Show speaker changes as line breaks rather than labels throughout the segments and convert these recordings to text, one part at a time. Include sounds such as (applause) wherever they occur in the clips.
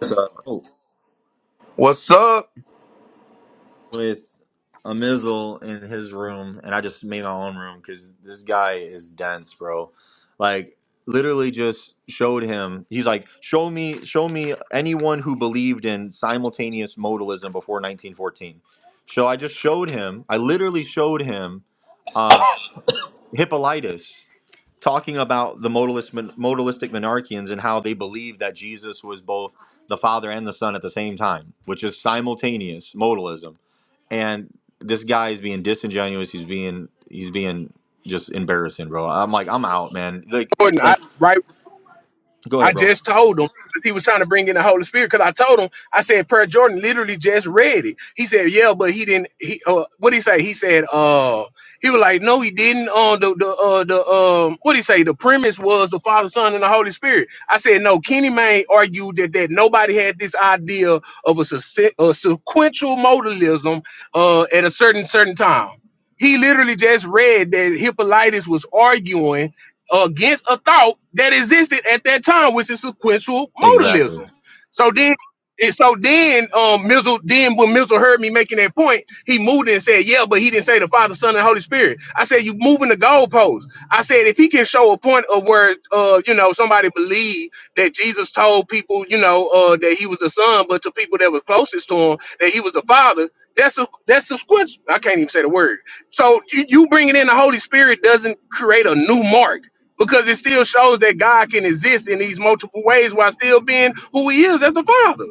this uh, with a Mizzle in his room, and I just made my own room because this guy is dense, bro. Like literally, just showed him. He's like, show me, show me anyone who believed in simultaneous modalism before 1914. So I just showed him. I literally showed him um, Hippolytus talking about the modalist, modalistic monarchians and how they believed that Jesus was both the Father and the Son at the same time, which is simultaneous modalism. and this guy is being disingenuous. He's being he's being just embarrassing, bro. I'm like I'm out, man. Like
Jordan, I
like
right,
go
I
ahead, bro.
just told him because he was trying to bring in the Holy Spirit. Because I told him, I said, "Prayer Jordan literally just read it." He said, "Yeah, but he didn't." He uh, what he say? He said, "Uh, he was like, no, he didn't." On the the uh the um, what he say? The premise was the Father, Son, and the Holy Spirit. I said, "No." Kenny Mayne argued that that nobody had this idea of a, succe- a sequential modalism uh at a certain certain time. He literally just read that Hippolytus was arguing against a thought that existed at that time, which is sequential
Exactly.
modalism. So then and so then, um, Mizzle, then when Mizzle heard me making that point, he moved it and said, "Yeah, but he didn't say the Father, Son, and Holy Spirit." I said, "You moving the goalpost." I said, "If he can show a point of where, uh, you know, somebody believed that Jesus told people, you know, uh, that he was the Son, but to people that was closest to him, that he was the Father." That's a that's a squinch. I can't even say the word. So you, you bringing in the Holy Spirit doesn't create a new mark because it still shows that God can exist in these multiple ways while still being who He is as the Father.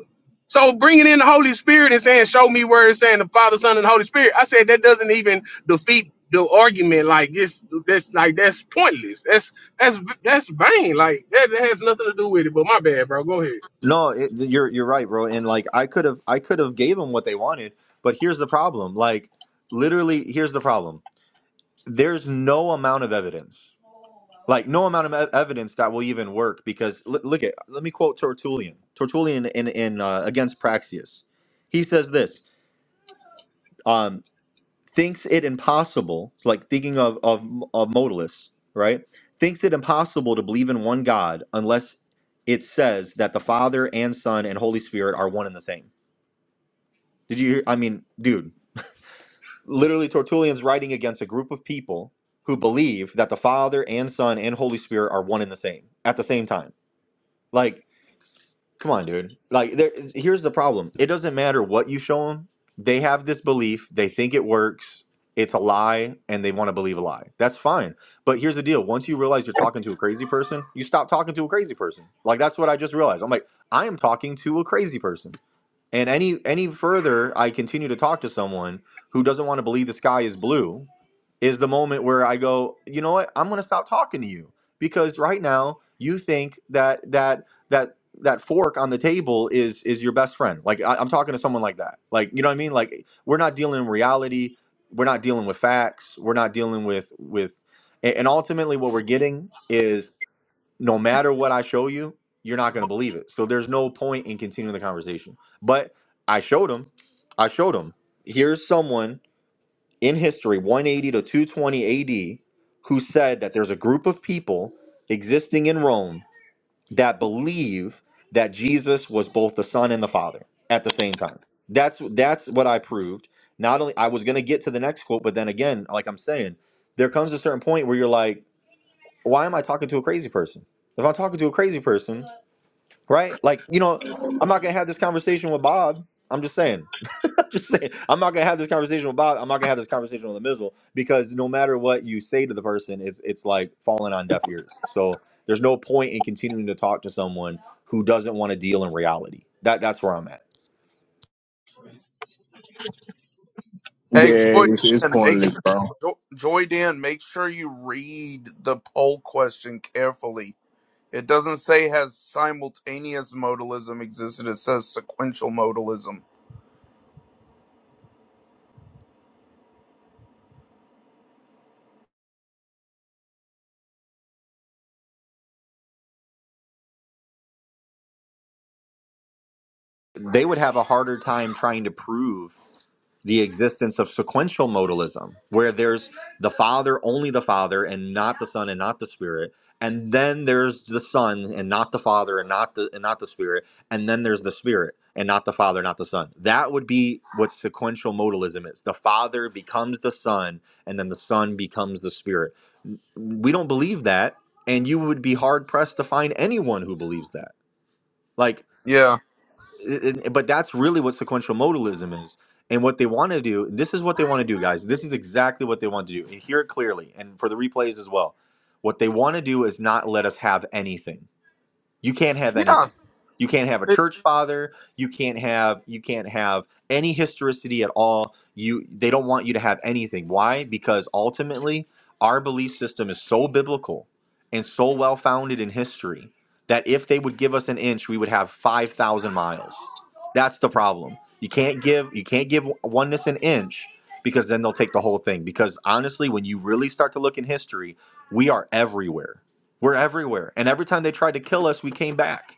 So bringing in the Holy Spirit and saying, "Show me where it's saying the Father, Son, and the Holy Spirit," I said that doesn't even defeat the argument. Like this, that's like that's pointless. That's that's that's vain. Like that, that has nothing to do with it. But my bad, bro. Go ahead.
No, it, you're you're right, bro. And like I could have I could have gave them what they wanted, but here's the problem. Like literally, here's the problem. There's no amount of evidence, like no amount of ev- evidence that will even work because l- look at let me quote Tertullian. Tertullian in in uh, against Praxias. He says this. um, thinks it impossible, it's like thinking of, of, of modalists, right? Thinks it impossible to believe in one God unless it says that the Father and Son and Holy Spirit are one and the same. Did you hear? I mean, dude, literally Tertullian's writing against a group of people who believe that the Father and Son and Holy Spirit are one and the same at the same time. Like, Come on, dude. Like, there, here's the problem. It doesn't matter what you show them. They have this belief. They think it works. It's a lie, and they want to believe a lie. That's fine. But here's the deal. Once you realize you're talking to a crazy person, you stop talking to a crazy person. Like that's what I just realized. I'm like, I am talking to a crazy person. And any any further I continue to talk to someone who doesn't want to believe the sky is blue is the moment where I go, you know what? I'm going to stop talking to you because right now you think that that that that fork on the table is is your best friend. Like I, I'm talking to someone like that. Like you know what I mean? Like we're not dealing with reality. We're not dealing with facts. We're not dealing with with a- and ultimately what we're getting is no matter what I show you, you're not going to believe it. So there's no point in continuing the conversation. But I showed him. I showed him. Here's someone in history, 180 to 220 AD, who said that there's a group of people existing in Rome that believe that Jesus was both the Son and the Father at the same time. That's that's what I proved. Not only I was going to get to the next quote, but then again, like I'm saying, there comes a certain point where you're like why am I talking to a crazy person? If I'm talking to a crazy person, right? Like, you know, I'm not gonna have this conversation with Bob. I'm just saying. (laughs) I'm just saying. I'm not gonna have this conversation with Bob. I'm not gonna have this conversation with the Mizzle because no matter what you say to the person, it's it's like falling on deaf ears. So there's no point in continuing to talk to someone who doesn't want to deal in reality. That that's where I'm at.
Yeah, it's, it's pointless, bro.
They would have a harder time trying to prove the existence of sequential modalism, where there's the Father, only the Father, and not the Son and not the Spirit, and then there's the Son and not the Father and not the and not the Spirit, and then there's the Spirit and not the Father, not the Son. That would be what sequential modalism is. The Father becomes the Son, and then the Son becomes the Spirit. We don't believe that, and you would be hard pressed to find anyone who believes that. Like it- but that's really what sequential modalism is and what they want to do this is what they want to do guys this is exactly what they want to do and hear it clearly and for the replays as well what they want to do is not let us have anything you can't have anything. You can't have a church father. You can't have you can't have any historicity at all. You they don't want you to have anything. Why? Because ultimately our belief system is so biblical and so well founded in history that if they would give us an inch, we would have five thousand miles. That's the problem. You can't give you can't give oneness an inch because then they'll take the whole thing. Because honestly, when you really start to look in history, we are everywhere we're everywhere. And every time they tried to kill us, we came back.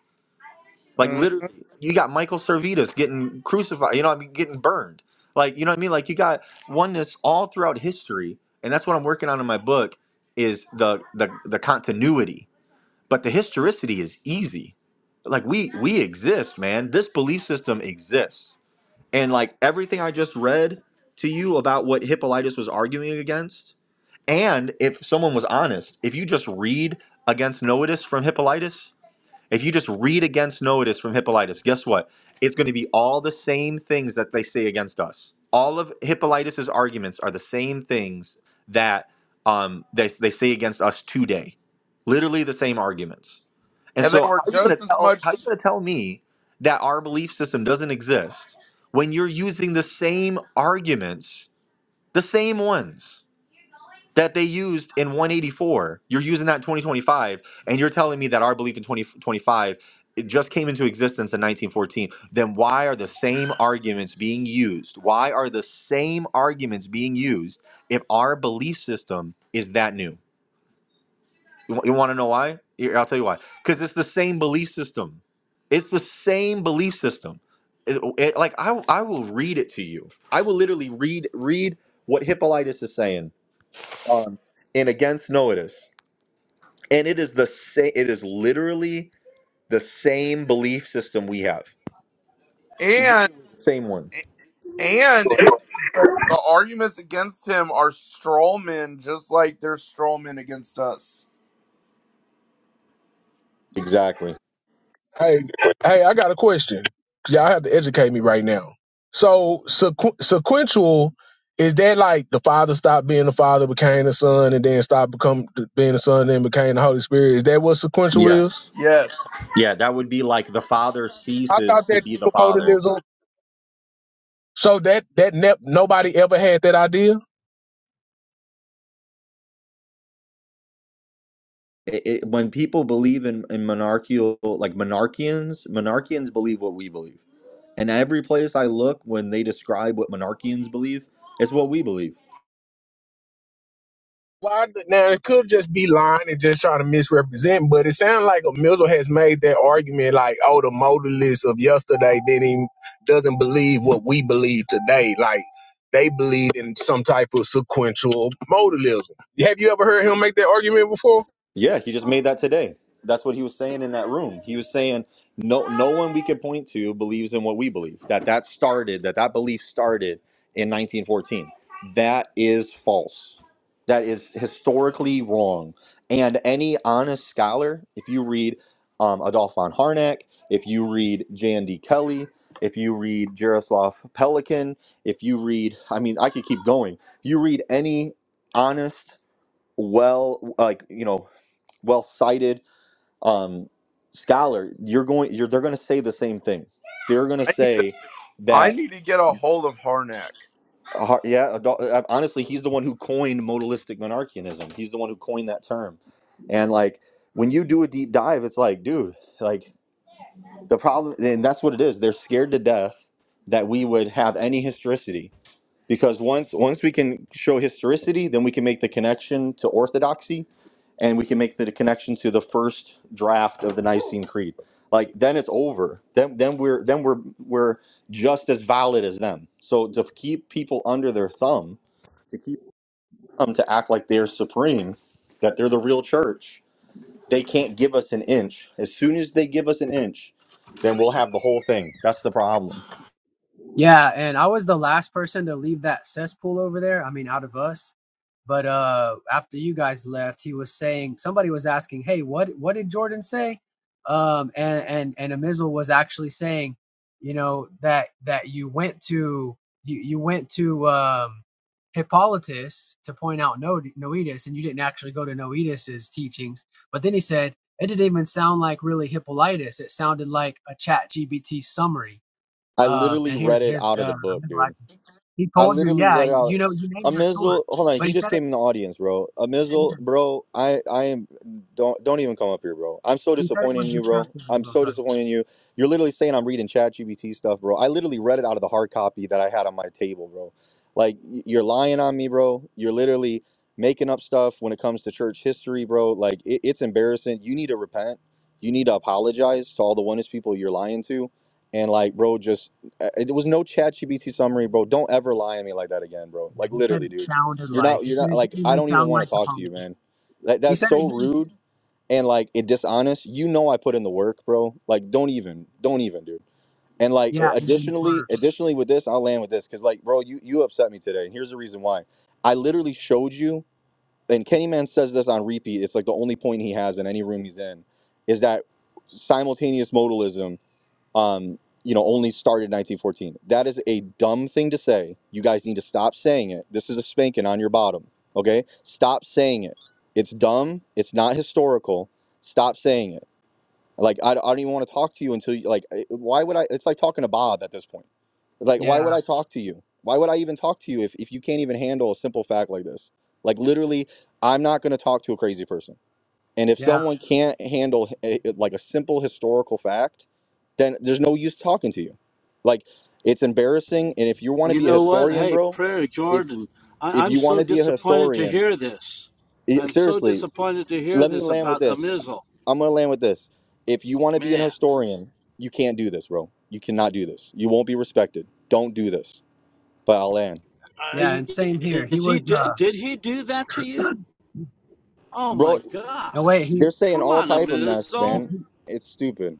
Like literally, you got Michael Servetus getting crucified, you know, what I mean getting burned. Like, you know what I mean? Like you got oneness all throughout history, and that's what I'm working on in my book is the the the continuity. But the historicity is easy. Like we we exist, man. This belief system exists. And like everything I just read to you about what Hippolytus was arguing against, and if someone was honest, if you just read against Noetus from Hippolytus, if you just read against Noetus from Hippolytus, guess what? It's going to be all the same things that they say against us. All of Hippolytus's arguments are the same things that um, they, they say against us today. Literally the same arguments. And so how are you going to tell how are you going to tell me that our belief system doesn't exist when you're using the same arguments, the same ones? that they used in 184 you're using that in 2025 and you're telling me that our belief in 2025 it just came into existence in 1914 then why are the same arguments being used why are the same arguments being used if our belief system is that new you, want to know why Here, i'll tell you why because it's the same belief system it's the same belief system It- it- like I, I will read it to you i will literally read read what hippolytus is saying um, in against noetus and it is the same it is literally the same belief system we have Literally the same one Exactly.
Hey, hey, I got a question. Y'all have to educate me right now. So sequ- sequential is that like the father stopped being the father, became the son, and then stopped become being the son, then became the Holy Spirit? Is that what sequential is?
Yes. Yeah, that would be like the father
I
ceases
thought
to
that
be the father.
modalism. So that that ne- nobody ever had that idea.
it, it, when people believe in, in monarchical like monarchians monarchians believe what we believe and every place i look when they describe what monarchians believe it's what we believe
Why d- now it could just be lying and just trying to misrepresent, but it sounds like a Mizzle has made that argument like, oh, the modalists of yesterday didn't even, doesn't believe what we believe today. Like they believe in some type of sequential modalism. Have you ever heard him make that argument before?
Yeah, he just made that today. That's what he was saying in that room. He was saying no no one we could point to believes in what we believe. That that started, that that belief started in 1914. That is false. That is historically wrong. And any honest scholar, if you read um, Adolf von Harnack, if you read J.N.D. Kelly, if you read Jaroslav Pelikan, if you read, I mean, I could keep going. If you read any honest well like you know well cited um, scholar, you're going, you're, they're going to say the same thing. They're going to say that, uh, yeah, adult, uh, honestly, he's the one who coined modalistic monarchianism. He's the one who coined that term. And like, when you do a deep dive, it's like, dude, like the problem, and that's what it is. They're scared to death that we would have any historicity because once once we can show historicity then we can make the connection to orthodoxy and we can make the connection to the first draft of the nicene creed like then it's over then then we're then we're we're just as valid as them so to keep people under their thumb to keep them to act like they're supreme that they're the real church they can't give us an inch as soon as they give us an inch then we'll have the whole thing that's the problem
Yeah, and I was the last person to leave that cesspool over there. I mean, out of us. But uh after you guys left, he was saying somebody was asking, "Hey, what what did Jordan say?" Um and and and Amizel was actually saying, you know, that that you went to you you went to um Hippolytus to point out no Noetus and you didn't actually go to Noetus's teachings. But then he said, "It didn't even sound like really Hippolytus. It sounded like a Chat GBT summary."
i
Uh,
literally
and here's
read it
here's
out
uh,
of
I
the book
remember
dude
I, he
I
told you,
literally
yeah,
read out
you know, you named
a
your sword,
missile. Hold on,
but
he
he
just
said it.
came in the audience, bro. A missile, bro. I I am don't don't even come up here, bro. I'm so
He said it
disappointed
was
in you, bro.
deceptive. He
I'm
wrote
so
on-
disappointed in you. You're literally saying I'm reading Chat GBT stuff, bro. I literally read it out of the hard copy that I had on my table, bro. Like y- you're lying on me, bro. You're literally making up stuff when it comes to church history, bro. Like it, it's embarrassing. You need to repent. You need to apologize to all the oneness people you're lying to, and like, bro, just uh, It was no ChatGPT summary, bro. Don't ever lie to me like that again, bro.
Yeah,
Like
he said
literally,
it
dude.
sounded
You're
like.
not
He
you're
said
not
it
like
didn't
I
even
don't even
sound
want
like
to
the
talk to you,
politics.
man. That
He
that's
said it
so
didn't.
rude and like it dishonest. You know I put in the work, bro. Like don't even don't even, dude. And like
Yeah,
a-
and then
additionally,
for
additionally with this, I'll land with this cuz like bro, you you upset me today and here's the reason why. I literally showed you and Kenny Man says this on repeat. It's like the only point he has in any room he's in is that simultaneous modalism um, you know, only started in 1914. That is a dumb thing to say. You guys need to stop saying it. This is a spanking on your bottom. Okay? Stop saying it. It's dumb. It's not historical. Stop saying it. Like, I, I don't even want to talk to you until you, like, I- why would I? It's like talking to Bob at this point. Like, why
yeah,
would I talk to you? Why would I even talk to you if, if you can't even handle a simple fact like this? Like, literally, I'm not going to talk to a crazy person and if
yeah,
someone can't handle a, like a simple historical fact, then there's no use talking to you. Like it's embarrassing. And if you want to
You
be a
know what?
historian,
Hey,
bro,
Prayer
if
Jordan, I,
if
I'm
you want
so
to be a
disappointed to
historian,
hear this.
it,
I'm so
seriously,
disappointed to hear
let me
this
land with
about
this.
Amizel.
I'm gonna land with this. If you want to be an
Man,
historian, you can't do this, bro. You cannot do this. You won't be respected. Don't do this. But I'll land,
uh,
yeah, and same here. He
is
was
he? di-
uh,
Did he do that to you? Oh
bro.
my
no wait,
gosh!
he,
They're saying
Come
all
on,
type of mess,
he
Amizel.
man. It's stupid.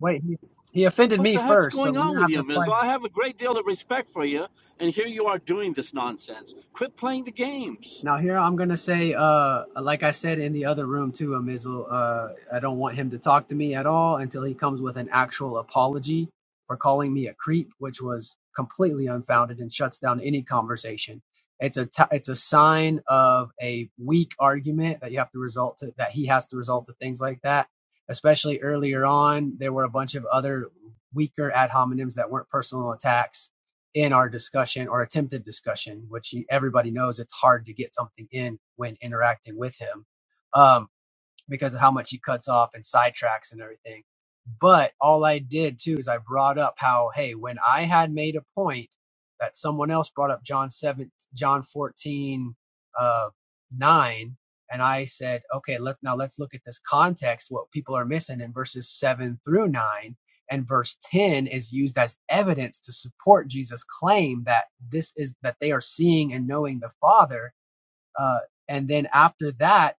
wait, he he offended
What
me
the heck's
first, so
going
we're
on
gonna
with
have to
you,
fight.
Amizel? I have a great deal of respect for you, and here you are doing this nonsense. Quit playing the games.
Now here I'm gonna say, uh, like I said in the other room too, Amizel, uh, I don't want him to talk to me at all until he comes with an actual apology for calling me a creep, which was completely unfounded and shuts down any conversation. It's a t- it's a sign of a weak argument that you have to result to that he has to result to things like that. Especially earlier on, there were a bunch of other weaker ad hominems that weren't personal attacks in our discussion or attempted discussion, which everybody knows it's hard to get something in when interacting with him. Um, because of how much he cuts off and sidetracks and everything. But all I did too is I brought up how, hey, when I had made a point that someone else brought up John seven, John fourteen, uh, nine, and I said, okay, let now let's look at this context. What people are missing in verses seven through nine, and verse ten is used as evidence to support Jesus' claim that this is that they are seeing and knowing the Father uh, and then after that,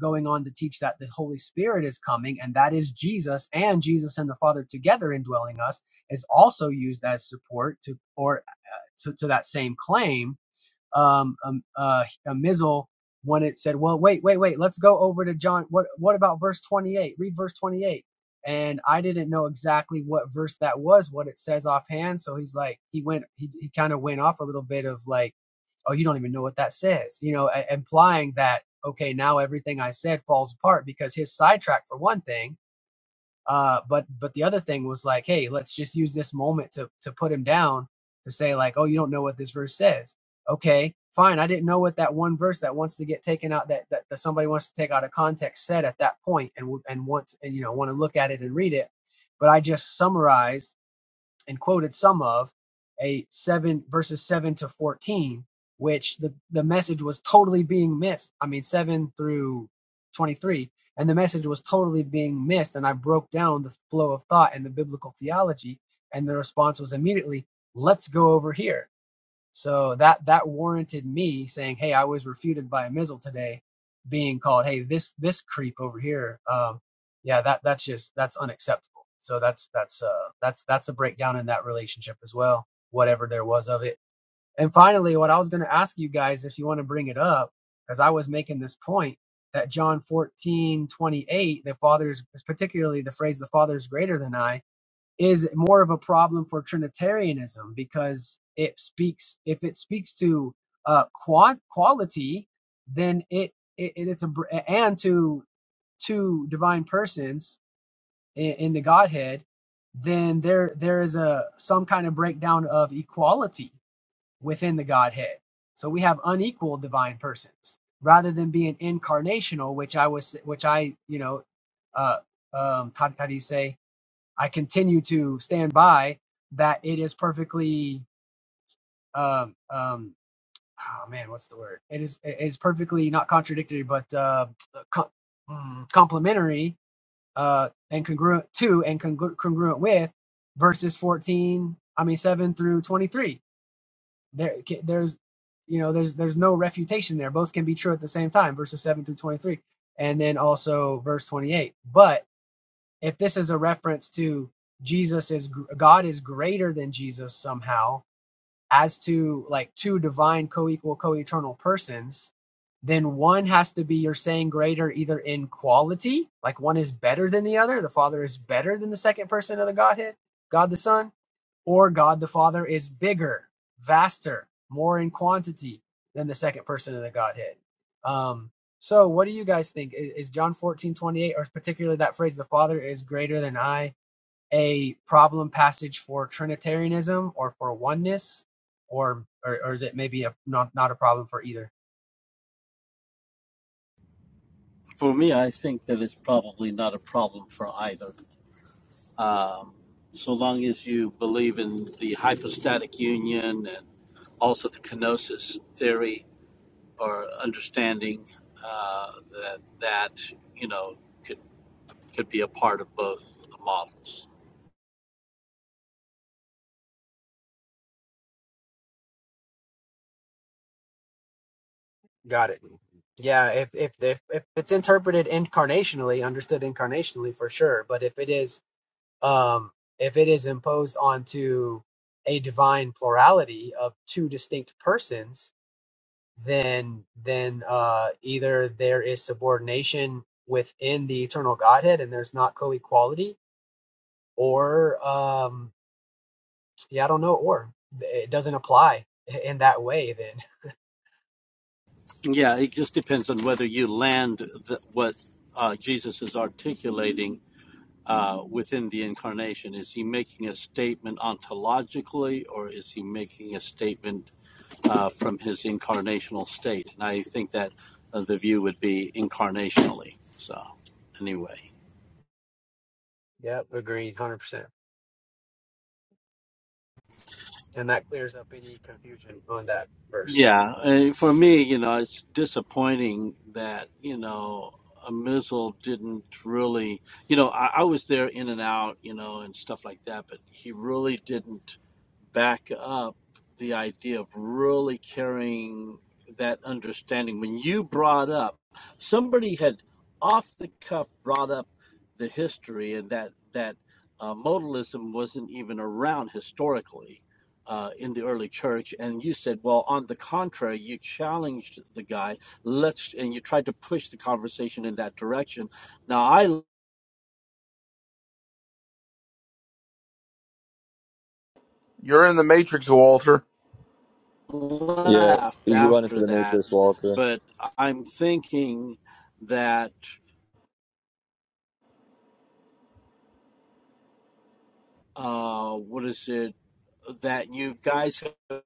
going on to teach that the Holy Spirit is coming, and that is Jesus and Jesus and the Father together indwelling us, is also used as support to or to, to that same claim um, um uh, uh, Mizzle when it said, "Well, wait, wait, wait, let's go over to John. What what about verse 28? Read verse 28." And I didn't know exactly what verse that was, what it says offhand. So he's like, he went, he he kind of went off a little bit of like, "Oh, you don't even know what that says," you know, a- implying that okay, now everything I said falls apart because his sidetrack for one thing uh, but but the other thing was like, hey, let's just use this moment to to put him down to say like, oh, you don't know what this verse says. Okay, fine. I didn't know what that one verse that wants to get taken out that that, that somebody wants to take out of context said at that point and and want and you know want to look at it and read it. But I just summarized and quoted some of a 7 verses 7 to 14 which the, the message was totally being missed i mean 7 through 23 and the message was totally being missed and i broke down the flow of thought and the biblical theology and the response was immediately let's go over here so that that warranted me saying, "Hey, I was refuted by a missile today," being called, "Hey, this this creep over here." Um, yeah, that that's just that's unacceptable. So that's that's uh that's that's a breakdown in that relationship as well, whatever there was of it. And finally, what I was going to ask you guys, if you want to bring it up, because I was making this point that John fourteen twenty eight, the father is particularly the phrase "the father is greater than I." is more of a problem for Trinitarianism because it speaks if it speaks to uh, quant quality, then it, it it's a and to two divine persons in, in the Godhead, then there there is a some kind of breakdown of equality within the Godhead. So we have unequal divine persons rather than being incarnational, which I was which I you know uh, um, how, how do you say? I continue to stand by that it is perfectly um um oh man what's the word it is it is perfectly not contradictory but uh co- mm, complementary uh and congruent to and congru- congruent with verses 14 I mean 7 through 23 there there's you know there's there's no refutation there both can be true at the same time verses 7 through 23 and then also verse 28 But if this is a reference to Jesus is God is greater than Jesus somehow, as to like two divine co-equal co-eternal persons then one has to be you're saying greater either in quality like one is better than the other the father is better than the second person of the godhead god the son or god the father is bigger vaster more in quantity than the second person of the godhead um so what do you guys think I- is john 14 28, or particularly that phrase the father is greater than i a problem passage for Trinitarianism or for oneness, or or, or is it maybe a, not not a problem for either?
For me, I think that it's probably not a problem for either. so long as you believe in the hypostatic union and also the kenosis theory or understanding uh, that that you know could could be a part of both models.
Got it. Yeah, if if if if it's interpreted incarnationally, understood incarnationally for sure, but if it is um if it is imposed onto a divine plurality of two distinct persons, then then uh either there is subordination within the eternal Godhead and there's not co-equality, or um Yeah, I don't know or. It doesn't apply in that way then. (laughs)
Yeah, it just depends on whether you land the, what uh, Jesus is articulating uh, within the incarnation. Is he making a statement ontologically, or is he making a statement uh, from his incarnational state. And I think that uh, the view would be incarnationally. So, anyway,
Yep, agreed, hundred percent. And that clears up any confusion on that verse.
yeah, uh, for me, you know, it's disappointing that, you know, a missile didn't really, you know, I, I was there in and out, you know, and stuff like that, but he really didn't back up the idea of really carrying that understanding. When you brought up, somebody had off the cuff brought up the history and that that uh, modalism wasn't even around historically uh, in the early church. And you said, well, on the contrary, you challenged the guy. Let's and you tried to push the conversation in that direction. Now I
Yeah,
left
you run into
after
the
that,
matrix, Walter.
but I'm thinking that uh, what is it that you guys have?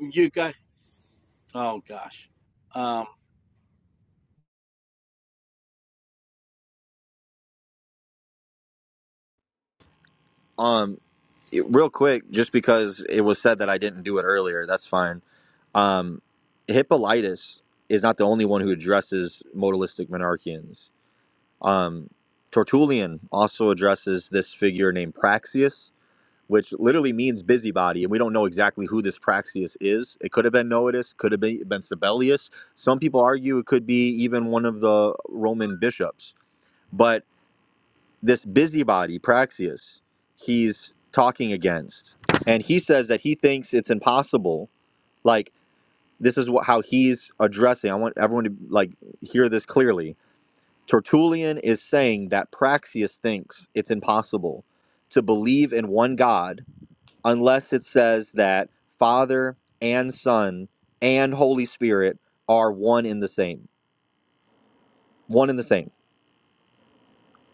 you guys oh gosh uh,
Um. real quick, just because it was said that I didn't do it earlier, that's fine. Um, Hippolytus is not the only one who addresses modalistic monarchians. Um, Tertullian also addresses this figure named Praxius, which literally means busybody, and we don't know exactly who this Praxius is. It could have been Noetus, could have been, been Sibelius. Some people argue it could be even one of the Roman bishops. But this busybody Praxias, he's talking against and he says that he thinks it's impossible like this is what, how he's addressing i want everyone to like hear this clearly tertullian is saying that Praxias thinks it's impossible to believe in one god unless it says that father and son and holy spirit are one in the same one in the same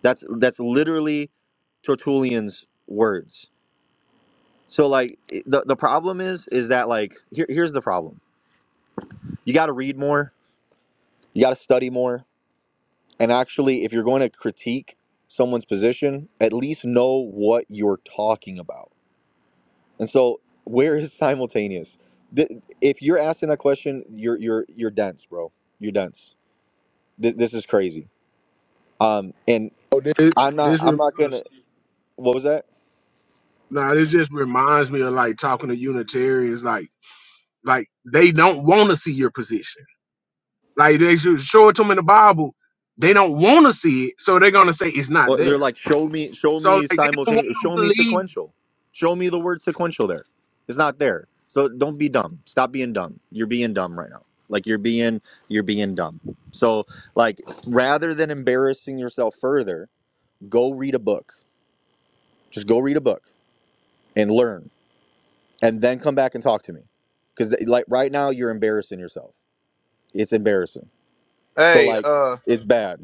that's that's literally tertullian's words So like the the problem is is that like here, here's the problem. You got to read more, you got to study more, and actually if you're going to critique someone's position, at least know what you're talking about. And so where is (laughs) simultaneous? Th- If you're asking that question, you're you're you're dense, bro. You're dense. Th- This is crazy. Um and
Oh, this
I'm not
this
I'm not going
reminds,
to what was that?
nah, this just reminds me of like talking to Unitarians, like like they don't want to see your position. Like they should show it to them in the Bible. They don't want to see it, so they're gonna say it's not
Or they're
there.
like, show me, show
So
me
like they don't want
simultaneous,
to
show me
believe.
sequential, show me the word sequential. There, it's not there. So don't be dumb. Stop being dumb. You're being dumb right now. Like you're being, you're being dumb. So like, rather than embarrassing yourself further, go read a book. Just go read a book and learn, and then come back and talk to me. Because like right now, you're embarrassing yourself. It's embarrassing. So like, it's bad,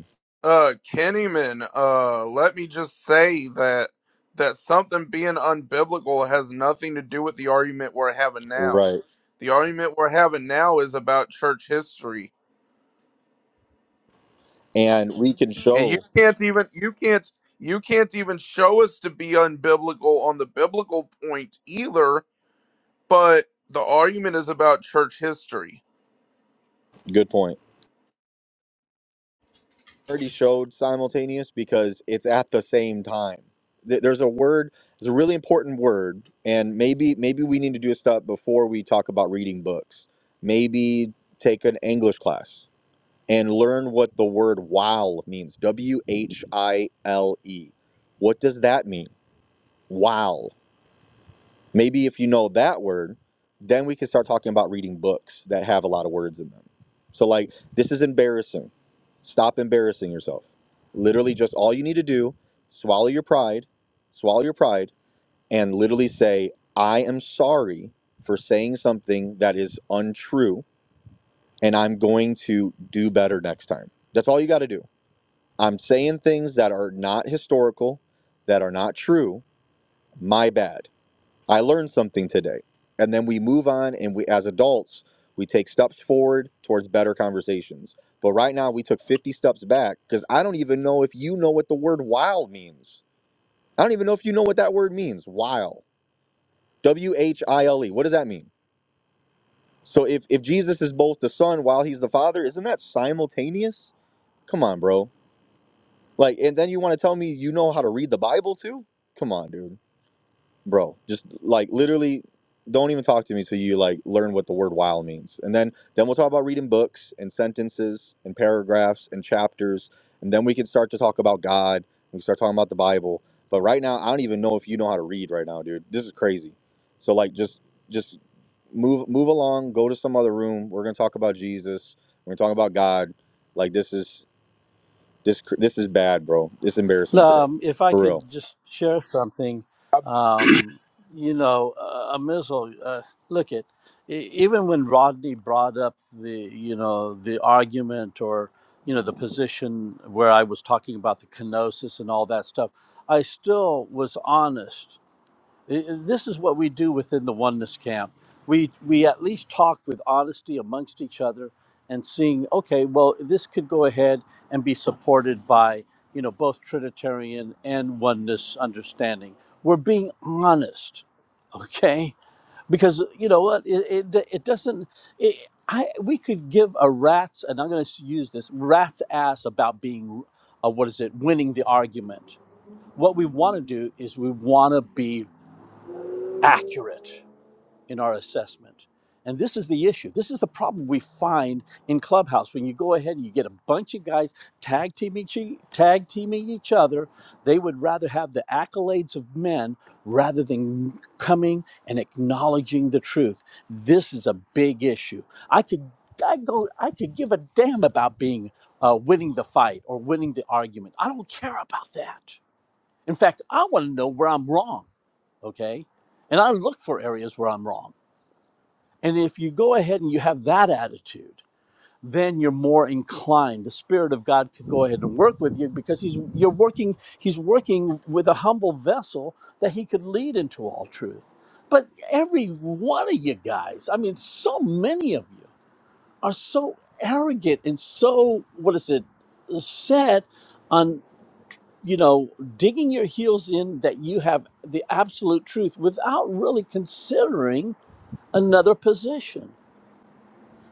right? And we can show. Good point. already showed simultaneous because it's at the same time. Th- There's a word, there's a really important word, and maybe maybe we need to do a step before we talk about reading books. Maybe take an English class and learn what the word while means. W H I L E. What does that mean? While. Maybe if you know that word, then we can start talking about reading books that have a lot of words in them. So, like, this is embarrassing. Stop embarrassing yourself. Literally, just all you need to do, swallow your pride, swallow your pride, and literally say, I am sorry for saying something that is untrue, and I'm going to do better next time. That's all you got to do. I'm saying things that are not historical, that are not true. My bad. I learned something today. And then we move on and we as adults, we take steps forward towards better conversations. But right now we took 50 steps back cuz I don't even know if you know what the word "while" means. I don't even know if you know what that word means. While, W H I L E. What does that mean? So if if Jesus is both the son while he's the father, isn't that simultaneous? Come on, bro. Like and then you want to tell me you know how to read the Bible too? Come on, dude. bro just like literally don't even talk to me till you like learn what the word while means and then then we'll talk about reading books and sentences and paragraphs and chapters and then we can start to talk about god we can start talking about the bible but right now i don't even know if you know how to read right now dude this is crazy so like just just move move along go to some other room we're gonna talk about jesus we're gonna talk about god like this is this this is bad bro it's embarrassing today
Um, if I
for real
could just share something, um, you know, uh, Amizel, uh, look at even when Rodney brought up the, you know, the argument or you know the position where I was talking about the kenosis and all that stuff, I still was honest I- this is what we do within the oneness camp we we at least talk with honesty amongst each other and seeing okay well this could go ahead and be supported by you know both trinitarian and oneness understanding we're being honest okay because you know what it it, it doesn't it, I, we could give a rat's and i'm going to use this rat's ass about being uh, what is it winning the argument what we want to do is we want to be accurate in our assessment. And this is the issue. This is the problem we find in Clubhouse when you go ahead and you get a bunch of guys tag teaming each, tag teaming each other. They would rather have the accolades of men rather than coming and acknowledging the truth. This is a big issue. I could I go I could give a damn about being uh, winning the fight or winning the argument. I don't care about that. In fact, I want to know where I'm wrong, okay? And I look for areas where I'm wrong. And if you go ahead and you have that attitude, then you're more inclined. The Spirit of God could go ahead and work with you because He's you're working, He's working with a humble vessel that He could lead into all truth. But every one of you guys, I mean, so many of you are so arrogant and so, what is it, set on you know, digging your heels in that you have the absolute truth without really considering another position.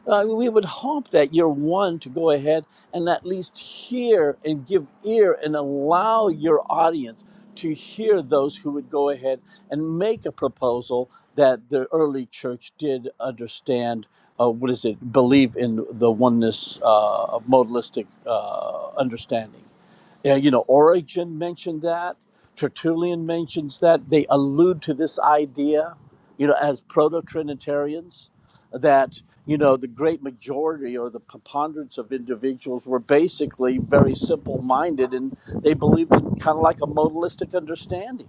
Uh, we would hope that you're one to go ahead and at least hear and give ear and allow your audience to hear those who would go ahead and make a proposal that the early church did understand. Uh, what is it? Believe in the oneness uh, modalistic uh, understanding. Yeah, you know, Origen mentioned that. Tertullian mentions that. They allude to this idea, you know, as proto Trinitarians, that, you know, the great majority or the preponderance of individuals were basically very simple minded and they believed in kind of like a modalistic understanding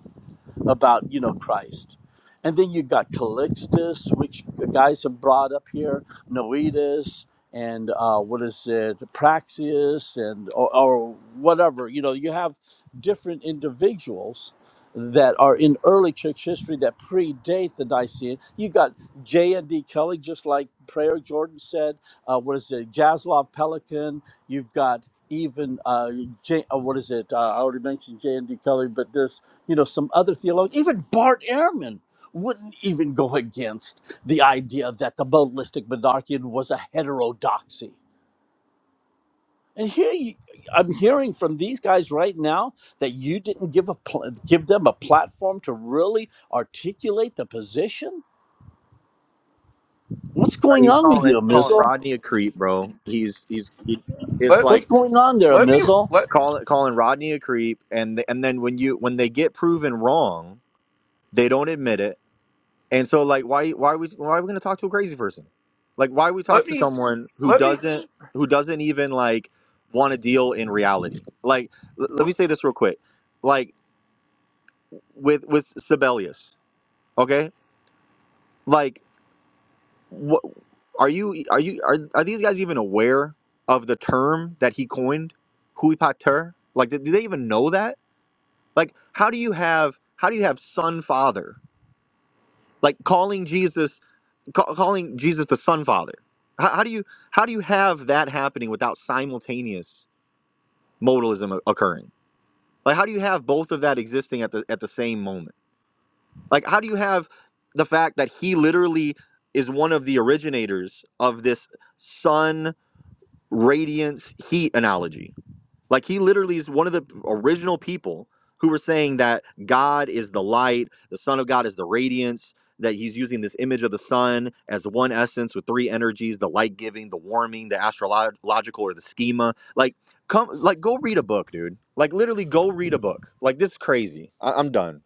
about you know Christ. And then you got Calixtus, which the guys have brought up here, Noetus, and uh, what is it, Praxius, and or, or whatever. You know, you have different individuals that are in early church history that predate the Nicene. You got J and D Kelly, just like Prayer Jordan said. Uh, what is it, Jaslov Pelican? You've got even uh, J, uh, what is it? Uh, I already mentioned J and D Kelly, but this you know, some other theologians, even Bart Ehrman wouldn't even go against the idea that the modalistic monarchian was a heterodoxy. And here you, I'm hearing from these guys right now that you didn't give a pl- give them a platform to really articulate the position. What's
Uh,
going
he's
on with
calling
you,
calling
Amizel?
Rodney a creep, bro. He's he's he, it's like
What's going on there, Amizel?
call, calling Rodney a creep, and th- and then when you when they get proven wrong, they don't admit it, and so like why why we why are we gonna talk to a crazy person? Like why we talk to someone who doesn't who doesn't even like want to deal in reality? Like l- let me say this real quick, like with with Sibelius, okay? Like what are you are you are, are these guys even aware of the term that he coined hui pater like do, do they even know that like how do you have how do you have son father like calling jesus ca- calling jesus the son father how, how do you how do you have that happening without simultaneous modalism o- occurring like how do you have both of that existing at the at the same moment like how do you have the fact that he literally is one of the originators of this son radiance heat analogy. Like he literally is one of the original people who were saying that God is the light, the Son of God is the radiance, that he's using this image of the sun as one essence with three energies, the light giving, the warming, the astrological or the schema. Like come like go read a book, dude. Like literally go read a book. Like this is crazy. I- I'm done.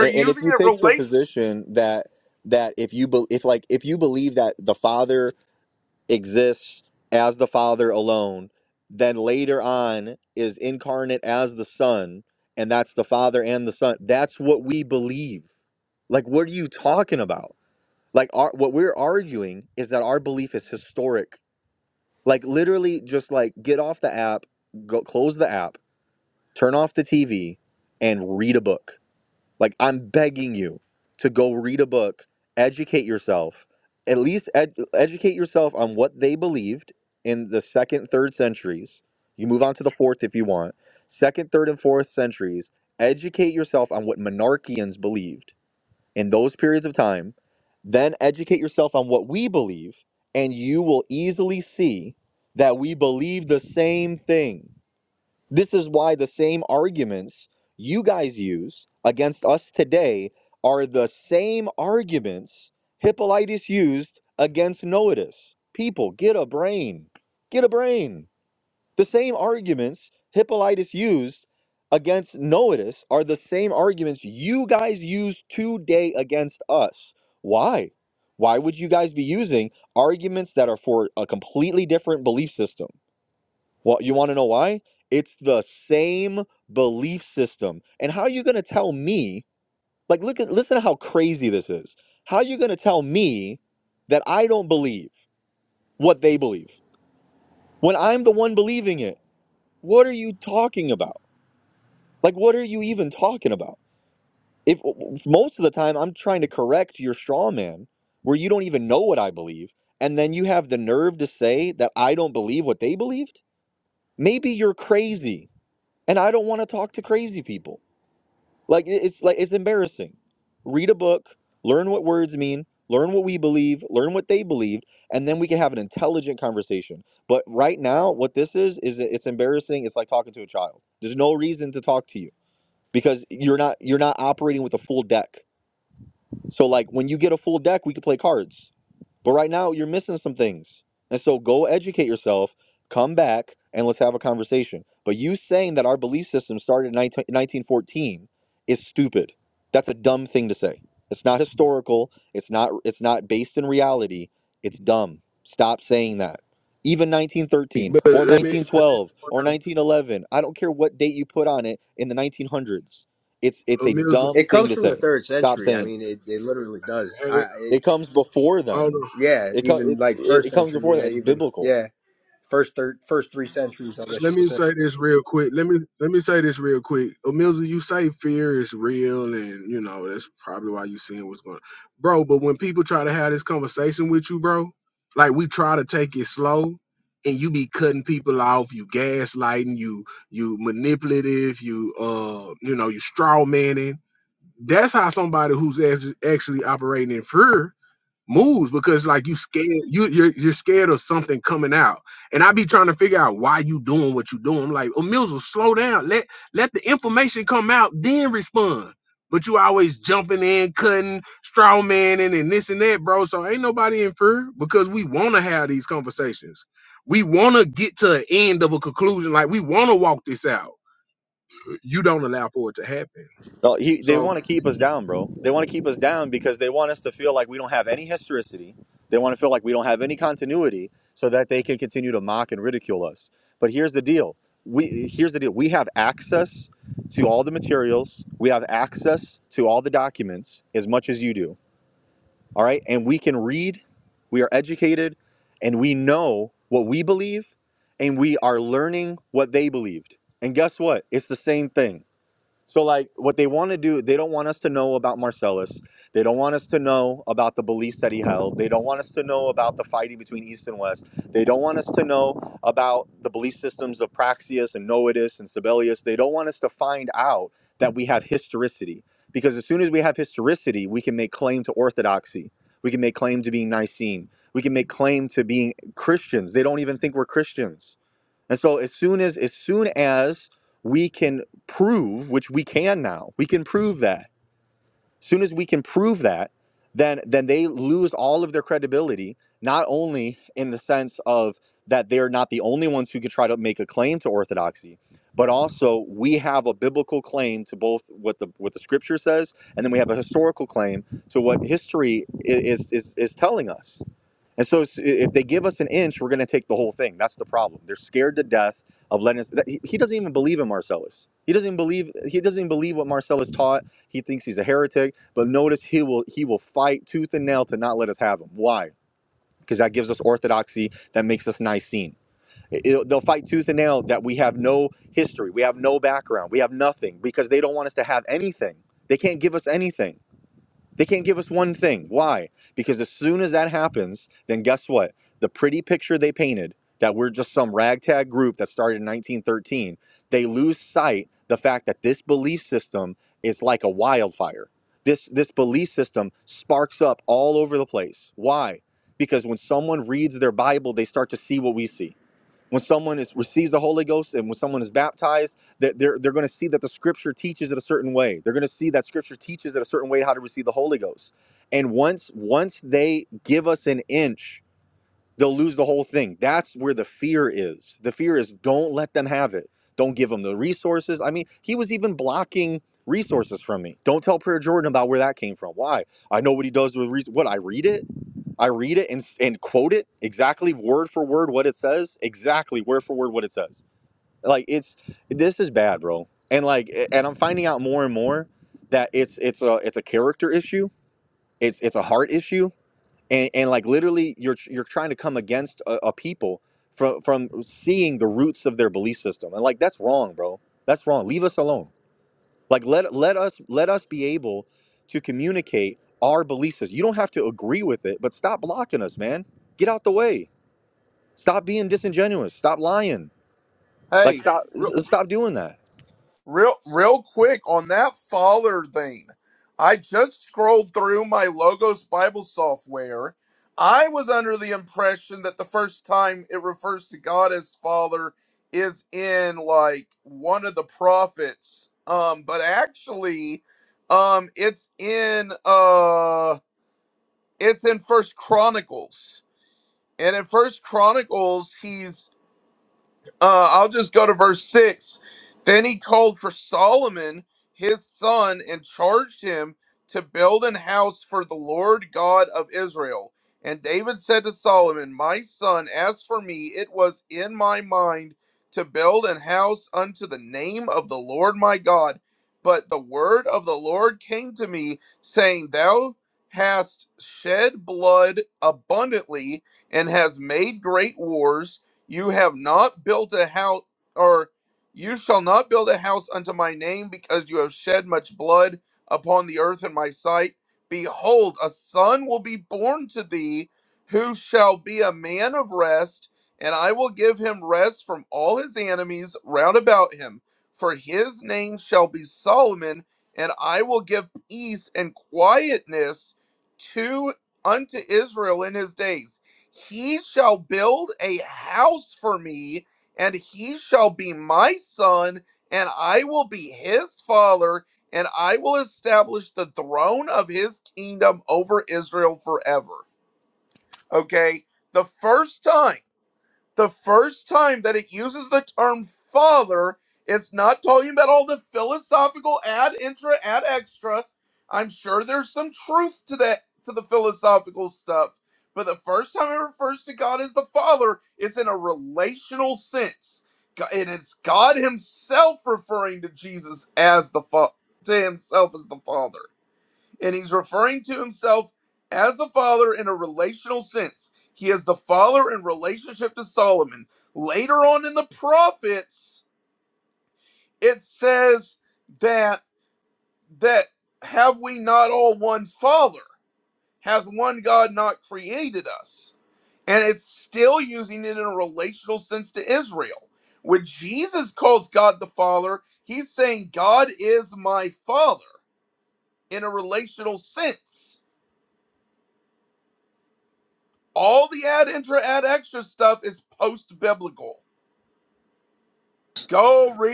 And, and if you take the position that that if you be, if like if you believe that the Father exists as the Father alone, then later on is incarnate as the Son, and that's the Father and the Son. That's what we believe. Like, what are you talking about? Like, our, what we're arguing is that our belief is historic. Like, literally, just like get off the app, go close the app, turn off the TV, and read a book. Like I'm begging you to go read a book, educate yourself, at least ed- educate yourself on what they believed in the second, third centuries. You move on to the fourth if you want. Second, third, and fourth centuries. Educate yourself on what monarchians believed in those periods of time. Then educate yourself on what we believe, and you will easily see that we believe the same thing. This is why the same arguments you guys use against us today are the same arguments Hippolytus used against Noetus. People, get a brain. Get a brain. The same arguments Hippolytus used against Noetus are the same arguments you guys use today against us. Why? Why would you guys be using arguments that are for a completely different belief system? Well, you want to know why? It's the same belief system. And how are you going to tell me? Like, look at listen to how crazy this is. How are you going to tell me that I don't believe what they believe when I'm the one believing it? What are you talking about? Like, what are you even talking about? If most of the time I'm trying to correct your straw man, where you don't even know what I believe, and then you have the nerve to say that I don't believe what they believed. Maybe you're crazy, and I don't want to talk to crazy people. Like it- it's like it's embarrassing. Read a book, learn what words mean, learn what we believe, learn what they believed, and then we can have an intelligent conversation. But right now, what this is is that it's embarrassing. It's like talking to a child. There's no reason to talk to you because you're not you're not operating with a full deck. So like when you get a full deck, we can play cards. But right now you're missing some things. And so go educate yourself, come back, and let's have a conversation. But you saying that our belief system started in 1914 is stupid. That's a dumb thing to say. It's not historical, it's not it's not based in reality. It's dumb. Stop saying that. Even 1913
But
or
let me
1912 or 1911, I don't care what date you put on it in the 1900s. It's it's a dumb
It
let
thing
comes
to
from the
say.
third
Stop
century.
saying
I
it.
mean, it, it literally does.
me
I it,
It comes before
a
then.
yeah,
It, co-
even
it,
like
it
first
it comes
century.
before
Yeah,
then. It's
even
biblical.
yeah, first third, first three centuries. I guess
let
you could
me
say.
say this real quick. Let me let me say this real quick. Emilza, you say fear is real, and you know that's probably why you seeing what's going, on, bro. But when people try to have this conversation with you, bro, like we try to take it slow, and you be cutting people off, you gaslighting, you you manipulative, you uh, you know, you straw manning. That's how somebody who's act- actually operating in fear moves because like you scared you you're, you're scared of something coming out and i be trying to figure out why you doing what you doing I'm like oh mills will slow down let let the information come out then respond but you always jumping in cutting straw manning and this and that bro so ain't nobody in fear because we want to have these conversations we want to get to an end of a conclusion like we want to walk this out you don't allow for it to happen
No, he, they
so
want to keep us down, bro. They want to keep us down because they want us to feel like we don't have any historicity. They want to feel like we don't have any continuity, so that they can continue to mock and ridicule us. But here's the deal. We here's the deal. We have access to all the materials. We have access to all the documents as much as you do. all right? And we can read, we are educated, and we know what we believe, and we are learning what they believed. And guess what? It's the same thing. So like what they want to do, they don't want us to know about Marcellus. They don't want us to know about the beliefs that he held. They don't want us to know about the fighting between East and West. They don't want us to know about the belief systems of Praxius and Noetus and Sabellius. They don't want us to find out that we have historicity. Because as soon as we have historicity, we can make claim to orthodoxy. We can make claim to being Nicene. We can make claim to being Christians. They don't even think we're Christians and so as soon as as soon as we can prove, which we can now, we can prove that. As soon as we can prove that, then then they lose all of their credibility, not only in the sense of that they're not the only ones who could try to make a claim to orthodoxy, but also we have a biblical claim to both what the what the scripture says, and then we have a historical claim to what history is is, is telling us. And so if they give us an inch, we're going to take the whole thing. That's the problem. They're scared to death of letting us. that- He he doesn't even believe in Marcellus. He doesn't even believe. He doesn't even believe what Marcellus taught. He thinks he's a heretic. But notice he will he will fight tooth and nail to not let us have him. Why? Because that gives us orthodoxy. That makes us Nicene. It- it'll- they'll fight tooth and nail that we have no history. We have no background. We have nothing because they don't want us to have anything. They can't give us anything. They can't give us one thing. Why? Because as soon as that happens, then guess what? The pretty picture they painted that we're just some ragtag group that started in 1913, they lose sight the fact that this belief system is like a wildfire. This this belief system sparks up all over the place. Why? Because when someone reads their Bible, they start to see what we see when someone is receives the Holy Ghost and when someone is baptized, that they're they're going to see that the Scripture teaches it a certain way. They're going to see that Scripture teaches it a certain way how to receive the Holy Ghost. And once once they give us an inch, they'll lose the whole thing. That's where the fear is. The fear is don't let them have it. Don't give them the resources. I mean, he was even blocking resources from me. Don't tell Prayer Jordan about where that came from. Why? I know what he does with re- what I read it. I read it and, and quote it exactly word for word what it says, exactly word for word what it says. Like it's this is bad, bro. And like and I'm finding out more and more that it's it's a it's a character issue. It's it's a heart issue. And and like literally you're you're trying to come against a, a people from from seeing the roots of their belief system. And like that's wrong, bro. That's wrong. Leave us alone. Like let let us let us be able to communicate our beliefs. You don't have to agree with it, but stop blocking us, man. Get out the way. Stop being disingenuous. Stop lying. Like stop s- stop doing that.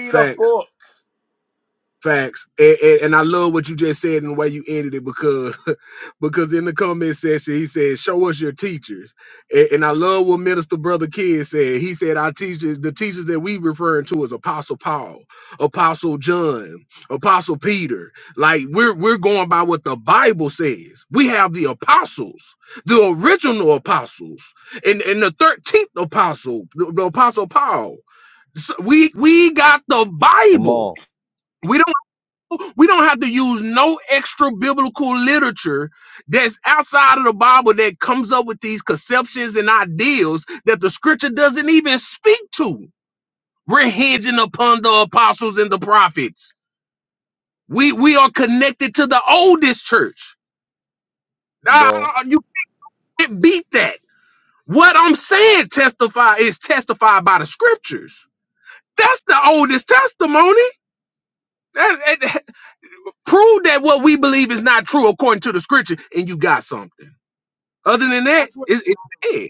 facts Facts. And, and, and I love what you just said and the way you ended it because (laughs) because in the comment section he said, Show us your teachers. And, and I love what Minister Brother Kid said. He said, Our teachers, the teachers that we referring to is Apostle Paul, Apostle John, Apostle Peter. Like we're we're going by what the Bible says. We have the apostles, the original apostles, and, and the 13th apostle, the, the apostle Paul. So we we got the Bible.
Amal,
We don't have to use no extra biblical literature that's outside of the Bible that comes up with these conceptions and ideals that the scripture doesn't even speak to. We're hinging upon the apostles and the prophets. We we are connected to the oldest church. Nah,
bro.
I don't- you can't beat that. What I'm saying testify is testified by the scriptures. That's the oldest testimony. That, that- that- prove that what we believe is not true according to the scripture, and you got something. Other than that,
That's where the
it's, it's
battle is.
dead.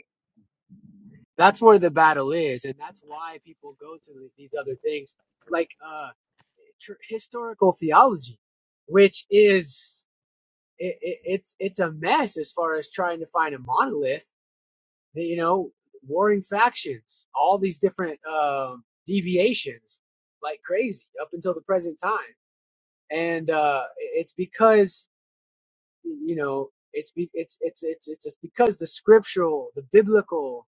That's where the battle is, and that's why people go to the- these other things like uh tr- historical theology, which is it, it, it's it's a mess as far as trying to find a monolith. you know, warring factions, all these different um, deviations, like crazy up until the present time, and uh, it's because you know it's be, it's it's it's it's because the scriptural, the biblical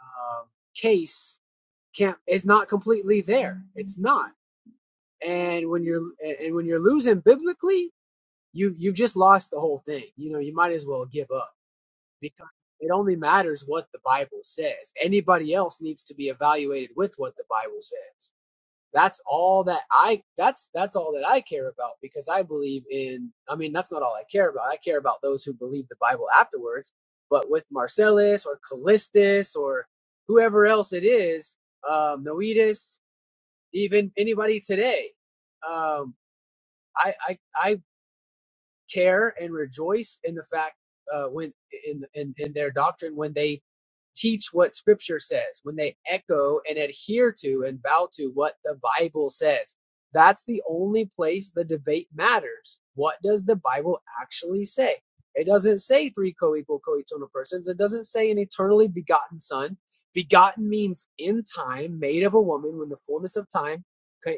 um, case can't is not completely there. It's not, and when you're and when you're losing biblically, you you've just lost the whole thing. You know, you might as well give up because it only matters what the Bible says. Anybody else needs to be evaluated with what the Bible says. That's all that I that's that's all that I care about because I believe in I mean that's not all I care about. I care about those who believe the Bible afterwards, but with Marcellus or Callistus or whoever else it is, um Noetus, even anybody today. Um I I I care and rejoice in the fact uh, when in, in in their doctrine when they teach what scripture says when they echo and adhere to and bow to what the bible says that's the only place the debate matters what does the bible actually say it doesn't say three co-equal co-eternal persons it doesn't say an eternally begotten son begotten means in time made of a woman when the fullness of time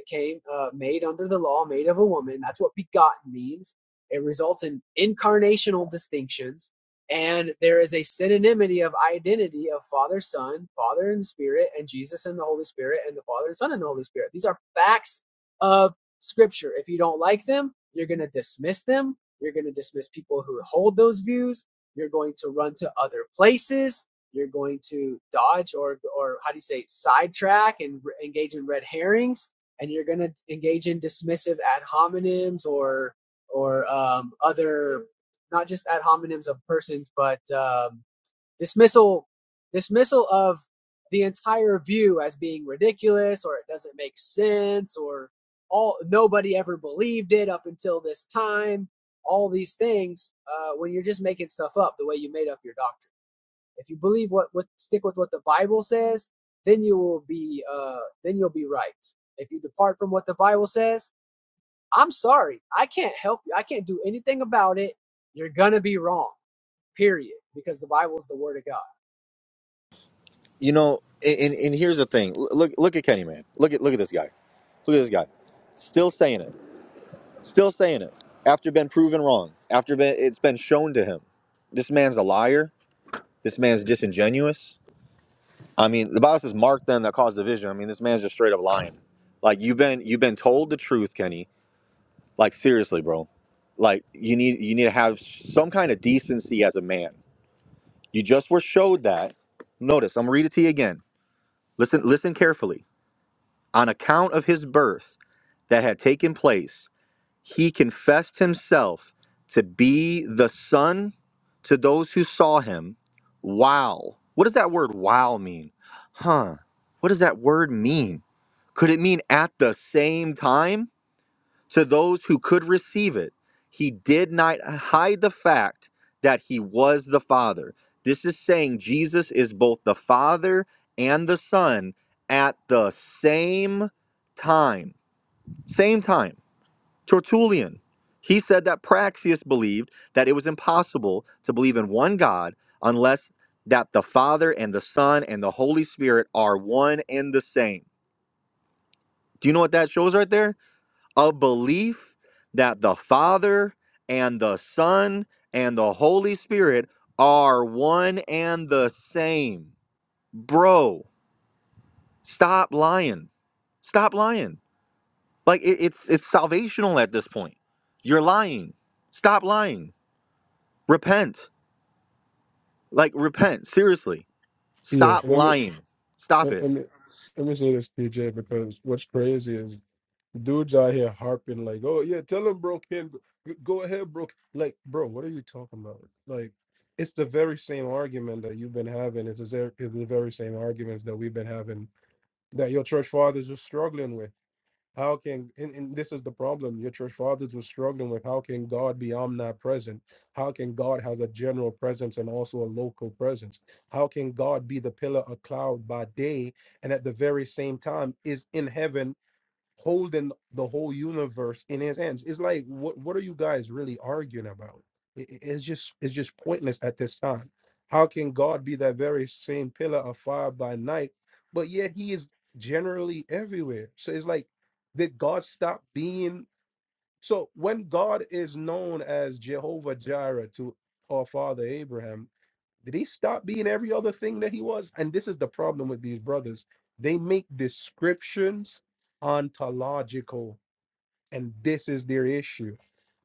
came uh, made under the law made of a woman that's what begotten means it results in incarnational distinctions, and there is a synonymity of identity of Father, Son, Father and Spirit, and Jesus and the Holy Spirit, and the Father and Son and the Holy Spirit. These are facts of Scripture. If you don't like them, you're going to dismiss them. You're going to dismiss people who hold those views. You're going to run to other places. You're going to dodge or, or how do you say, sidetrack and re- engage in red herrings and you're going to engage in dismissive ad hominems or or um, other not just ad hominems of persons, but um, dismissal dismissal of the entire view as being ridiculous or it doesn't make sense or all nobody ever believed it up until this time all these things uh, when you're just making stuff up the way you made up your doctrine if you believe what, what stick with what the bible says then you will be uh, then you'll be right if you depart from what the bible says I'm sorry. I can't help you. I can't do anything about it. You're going to be wrong, period, because the Bible is the Word of God.
You know, a- and, and here's the thing. L- Look look at Kenny man. Look at look at this guy. Look at this guy. Still saying it. Still saying it. After been proven wrong. After been, it's been shown to him. This man's a liar. This man's disingenuous I mean, the Bible says, "Mark them that cause division." I mean, this man's just straight up lying. Like you've been you've been told the truth, Kenny. Like seriously, bro. Like you need you need to have some kind of decency as a man. You just were showed that. Notice, I'm gonna read it to you again. Listen, listen carefully. On account of his birth that had taken place, he confessed himself to be the son to those who saw him. Wow. What does that word wow mean? Huh. What does that word mean? Could it mean at the same time to those who could receive it? He did not hide the fact that he was the Father. This is saying Jesus is both the Father and the Son at the same time. Same time. Tertullian. He said that Praxius believed that it was impossible to believe in one God unless that the Father and the Son and the Holy Spirit are one and the same. Do you know what that shows right there? a belief that the Father and the Son and the Holy Spirit are one and the same. Bro, stop lying. Stop lying. Like it, it's it's salvational at this point. You're lying. Stop lying. Repent. Like repent. Seriously.
Yeah,
Stop
let me
lying. Stop
let
it.
let me let me say this, PJ, because what's crazy is dudes out here harping like, "Oh yeah, tell him, bro, Ken, g- go ahead, bro." Like, bro, what are you talking about? Like, it's the very same argument that you've been having. It's the, ver- it's the very same arguments that we've been having that your church fathers are struggling with. How can and, and this is the problem your church fathers were struggling with? How can God be omnipresent? How can God has a general presence and also a local presence? How can God be the pillar of cloud by day and at the very same time is in heaven holding the whole universe in his hands. It's like what what are you guys really arguing about? It, it- it's just it's just pointless at this time. How can God be that very same pillar of fire by night, but yet he is generally everywhere? So it's like did God stop being so when God is known as Jehovah Jireh to our father Abraham, did he stop being every other thing that he was? And this is the problem with these brothers. They make descriptions ontological, and this is their issue.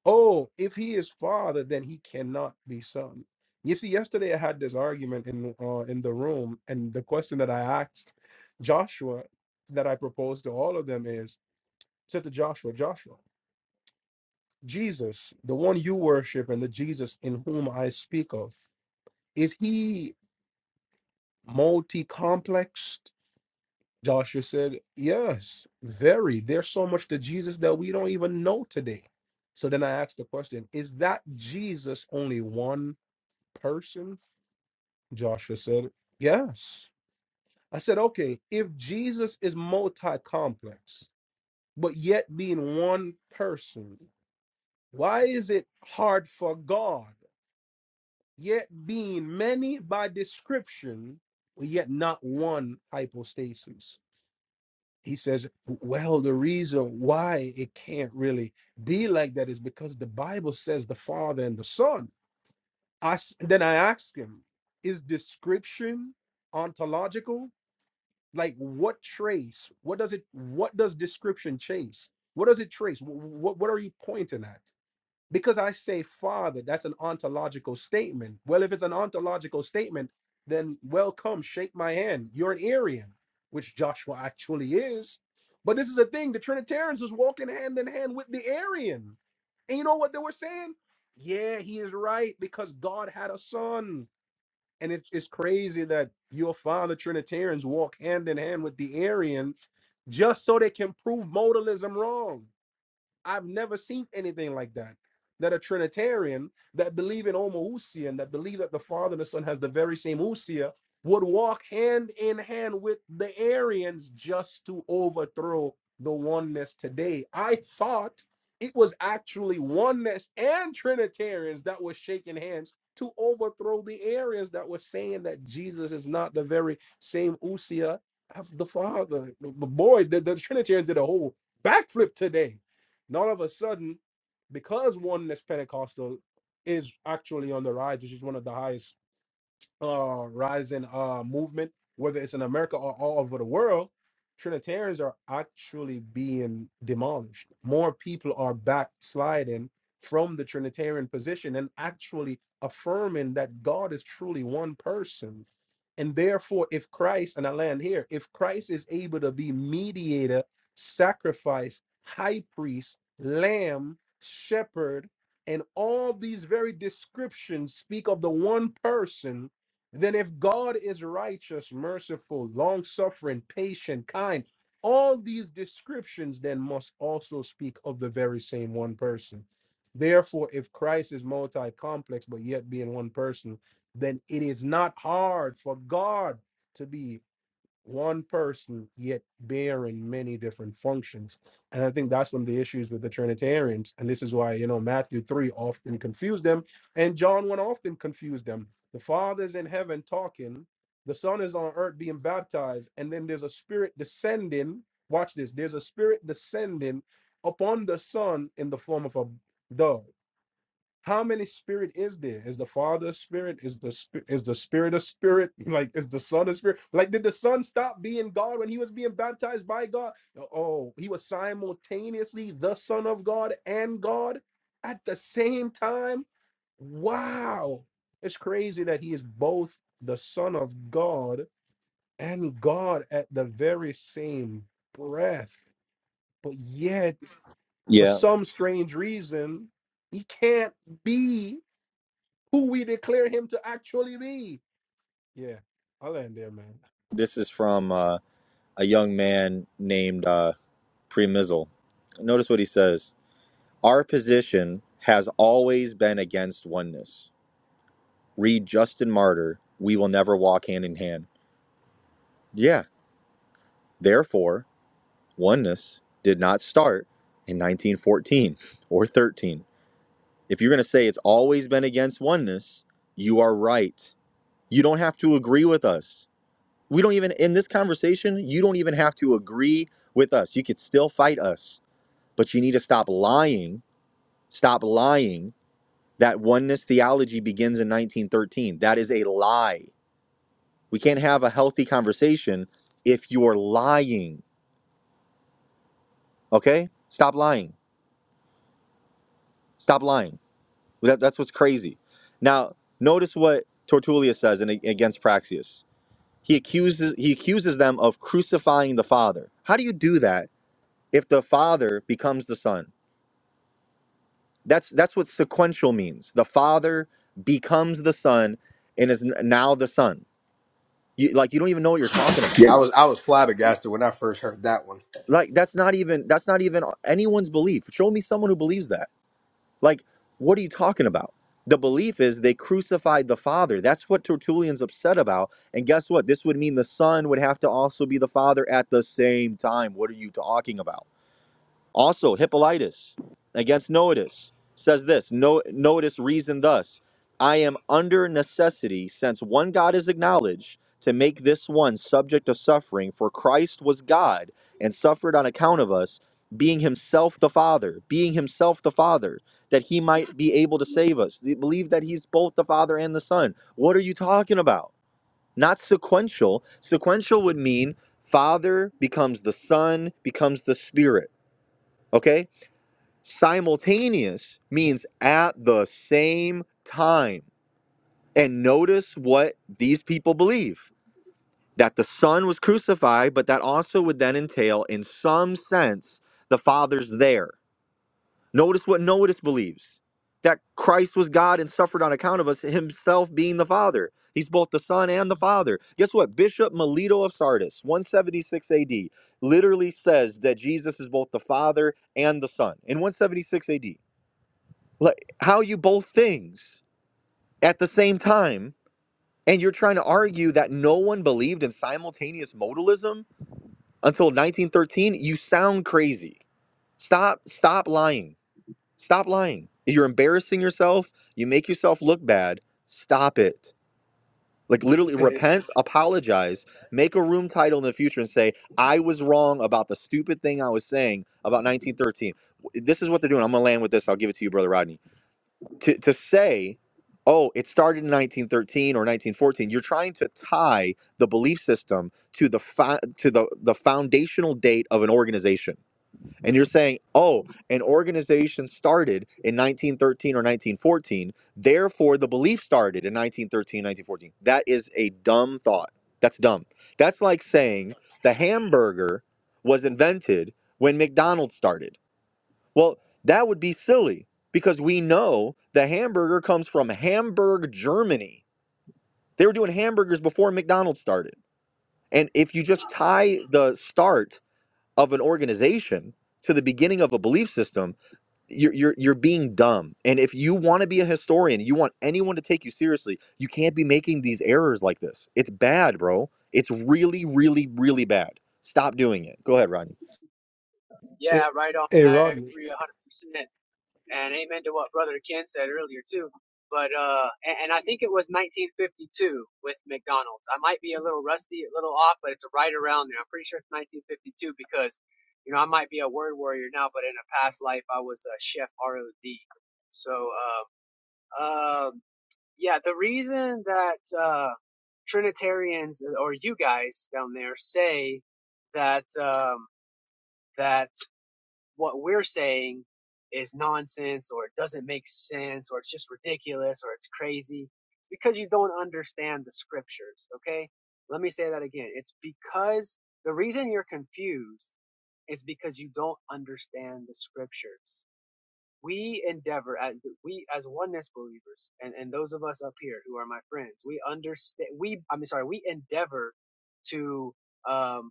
Oh, if he is father, then he cannot be son. You see, yesterday I had this argument in uh, in the room, and the question that I asked Joshua, that I proposed to all of them, is said to Joshua, Joshua, Jesus, the one you worship, and the Jesus in whom I speak of, is he multi-complexed? Joshua said, Yes, very. There's so much to Jesus that we don't even know today. So then I asked the question, Is that Jesus only one person? Joshua said, Yes. I said, Okay, if Jesus is multi complex, but yet being one person, why is it hard for God, yet being many by description, yet not one hypostasis? he says, well, the reason why it can't really be like that is because the Bible says the Father and the Son. I s- then I ask him, is description ontological? Like what trace? What does it? What does description chase? What does it trace? What what are you pointing at? because I say father, that's an ontological statement. Well, if it's an ontological statement, then welcome, shake my hand. You're an Arian, which Joshua actually is. But this is the thing the Trinitarians was walking hand in hand with the Arian. And you know what they were saying? Yeah, he is right because God had a son. And it's, it's crazy that your father Trinitarians walk hand in hand with the Arian just so they can prove modalism wrong. I've never seen anything like that. That a Trinitarian that believe in homoousia that believe that the Father and the Son has the very same ousia would walk hand in hand with the Arians just to overthrow the oneness today. I thought it was actually oneness and Trinitarians that were shaking hands to overthrow the Arians that were saying that Jesus is not the very same ousia of the Father. But boy, the, the Trinitarians did a whole backflip today and all of a sudden, because oneness Pentecostal is actually on the rise, which is one of the highest uh, rising uh, movement, whether it's in America or all over the world, Trinitarians are actually being demolished. More people are backsliding from the Trinitarian position and actually affirming that God is truly one person. And therefore, if Christ, and I land here, if Christ is able to be mediator, sacrifice, high priest, lamb, shepherd, and all these very descriptions speak of the one person then if God is righteous, merciful, long suffering, patient, kind, all these descriptions then must also speak of the very same one person. Therefore, if Christ is multi complex but yet being one person, then it is not hard for God to be one person yet bearing many different functions. And I think that's one of the issues with the Trinitarians. And this is why, you know, Matthew 3 often confused them, and John 1 often confused them. The Father's in heaven talking, the Son is on earth being baptized, and then there's a spirit descending. Watch this there's a spirit descending upon the Son in the form of a dove how many spirit is there? Is the Father a spirit? Is the is the Spirit a spirit? (laughs) Like is the Son a spirit? Like did the Son stop being God when he was being baptized by God? No, Oh, he was simultaneously the Son of God and God at the same time. Wow, it's crazy that he is both the Son of God and God at the very same breath. But yet, for
Yeah.
some strange reason, he can't be who we declare him to actually be. Yeah, I'll end there, man.
This is from uh, a young man named uh, Premizzle. Notice what he says. Our position has always been against oneness. Read Justin Martyr, We Will Never Walk Hand in Hand. Yeah, therefore, oneness did not start in 1914 or 13. If you're going to say it's always been against oneness, you are right. You don't have to agree with us. We don't even, in this conversation, you don't even have to agree with us. You could still fight us, but you need to stop lying. Stop lying That oneness theology begins in 1913. That is a lie. We can't have a healthy conversation if you're lying. Okay? Stop lying. Stop lying. Well, That, that's what's crazy. Now, notice what Tertullius says in, against Praxius. He accuses he accuses them of crucifying the Father. How do you do that if the Father becomes the Son? That's that's what sequential means. The Father becomes the Son and is n- now the Son. You, like you don't even know what you're talking about
Yeah, I was I was flabbergasted when I first heard that one.
Like that's not even that's not even anyone's belief. Show me someone who believes that. Like what are you talking about? The belief is they crucified the Father. That's what Tertullian's upset about. And guess what? This would mean the Son would have to also be the Father at the same time. What are you talking about? Also, Hippolytus against Noetus says this no, Noetus reasoned thus I am under necessity, since one God is acknowledged, to make this one subject of suffering, for Christ was God and suffered on account of us, being himself the Father, being himself the Father, that he might be able to save us. They believe that he's both the Father and the Son. What are you talking about? Not sequential. Sequential would mean Father becomes the Son, becomes the Spirit. Okay? Simultaneous means at the same time. And notice what these people believe that the Son was crucified, but that also would then entail, in some sense, the Father's there. Notice what Notice believes that Christ was God and suffered on account of us, himself being the Father. He's both the Son and the Father. Guess what? Bishop Melito of Sardis, 176 AD, literally says that Jesus is both the Father and the Son in 176 AD like how are you both things at the same time and you're trying to argue that no one believed in simultaneous modalism until 1913 you sound crazy stop stop lying stop lying you're embarrassing yourself you make yourself look bad stop it like literally
Hey,
repent apologize make a room title in the future and say i was wrong about the stupid thing i was saying about 1913 this is what they're doing i'm gonna land with this i'll give it to you brother rodney to, to say, oh, it started in 1913 or 1914, you're trying to tie the belief system to the to the, the foundational date of an organization. And you're saying, oh, an organization started in 1913 or 1914, therefore the belief started in 1913, 1914. That is a dumb thought. That's dumb. That's like saying the hamburger was invented when McDonald's started. Well, that would be silly because we know the hamburger comes from Hamburg, Germany. They were doing hamburgers before McDonald's started. And if you just tie the start of an organization to the beginning of a belief system, you're, you're, you're being dumb. And if you want to be a historian, you want anyone to take you seriously, you can't be making these errors like this. It's bad, bro. It's really, really, really bad. Stop doing it. Go ahead, Rodney.
Hey,
Yeah, right on.
hey
I
Rodney.
agree 100%. And amen to what Brother Ken said earlier, too. But, uh, and, and I think it was 1952 with McDonald's. I might be a little rusty, a little off, but it's right around there. I'm pretty sure it's 1952 because, you know, I might be a word warrior now, but in a past life, I was a chef ROD. So, uh, um, Yeah, the reason that uh, Trinitarians uh, or you guys down there say that um, that what we're saying is nonsense or it doesn't make sense or it's just ridiculous or it's crazy, it's because you don't understand the scriptures. Okay, let me say that again. It's because the reason you're confused is because you don't understand the scriptures we endeavor as we as oneness believers and and those of us up here who are my friends we understand we i mean sorry we endeavor to um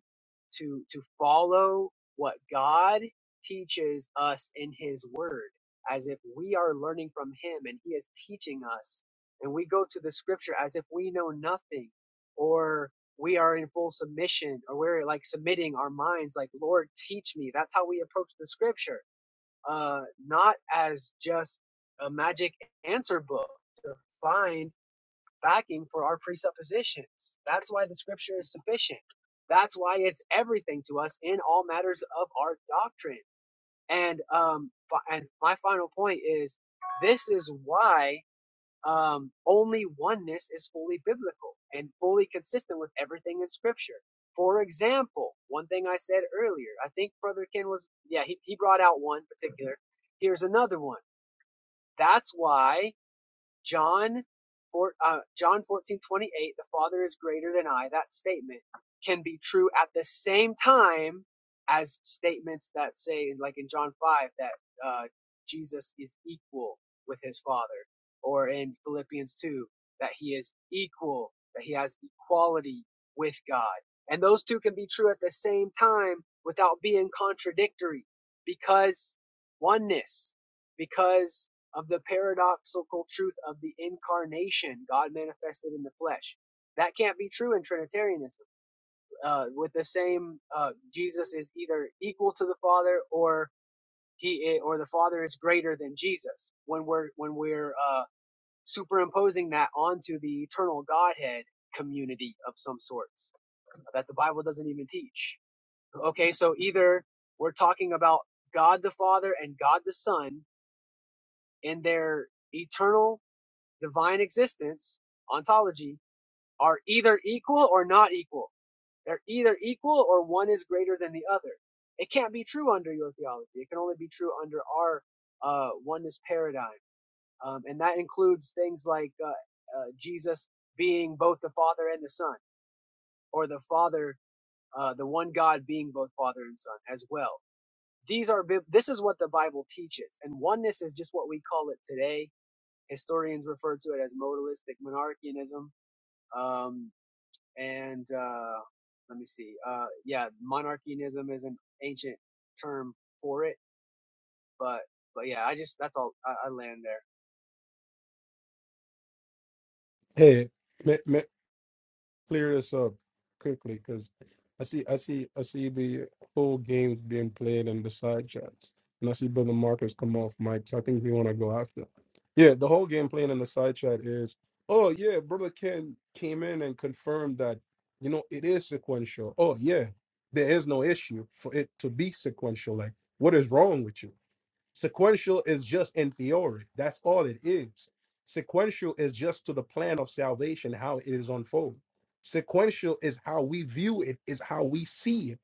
to to follow what god teaches us in his word as if we are learning from him and he is teaching us and we go to the scripture as if we know nothing or we are in full submission or we're like submitting our minds like lord teach me that's how we approach the scripture uh, not as just a magic answer book to find backing for our presuppositions. That's why the scripture is sufficient. That's why it's everything to us in all matters of our doctrine. And um, and my final point is, this is why um, only oneness is fully biblical and fully consistent with everything in scripture. For example, one thing I said earlier, I think Brother Ken was, yeah, he, he brought out one particular. Here's another one. That's why John, four, uh, John 14 28. the Father is greater than I, that statement can be true at the same time as statements that say, like in John 5, that uh, Jesus is equal with his Father, or in Philippians 2, that he is equal, that he has equality with God. And those two can be true at the same time without being contradictory because oneness, because of the paradoxical truth of the incarnation, God manifested in the flesh. That can't be true in Trinitarianism. Uh, with the same, uh, Jesus is either equal to the Father, or he, or the Father is greater than Jesus. When we're when we're uh, superimposing that onto the eternal Godhead community of some sorts uh, that the Bible doesn't even teach. Okay, so either we're talking about God the Father and God the Son in their eternal divine existence, ontology, are either equal or not equal. They're either equal or one is greater than the other. It can't be true under your theology. It can only be true under our uh, oneness paradigm. Um, and that includes things like uh, uh, Jesus being both the Father and the Son, or the Father, uh, the one God being both Father and Son as well. These are this is what the Bible teaches, and oneness is just what we call it today. Historians refer to it as modalistic monarchianism Um, and uh, let me see. Uh, yeah, monarchianism is an ancient term for it, but but yeah, I just that's all I, I land there.
Hey, me, me, clear this up quickly because I see, I see, I see the whole games being played and the side chats, and I see brother Marcus come off mic. So I think we want to go after. Yeah, the whole game playing in the side chat is, oh yeah, brother Ken came in and confirmed that you know it is sequential. Oh yeah, there is no issue for it to be sequential. Like, what is wrong with you? Sequential is just in theory. That's all it is. Sequential is just to the plan of salvation, how it is unfolding. Sequential is how we view it, is how we see it.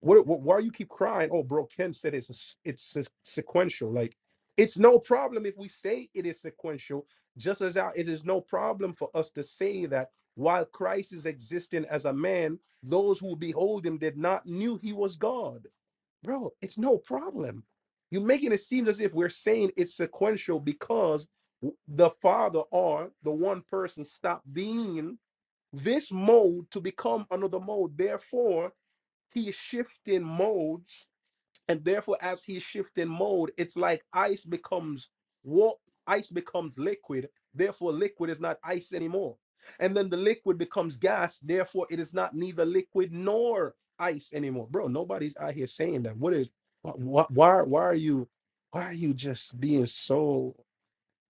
What, what- why you keep crying? Oh, bro, Ken said it's a s- it's a sequential. Like it's no problem if we say it is sequential, just as how it is no problem for us to say that while Christ is existing as a man, those who behold him did not knew he was God bro, it's no problem. You're making it seem as if we're saying it's sequential because w- the Father or the one person stopped being this mode to become another mode. Therefore, he is shifting modes and therefore as he shifts in mode it's like ice becomes what ice becomes liquid therefore liquid is not ice anymore and then the liquid becomes gas therefore it is not neither liquid nor ice anymore bro nobody's out here saying that what is what, why why are you why are you just being so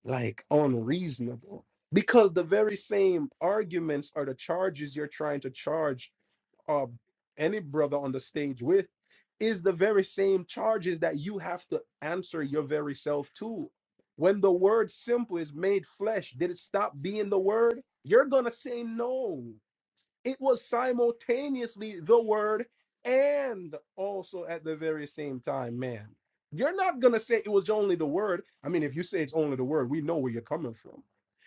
like unreasonable because the very same arguments are the charges you're trying to charge uh, any brother on the stage with is the very same charges that you have to answer your very self to. When the word simple is made flesh, did it stop being the word? You're going to say no. It was simultaneously the word and also at the very same time, man. You're not going to say it was only the word. I mean, if you say it's only the word, we know where you're coming from.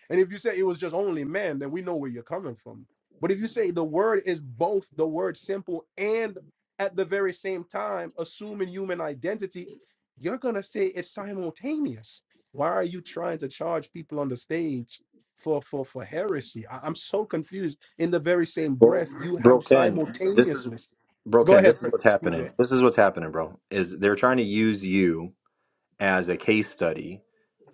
And if you say it was just only man, then we know where you're coming from. But if you say the word is both the word simple and at the very same time assuming human identity, you're going to say it's simultaneous. Why are you trying to charge people on the stage for for for heresy. I, am so confused. In the very same
Bro,
breath, you
bro
have
Ken, this is
simultaneousness.
bro
Go
ken
ahead,
this is
Pre-
what's happening
PJ.
this is what's happening bro is they're trying to use you as a case study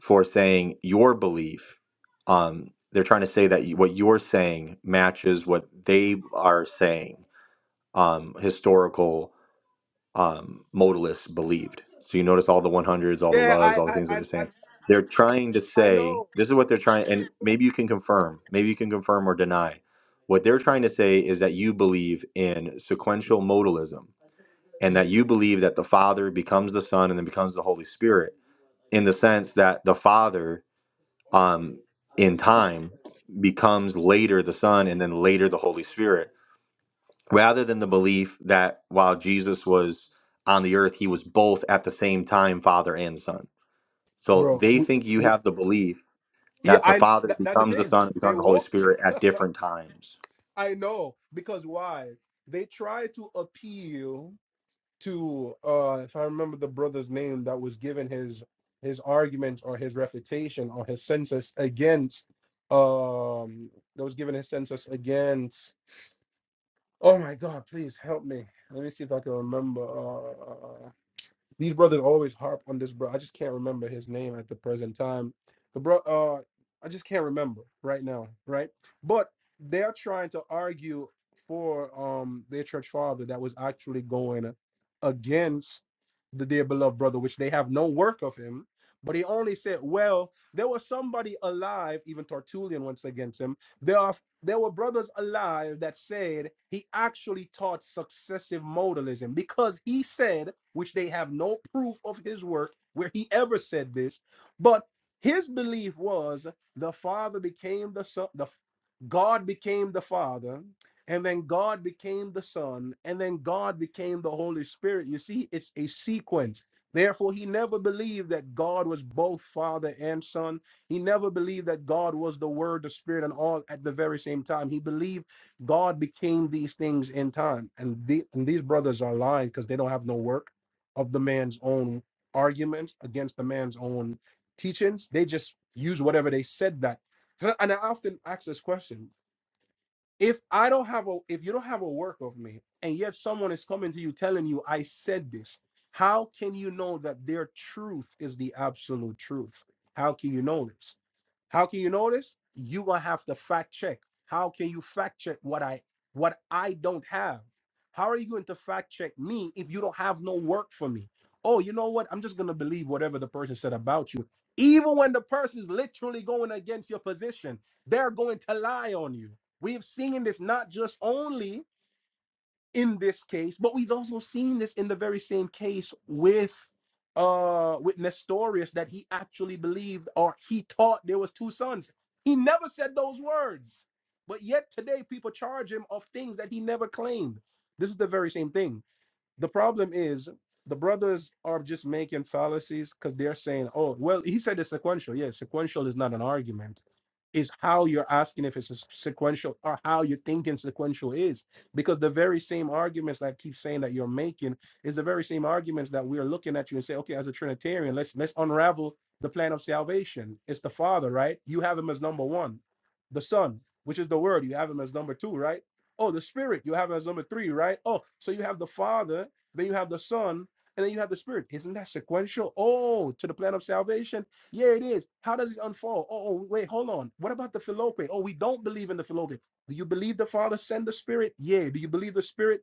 for saying your belief um they're trying to say that you- what you're saying matches what they are saying um historical um modalists believed so you notice all the 100s all the
Yeah,
loves
I
all the
I
things that
I
they're
I,
saying they're trying to
I
say
know,
this is what they're trying and maybe maybe I, what they- and that comes the spirit in the sense that they're um in becomes spirit Well, belief that while Jesus was on the earth, he was both at the same time Father and Son. So
bro.
they
We,
think you
we,
have the belief
yeah,
that the
I
Father
tha- that's the
becomes the
thing.
Son and
They
becomes the Holy
won't.
Spirit at different times.
(laughs) I know because why? They try to appeal to uh if I remember the brother's name that was given his his argument or his refutation or his census against um that was given his census against Oh my God, please help me. Let me see if I can remember. Uh, uh, uh, uh, these brothers always harp on this bro. I just can't remember his name at the present time. The bro, uh, I just can't remember right now, right? But they're trying to argue for um their church father that was actually going against the dear beloved brother, which they have no work of him. But he only said, "Well, there was somebody alive." Even Tertullian once against him. There are there were brothers alive that said he actually taught successive modalism because he said which they have no proof of his work where he ever said this, but his belief was the Father became the Son, the God became the Father, and then God became the Son, and then God became the Holy Spirit. You see, it's a sequence. Therefore, he never believed that God was both Father and Son. He never believed that God was the Word, the Spirit, and all at the very same time. He believed God became these things in time. And, the, and these brothers are lying because they don't have no work of the man's own arguments against the man's own teachings. They just use whatever they said that. So- And I often ask this question. If I don't have a if you don't have a work of me, and yet someone is coming to you telling you I said this, how can you know that their truth is the absolute truth? How can you know this? How can you know this? You will have to fact check. How can you fact check what I what I don't have? How are you going to fact check me if you don't have no work for me? Oh, you know what? I'm just gonna believe whatever the person said about you. Even when the person's literally going against your position, they're going to lie on you. We have seen this not just only in this case, but we've also seen this in the very same case with uh with Nestorius that he actually believed or he taught there was two sons. He never said those words. But yet today people charge him of things that he never claimed. This is the very same thing the problem is the brothers are just making fallacies because they're saying, oh, well, he said it's sequential. Yeah, sequential is not an argument. It's how you're asking if it's a sequential or how you're thinking sequential is. Because the very same arguments that I keep saying that you're making is the very same arguments that we're looking at you and say, okay, as a Trinitarian, let's let's unravel the plan of salvation. It's the Father, right? You have him as number one. The Son, which is the Word, you have him as number two, right? Oh, the Spirit, you have him as number three, right? Oh, so you have the Father then you have the Son, and then you have the Spirit. Isn't that sequential? Oh, to the plan of salvation? Yeah, it is. How does it unfold? Oh, oh, wait, hold on. What about the Philoque? Oh, we don't believe in the Philoque. Do you believe the Father sent the Spirit? Yeah. Do you believe the Spirit?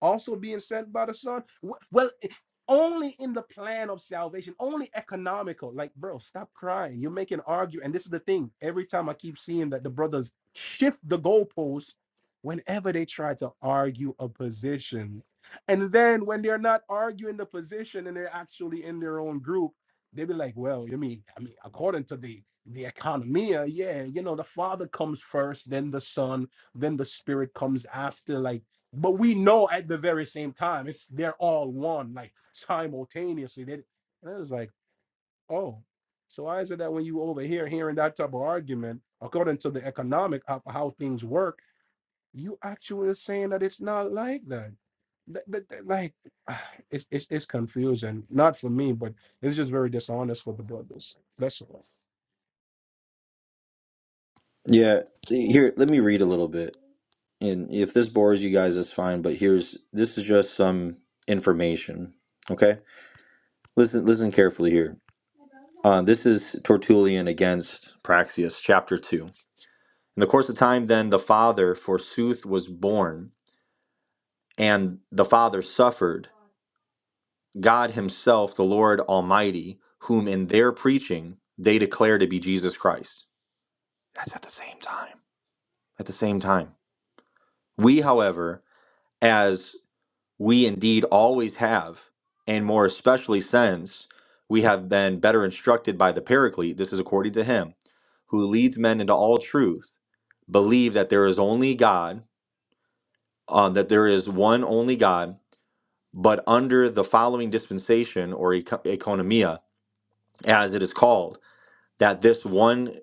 also being sent by the Son? Well, eh, only in the plan of salvation, only economical. Like, bro, stop crying. You're making argue. And this is the thing. Every time I keep seeing that the brothers shift the goalposts whenever they try to argue a position. And then when they're not arguing the position and they're actually in their own group, they be like, well, you mean, I mean, according to the the economy, yeah, you know, the father comes first, then the son, then the spirit comes after. Like but we know at the very same time it's they're all one like simultaneously they, and it was like oh so why is it that when you over here hearing that type of argument according to the economic of how things work you actually is saying that it's not like that Th- th- th- like (sighs) it's, it's it's confusing not for me but it's just very dishonest for the brothers that's all
Yeah, here, let me read a little bit. And if this bores you guys, that's fine, but here's this is just some information. Okay? Listen listen carefully here. Uh, this is Tertullian against Praxius, chapter 2. In the course of time, then, the Father, forsooth, was born, and the Father suffered, God Himself, the Lord Almighty, whom in their preaching they declare to be Jesus Christ. That's at the same time. At the same time. We, however, as we indeed always have, and more especially since we have been better instructed by the Paraclete, this is according to Him, who leads men into all truth, believe that there is only God, uh, that there is one only God but under the following dispensation or eco- economia as it is called that this one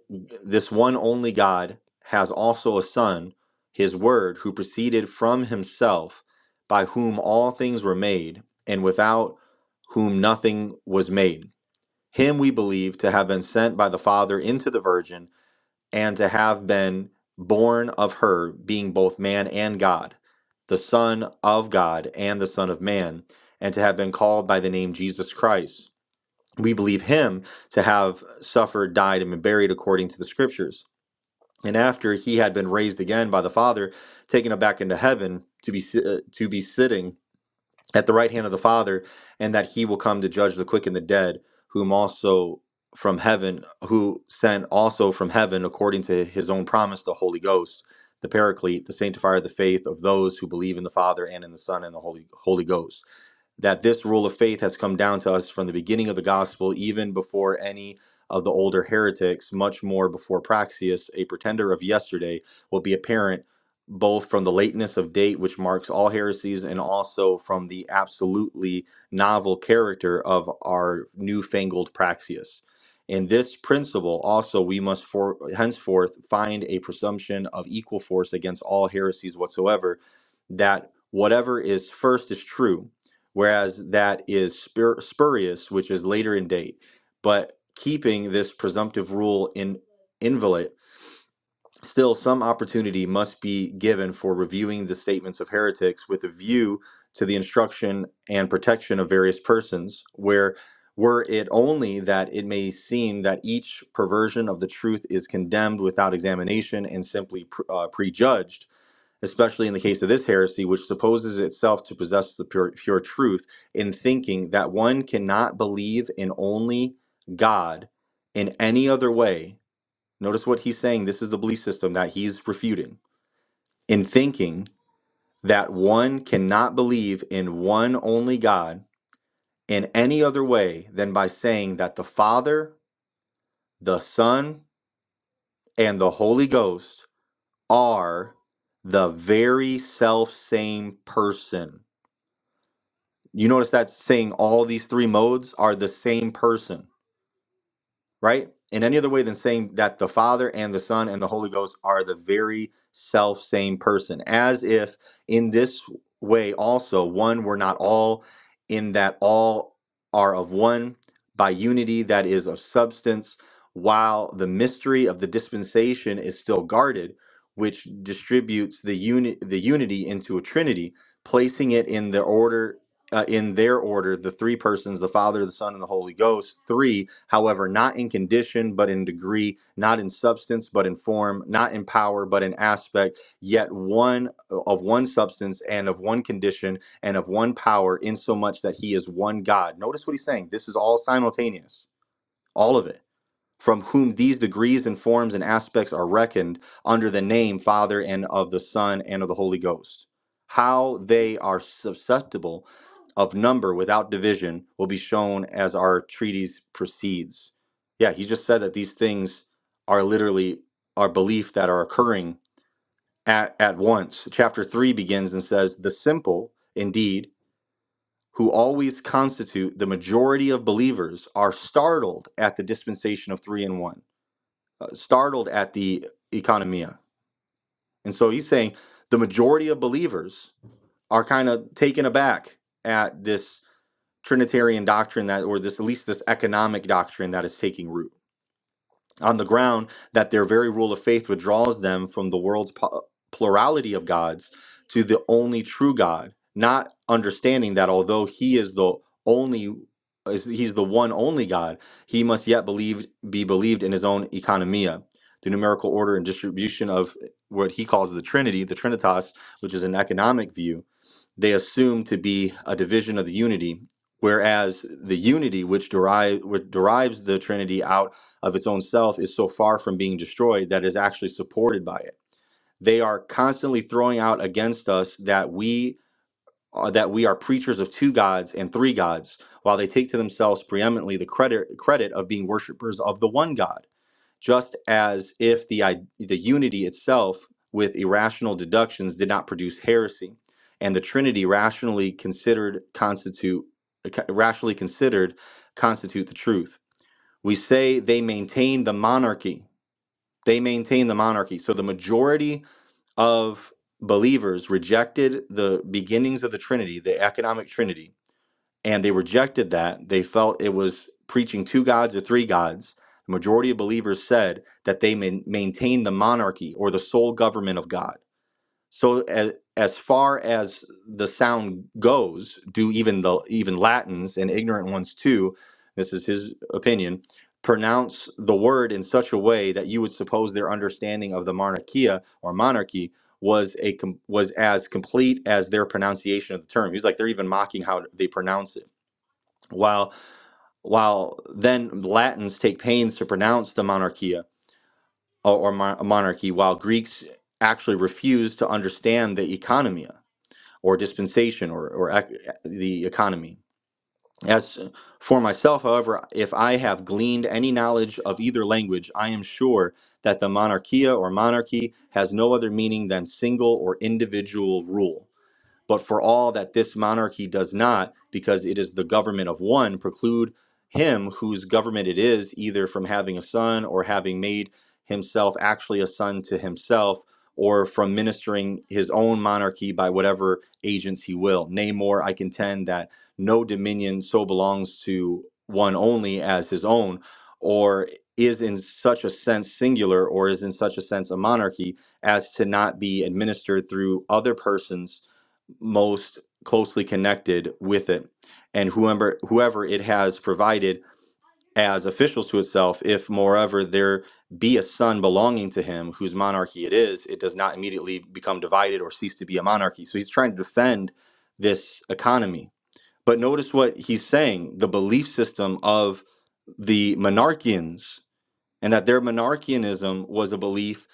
this one only god has also a son his word who proceeded from himself by whom all things were made and without whom nothing was made him we believe to have been sent by the father into the virgin and to have been born of her, being both man and God, the Son of God and the Son of Man, and to have been called by the name Jesus Christ. We believe him to have suffered, died, and been buried according to the scriptures. And after he had been raised again by the Father, taken up back into heaven to be si- uh, to be sitting at the right hand of the Father, and that he will come to judge the quick and the dead, whom also from heaven, who sent also from heaven, according to his own promise, the Holy Ghost, the Paraclete, the sanctifier of the faith of those who believe in the Father and in the Son and the Holy Holy Ghost that this rule of faith has come down to us from the beginning of the gospel, even before any of the older heretics, much more before Praxias, a pretender of yesterday, will be apparent both from the lateness of date, which marks all heresies, and also from the absolutely novel character of our newfangled Praxias. In this principle, also, we must for, henceforth find a presumption of equal force against all heresies whatsoever, that whatever is first is true, whereas that is spur- spurious, which is later in date. But keeping this presumptive rule in invalid, still some opportunity must be given for reviewing the statements of heretics with a view to the instruction and protection of various persons, where were it only that it may seem that each perversion of the truth is condemned without examination and simply pr- uh, prejudged especially in the case of this heresy, which supposes itself to possess the pure, pure truth, in thinking that one cannot believe in only God in any other way. Notice what he's saying. This is the belief system that he's refuting. In thinking that one cannot believe in one only God in any other way than by saying that the Father, the Son, and the Holy Ghost are the very self same person You notice that saying all these three modes are the same person, right? In any other way than saying that the Father and the Son and the Holy Ghost are the very self same person, as if in this way also, one, we're not all, in that all are of one by unity that is of substance, while the mystery of the dispensation is still guarded, which distributes the, uni- the unity into a trinity, placing it in the order uh, in their order the three persons the father the son and the holy ghost three however not in condition but in degree not in substance but in form not in power but in aspect yet one uh, of one substance and of one condition and of one power insomuch that he is one god notice what he, this is all simultaneous all of it from whom these degrees and forms and aspects are reckoned under the name father and of the son and of the holy ghost how they are susceptible of number without division will be shown as our treatise proceeds. Yeah, he just said that these things are literally our belief that are occurring at, at once. Chapter 3 begins and says, The simple, indeed, who always constitute the majority of believers are startled at the dispensation of three and one, uh, startled at the economia. And so he's saying the majority of believers are kind of taken aback at this Trinitarian doctrine that, or this at least this economic doctrine that is taking root on the ground that their very rule of faith withdraws them from the world's pu- plurality of gods to the only true God, not understanding that although He is the only, is- He's the one only God, He must yet believe be believed in His own economia, the numerical order and distribution of what He calls the Trinity, the Trinitas, which is an economic view they assume to be a division of the unity, whereas the unity which, derive, which derives the Trinity out of its own self is so far from being destroyed that is actually supported by it. They are constantly throwing out against us that we are, that we are preachers of two gods and three gods, while they take to themselves preeminently the credit credit of being worshipers of the one God, just as if the i- the unity itself with irrational deductions did not produce heresy and the Trinity considered constitute considered constitute the truth. We say they maintain the monarchy. They maintain the monarchy. So the majority of believers rejected the beginnings of the Trinity, the economic Trinity, and they rejected that. They felt it was preaching two gods or three gods. The majority of believers said that they main maintain the monarchy or the sole government of God so as, as far as the sound goes, do even the even Latins and ignorant ones too, this is his opinion, pronounce the word in such a way that you would suppose their understanding of the monarchia or monarchy was a com- was a complete error pronunciation of the term. He's like they're even mocking how they pronounce it. While while then Latins take pains to pronounce the monarchia or, or mon- monarchy, while Greeks actually refuse to understand the economia or dispensation or, or ec- the economy. As for myself, however, if I have gleaned any knowledge of either language, I am sure that the monarchia or monarchy has no other meaning than single or individual rule but for all that this monarchy does not, because it is the government of one, preclude him whose government it is either from having a son or having made himself actually a son to himself or from ministering his own monarchy by whatever agents he will. Nay, more, I contend that no dominion so belongs to one only as his own, or is in such a sense singular, or is in such a sense a monarchy as to not be administered through other persons most closely connected with it and whoever whoever it has provided as officials to itself if moreover there be a son belonging to him whose monarchy it is it does not immediately become divided or cease to be a monarchy so he's trying to defend this economy but notice what he's saying the belief system of the monarchians and that their monarchianism was a belief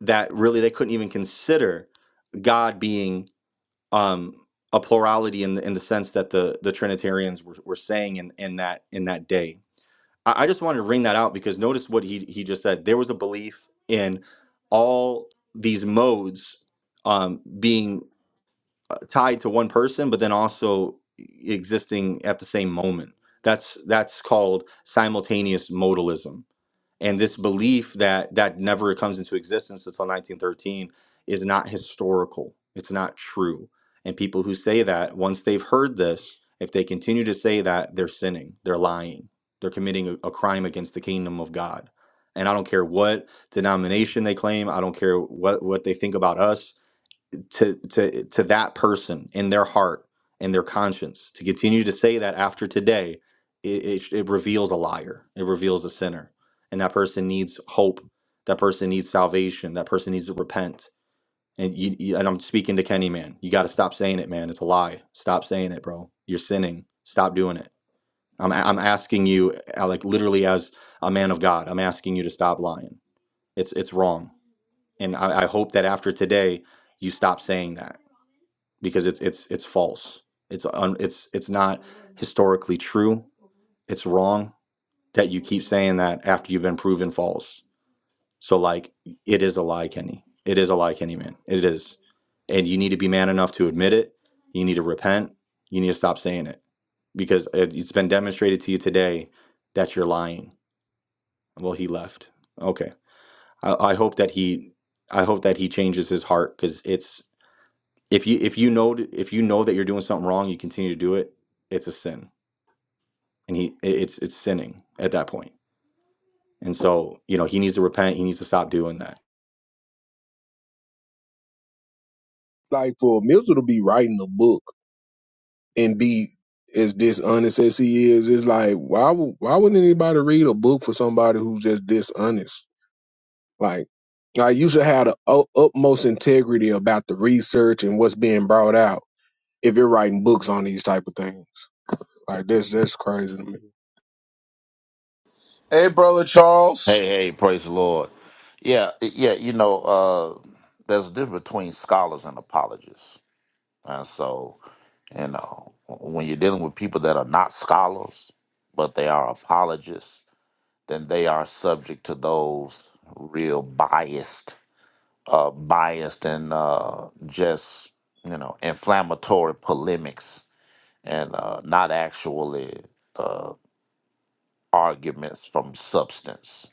that really they couldn't even consider god being um, a plurality in the in the sense that the the Trinitarians were, were saying in, in that in that day. I, I just wanted to bring that out because notice what he he just said. There was a belief in all these modes um, being uh, tied to one person, but then also existing at the same moment. That's that's called simultaneous modalism and this belief that that never comes into existence until 1913 is not historical it's not true and people who say that once they've heard this if they continue to say that they're sinning they're lying they're committing a, a crime against the kingdom of god and i don't care what denomination they claim i don't care what what they think about us to to to that person in their heart and their conscience to continue to say that after today it, it, it reveals a liar it reveals a sinner and that person needs hope that person needs salvation that person needs to repent and you, you and i'm speaking to kenny man you got to stop saying it man it's a lie stop saying it bro you're sinning stop doing it i'm, i I'm asking you uh, like literally as a man of god i'm asking you to stop lying it's it's wrong and i, I hope that after today you stop saying that because it's it's it's false. It's un, it's it's not historically true. It's wrong that you keep saying that after you've been proven false. So like it is a lie, Kenny. It is a lie, Kenny man. It is. And you need to be man enough to admit it. You need to repent. You need to stop saying it because it, it's been demonstrated to you today that you're lying. Well, he left. Okay. I, I hope that he I hope that he changes his heart cuz it's if you if you know if you know that you're doing something wrong, you continue to do it. It's a sin, and he it's it's sinning at that point. And so you know he needs to repent. He needs to stop doing that.
Like for Mitchell to be writing a book and be as dishonest as he is, it's like why wou- why wouldn't anybody read a book for somebody who's just dishonest? Like, like you should have the u- utmost integrity about the research and what's being brought out if you're writing books on these type of things. Like that's that's crazy to me.
Hey, hey, praise the Lord. Yeah, yeah, you know, uh, there's a difference between scholars and apologists. And so, you know, when you're dealing with people that are not scholars, but they are apologists, then they are subject to those real biased, uh, biased and uh, just, you know, inflammatory polemics and uh, not actually uh, arguments from substance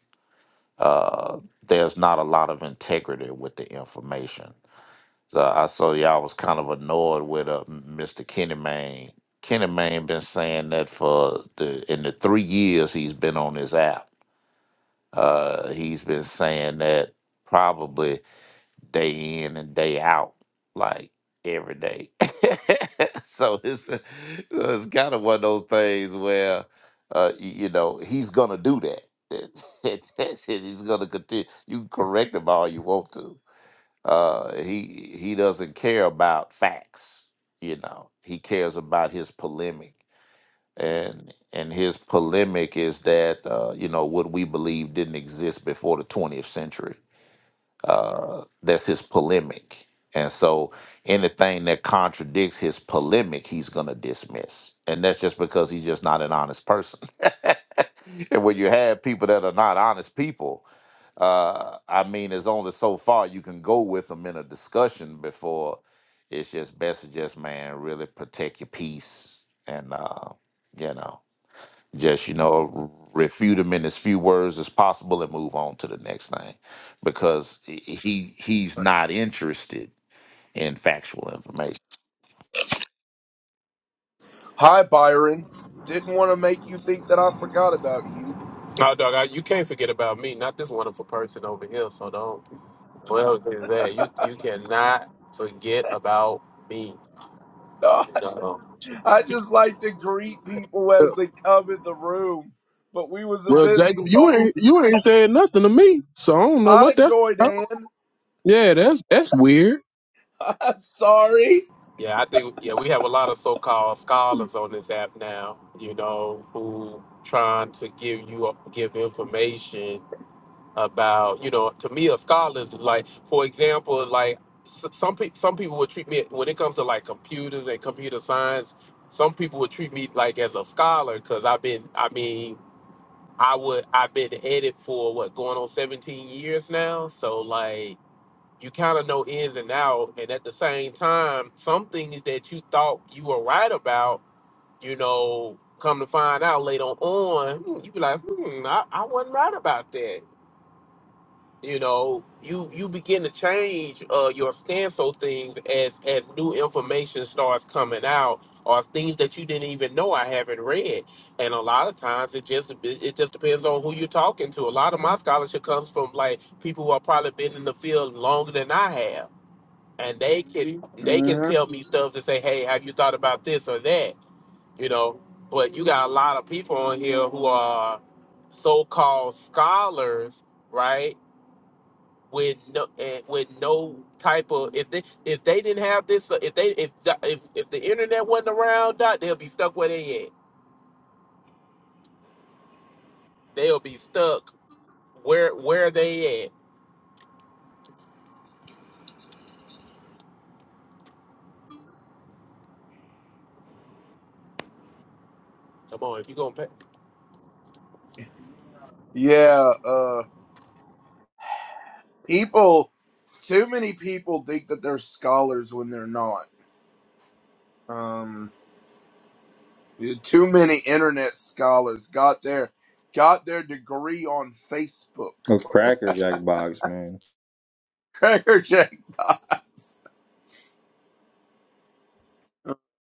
uh, there's not a lot of integrity with the information. So I saw y'all was kind of annoyed with uh, Mr. Kenny Mayne. Kenny Mayne been saying that for the in the three years he's been on this app. Uh, he's been saying that probably day in and day out, like every day. (laughs) so it's so it's kind of one of those things where uh, y- you know he's gonna do that. (laughs) That's He's gonna continue. You can correct him all you want to. Uh, he he doesn't care about facts. You know he cares about his polemic, and and his polemic is that uh, you know what we believe didn't exist before the 20th century uh, that's his polemic. And so anything that contradicts his polemic, he's going to dismiss. And that's just because he's just not an honest person. (laughs) and when you have people that are not honest people, uh, I mean, there's only so far you can go with them in a discussion before it's just best to just, man, really protect your peace and, uh, you know just you know refute him in as few words as possible and move on to the next thing because he he- he's not interested in factual information
No, dog, I, you can't forget about me, not this wonderful person over here. So don't. Well, to that you you cannot forget about me. You know.
Well, Jacob, you ain't you ain't said nothing to me, so I don't know what that's about. Yeah, that's that's weird.
Yeah, I think yeah we have a lot of so-called scholars on this app now. You know, who trying to give you give information about you know. To me, a scholar is like, for example, like s- some pe- some people would treat me when it comes to like computers and computer science. Some people would treat me like as a scholar because I've been. I mean I would I've been at it for what going on 17 years now. So like you kind of know ins and out and at the same time some things that you thought you were right about, you know, come to find out later on, hmm, you be like, "Hmm, I, I wasn't right about that." you know you you begin to change uh your stance on things as as new information starts coming out or things that you didn't even know i haven't read and a lot of times it just it just depends on who you're talking to a lot of my scholarship comes from like people who have probably been in the field longer than i have and they can they can tell me stuff to say hey have you thought about this or that you know but you got a lot of people on here who are so-called scholars right with no eh, with no type of if they if they didn't have this uh, if they if the, if if the internet wasn't around, Doc, they'll be stuck where they at. They'll be stuck where where they at. Come on, if you gonna pay.
A cracker jack box, man.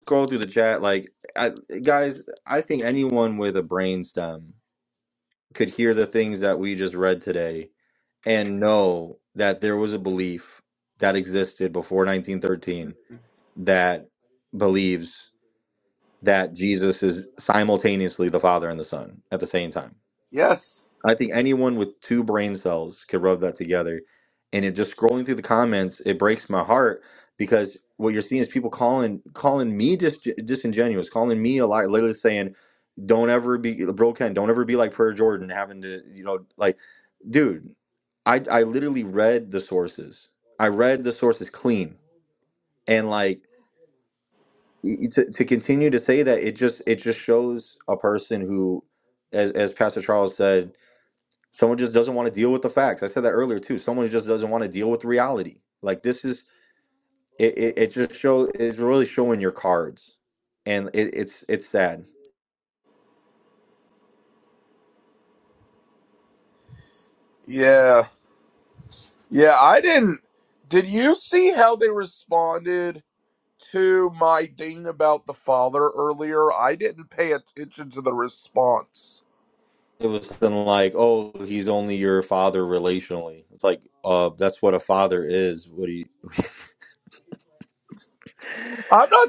Scroll through the chat, like I, guys. I think anyone with a brainstem could hear the things that we just read today and know that there was a belief that existed before 1913 that believes that Jesus is simultaneously the Father and the Son at the same time. I think anyone with two brain cells could rub that together. And it just scrolling through the comments, it breaks my heart because what you're seeing is people calling calling me dis- disingenuous, calling me a liar, literally saying, "Don't ever be, bro, Ken, don't ever be like Prayer Jordan, having to, you know, like, dude, I I literally read the sources, I read the sources clean, and like y- y- to to continue to say that it just it just shows a person who, as as Pastor Charles said, Someone just doesn't want to deal with the facts. I said that earlier too. Someone just doesn't want to deal with reality. Like this is it. It, it just show. It's really showing your cards, and it, it's it's sad. It was something like, "Oh, he's only your father relationally." It's like, uh, that's what a father is. What do you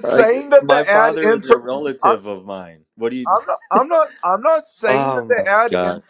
like? My father is a relative of mine. What do you? (laughs) Oh my god.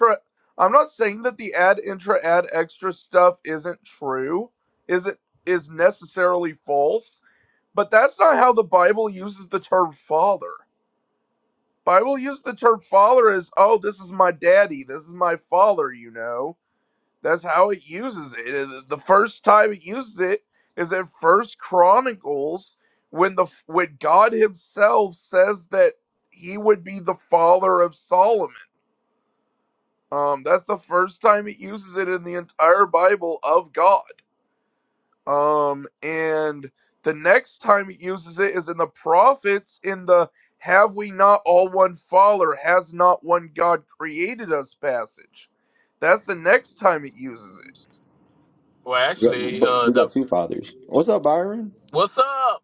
Well,
Yeah,
actually,
but
uh,
we
the
got two fathers. What's up, Byron?
what's up?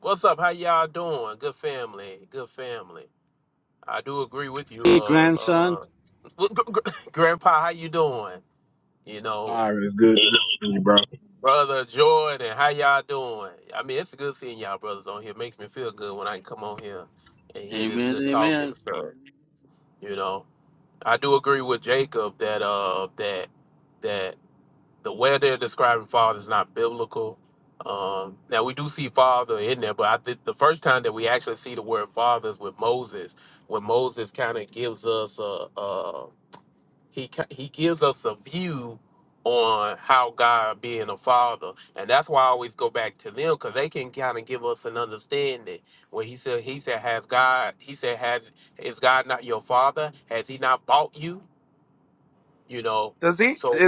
What's up? How y'all doing? Good family. Good family. I do agree with you,
Hey,
uh,
grandson.
uh, (laughs) Grandpa. How you doing? You know,
All right, it's good.
Brother Jordan, how y'all doing? I mean, it's good seeing y'all brothers on here. makes me feel good when I can come on here and hear this
Amen,
good talk and
amen.
stuff. You know, I do agree with Jacob that uh that that the way they're describing father is not biblical. Um, now we do see father in there, but I think the first time that we actually see the word father is with Moses, when Moses kind of gives us a, a he ca- he gives us a view on how God being a father, and that's why I always go back to them because they can kind of give us an understanding. When he said he said has God he said has is God not your father? Has he not bought you? You know, so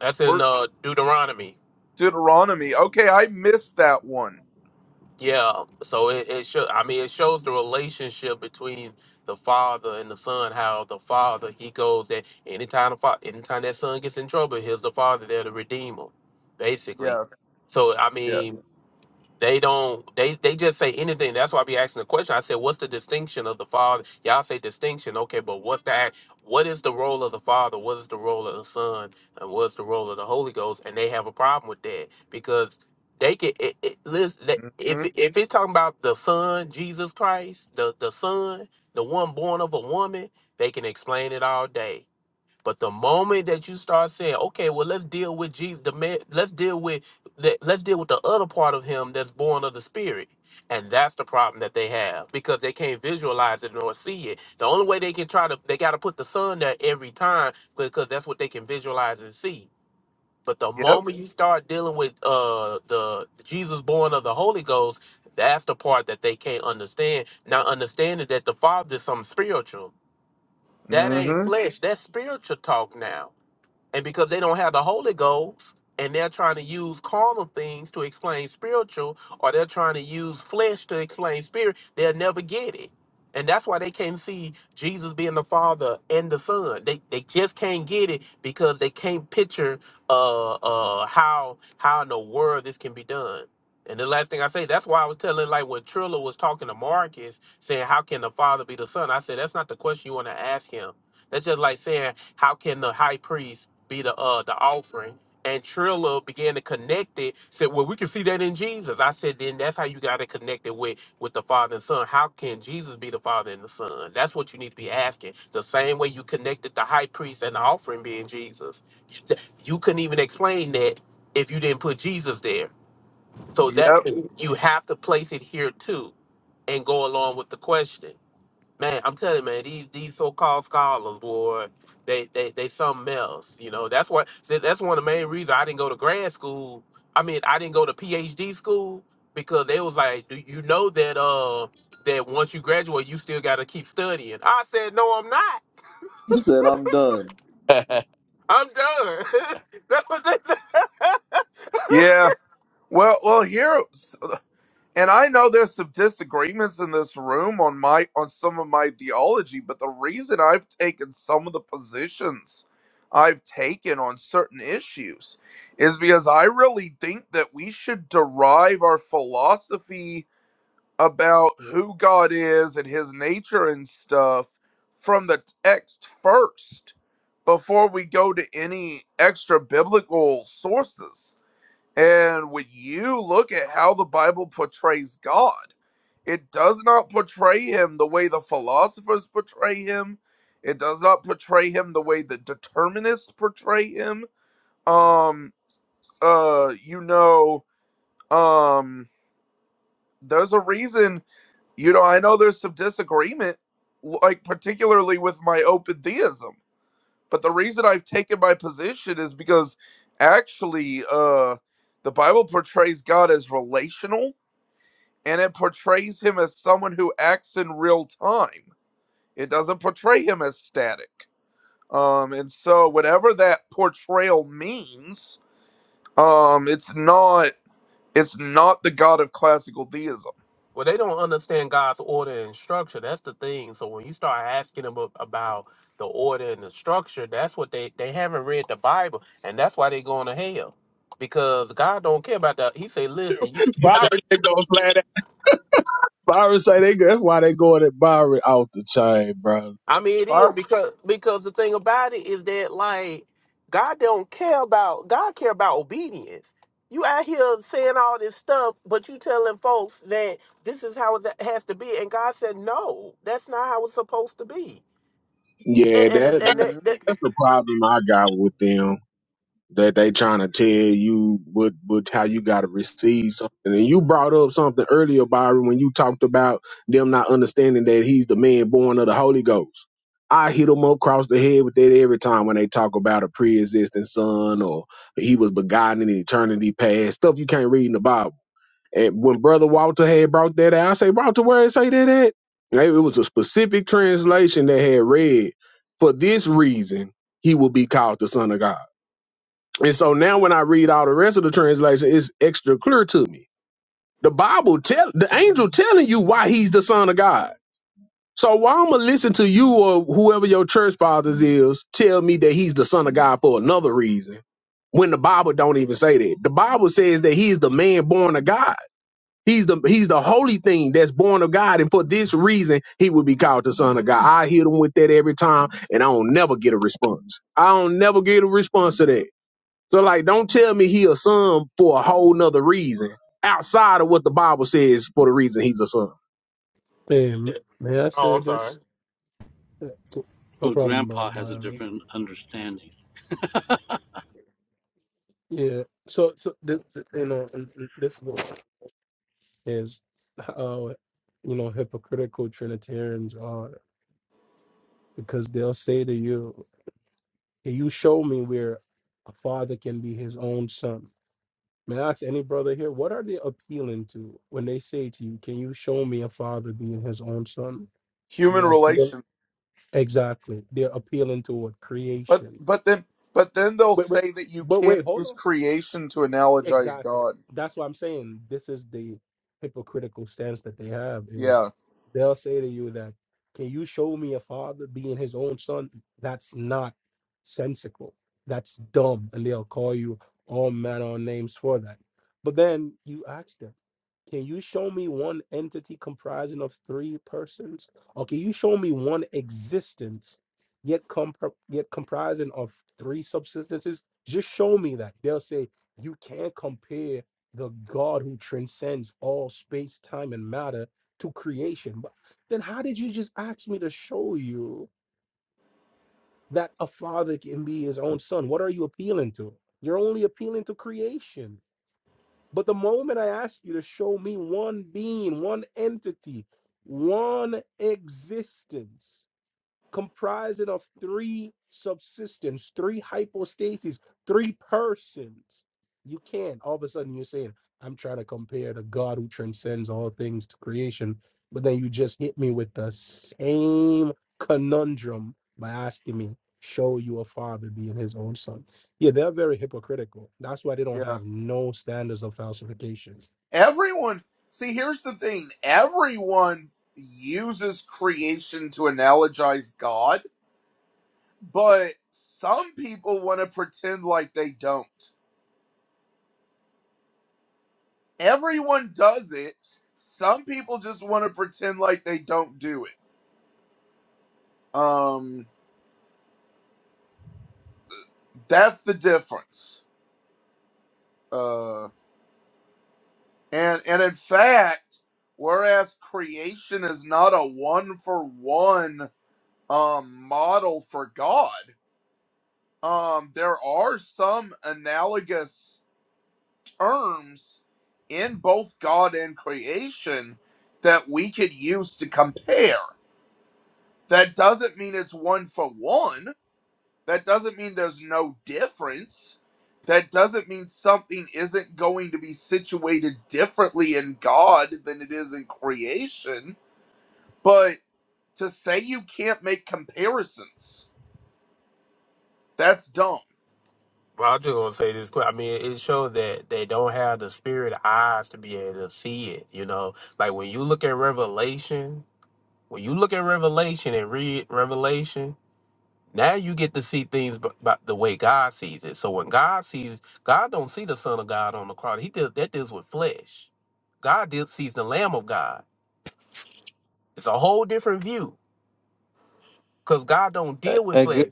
that's in uh, Deuteronomy. Yeah, so it, it show I mean it shows the relationship between the father and the son, how the father he goes that anytime the fa- anytime that son gets in trouble, here's the father there to redeem him, basically. So I mean they don't. They they just say anything. That's why I be asking the question. I said, "What's the distinction of the father?" Y'all say distinction. Okay, but what's that? What is the role of the father? What is the role of the son? And what's the role of the Holy Ghost? And they have a problem with that because they can. It, it, listen, that- if if it's talking about the son, Jesus Christ, the the son, the one born of a woman, they can explain it all day. But the moment that you start saying, okay, well, let's deal with Jesus, the man, let's deal with let, let's deal with the other part of him that's born of the spirit. And that's the problem that they have because they can't visualize it nor see it. The only way they can try to they gotta put the sun there every time because that's what they can visualize and see. But the moment you start dealing with uh the Jesus born of the Holy Ghost, that's the part that they can't understand. Not understanding that the Father is something spiritual. That ain't flesh, that's spiritual talk now and because they don't have the Holy Ghost and they're trying to use carnal things to explain spiritual, or they're trying to use flesh to explain spirit, they'll never get it. And that's why they can't see Jesus being the Father and the Son. They they just can't get it because they can't picture uh uh how how in the world this can be done. And the last thing I say, that's why I was telling like when Trilla was talking to Marcus, saying, How can the Father be the Son? I said, That's not the question you want to ask him. That's just like saying, how can the high priest be the uh the offering? And Trilla began to connect it. Said, "Well, we can see that in Jesus." I said, "Then that's how you got to connect it with with the Father and Son. How can Jesus be the Father and the Son? That's what you need to be asking. The same way you connected the high priest and the offering being Jesus. You you couldn't even explain that if you didn't put Jesus there. So that you have to place it here too and go along with the question. Man, I'm telling you, man, these these so-called scholars, boy, they they they something else. You know, that's what see, that's one of the main reasons I didn't go to grad school. I mean, I didn't go to PhD school because they was like, "Do you know that uh that once you graduate, you still got to keep studying?" I said, "No, I'm not.
He said, "I'm done."
I'm done." (laughs) that's what they said. (laughs) Well, they don't understand God's order and structure. That's the thing. So when you start asking them ab- about the order and the structure, that's what they they haven't read the Bible, and that's why they're going to hell. Because God don't care about that. He say, "Listen, you."
Byron they gonna slide that. Byron say they go. That's why they going at Byron out the chain, bro.
I mean, it is because because the thing about it is that like God don't care about God care about obedience. You out here saying all this stuff, but you telling folks that this is how it has to be, and God said, "No, that's not how it's supposed to be."
Yeah,
And and,
that
and that, that
that's the problem I got with them. That they trying to tell you what what how you gotta receive something. And you brought up something earlier, Byron, when you talked about them not understanding that he's the man born of the Holy Ghost. I hit them up across the head with that every time when they talk about a pre-existing son or he was begotten in eternity past stuff you can't read in the Bible. And when Brother Walter had brought that out, I say, Walter, where it say that at? Like, It was a specific translation that had read, for this reason, he will be called the Son of God. And so now when I read all the rest of the translation, it's extra clear to me. The Bible tell the angel telling you why he's the son of God. So why I'ma listen to you or whoever your church fathers is tell me that he's the son of God for another reason when the Bible don't even say that. The Bible says that he's the man born of God. He's the he's the holy thing that's born of God, and for this reason, he would be called the Son of God. I hit him with that every time, and I don't never get a response. I don't never get a response to that. So like, don't tell me he a son for a whole nother reason outside of what the Bible says for the reason he's a son.
Hey, may I
Oh,
say
I'm sorry.
this? Yeah, cool. No
Well,
problem, uh,
grandpa has a
Byron.
different understanding.
Yeah. So, so this, you know, and- and this. is how you know hypocritical Trinitarians are because they'll say to you, Can you show me where a father can be his own son? May I ask any brother here, what are they appealing to when they say to you, Can you show me a father being his own son? They're appealing exactly. They're appealing toward creation. Wait, wait, but wait, hold on. Exactly. That's what I'm saying. This is the hypocritical stance that they have is they'll say to you that can you show me a father being his own son? That's not sensical. That's dumb. And they'll call you all manner of names for that. But then you ask them. Can you show me one entity comprising of three persons? Or can you show me one existence yet compr- yet comprising of three subsistences? Just show me that. They'll say you can't compare the God who transcends all space, time, and matter to creation. But then how did you just ask me to show you that a father can be his own son? What are you appealing to? You're only appealing to creation. But the moment I ask you to show me one being, one entity, one existence, comprising of three subsystems, three hypostases, three persons. You can't. All of a sudden, you're saying, I'm trying to compare the God who transcends all things to creation. But then you just hit me with the same conundrum by asking me, show you a father being his own son. Yeah, they're very hypocritical. That's why they don't have no standards of falsification.
Well, I just going to say this quick. I mean, it shows that they don't have the spirit eyes to be able to see it. You know, like when you look at Revelation, when you look at Revelation and read Revelation, now you get to see things b- by the way God sees it. So when God sees, God don't see the Son of God on the cross. He deals that deals with flesh. God deal, sees the Lamb of God. It's a whole different view because God don't
Hey,
deal with
hey, good
flesh.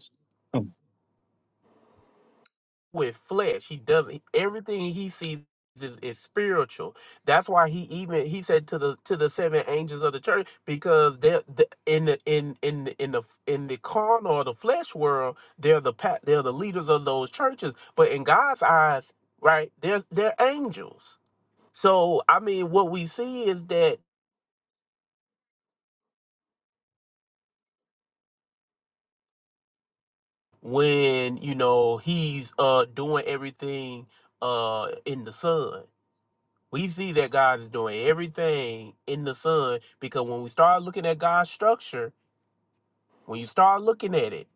with flesh. He doesn't everything he sees is, is spiritual. That's why he even he said to the to the seven angels of the church because they're the, in the in in the- in the in the carnal or the flesh world they're the pa- they're the leaders of those churches, but in God's eyes, right? They're they're angels. So I mean, what we see is that when you know he's uh doing everything uh in the sun We see that God is doing everything in the Son because when we start looking at God's structure, when you start looking at it,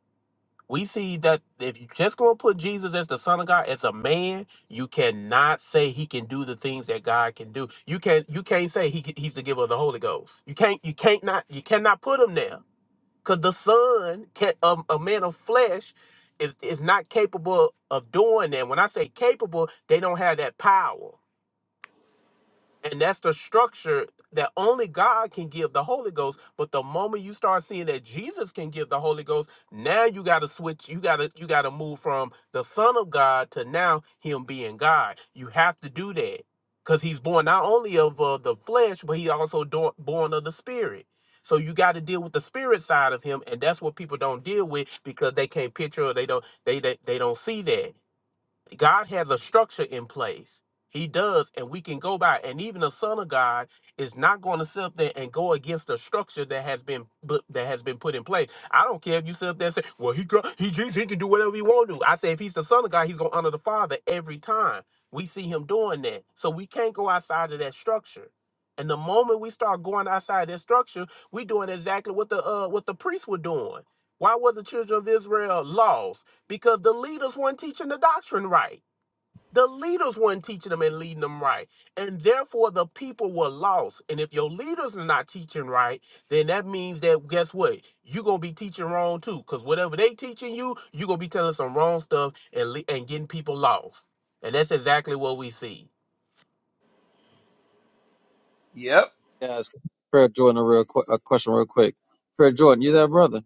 we see that if you just gonna put Jesus as the Son of God as a man, you cannot say he can do the things that God can do. You can not you can't say he can- he's the giver of the Holy Ghost. You can't you can't not you cannot put him there because the Son can a, a man of flesh is is not capable of doing that. When I say capable, they don't have that power. And that's the structure that only God can give the Holy Ghost. But the moment you start seeing that Jesus can give the Holy Ghost, now you gotta switch, you gotta you gotta move from the Son of God to now him being God. You have to do that. Because he's born not only of uh, the flesh, but he also do- born of the spirit. So you got to deal with the spirit side of him, and that's what people don't deal with because they can't picture or they don't they they, they don't see that. God has a structure in place. He does, and we can go by. And even the Son of God is not going to sit up there and go against the structure that has been bu- that has been put in place. I don't care if you sit up there and say, "Well, he got, he Jesus, he can do whatever he want to." I say, if he's the Son of God, he's going to honor the Father every time. We see him doing that, so we can't go outside of that structure. And the moment we start going outside that structure, we doing exactly what the uh, what the priests were doing why were the children of Israel lost? Because the leaders weren't teaching the doctrine right. The leaders weren't teaching them and leading them right. And therefore, the people were lost. And if your leaders are not teaching right, then that means that guess what? You're going to be teaching wrong too. Because whatever they teaching you, you're going to be telling some wrong stuff and, le- and getting people lost. And that's exactly what we see. (laughs)
guys. Prayer Jordan, a real quick, a question, real quick. Prayer Jordan, you there, brother?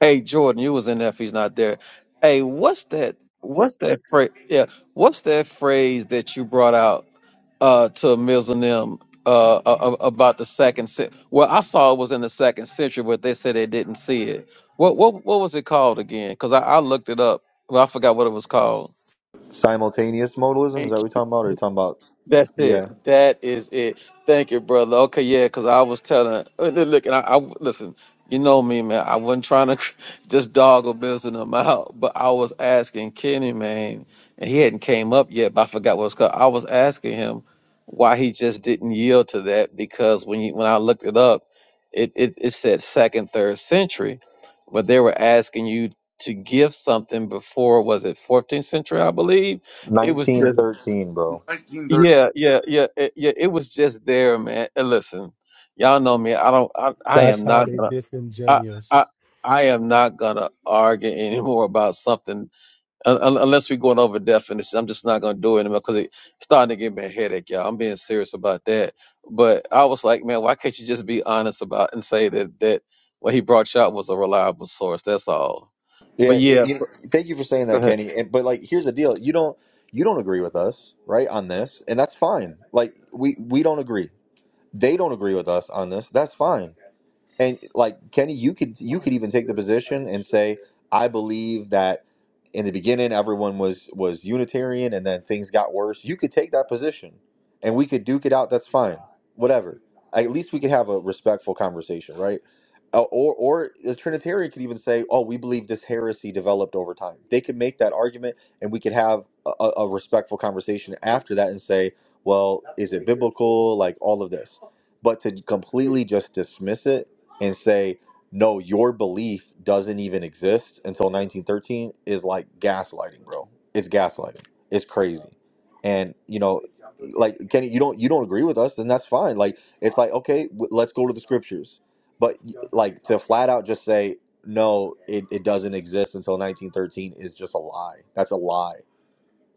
Hey, Jordan, you was in there. If he's not there, hey, what's that? What's that phrase? Yeah, what's that phrase that you brought out uh, to Mills and them uh, a- a- about the second? century? Well, I saw it was in the second century, but they said they didn't see it. What what what was it called again? Because I, I looked it up. Well, I forgot what it was called.
Simultaneous modalism. Is that what we're talking about? Or are you talking about?
That's
Yeah.
it. That is it. Thank you, brother. Okay, yeah, because I was telling. uh, Look, look, and I, I listen. You know me, man. I wasn't trying to (laughs) just dog or business him out, but I was asking Kenny, man, and he hadn't came up yet. But I forgot what it was called. I was asking him why he just didn't yield to that because when you, when I looked it up, it, it it said second, third century, but they were asking you to give something before was it 14th century, I believe. It was just
1913, bro.
yeah, yeah, yeah, it, yeah. It was just there, man. And listen, y'all know me. I don't. I, I
That's
am
how
not
they
gonna. I,
disingenuous.
I, I am not gonna argue (laughs) anymore about something un, un- unless we're going over definitions. I'm just not gonna do it anymore because it's starting to give me a headache, y'all. I'm being serious about that. But I was like, man, why can't you just be honest about and say that that what he brought you out was a reliable source? That's all. But
Yeah, it,
yeah,
you, thank you for saying
go
that,
ahead.
Kenny. And, but like, here's the deal: you don't you don't agree with us, right, on this, and that's fine. Like, we we don't agree. They don't agree with us on this. That's fine. And like Kenny, you could you could even take the position and say, I believe that in the beginning everyone was was Unitarian and then things got worse. You could take that position and we could duke it out, that's fine. Whatever. At least we could have a respectful conversation, right? Uh, or or the Trinitarian could even say, Oh, we believe this heresy developed over time. They could make that argument and we could have a, a a respectful conversation after that and say, Well, is it biblical? Like all of this. But to completely just dismiss it and say, no, your belief doesn't even exist until 1913 is like gaslighting, bro. It's gaslighting. It's crazy. And you know, like Kenny, you don't you don't agree with us, then that's fine. Like it's like okay, w- let's go to the scriptures. But like to flat out just say no, it, it doesn't exist until 1913 is just a lie. That's a lie.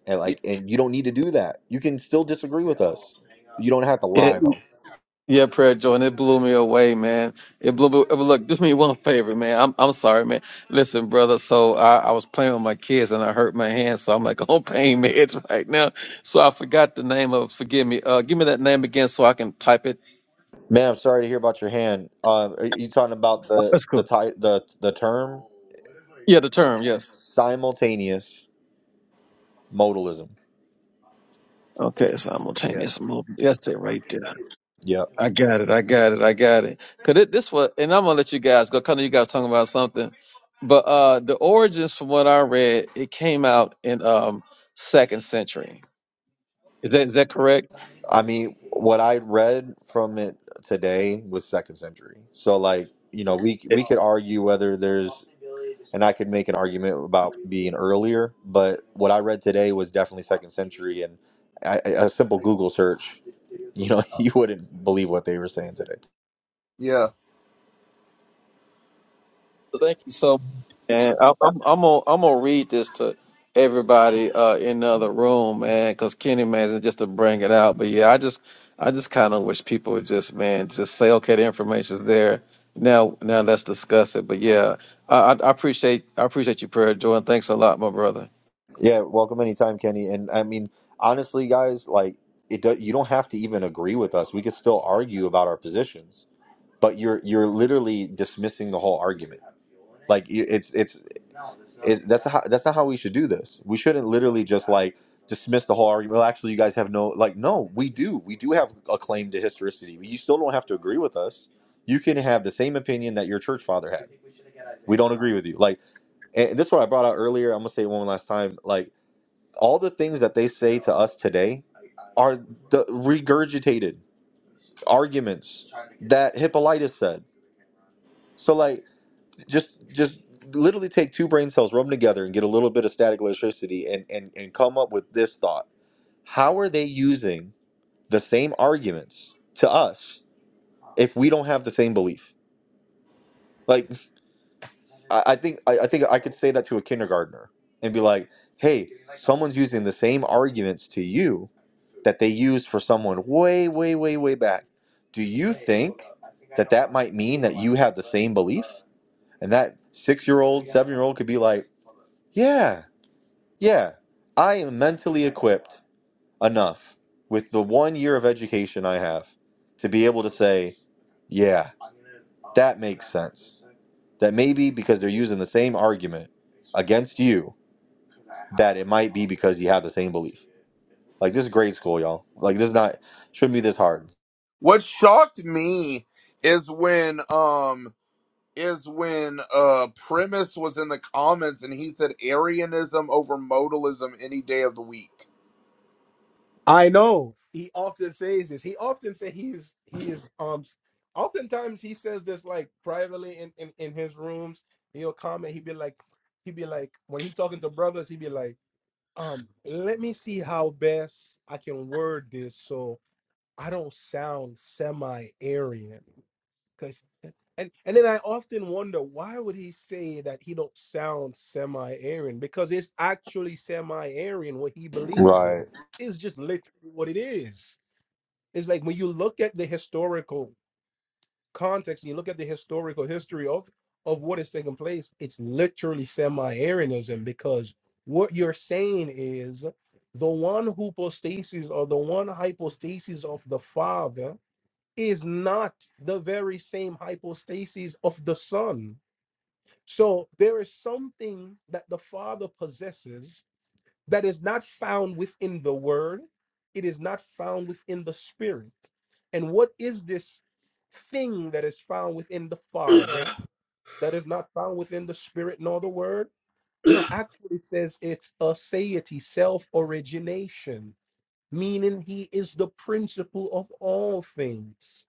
And like, and you don't need to do that. You can still disagree with us. You don't have to lie though.
Yeah, prayer, Jordan. It blew me away, man. It blew me. but Look, do me one favor, man. I'm I'm sorry, man. Listen, brother. So I, I was playing with my kids and I hurt my hand, so I'm like (laughs) on pain meds right now. So I forgot the name of. Forgive me. Uh, give me that name again so I can type it.
Man, I'm sorry to hear about your hand. Uh, are you talking about the
That's
the
cool.
ti- the the term
Yeah, the term. Yes.
simultaneous modalism?
Okay.
Yeah.
Simultaneous movement. That's it right there.
Yeah.
I got it. I got it. I got it. Cause it, this was, and I'm gonna let you guys go. Kind of you guys talking about something, but uh, the origins, from what I read, it came out in um second century. Is that is that correct?
I mean, what I read from it today was second century. So, like, you know, we we could argue whether there's, and I could make an argument about being earlier, but what I read today was definitely second century, and I, I- a simple Google search, you know, (laughs) you wouldn't believe what they were saying today.
Thank you so much. And I, I'm I'm gonna I'm gonna read this to everybody uh, in the other room, man, because Kenny man is just to bring it out. But yeah, I just I just kind of wish people would just man just say okay, the information's there. Now now let's discuss it. But yeah, I I, I appreciate I appreciate you, prayer, Jordan. Thanks a lot, my brother.
Yeah, welcome anytime, Kenny. And I mean, honestly, guys, like it do, you don't have to even agree with us. We could still argue about our positions, but you're you're literally dismissing the whole argument. Like y- it's it's, it's that's not how, that's not how we should do this. We shouldn't literally just like dismiss the whole argument. Well, actually, you guys have no like no, we do. We do have a claim to historicity. You still don't have to agree with us. You can have the same opinion that your church father had. Agree with you. Like and this is what I brought out earlier. I'm gonna say it one last time. Like All the things that they say to us today are the regurgitated arguments that Hippolytus said. So like just just literally take two brain cells, rub them together and get a little bit of static electricity and and, and come up with this thought. How are they using the same arguments to us if we don't have the same belief? Like I think I, I think I could say that to a kindergartner and be like, hey, someone's using the same arguments to you that they used for someone way, way, way, way back And that six year old could yeah, yeah, I am mentally enough with the one year of education I have to be able, yeah, that maybe because they're using the same argument. It's you. This is grade school, y'all. Like, this is not, shouldn't be this hard.
I know he often says this. He often say he's he is um. s- Oftentimes he says this like privately in in, in his rooms. He'll comment. He'd be like, he'd be like when he talking to brothers. He'd be like, um, let me see how best I can word this so I don't sound semi Aryan. Cause eh, and and then I often wonder why would he say that he don't sound semi-Aryan? Because it's actually semi-Aryan what he believes in.
Right.
It's just literally what it is. It's like when you look at the historical context and you look at the historical history of of what is taking place, it's literally semi-Aryanism because what you're saying is the one hypostasis or the one hypostasis of the Father is not the very same hypostasis of the Son. So there is something that the Father possesses that is not found within the Word, it is not found within the Spirit. And what is this thing that is found within the Father that is not found within the Spirit nor the Word? You actually says it's a satiety, self-origination meaning he is the principle of all things.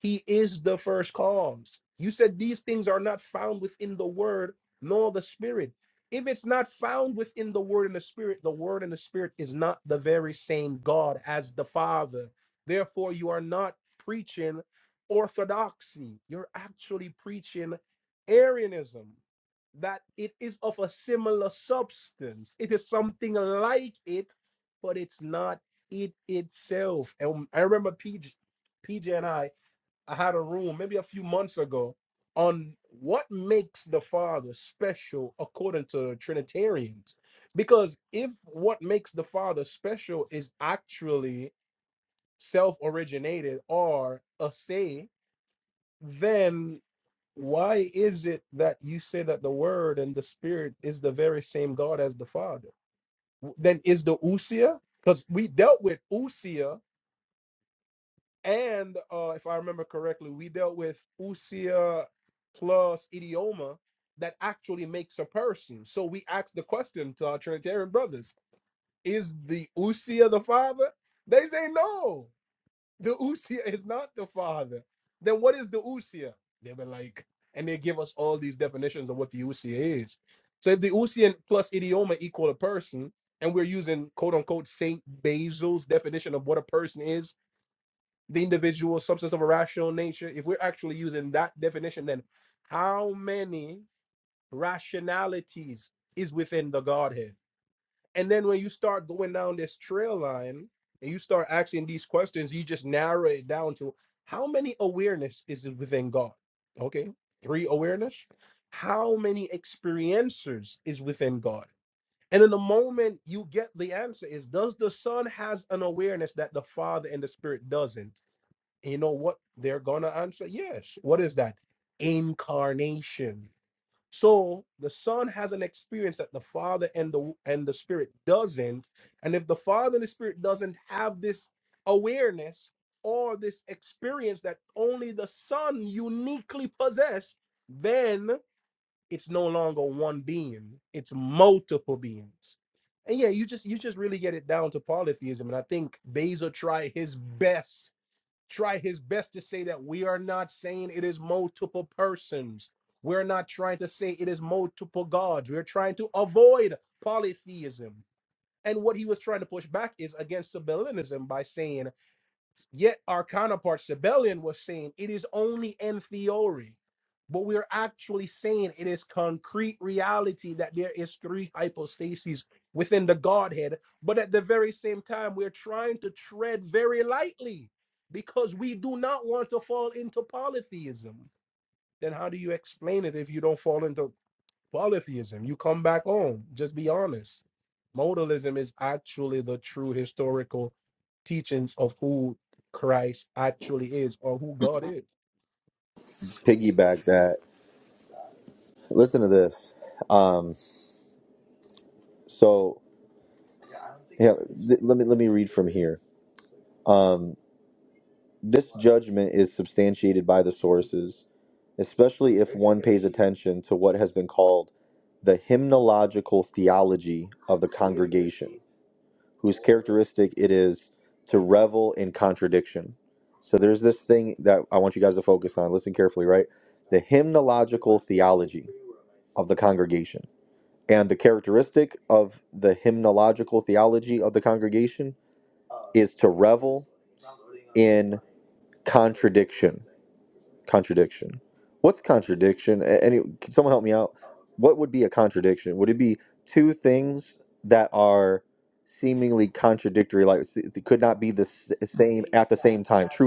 He is the first cause. You said these things are not found within the word nor the spirit. If it's not found within the word and the spirit, the word and the spirit is not the very same God as the Father. Therefore, you are not preaching orthodoxy. You're actually preaching Arianism, that it is of a similar substance. It is something like it, but it's not it itself. And I remember PJ, and I, I had a room maybe a few months ago on what makes the Father special according to Trinitarians. Because if what makes the Father special is actually self originated or a say, then why is it that you say that the Word and the Spirit is the very same God as the Father? W- Then is the Usia? Because we dealt with Usia And uh, if I remember correctly, we dealt with usia plus idioma that actually makes a person. So we asked the question to our Trinitarian brothers Is the usia the father? They say no, the usia (laughs) is not the father. Then what is the usia? They were like, and they give us all these definitions of what the usia is. So if the usia plus idioma equal a person, and we're using quote unquote Saint Basil's definition of what a person is, the individual substance of a rational nature, if we're actually using that definition, then how many rationalities is within the Godhead? And then when you start going down this trail line and you start asking these questions, you just narrow it down to how many awareness is within God? Okay, three awareness. How many experiencers is within God? And then the moment you get the answer is, does the Son has an awareness that the Father and the Spirit doesn't? you know what they're going to answer? Yes. What is that? Incarnation. So the son has an experience that the father and the and the spirit doesn't. And if the father and the spirit doesn't have this awareness or this experience that only the son uniquely possess, then it's no longer one being. It's multiple beings. And yeah, you just you just really get it down to polytheism. And I think Beza tried his best try his best to say that we are not saying it is multiple persons. We're not trying to say it is multiple gods. We're trying to avoid polytheism. And what he was trying to push back is against Sabellianism by saying Yet our counterpart Sabellian was saying it is only in theory, but we are actually saying it is concrete reality that there is three hypostases within the Godhead. But at the very same time, we're trying to tread very lightly because we do not want to fall into polytheism. Then how do you explain it if you don't fall into polytheism. You come back home. Just be honest. Modalism is actually the true historical teachings of who Christ actually is or who God is.
Piggyback that. Listen to this. Um, so, yeah, th- let me, let me read from here. Um, this judgment is substantiated by the sources, especially if. attention to what has been called the hymnological theology of whose characteristic it is to revel in contradiction. So there's this thing that I want you guys to focus on. Listen carefully, right? hymnological theology of the congregation. And the characteristic of the hymnological theology of the congregation is to contradiction. What's contradiction? A- Any, can someone help me out? what would be a contradiction? Would it be two things that are seemingly contradictory, like s- it could not be the s- same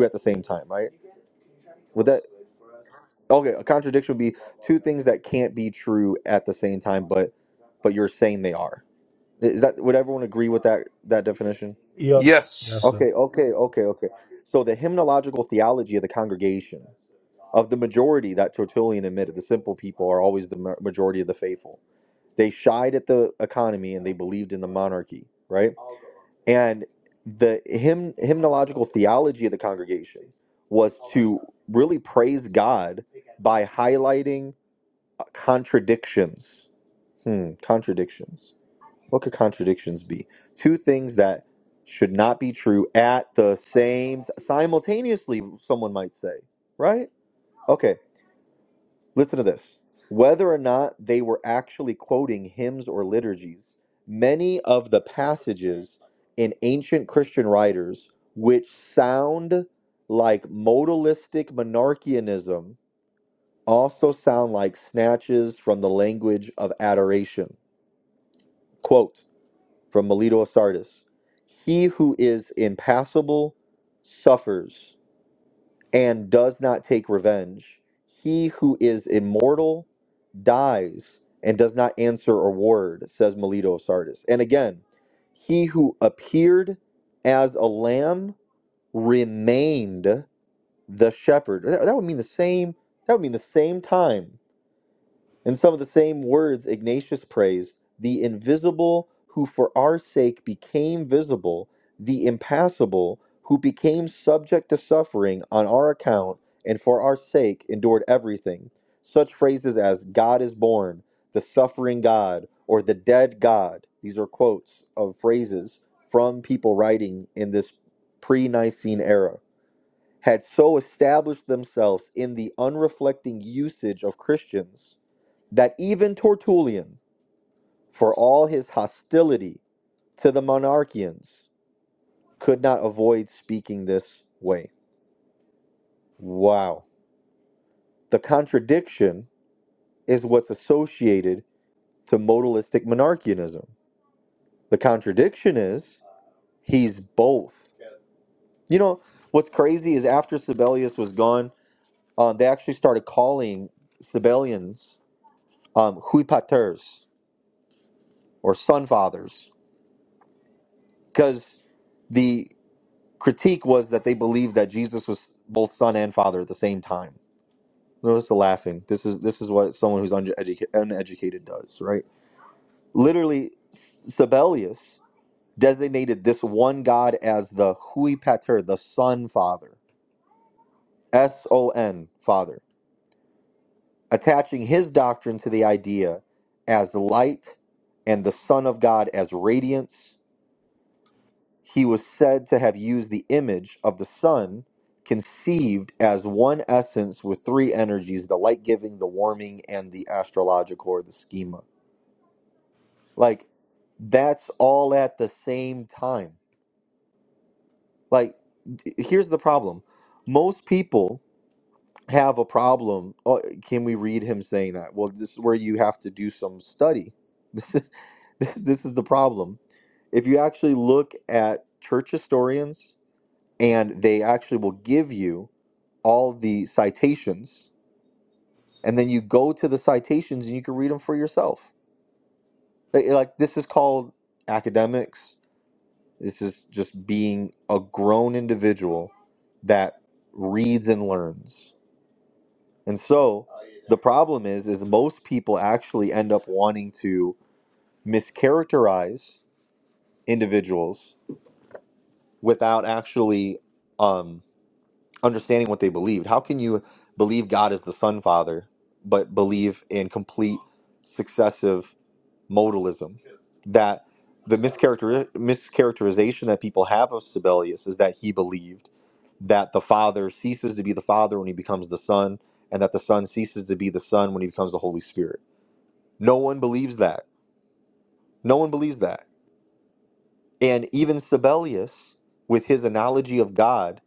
at the same time, right? Okay, a contradiction would be things that can't be true at the same time, but you're saying they are. Is that what that?
Yeah. That's the,
Okay, okay, okay, okay. So the hymnological theology of the congregation, the majority that Tertullian admitted, the simple people are always the ma- majority of the faithful. They shied at the economy and they believed in the monarchy, right? and the hymn hymnological theology of the congregation was really praised God by highlighting uh, contradictions. Hmm, contradictions. What could contradictions be? Two things that should not be true at the same simultaneously. Someone might say, right? Okay, Listen to this. Whether or not they were actually quoting hymns or liturgies, many of the passages in ancient Christian writers which sound like modalistic monarchianism also sound like snatches from the language of adoration. Quote from Melito of Sardis He who is impassible suffers and does not take revenge, he who is immortal dies and does not answer a word, says Melito of Sardis. And again, he who appeared as a lamb remained the shepherd. That, that would mean the same. That would mean the same time in some of the same words, Ignatius praised the invisible who for our sake became visible, the impassible who became subject to suffering on our account and for our sake endured everything. Such phrases as God is born, the suffering God, or the dead God. These are quotes of phrases from people writing in this pre Nicene era. Had so established themselves in the unreflecting usage of Christians that even Tertullian, for all his hostility to the monarchians, could not avoid speaking this way. Wow. The contradiction is what's associated to modalistic monarchianism. The contradiction is he's both. You know, what's crazy is after Sibelius was gone, um, they actually started calling Sibelians um, Hui paters or son fathers because the. critique was that they believed that Jesus was both son and father at the same time. Notice the laughing. This is this is what someone who's uneduca- uneducated does, right? Literally, Sabellius designated this one God as the Hui Pater, the Son Father, S O N Father, attaching his doctrine to the idea as light and the Son of God as radiance He was said to have used the image of the sun, conceived as one essence with three energies the light giving, the warming, and the astrological or the schema. Like, that's all at the same time. Like, d- here's the problem most people have a problem. Oh, can we read him saying that? Well, this is where you have to do some study. (laughs) This is, this, this is the problem. If you actually look at church historians, and they actually will give you all the citations and then you go to the citations and you can read them for yourself They- like this is called academics this is just being a grown individual that reads and learns and so the problem is is most people actually end up wanting to mischaracterize individuals without actually um, understanding what they believed. How can you believe God is the Son Father, but believe in complete successive modalism? That the character mischaracterization that people have of Sibelius is that he believed that the Father ceases to be the Father when he becomes the Son, and that the Son ceases to be the Son when he becomes the Holy Spirit. No one believes that. No one believes that. And even Sibelius, with his analogy of God,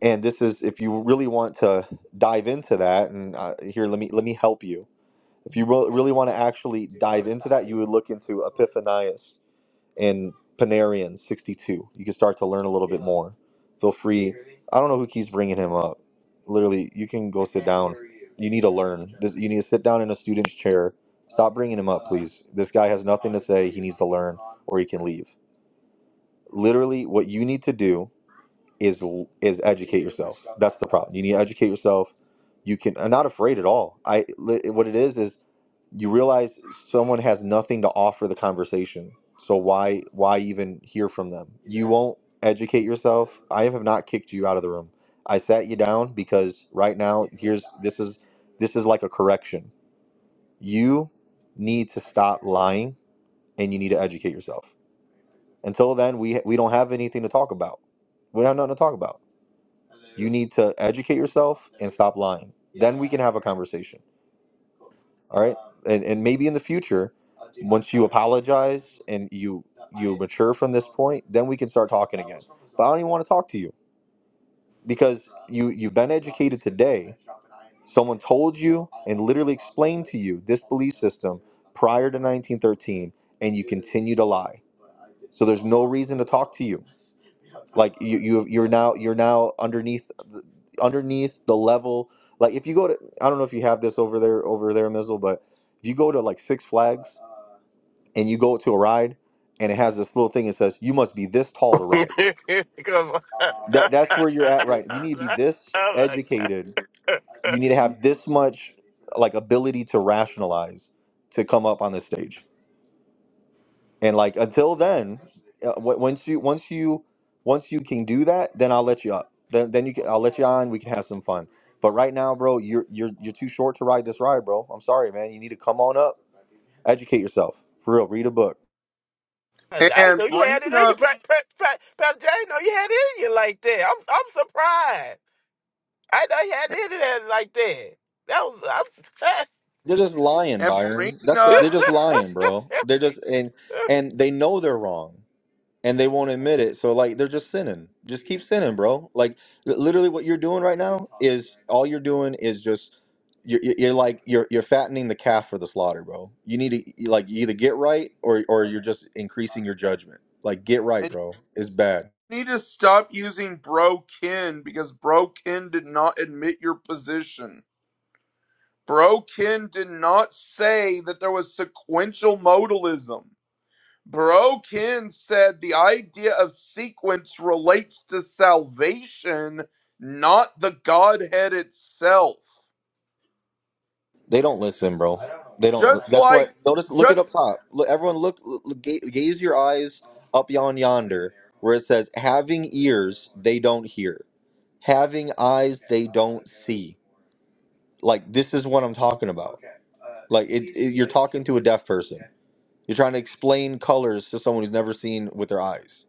and this is if you really want to dive into that and uh, here let me let me help you if you really want to actually Thanias and Panarian 62 you can start to learn a little more Feel I don't know who keeps bringing him up literally you can go sit down in a student's chair this guy or he can leave literally what you need to do is is educate That's the problem. You need to educate yourself. You can. I'm not afraid at all. I li- what it is is you realize someone has nothing to offer the conversation. So why why even hear from them? Don't educate yourself. I have not kicked you out of the room. I sat you down because right now this is this is like a correction. You need to stop lying and you need to educate yourself. Until then, we we don't have anything to talk about. We have nothing to talk about. You need to educate yourself. Stop lying. and Have a conversation. All right. and and maybe in the future and you mature from point then we can start talking don't even want to talk to you because you this prior to 1913 and continue to lie to you You- are now you're now underneath the- underneath the level like if you go to i don't know if you have this over there over there Mizzle, but if you go to like six flags and you go to a ride and it has this little thing that says you must be this tall to ride
Because- (laughs)
that that's where you're at right you need to be this
oh my
educated
God. (laughs)
You need to have this much like ability to rationalize to come up on the stage. And like until then, uh, w- once you once you once you can do that, then I'll let you up. Then then you can I'll let you on. We can have some fun. But right now, bro, you're you're you're too short to ride this ride, bro. I'm sorry, man. You need to come on up, educate yourself for real. Read a book.
I didn't know you had it in you, pra- pra- pra- Pastor Jay. I didn't know you had it in you like that. I'm I'm surprised. I didn't know you had it in there like that. That was I'm
They're just lying, Byron. That's the, they're
surprised.
just lying, bro. They're just and
(laughs)
and they know they're wrong. and they won't admit it. So like they're just sinning. Just keep sinning, bro. Like li- literally, what you're doing right now is all you're doing is just you're, you're you're like you're you're fattening the calf for the slaughter, bro. You need to you, like you either get right or or you're just increasing your judgment. Like get right, bro. It's bad. They don't listen, bro. They don't. li- Look, everyone, look, look, ga- gaze your eyes up yon yonder, where it says, "Having ears, they don't hear." Having eyes, like this is what I'm talking about. Like into a deaf person You're trying to explain colors to someone who's never seen with their eyes.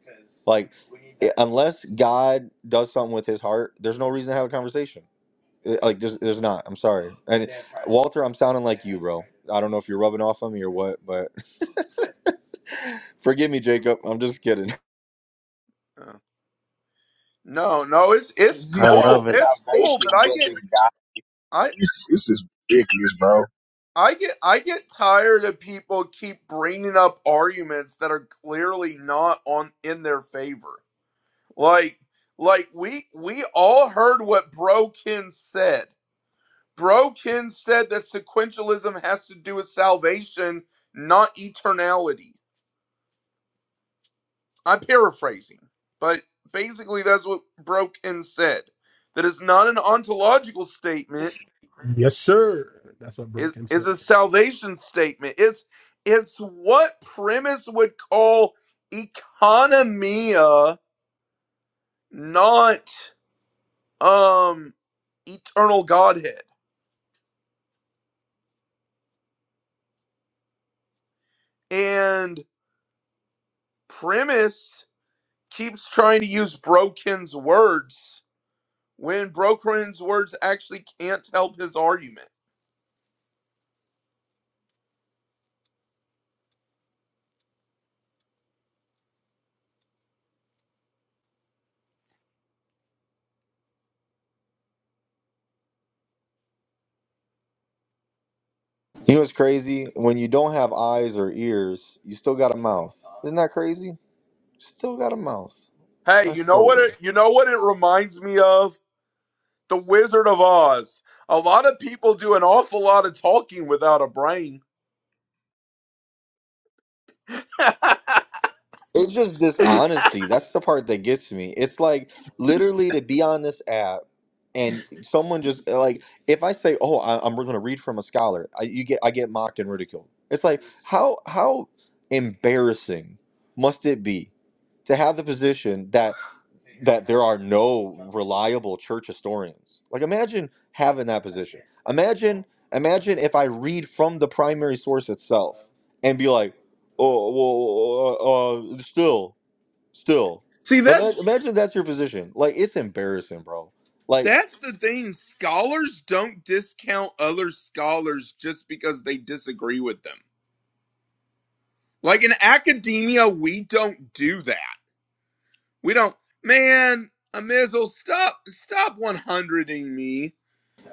God does something with his heart. There's no reason to have a conversation. Uh, Like there's, there's not. I'm sorry. And Walter, I'm sounding like I don't know if you're rubbing off on me or what, but (laughs) forgive me, Jacob. I'm just kidding.
Jesus salvation wasn't God. This, this is ridiculous, bro.
yes, sir. That's what Broken said.
You know what's crazy? When you don't have eyes or ears, you still got a mouth. Isn't that crazy? Still got a mouth. That's so weird. It's just dishonesty. That's the part that gets me. It's like literally to be on this app and someone just eh, like if I say, "Oh, I, I'm going to read from a scholar," I, you get I get mocked and ridiculed. It's like how how embarrassing must it be to have the position that that there are no reliable church historians. Like imagine having that position. Imagine imagine if I read from the primary source itself and be like, oh well, uh, uh, uh, still, still. Imagine, imagine that's your position. Like it's embarrassing, bro. Like,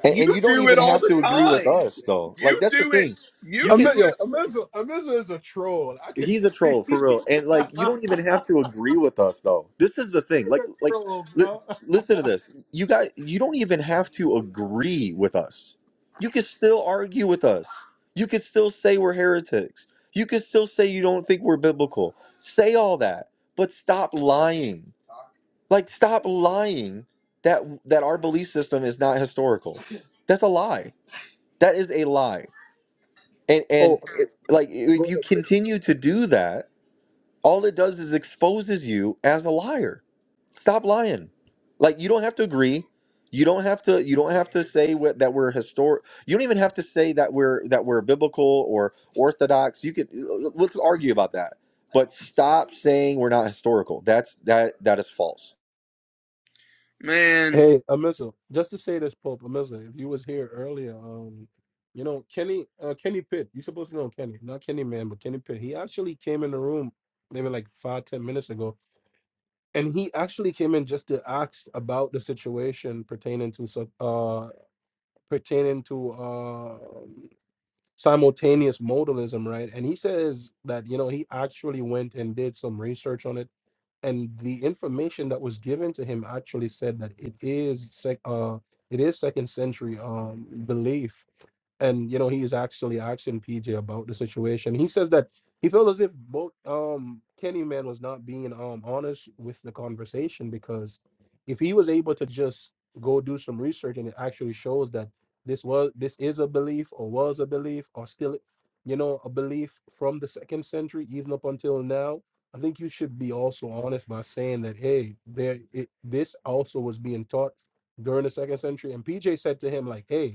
and, and you don't even have to agree with us though. Like that's the thing. You
Am-
can.
yo, Amizu, Amizu is a troll. I can
he's a
tell
troll
you.
for
(laughs) He's
real and like you
a
don't even have to agree with us though this is the thing like like
troll,
li-
bro.
listen to
(laughs)
this you guys you don't even have to agree with us you can still argue with us you can still say we're heretics you can still say you don't think we're biblical say all that but stop lying like stop lying that that our belief system is not historical that's a lie that is a lie and and
Oh,
it, like if
go
you
ahead.
continue to do that all it does is exposes you as a liar stop lying like you don't have to agree you don't have to you don't have to say what, that we're historic you don't even have to say that we're that we're biblical or orthodox you could let's argue about that but stop saying we're not historical that's that that is false
Hey, Amizel, just to say this, Pope Amizel, if you was here earlier, um, you know Kenny, uh, Kenny Pitt. You supposed to know Kenny, not Kenny Man, but Kenny Pitt. He actually came in the room maybe like five, ten minutes ago, and he actually came in just to ask about the situation pertaining to sub- uh pertaining to uh simultaneous modalism, right? And he says that you know he actually went and did some research on it and the information that was given to him actually said that it is sec- uh it is second century um belief and you know he is actually asking PJ about the situation. He says that he felt as if both um Kenny man was not being um honest with the conversation because if he was able to just go do some research and it actually shows that this was this is a belief or was a belief or still you know a belief from the second century even up until now i think you should be also honest by saying that hey there it, this also was being taught during the second century and pj said to him like hey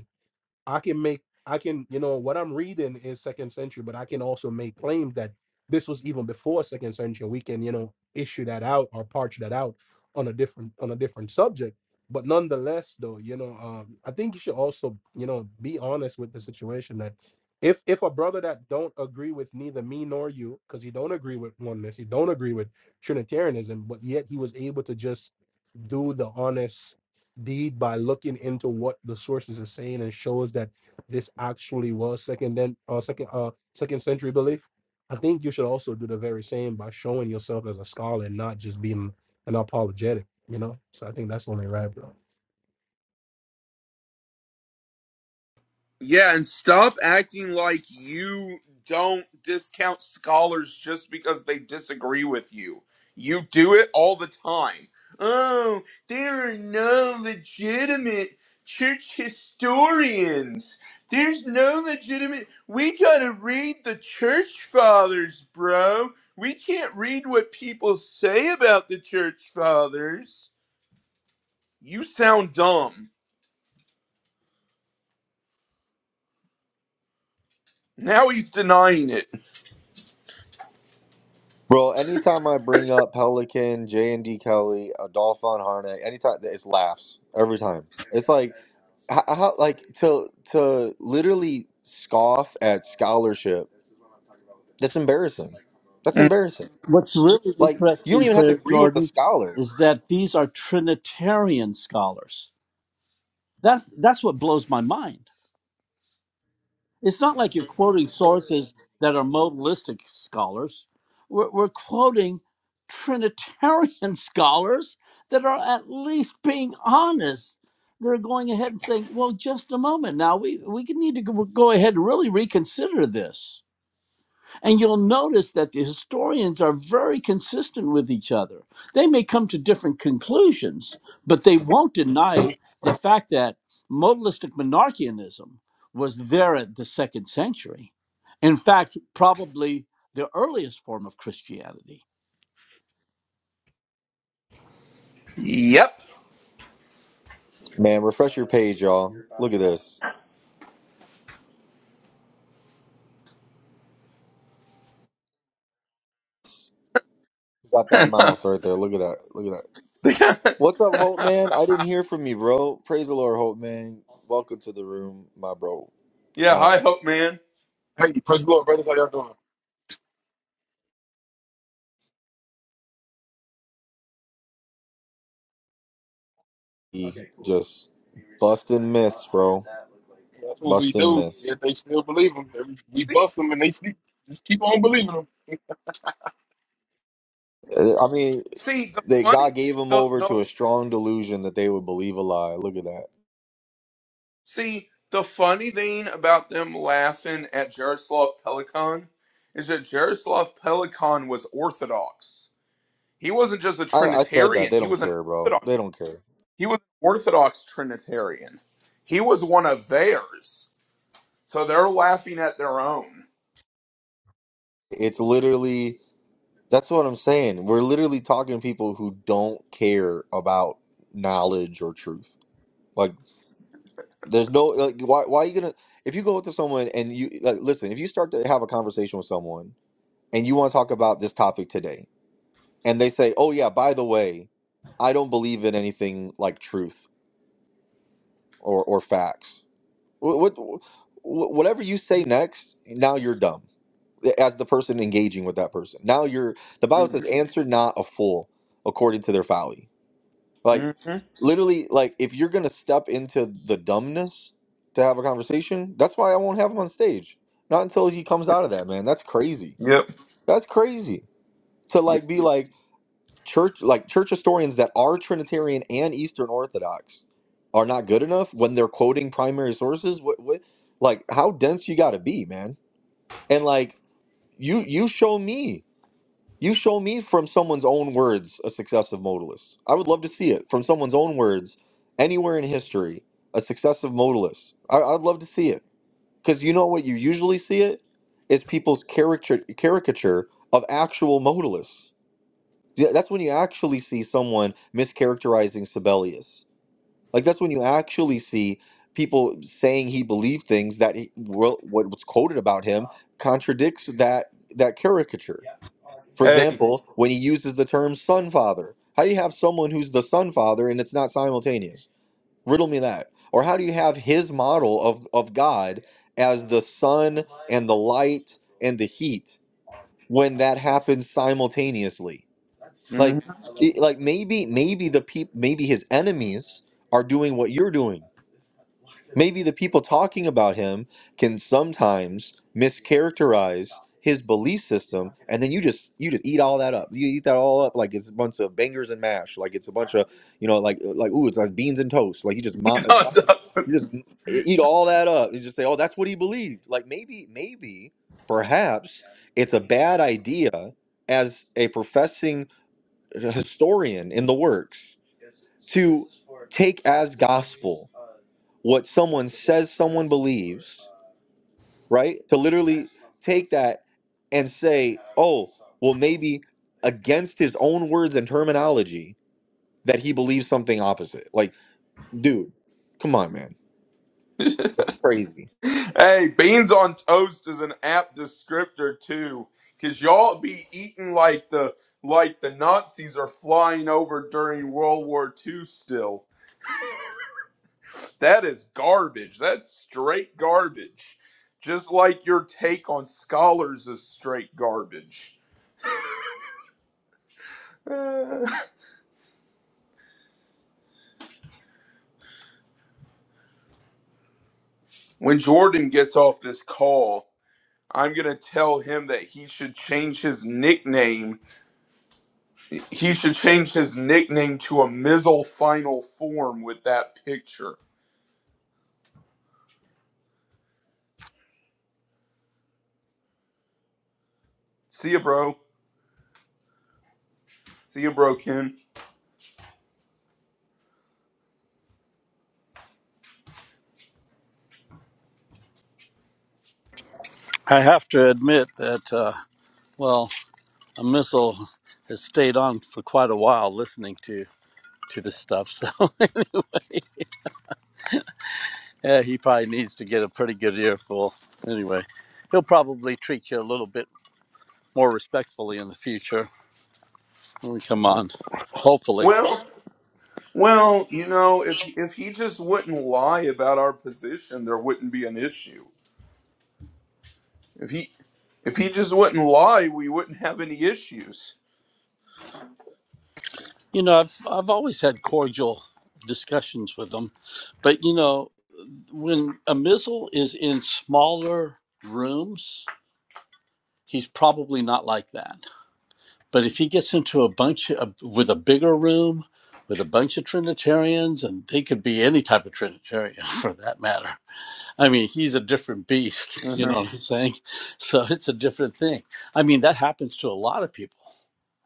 I can make I can you know what I'm reading is second century, but I can also make claims that this was even before second century. We can you know issue that out or parch that out on a different on a different subject. But nonetheless, though, you know, um, I think you should also you know be honest with the situation that if if a brother that don't agree with neither me nor you, because he don't agree with oneness, he don't agree with Trinitarianism, but yet he was able to just do the honest deed by looking into what the sources are saying and show us that this actually was second then uh second uh second century belief. I think you should also do the very same by showing yourself as a scholar and not just being an apologetic, you know? So I think that's only right, bro.
bro anytime i bring up pelican j and d kelly adolfo and harnett anytime it's laughs every time it's like how, how like to to literally scoff at scholarship that's embarrassing that's embarrassing
What's really
like you don't
interesting,
even have to
Prayer
agree with the
Jordan,
scholar
is that these are Trinitarian scholars. That's that's what blows my mind. It's not like you're quoting sources that are modalistic scholars. We're, we're quoting Trinitarian (laughs) scholars that are at least being honest. They're going ahead and saying, "Well, just a moment now. We we can need to go, go ahead and really reconsider this." And you'll notice that the historians are very consistent with each other. They may come to different conclusions, but they won't deny the fact that modalistic monarchianism was there at the second century. In fact, probably the earliest form of Christianity.
man refresh your page y'all look at this got that mouth right there look at that look at that what's up hope man i didn't hear from you bro praise the lord hope man welcome to the room my bro um
Hey, praise the Lord, brothers. How y'all doing?
he just
That's what we
busting
do.
myths
Yet they still believe them. Every, we bust them and they sleep. Just keep on believing them.
Uh, i mean they god gave him over to a strong delusion that they would believe a lie look at that I, I said that. They don't care, bro. They don't care. It's literally, that's what I'm saying. We're literally talking to people who don't care about knowledge or truth. Like, there's no, like, why, why are you gonna, if you go up to someone and you, like, listen, if you start to have a conversation with someone and you want to talk about this topic today, and they say, oh, yeah, by the way, I don't believe in anything like truth or, or facts. What, what, wh- whatever you say next, now you're dumb as the person engaging with that person. Now you're the Bible says, answer not a fool according to their folly. Like literally, like if you're gonna step into the dumbness to have a conversation, that's why I won't have him on stage. Not until he comes out of that, man. That's crazy. That's crazy. To like be like church like church historians that are Trinitarian and Eastern Orthodox are not good enough when they're quoting primary sources. What what like how dense you gotta be, man. And like you you show me You show me from someone's own words a successive modalist. I would love to see it from someone's own words anywhere in history, a successive modalist. I, I'd love to see it because you know what you usually see it is people's caricature caricature of actual modalists. Yeah, That's when you actually see someone mischaracterizing Sibelius. Like that's when you actually see people saying he believed things that he, well, what was quoted about him contradicts that that caricature example, when he uses the term son father, how do you have someone who's the son father and it's not simultaneous? Riddle me that. Or how do you have his model of, of God as the sun and the light and the heat when that happens simultaneously? Like maybe maybe the peop maybe his enemies are doing what you're doing. The people talking about him can sometimes miss his belief system and then you just you just eat all that up. You eat that all up like it's a bunch of bangers and mash, like it's a bunch you know like like ooh, it's like beans and toast. Like you just mo- you just e-, eat all that up. You just say, oh, that's what he believed. Like maybe maybe perhaps idea as a professing historian in the works, what someone right to look at and say own words and terminology that he believes something opposite. Like dude, come on, man, that's crazy.
I have to admit that, uh, well, a missile has stayed on for quite a while listening to to this stuff. So (laughs) Yeah, he probably needs to get a pretty good earful. Anyway, he'll probably treat you a little bit more respectfully in the future when we come on. Hopefully, you know, I've I've always had cordial discussions with them, but you know, when a missile is in smaller rooms, he's probably not like that. But if he gets into a bunch of, with a bigger room with a bunch of Trinitarians, and they could be any type of Trinitarian (laughs) for that matter I mean, he's a different beast, (laughs) you know what I'm saying? So it's a different thing. I mean, that happens to a lot of people,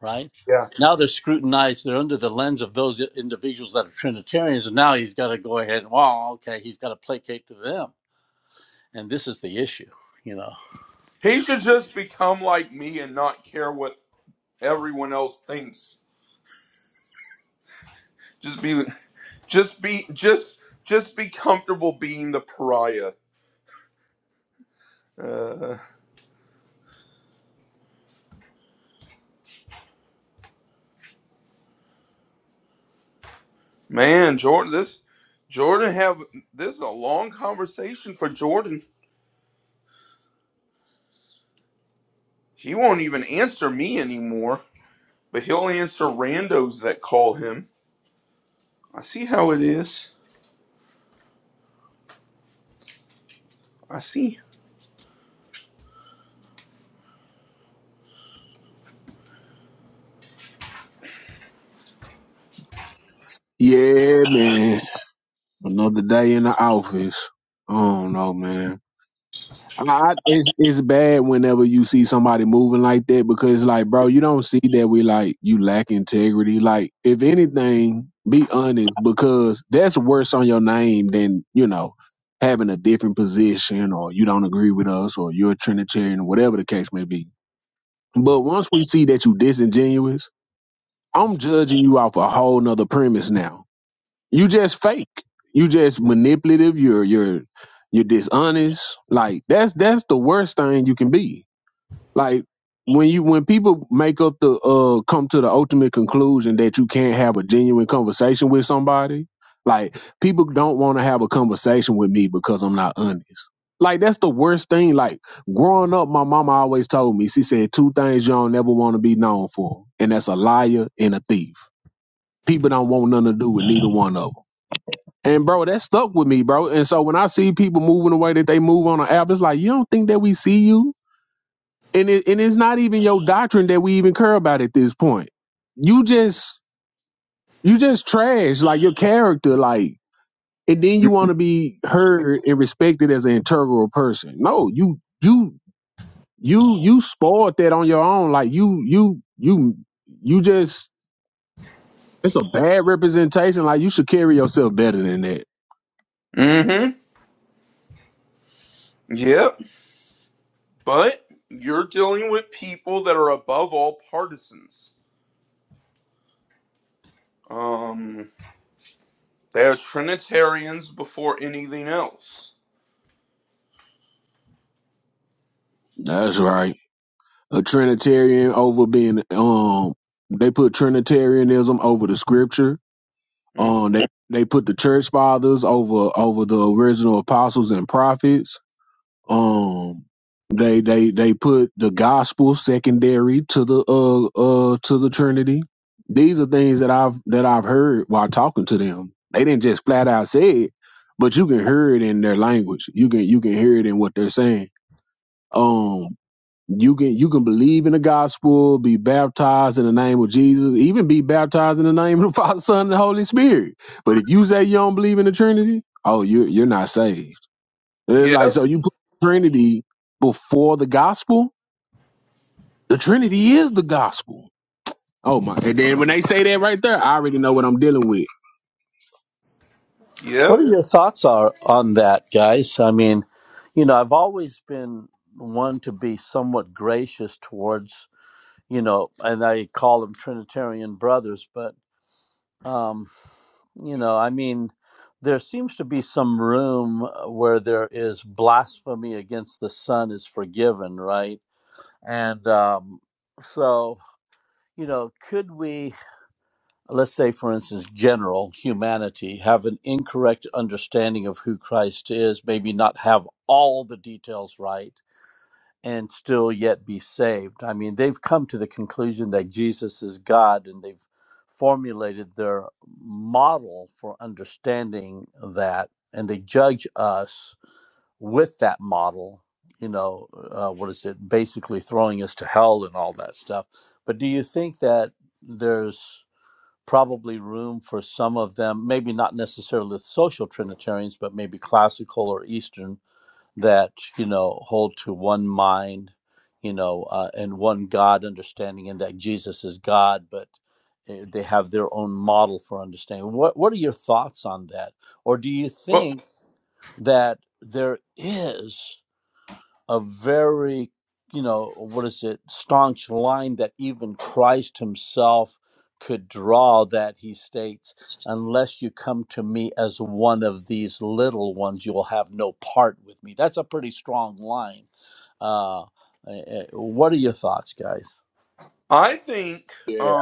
right? Now they're scrutinized, they're under the lens of those individuals that are Trinitarians, and now he's got to go ahead and, well, okay, he's got to placate to them. And this is the issue, you know.
Yeah, man. Another day in the office. I don't know, man. I, it's it's bad whenever you see somebody moving like that because like bro, you don't see that we like you lack integrity. Like if anything, be honest because that's worse on your name than you know having a different position or you don't agree with us or you're a Trinitarian or whatever the case may be. But once we see that you disingenuous, I'm judging you off a whole nother premise now. You just fake. You just manipulative. You're you're you're dishonest. Like that's that's the worst thing you can be. Like when you when people make up the uh come to the ultimate conclusion that you can't have a genuine conversation with somebody. Like people don't want to have a conversation with me because I'm not honest. Like that's the worst thing. Like growing up, my mama always told me, she said two things you don't never want to be known for, and that's a liar and a thief. People don't want nothing to do with neither one of 'em. And bro, that stuck with me, bro. And so when I see people moving the way that they move on the app, it's like you don't think that we see you, and it, and it's not even your doctrine that we even care about at this point. You just you just trash like your character, like, and then you want to be heard and respected as an integral person. No, you you you you spoiled that on your own. Like you you you you just it's a bad representation. Like you should carry yourself better than that. That's right. a Trinitarian over being um they put Trinitarianism over the scripture. Um they, they put the church fathers over over the original apostles and prophets. Um they they they put the gospel secondary to the uh uh to the Trinity. These are things that I've that I've heard while talking to them. They didn't just flat out say it, but you can hear it in their language. You can you can hear it in what they're saying. Um. You can you can believe in the gospel, be baptized in the name of Jesus, even be baptized in the name of the (laughs) Father, Son, and the Holy Spirit. But if you say you don't believe in the Trinity, oh, you're you're not saved. It's like so you put the Trinity before the gospel. The Trinity is the gospel. Oh my! And then when they say that right there, I already know what I'm dealing with.
What are your thoughts are on that, guys? I mean, you know, I've always been one to be somewhat gracious towards, you know, and I call them Trinitarian brothers, but um, You know, I mean, there seems to be some room uh, where there is blasphemy against the Son is forgiven, right? And um, so, you know, could we, let's say, for instance, general humanity, have an incorrect understanding of who Christ is, maybe not have all the details right? and still yet be saved. I mean, they've come to the conclusion that Jesus is God and they've formulated their model for understanding that and they judge us with that model. You know, uh, what is it? Basically throwing us to hell and all that stuff. But do you think that there's probably room for some of them, maybe not necessarily social Trinitarians, but maybe classical or Eastern that you know hold to one mind you know uh, and one god understanding and that jesus is god but uh, they have their own model for understanding what what are your thoughts on that or do you think that there is a very you know what is it staunch line that even christ himself could draw that he states unless you come to me as one of these little ones you will have no part with me that's a pretty strong line uh, eh, eh, what are your thoughts guys
Yeah,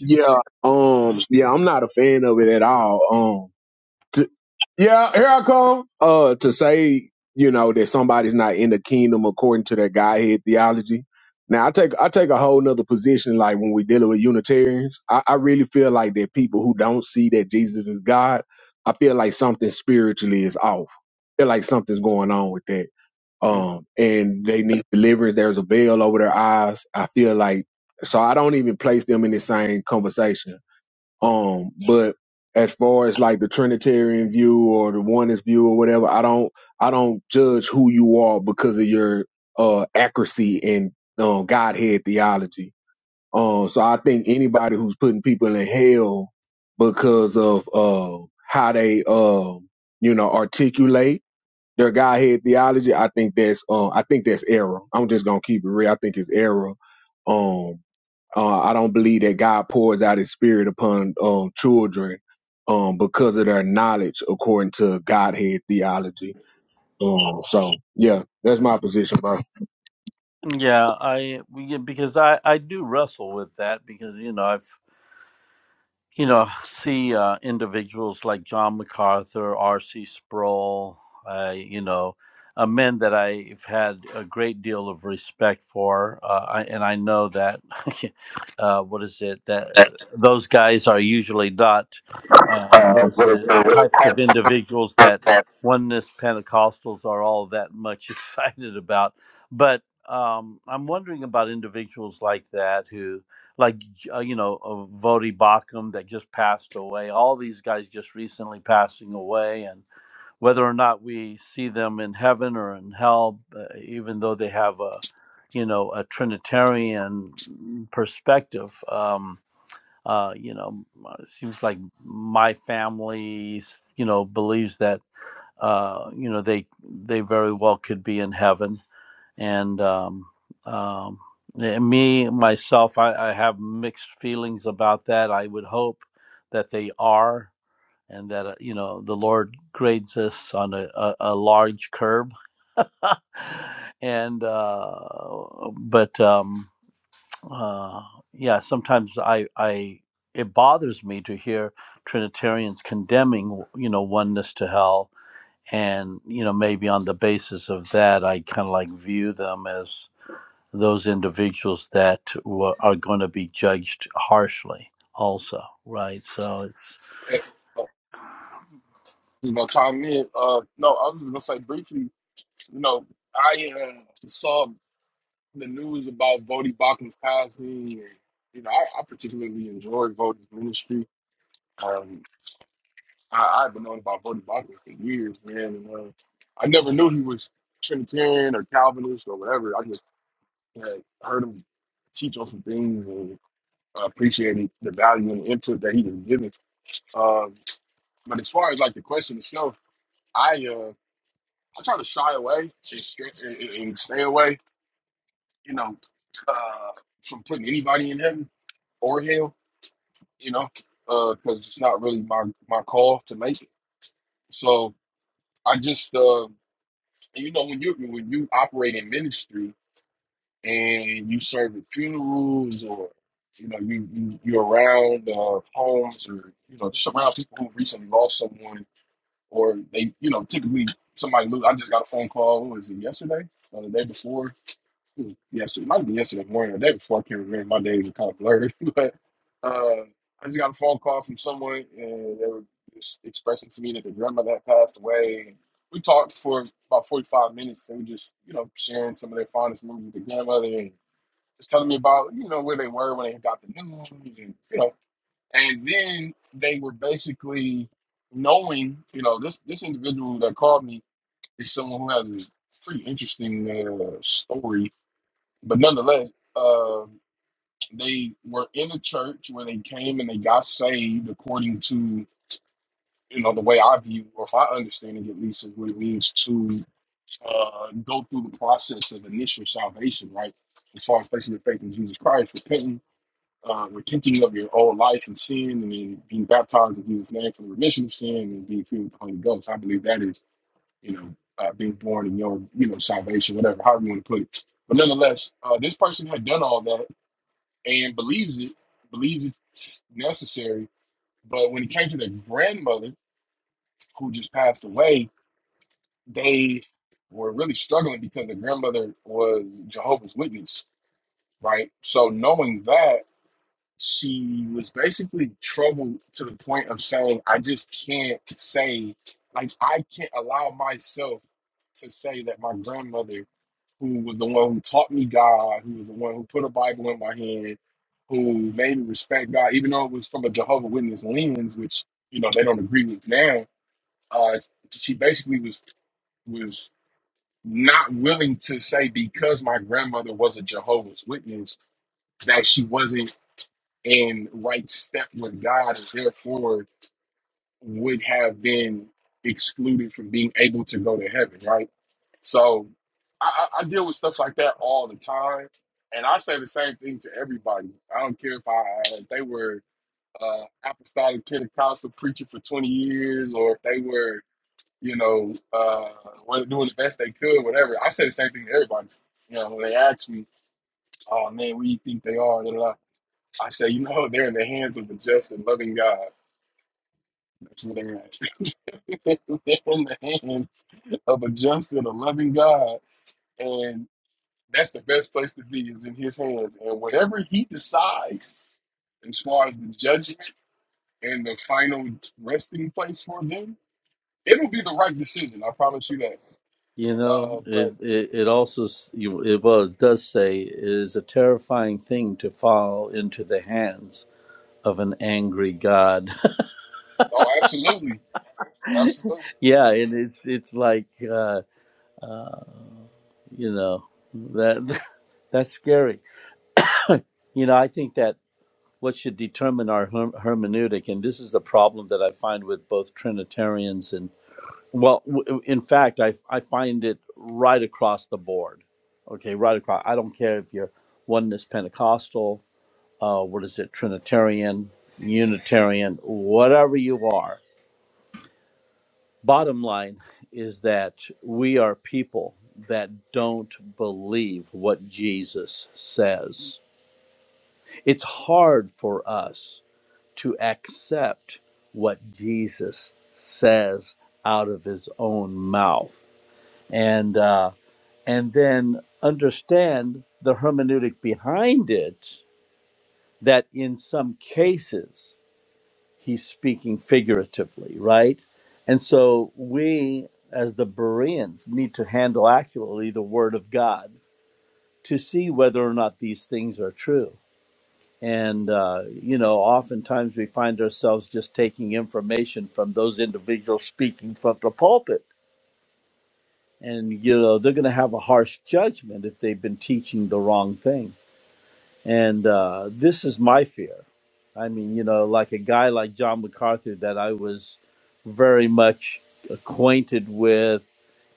yeah, um, yeah. I'm not a fan of it at all. Um, Yeah, here I come. Uh, to say you know that somebody's not in the kingdom according to their Godhead theology. Now I take I take a whole nother position. Like when we dealing with Unitarians, I, I really feel like that people who don't see that Jesus is God, I feel like something spiritually is off. I feel like something's going on with that. Um, and they need deliverance. There's a veil over their eyes. I feel like so I don't even place them in the same conversation um, but as far as like the Trinitarian view or the oneness view or whatever, I don't I don't judge who you are because of your uh accuracy in uh, Godhead theology. Um, so I think anybody who's putting people in hell because of uh how they uh you know articulate their Godhead theology, I think that's uh I think that's error. I'm just gonna keep it real. I think it's error. Um, uh, I don't believe that God pours out his spirit upon um, children um, because of their knowledge, according to Godhead theology. Um, so, yeah, that's my position, bro. (laughs)
yeah i we- because i i do wrestle with that because you know i've you know, see uh, individuals like John MacArthur, R.C. Sproul, uh, you know, uh, men that I've had a great deal of respect for, uh, I, and I know that (laughs) uh, what is it that uh, those guys are usually not uh, what
uh,
is
what is
it
the
types of
type
individuals that
of
oneness Pentecostals are all that much (laughs) excited about, but um, I'm wondering about individuals like that who. like uh, you know, uh, Vodi Bakum that just passed away. All these guys just recently passing away, and whether or not we see them in heaven or in hell, uh, even though they have a, you know, a Trinitarian perspective, um, uh, you know, uh, it seems like my family, you know, believes that, uh, you know, they they very well could be in heaven and um, um, eh, me myself, I, I have mixed feelings about that. I would hope that they are, and that uh, you know the Lord grades us on a, a, a large curb, (laughs) and uh, but um, uh, yeah, sometimes I I it bothers me to hear Trinitarians condemning you know oneness to hell. And you know, maybe on the basis of that, I kind of like view them as those individuals that wa- are going to be judged harshly also right so it's
Hey, uh, you know, chime in. Uh, no, I was just gonna say briefly. You know, I uh, saw the news about Bodie Bachman's Cosby, and you know, I, I particularly enjoyed Bodie's ministry. Um, I, I've been knowing about Bodie Bachman for years, man. And, uh, I never knew he was Trinitarian or Calvinist or whatever. I just had heard him teach on some things I appreciated the value and the input that he was giving. Um, but as far as like the question itself, I uh, I try to shy away and, st- and, and and stay away, you know, uh, from putting anybody in heaven or hell, you know, because it's not really my my call to make it. So I just, uh, you know, when you when you operate in ministry and you serve at funerals or you know, you, you you're around uh, homes or you know, just around people who recently lost someone or they, you know, typically somebody. lo- I just got a phone call. What was it yesterday? Or the day before? It was Yesterday, might have been yesterday morning or the day before. I can't remember. My days are kind of blurred, (laughs) but uh, I just got a phone call from someone, and they were just expressing to me that their grandmother had passed away. We talked for about forty-five minutes. They were just, you know, sharing some of their fondest memories with their grandmother, and just telling me about, you know, where they were when they got the news, and you know and then they were basically knowing, you know, this this individual that called me is someone who has a pretty interesting uh, story, but nonetheless, uh, they were in a church where they came and they got saved according to you know the way I view or if I understand it at least is what it means to uh, go through the process of initial salvation, right? As far as placing your faith in Jesus Christ, repenting uh, repenting of your old life and sin, and then being baptized in Jesus' name for the remission of sin, and being filled with the Holy Ghost. I believe that is, you know, uh, being born in your, you know, salvation, whatever, however you want to put it. But nonetheless, uh, this person had done all that and believes it, believes it's necessary. But when it came to their grandmother, who just passed away, they were really struggling because the grandmother was Jehovah's Witness, right? So knowing that she was basically troubled to the point of saying, I just can't say, like, I can't allow myself to say that my grandmother, who was the one who taught me God, who was the one who put a Bible in my hand, who made me respect God, even though it was from a Jehovah Witness lens, which, you know, they don't agree with now, uh, she basically was was not willing to say because my grandmother was a Jehovah's Witness that she wasn't and right step with God, and therefore would have been excluded from being able to go to heaven, right? So I, I I deal with stuff like that all the time, and I say the same thing to everybody. I don't care if I if they were uh, apostolic Pentecostal preacher for twenty years, or if they were you know uh, what- doing the best they could, whatever. I say the same thing to everybody. You know, when they ask me, "Oh man, what do you think they are?" Blah, blah, blah. I say, "You know, they're in the hands of the just and loving God." (laughs) That's what they are. (laughs) They're in the hands of a just and a loving God. And that's the best place to be is in his hands. And whatever he decides as far as the judgment and the final resting place for them, it'll be the right decision. I promise you that.
you know
Uh,
it
but
it, it also you it, well it does say it is a terrifying thing to fall into the hands of an angry god
oh absolutely. Absolutely.
(laughs) yeah and it's it's like uh uh you know that (laughs) that's scary (laughs) you know i think that what should determine our her- hermeneutic and this is the problem that i find with both trinitarians and Well, w- in fact, I, I find it right across the board. Okay, right across. I don't care if you're oneness Pentecostal, uh, what is it, Trinitarian, Unitarian, whatever you are. Bottom line is that we are people that don't believe what Jesus says. It's hard for us to accept what Jesus says out of his own mouth. And, uh, and then understand the hermeneutic behind it that in some cases he's speaking figuratively, right? And so we, as the Bereans, need to handle accurately the Word of God to see whether or not these things are true. And, uh, you know, oftentimes we find ourselves just taking information from those individuals speaking from the pulpit. And, you know, they're going to have a harsh judgment if they've been teaching the wrong thing And uh, this is my fear. I mean, you know, like a guy like John MacArthur that I was very much acquainted with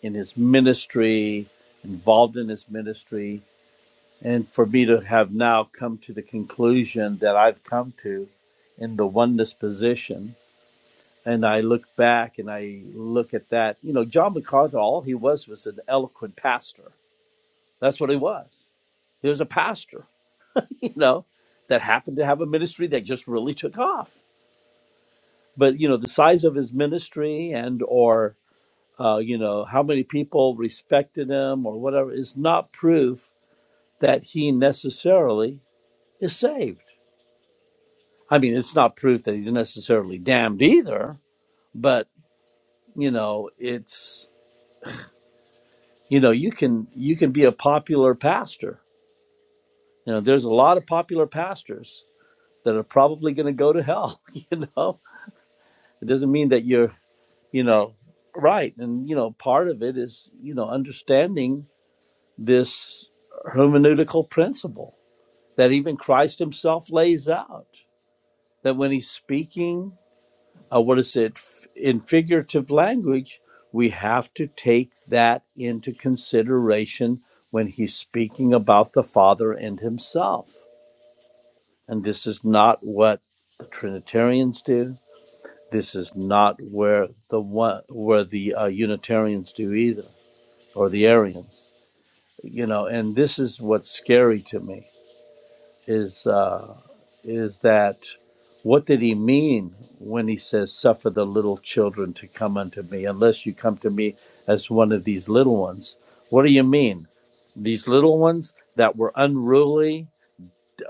in his ministry, involved in his ministry. And for me to have now come to the conclusion that I've come to in the oneness position, and I look back and I look at that, you know, John MacArthur, all he was was an eloquent pastor. That's what he was. He was a pastor you know, that happened to have a ministry that just really took off. But you know, the size of his ministry and or uh, you know how many people respected him or whatever is not proof that he necessarily is saved. I mean, it's not proof that he's necessarily damned either. But you know, it's you know you can you can be a popular pastor. You know, there's a lot of popular pastors that are probably going to go to hell. (laughs) You know, it doesn't mean that you're you know right and you know part of it is you know understanding this hermeneutical principle that even christ himself lays out that when he's speaking uh, what is it f- in figurative language we have to take that into consideration when he's speaking about the father and himself and this is not what the trinitarians do this is not where the one where the uh, unitarians do either or the Aryans, you know. And this is what's scary to me is uh, is that what did he mean when he says, "Suffer the little children to come unto me, unless you come to me as one of these little ones"? What do you mean? These little ones that were unruly,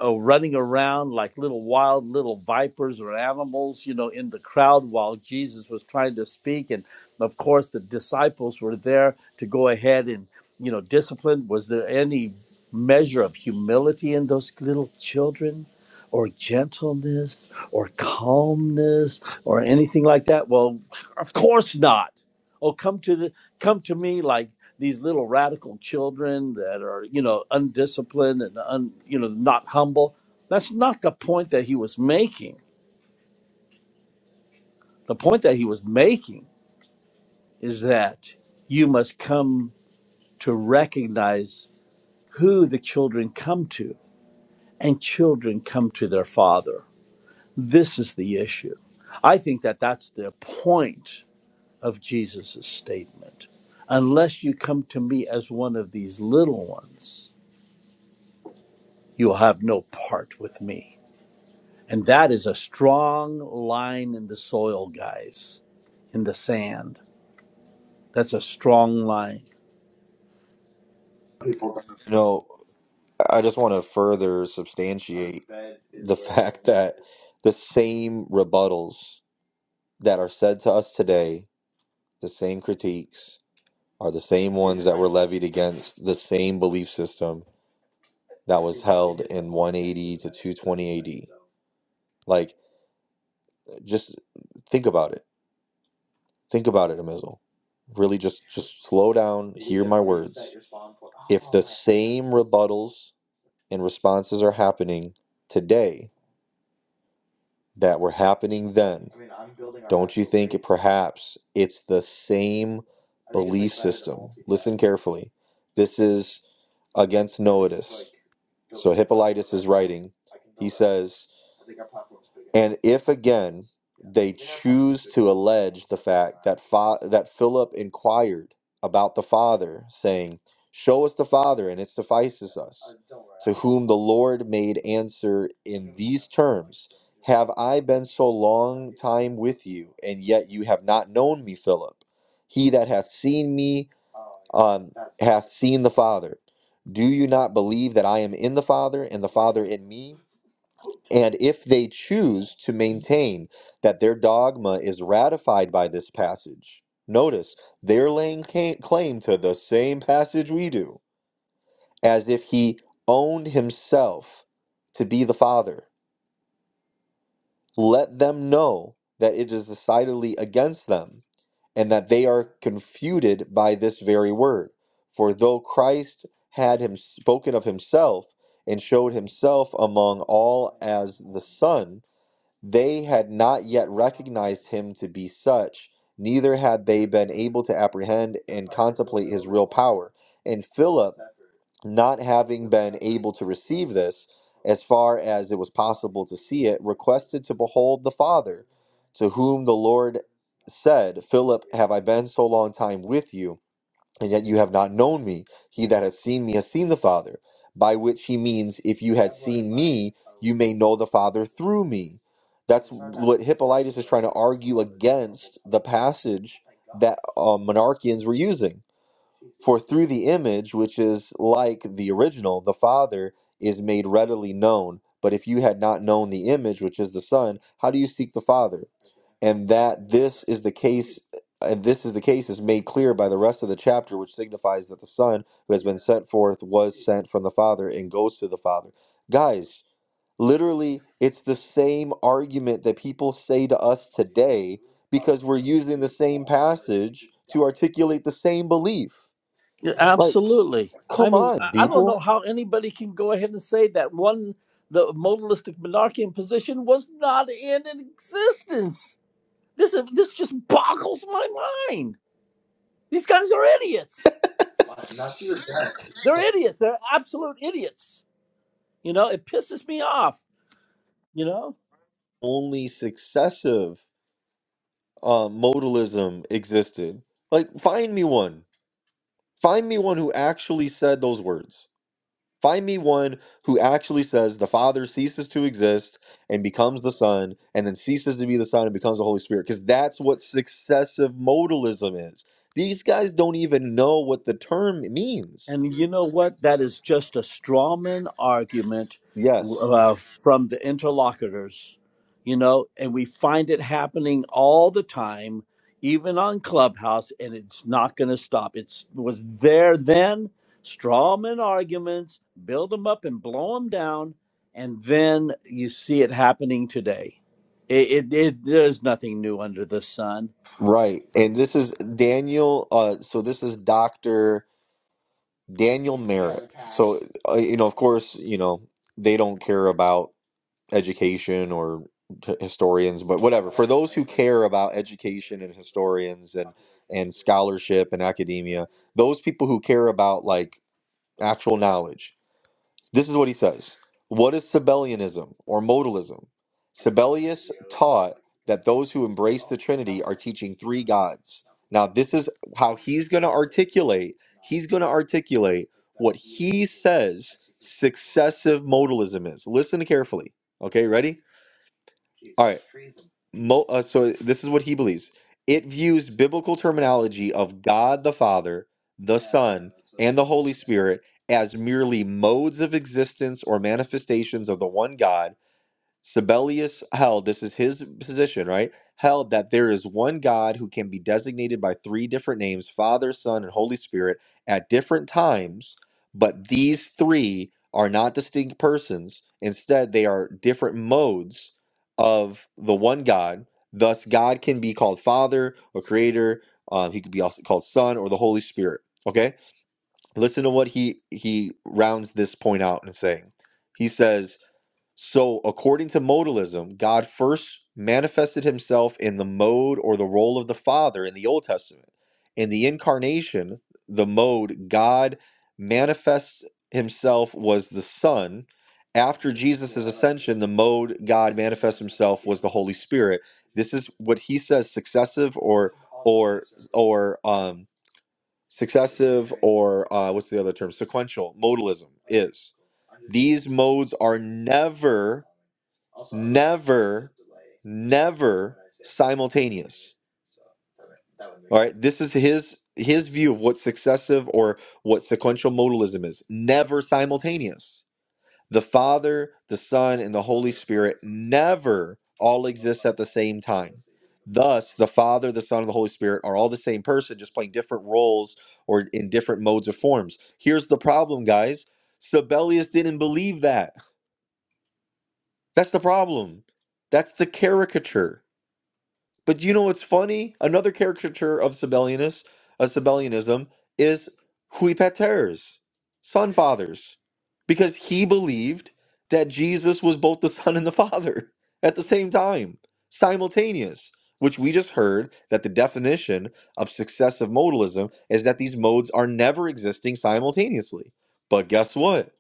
uh, running around like little wild little vipers or animals, you know, in the crowd while Jesus was trying to speak. And of course, the disciples were there to go ahead and, you know, discipline. Was there any measure of humility in those little children? Or gentleness, or calmness, or anything like that. Well, of course not. Oh, come to the come to me like these little radical children that are you know undisciplined and un, you know not humble that's not the point that he was making the point that he was making is that you must come to recognize who the children come to and children come to their father this is the issue i think that that's the point of jesus' statement unless you come to me as one of these little ones you will have no part with me And that is a strong line in the soil, guys, in the sand. That's a strong line.
No. I just want to further substantiate the same rebuttals that are said to us today, the same critiques are the same ones that were levied against the same belief system. That like just think about it. Think about it, Amizel. Really just just slow down. Rebuttals and responses are happening today that were happening then. Perhaps it's the same carefully. This is against no as and if again fa- that Philip inquired about the Father, saying, Show us the Father, and it suffices. Lord made answer, In I been so long time with you, and yet you have not known me, Philip. He that hath seen me um, hath seen the Father. Do you not believe that I am in the Father, and the Father in me? And if they choose to maintain that their dogma is ratified by this passage, notice they're laying ca- claim to the same passage we do, as if he owned himself to be the Father. Let them know that it is decidedly against them and that they are confuted by this very word. For though Christ had him spoken of himself and showed himself among all as the Son, They had not yet recognized him to be such, neither had they been able to apprehend and, and not have, as far as it was possible to see it, requested to behold the Father, to whom the Lord said, Philip, have I been so long time with you, and yet you have not known me? He that has seen me has seen the Father, by which he means, if you, may know the Father through me. That message that, uh, monarchians were using. the image, which is like the original, the Father is made readily known. But if you had not known the image, which is the Son, how do you seek the Father? And that this is the case, and this is the case, is made clear by the rest of the chapter, which signifies that the Son who has been sent forth was sent from the Father and goes to the Father. Guys, literally, it's the same argument that people say to us today because we're using the same to articulate the same belief.
Yeah,
Like,
absolutely. I
come
mean,
on, people.
I I don't know how anybody can go ahead and say that one, the modalistic monarchian position was not in existence. This, is- this just boggles my mind. These guys are idiots. They're idiots. They're absolute idiots. You know, it pisses me off, you know?
only successive uh, modalism existed. Like, find me one. Find me one who actually said those words. Find me one who actually says the Father ceases to exist and becomes the Son, and then ceases to be the Son and becomes the Holy Spirit, because that's what successive modalism is. These guys don't even know what the term means.
And you know what? That is just a strawman argument
Yes,
uh, from the interlocutors, you know, and we find it happening all the time, even on Clubhouse, and it's not going to stop. It's, it was there then, strawman arguments, build them up and blow them down, and then you see it happening today. It, it, it, there's nothing new under the sun
right. And this is Daniel. Uh, so this is Doctor. Daniel Merritt. So, uh, you know, of course, you know, they don't care about education or t- historians, but whatever. Those care about education and historians and and scholarship and academia, those people who care about like actual knowledge. This is what he says. What is Sabellianism or modalism? That now this is how he's going to articulate. He's going to articulate excessive modalism is. Listen carefully. Okay, ready? So this is what he believes. It views biblical terminology of God the Father, the Spirit, as merely modes of existence or manifestations of the one God Sibelius held, this is his position, right? Held that there is one God who can be designated by three different names Father, Son, and Holy Spirit at different times, but these three are not distinct persons. Instead, they are different modes of the one God. Thus, God can be called Father or Creator. Uh, he could be also called Son or the Holy Spirit. Okay, listen to what he he rounds this point out and saying. He says so, according to modalism, God first manifested himself in the mode or the role of the Father in the Old Testament. In the incarnation, the mode God manifests himself was the Son after Jesus um sequential modalism. This is his view of what successive or what sequential modalism is. Never simultaneous. The Father, the Son, and the Holy Spirit never all exist the same time Thus, the Father, the Son, and the Holy Spirit are all the same person, just playing different roles or in different modes or forms. Here's the problem, guys. Sabellius didn't believe that. That's the problem. That's the caricature. But you know what's funny? Another caricature of Sabellianus, uh, Sabellianism, is huipaters, son fathers, because he believed that Jesus was both the son and the father (laughs) at the same time, simultaneous. Which we just heard that the definition of successive modalism is that these modes are never existing simultaneously. But guess what?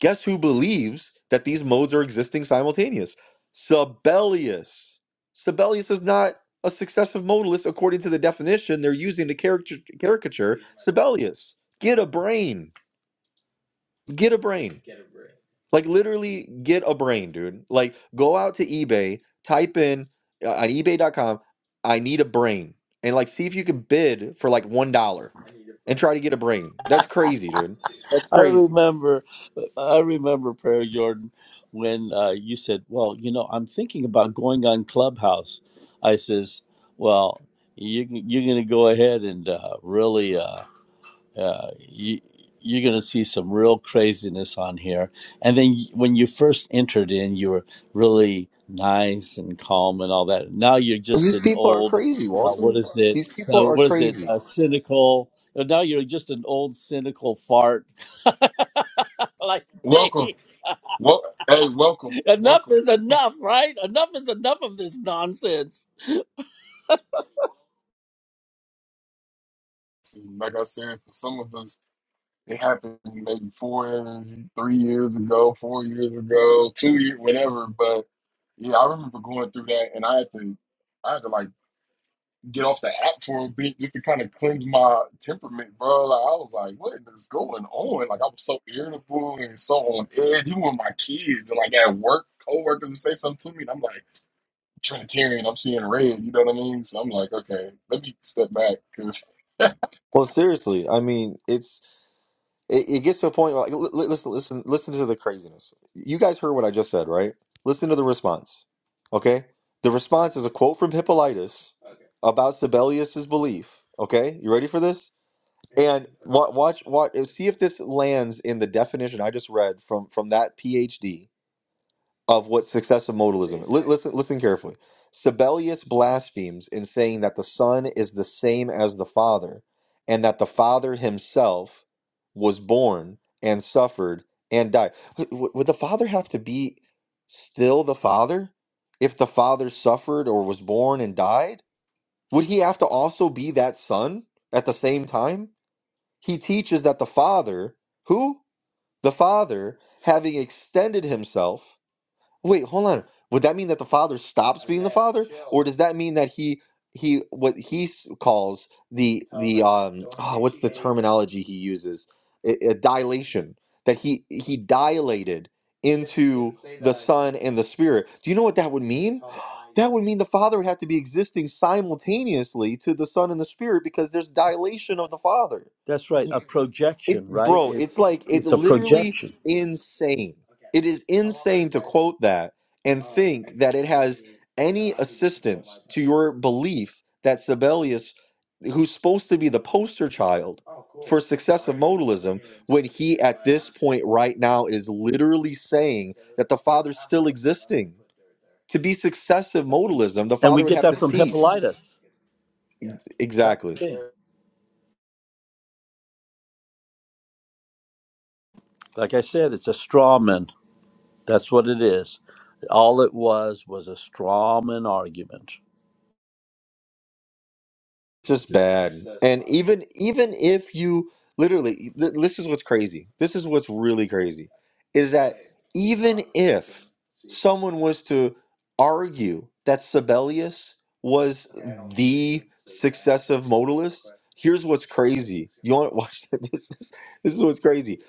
Guess who believes that these modes are existing simultaneous? Sabellius. Sabellius is not a successive modalist according to the definition they're using to character, caricature Sibelius. Get a brain. Get a brain. Like literally get a brain, dude. Like go out to eBay, type in uh, on ebay dot com. I need a brain. And like see if you can bid for like one dollar. Try to get a brain. That's crazy, dude. That's
I
crazy.
remember, I remember, Prayer Jordan, when uh, you said, "Well, you know, I'm thinking about going on Clubhouse." I says, "Well, you, you're going to go ahead and uh, really, uh, uh, you, you're going to see some real craziness on here." And then y- when you first entered in, you were really nice and calm and all that. Now you're just
These
an
people are
old,
crazy,
uh,
Walter.
what is it?
These people
Uh,
are
what is it?
crazy.
Uh, cynical. Now you're just an old cynical fart (laughs) like
Welcome.
me.
Well hey, welcome.
Enough
Welcome.
is enough, right? Enough is enough of this nonsense.
See, Like I said, for some of us It happened maybe four, three years ago, four years ago, two years, whatever. But yeah, I remember going through that, and I had to, I had to like get off the app for a bit just to kind of cleanse my temperament, bro. Like I was like, what is going on? Like I was so irritable and so on edge, even with my kids and like at work, coworkers would say something to me, and I'm like Trinitarian, I'm seeing red, you know what I mean? So I'm like, okay, let me step back because.
Well, seriously, I mean, it's It, it gets to a point like li- li- listen, listen, listen to the craziness. You guys heard what I just said, right? Listen to the response. Okay, the response is a quote from Hippolytus about Sibelius's belief. Okay, you ready for this? And wa- watch, watch, see if this lands in the definition I just read from from that PhD of what successive modalism listen listen carefully. Sibelius blasphemes in saying that the Son is the same as the Father, and that the Father himself was born and suffered and died. Would would- would the Father have to be still the Father if the Father suffered or was born and died? Would he have to also be that Son at the same time? He teaches that the Father, who? The Father, having extended himself. Wait, hold on. Would that mean that the Father stops? does that mean that he he what he s- calls the terminology he uses a, a dilation that he he dilated in Son and the Spirit? Do you know what that would mean? would mean the Father would have to be existing simultaneously to the Son and the Spirit because there's dilation of the Father.
That's right. A
It
projection, right?
bro, it's like,
It's
like it's
it's a projection.
insane. Quote that and for belief that Sibelius, who's supposed to be the poster child, point right now is literally saying to be successive modalism, the
And
father
we
would
get that from Hippolytus.
to,
That's
exactly.
the thing. Like I said, it's a straw man. That's what it is. All it was was a straw man argument.
It's just bad. Even even if you literally, th- this is what's crazy. This is what's really crazy. Is someone was to argue that Sibelius was here's what's crazy. Watch (laughs) this. This is, this is what's crazy.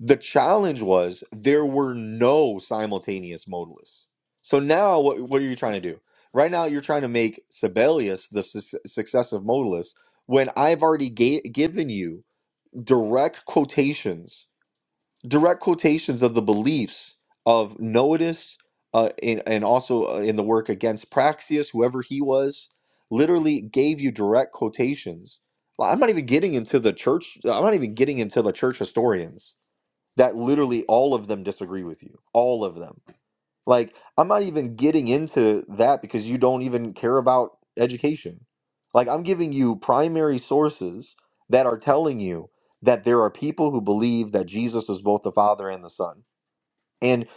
The challenge was there were no simultaneous modalists. So now what what are you trying to do? Right now you're trying to make Sibelius the su- successive modalist when I've already ga- given you direct quotations, direct quotations of the beliefs of Noetus, uh, and, and also uh, in the work against Praxius, whoever he was, literally gave you direct quotations. Like, I'm not even getting into the church. I'm not even getting into the church historians that literally all of them disagree with you. All of them. Like, I'm not even getting into that because you don't even care about education. Like, I'm giving you primary sources that are telling you that there are people who believe that Jesus was both the Father and the Son. And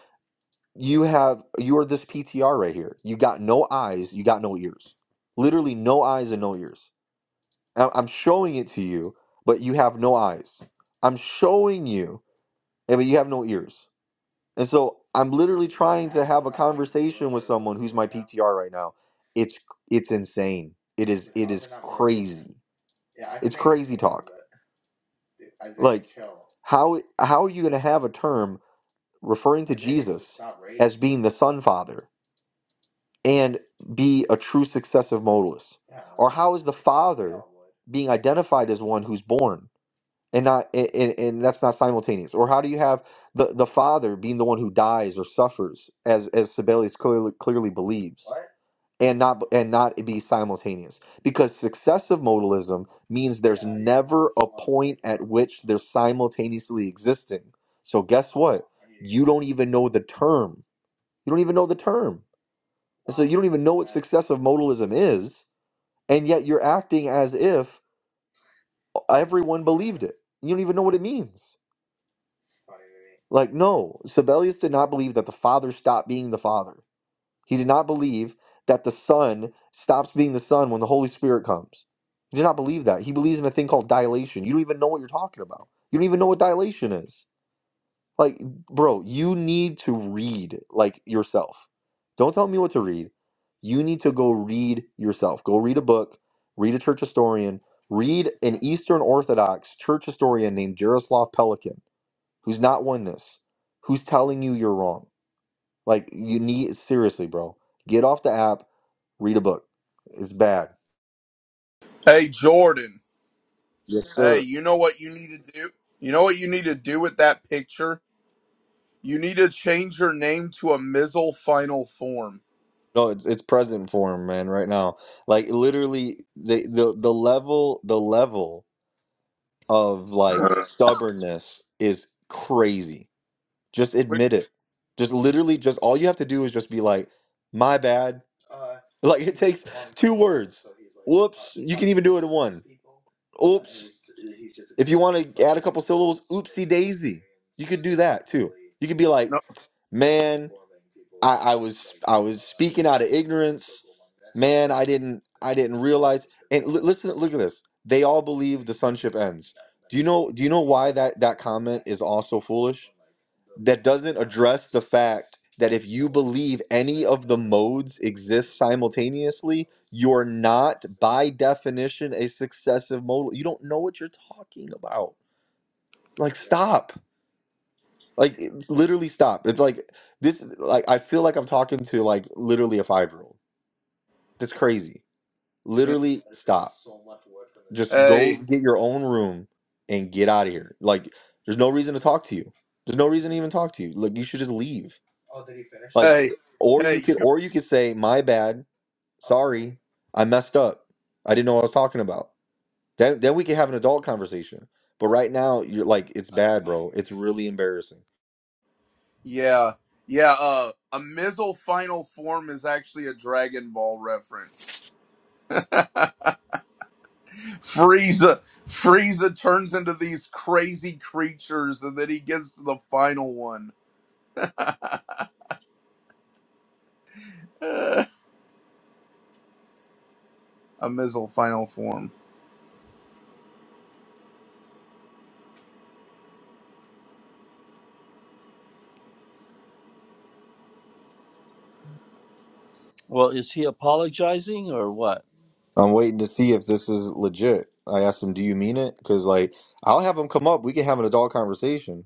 you have, you are this PTR right here. You got no eyes, you got no ears. Literally, no eyes and no ears. I- I'm showing it to you, but you have no eyes. I'm showing you, and but you have no ears. And so I'm literally trying to have. are right now. It's it's insane. It is how how are you going to have a term referring to Jesus being the Son Father and be a true successive modalist, the f- being identified as one who's born and not and, and and that's not simultaneous. Or how do you have the the Father being the one who dies or suffers, as as Sibelius clearly clearly believes, and not and not be simultaneous? Because successive modalism means they're never at which they're simultaneously existing. So guess. you don't even know the term. You don't even know the term. don't even excessive modalism is, and yet you're acting as if everyone believed it. You don't even know what it means. Like, no, Sabellius did not believe that the Father stopped being the Father. He did not believe that the Son stops being the Son when the Holy Spirit comes. He did not believe that. He believes in a thing called dilation. You don't even know what you're talking about. You don't even know what dilation is. Like, bro, you need to read like yourself. Don't tell me what to read. You need to go read yourself. Go read a book, read a church historian, read an Eastern Orthodox church historian named Jaroslav Pelikan, who's not oneness, who's telling you you're wrong. Like, you need, seriously, bro, get off the app, read a book. It's bad. Yes, sir. No, it's it's present form, man, right now. Like literally the the the level the level of like stubbornness is crazy. Just admit it. Just literally just all you have to do is just be like, my bad. man, I didn't I didn't listen look at this. They all believe the sin addressed that if you believe any of the modes exist simultaneously, you're not by definition a successive modal. You don't know what you're talking about. Like stop. Like it's literally stop. It's like this like I feel like I'm talking to like literally a 5-year-old That's crazy. Literally, get your own room and get out of here. Like, there's no reason to talk to you. There's no reason to even talk to you. Like, you should just leave. Or you could, or you could say, "My bad. Sorry, I messed up. I didn't know what I was talking about." Then, then we could have an adult conversation. But right now, you're like, it's really embarrassing.
Well, is he apologizing or what?
I'm waiting to see if this is legit. I asked him, "Do you mean it?" Because like, I'll have him come up. We can have an adult conversation.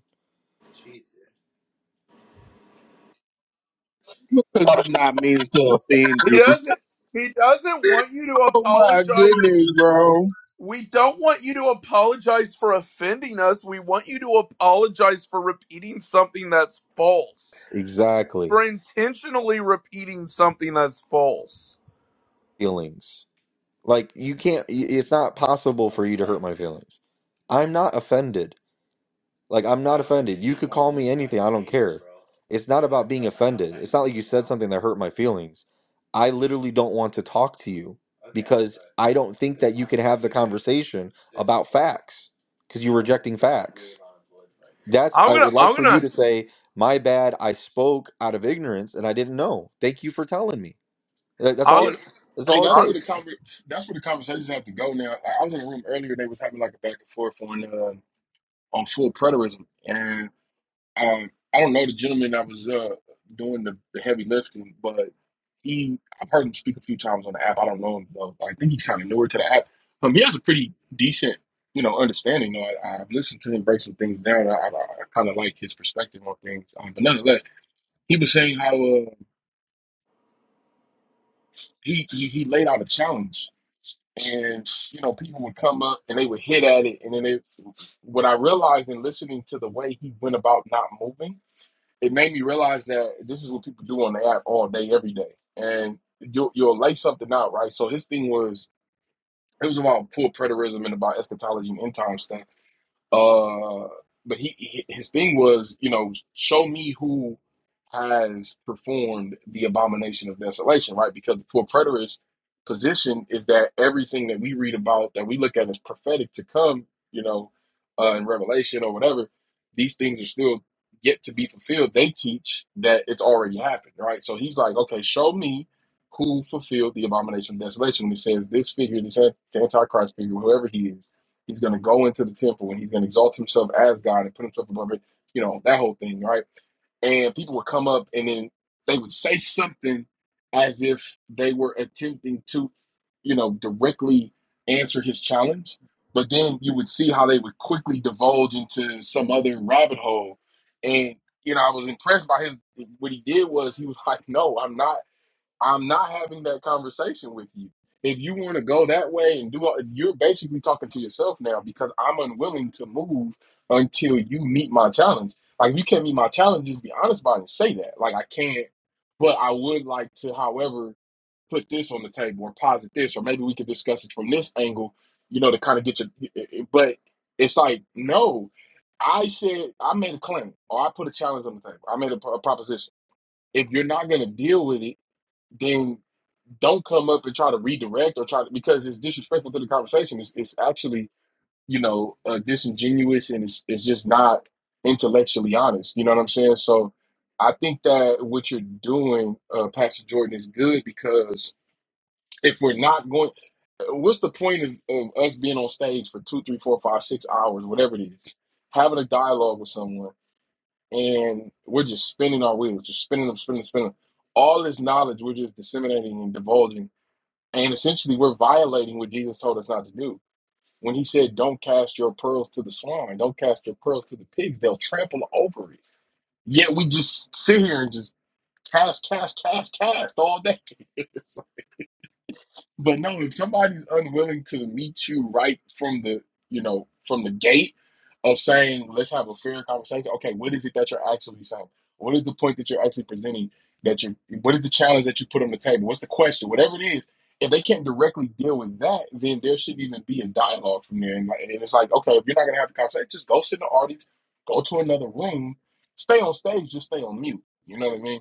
It's not mean to offend you. Oh my goodness, bro.
Exactly. Feelings. Like you can't. y- It's not possible for you to. I'm not offended. Like I'm not offended. It's not something that hurt my feelings. I literally don't want to talk to you. I don't think conversation about facts because you're rejecting facts. That's I would like for you to say, "My bad. I spoke out of ignorance and I didn't know. Thank you for telling me." That- That's
(laughs)
all. That's
Hey,
all it
that's where the
takes.
conver- that's where the conversations have to go now. I I was in a room earlier; they was having like a back and forth on uh, on full preterism, and um, I don't know the gentleman that was uh, doing the, the heavy lifting, but he I've heard him speak a few times on the app. I don't know him though. I think he's kind of newer to the app. Um, he has a pretty decent you know understanding. though. I, I've listened to him break some things down. I, I, I kind of like his perspective on things, um, but nonetheless, he was saying how uh, he, he he laid out a challenge and you know people would come up and they would hit at it and then it, what i realized in listening to the way he went about not moving it made me realize that this is what people do on the app all day every day and you'll, you'll lay something out right so his thing was it was about full preterism and about eschatology and end time stuff uh, but he his thing was, you know, show me who has performed the abomination of desolation, right? Because the for preterist position is that everything that we read about that we look at as prophetic to come, you know, uh, in Revelation or whatever, these things are still yet to be fulfilled. They teach that it's already happened, right? So he's like, okay, show me who fulfilled the abomination of desolation when he says this figure, this antichrist figure, whoever he is He's going to go into the temple and he's going to exalt himself as God and put himself above it, you know, that whole thing, right? And people would come up and then they would say something as if they were attempting to, you know, directly answer his challenge. But then you would see how they would quickly divulge into some other rabbit hole. And, you know, I was impressed by his, what he did was he was (laughs) like, no, I'm not I'm not having that conversation with you. If you want to go that way and do all, you're basically talking to yourself now because I'm unwilling to move until you meet my challenge. Like if you can't meet my challenge, just be honest about it and say that. Like I can't, but I would like to, however, put this on the table or posit this, or maybe we could discuss it from this angle, you know, to kind of get your but it's like, no. I said I made a claim or I put a challenge on the table. I made a, a proposition. If you're not gonna deal with it, then don't come up and try to redirect or try to because it's disrespectful to the conversation. It's, it's actually you know uh, disingenuous and it's it's just not intellectually honest. You know what I'm saying? So I think that what you're doing, uh, Pastor Jordan, is good because if we're not going, uh, what's the point of, of us being on stage for two, three, four, five, six hours, whatever it is, having a dialogue with someone and we're just spinning our wheels, just spinning them, spinning, spinning. All this knowledge we're just disseminating and divulging and essentially, we're violating what Jesus told us not to do. When he said, Don't cast your pearls to the swine, don't cast your pearls to the pigs, they'll trample over it. Yet we just sit here and just cast, cast, cast, cast all day. But no, if somebody's unwilling to meet you right from the, you know, from the gate of saying, let's have a fair conversation. Okay, what is it that you're actually saying? What is the point that you're actually presenting? That you, what is the challenge that you put on the table? What's the question? Whatever it is, if they can't directly deal with that, then there shouldn't even be a dialogue from there. And, like, and it's like, okay, if you're not gonna have the conversation, just go sit in the audience, go to another room, stay on stage, just stay on mute. You know what I mean?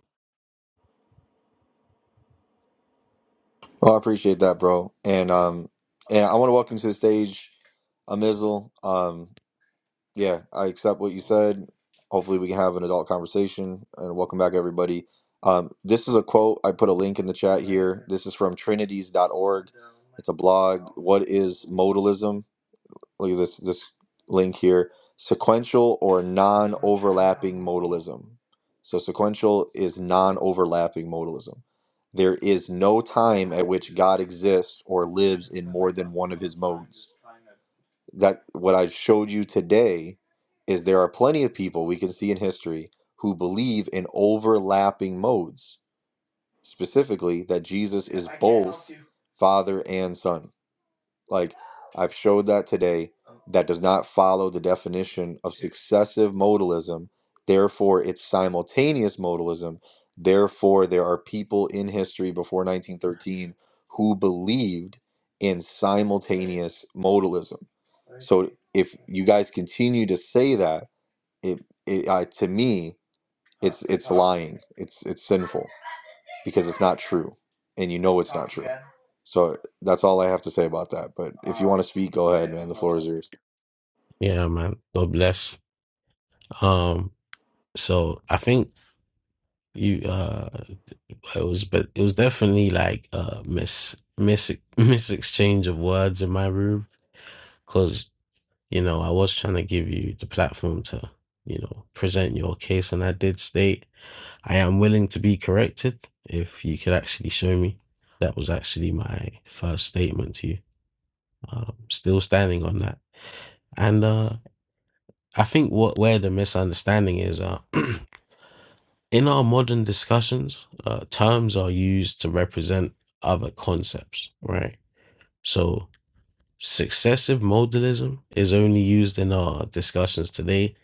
Well, I appreciate that, bro. And um, and I want to welcome to the stage, Amizel. Um, Yeah, I accept what you said. Hopefully, we can have an adult conversation. And welcome back, everybody. Um, this is a quote. I put a link in the chat here. This is from trinities dot org. It's a blog. What is modalism? Look at this this link here. Sequential or non-modalism. So sequential is non-overlapping modalism. There is no time exists or lives that what I showed you today is there are plenty of people we can see in history who believe in overlapping modes, specifically that Jesus is Father and Son. Like I've showed that today, that does not follow the definition of successive modalism. Therefore, it's simultaneous modalism. Therefore, there are people in history before 1913 who believed in simultaneous modalism. If you guys continue to say that, it, it uh, to me lying it's it's sinful because it's not true and you know it's so that's all i have to say about that but let's be serious
Yeah, man. God bless. Um, so I think you uh it was but it was definitely like uh miss miss miss (laughs) exchange of words in my room because you know I was trying to give you the platform to you know present your case and I did state I am willing to be corrected if you could actually show me. That was actually my first statement to you. Um, still standing on that. And uh I think what where the misunderstanding is uh (clears throat) In our modern discussions, uh, terms are used to represent other concepts, right? So, successive modalism is only used in our discussions today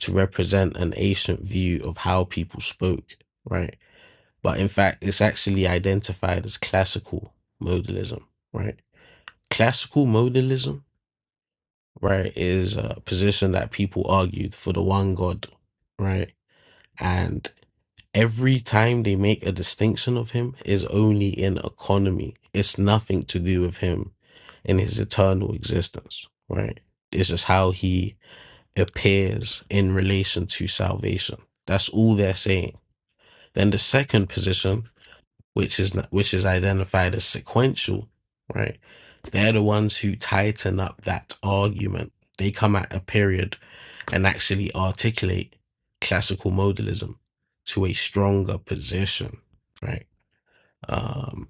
to represent an ancient view of how people spoke, right? But in fact, it's actually identified as classical modalism, right? Classical modalism, right, is a position that people argued for the one God, right? And every time they make a distinction of him is only in economy. It's nothing to do with him in his eternal existence, right? It's just how he appears in relation to salvation. That's all they're saying. Then the second position, which is which is identified as sequential, right? They're the ones who tighten up that argument. They come at a period and actually articulate classical modalism to a stronger position, right? Um,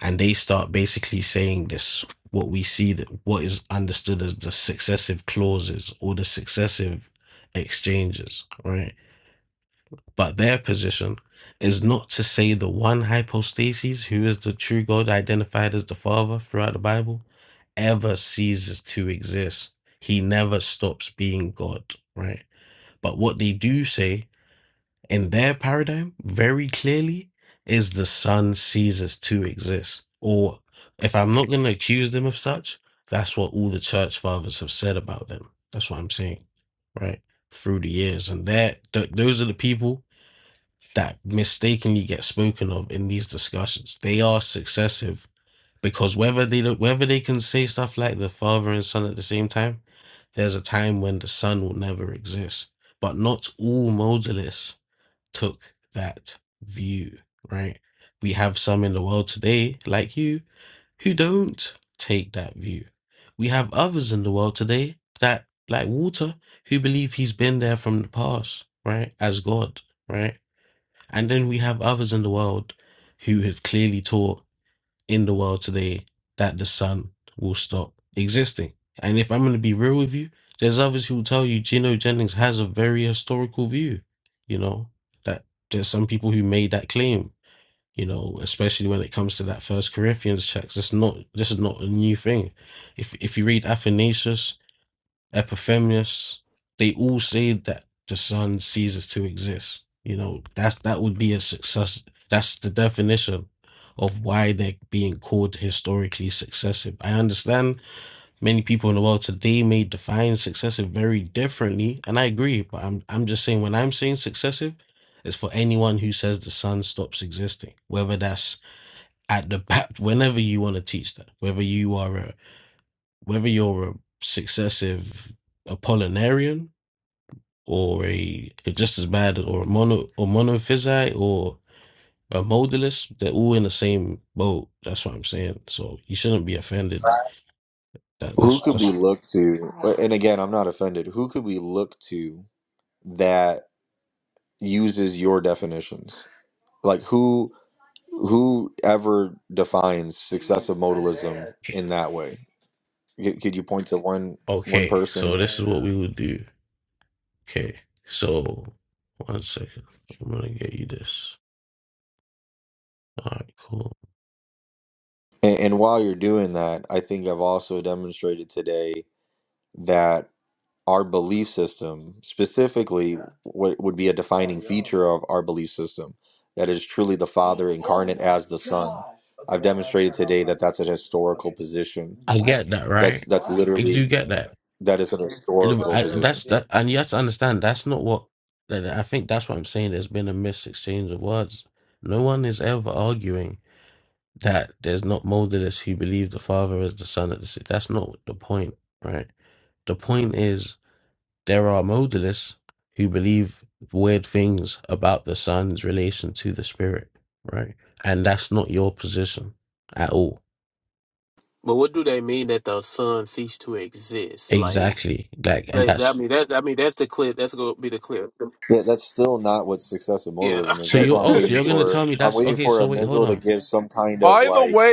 and they start basically saying this what we see that what is understood as the successive clauses or the successive exchanges, right? But their position is not to say the one hypostasis, who is the true God identified as the Father throughout the Bible, ever ceases to exist. He never stops being God, right? But what they do say in their paradigm very clearly is the sun ceases to exist. Or if I'm not going to accuse them of such, that's what all the church fathers have said about them. That's what I'm saying, right? Through the years. And that th- those are the people that mistakenly get spoken of in these discussions. They are successive because whether they don't- whether they can say stuff like the father and son at the same time, there's a time when the son will never exist. But not all modalists took that view, right? We have some in the world today, like you, who don't take that view. We have others in the world today that, like Walter, who believe he's been there from the past, right, as God, right? And then we have others in the world who have clearly taught in the world today that the sun will stop existing. And if I'm going to be real with you, there's others who will tell you Gino Jennings has a very historical view, you know, that there's some people who made that claim, you know, especially when it comes to that first Corinthians text. It's not this is not a new thing. If if you read Athanasius Epiphanius, they all say that the sun ceases to exist. You know, that's that would be a success. That's the definition of why they're being called historically successive. I understand many people in the world today may define successive very differently, and I agree, but I'm I'm just saying when I'm saying successive, it's for anyone who says the sun stops existing, whether that's at the back, whenever you want to teach that, whether you are a whether you're a successive Apollinarian or a just as bad or a mono or monophysite or a modalist, they're all in the same boat. That's what I'm saying. So you shouldn't be offended. That
who
that's
could we
that's
look to and again i'm not offended who could we look to that uses your definitions like who who ever defines
okay.
in that way C- could you point to one one
Okay.
person
So this is what we would do. Okay. So one second. I'm gonna get you this. All right, cool.
and, and while you're doing that i think i've also demonstrated today that our belief system specifically what would be a definer of our belief system. That is truly the five story position.
I get that, right?
That's
I
the,
do get that.
that is
it, I, that's that, and you have to understand that's not what. That, I think that's what I'm saying. There's been a misexchange of words. No one is ever arguing that there's not modalists who believe the Father is the Son of the Son. That's not the point, right? The point is there are modalists who believe weird things about the Son's relation to the Spirit, right? And that's not your position at all.
But what do they mean that the sun ceased to exist? Like,
Exactly. Like, and
like I
that's
mean, that I mean, that's the clip. That's gonna be the clip.
that- that's still not what successive
Yeah.
modalism is.
so
That's
you're
why I'm
(laughs)
oh, so
waiting
you're gonna
for
tell me
I'm
that's
waiting
okay.
for
So
a
wait, hold
Mizzle to
on.
give some kind of like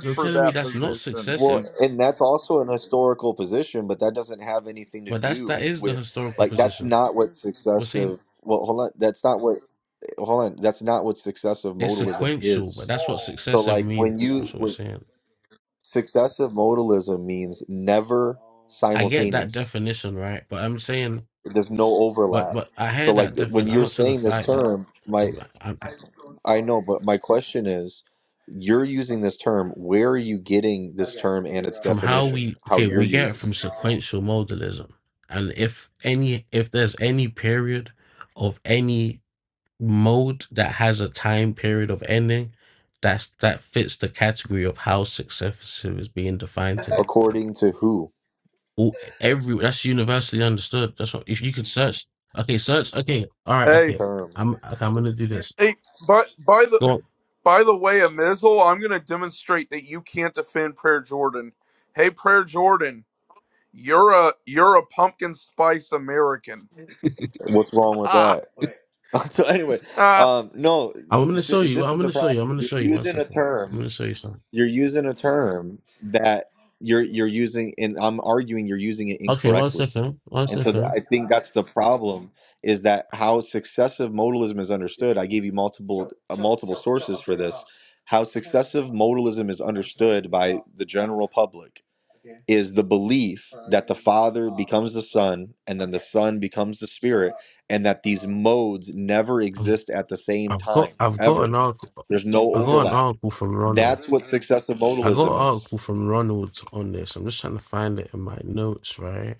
You're telling me that's not
well,
successive,
and that's also an historical position, but that doesn't have anything to
but that's that
do
is the
with
historical position.
not what
We're saying
successive. Well, hold on. That's not what. Hold on. That's not what successive
it's
modalism
sequential,
is.
but that's what
So,
successive
like when,
means. That's what we're
when
saying.
successive modalism means never
I get that
simultaneous
definition, right? But I'm saying,
There's no
but
overlap.
but I
So
heard that
like th- when
definition. I'm
you're
not trying to
saying this
fight that.
term, my
I'm, I'm, I,
I know, but my question is, you're using this term. Where are you getting
from how we okay, we get it from sequential modalism, and if any, if there's any period of any mode that has a time period of ending, that's that fits the category of how successive is being defined
the,
today.
according to who
All, every that's universally understood. That's what if you can search. Okay, search. Okay, all right. Okay,
term?
I'm okay, I'm gonna do this. Go. On.
What's wrong with that? (laughs) so anyway, um, no,
I'm gonna
th-
show you.
this
I'm
is the
gonna show you. I'm
problem.
gonna
You're
show you. One
using a
second. I'm
term.
gonna show you something.
You're using a term that you're you're using, and I'm arguing you're using it
Okay, one
incorrectly.
second. One second.
Problem is that how successive modalism is understood. I gave you multiple how modalism is under the general public is the belief becomes the sun and sun becomes the s- and that modes never
I've,
exist at the same
I've got
time
I've got an
ever
article.
there's no
I got an
overlap
article from Ronald.
that's what successive
I got an
modalism is
article from Ronald on this. I'm just trying to find it in my notes, right?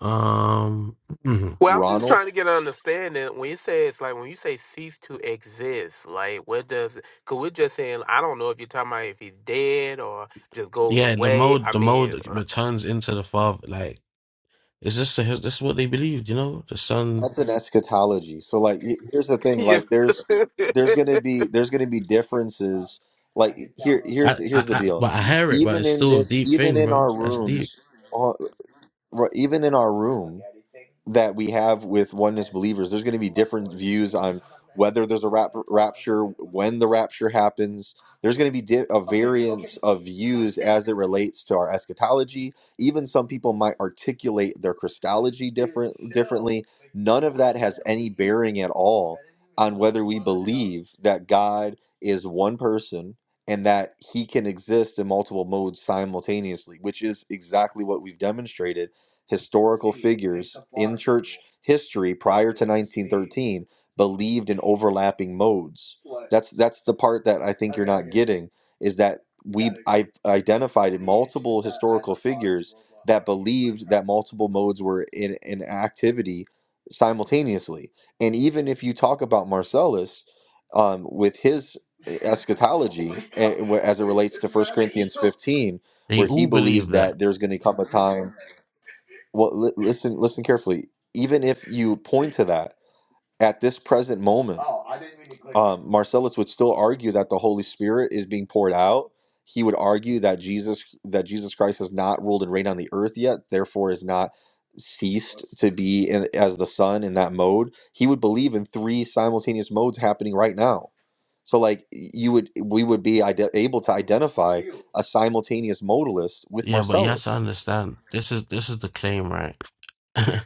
Um, mhm.
well. I'm just
ronald
trying to get an understanding when you say it's like when you say cease to exist. Like what does? Cause we're just saying I don't know if you're talking about if he's dead or just goes
yeah, the
away.
mode,
I
the
mean,
mode returns into the father. Like, is this the, this is what they believed? You know, the son.
that's an eschatology so like y- here's the thing
yeah.
like there's there's gonna
(laughs)
be there's gonna be differences like
I, I, I, but I hear it, but it's still a deep
even
thing,
in
bro.
our
That's deep.
rooms uh, r- even in our room the rapture happens there's going to be di- of relates to our eschatology even some people might articulate their christology that God is one person and that he can exist in multiple modes simultaneously, which is exactly what we've demonstrated histor- history prime believe overlapping modes. That's that's the part that I think is that I identify multiple modes were in an activity simultaneously. And even if you talk about Marcellus um, with his team,
They
where he
all
believes
believe that.
that there's going to well li- listen listen carefully even if you point to that at this present moment um, marcellus would still argue that the holy spirit is being poured out he would argue that jesus that jesus christ has not ruled and reigned on the earth yet therefore is not ceased be in, as the son in that mode he would believe in three simultaneous modes happening right now so like you would we would be ide- able to identify a simultaneous modalist with
Yeah, but you have to
marcellus
understand. This is this is the claim, right? (laughs)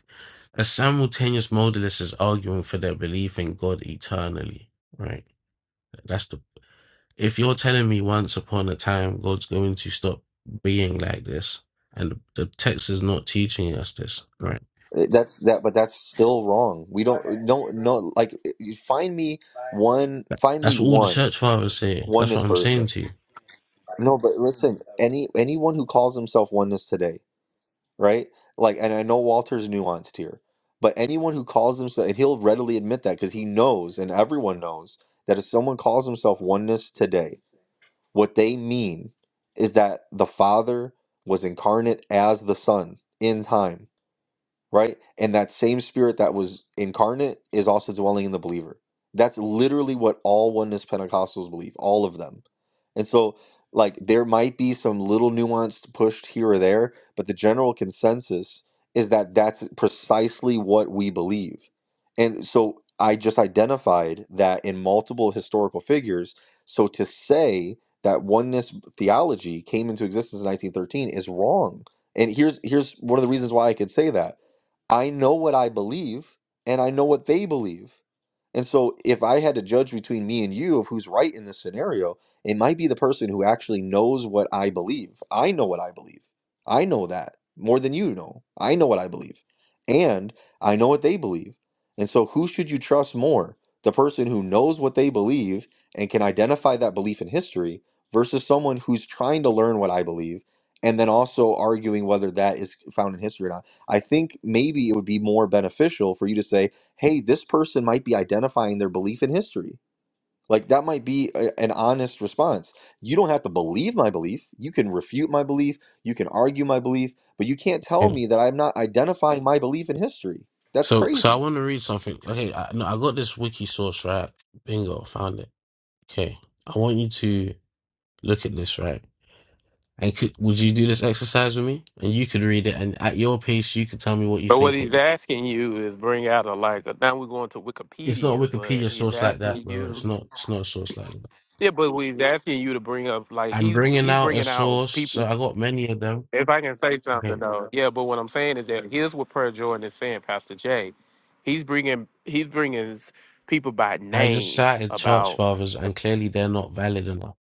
A simultaneous modalist is arguing for their belief in God eternally, right? That's the. If you're telling me once upon a time God's going to stop being like this, and the text is not teaching us this, right?
Uh, that's that but that's still wrong we don't. No, like eh, you find me and
That-
find me
That's all the
one.
church fathers say. That's what I'm saying to you.
Any anyone who calls himself oneness today, right? Like, and I know Walter's nuanced here, but anyone who calls himself, and he'll readily admit that because he knows, and everyone knows that if someone calls himself oneness today, what they mean is that the Father was incarnate as the Son in time. right? And that same spirit that was incarnate is also dwelling in the believer. That's literally what all oneness Pentecostals believe, all of them. And so, like, there might be some little nuance pushed here or there, but the general consensus is that that's precisely what we believe. And so, I just identified that in multiple historical figures. So, to say that oneness theology came into existence in 1913 is wrong. And here's here's one of the reasons why I could say that I know what I believe and I know what they believe. And so, if I had to judge between me and you of who's right in this scenario, it might be the person who actually knows what I believe. I know what I believe. I know that more than you know. I know what I believe. And I know what they believe. And so, who should you trust more? The person who knows what they believe and can identify that belief in history versus someone who's trying to learn what I believe and then also arguing whether that is found in history or not. I think maybe it would be more beneficial for you to say, hey, this person might be identifying their belief in history. Like that might be a- an honest response. You don't have to believe my belief. You can refute my belief. You can argue my belief, but you can't tell
Yeah.
me that I'm not identifying my belief in history. That's
So, so I
crazy.
want to read something. Okay, I, no, I got this wiki source right. Bingo, found it. Okay, I want you to look at this right. And could, would you do this exercise with me? And you could read it, and at your pace, you could tell me what you
But what
think.
he's asking you is bring out a like. A, now we're going to
it's not a
Wikipedia, but
Wikipedia
he's
source like that,
asking
bro. It's
you.
not. It's not a source like that.
Yeah, but what he's asking you to bring up like
I'm
he's
bringing
he's
out a
bringing out
source, so
people.
I got many of them.
If I can say something
Okay,
though, yeah. But what I'm saying is that here's what Prayer Jordan is saying, Pastor Jay. He's bringing he's bringing people by
I just
name
cited church
about.
fathers, and clearly they're not valid enough.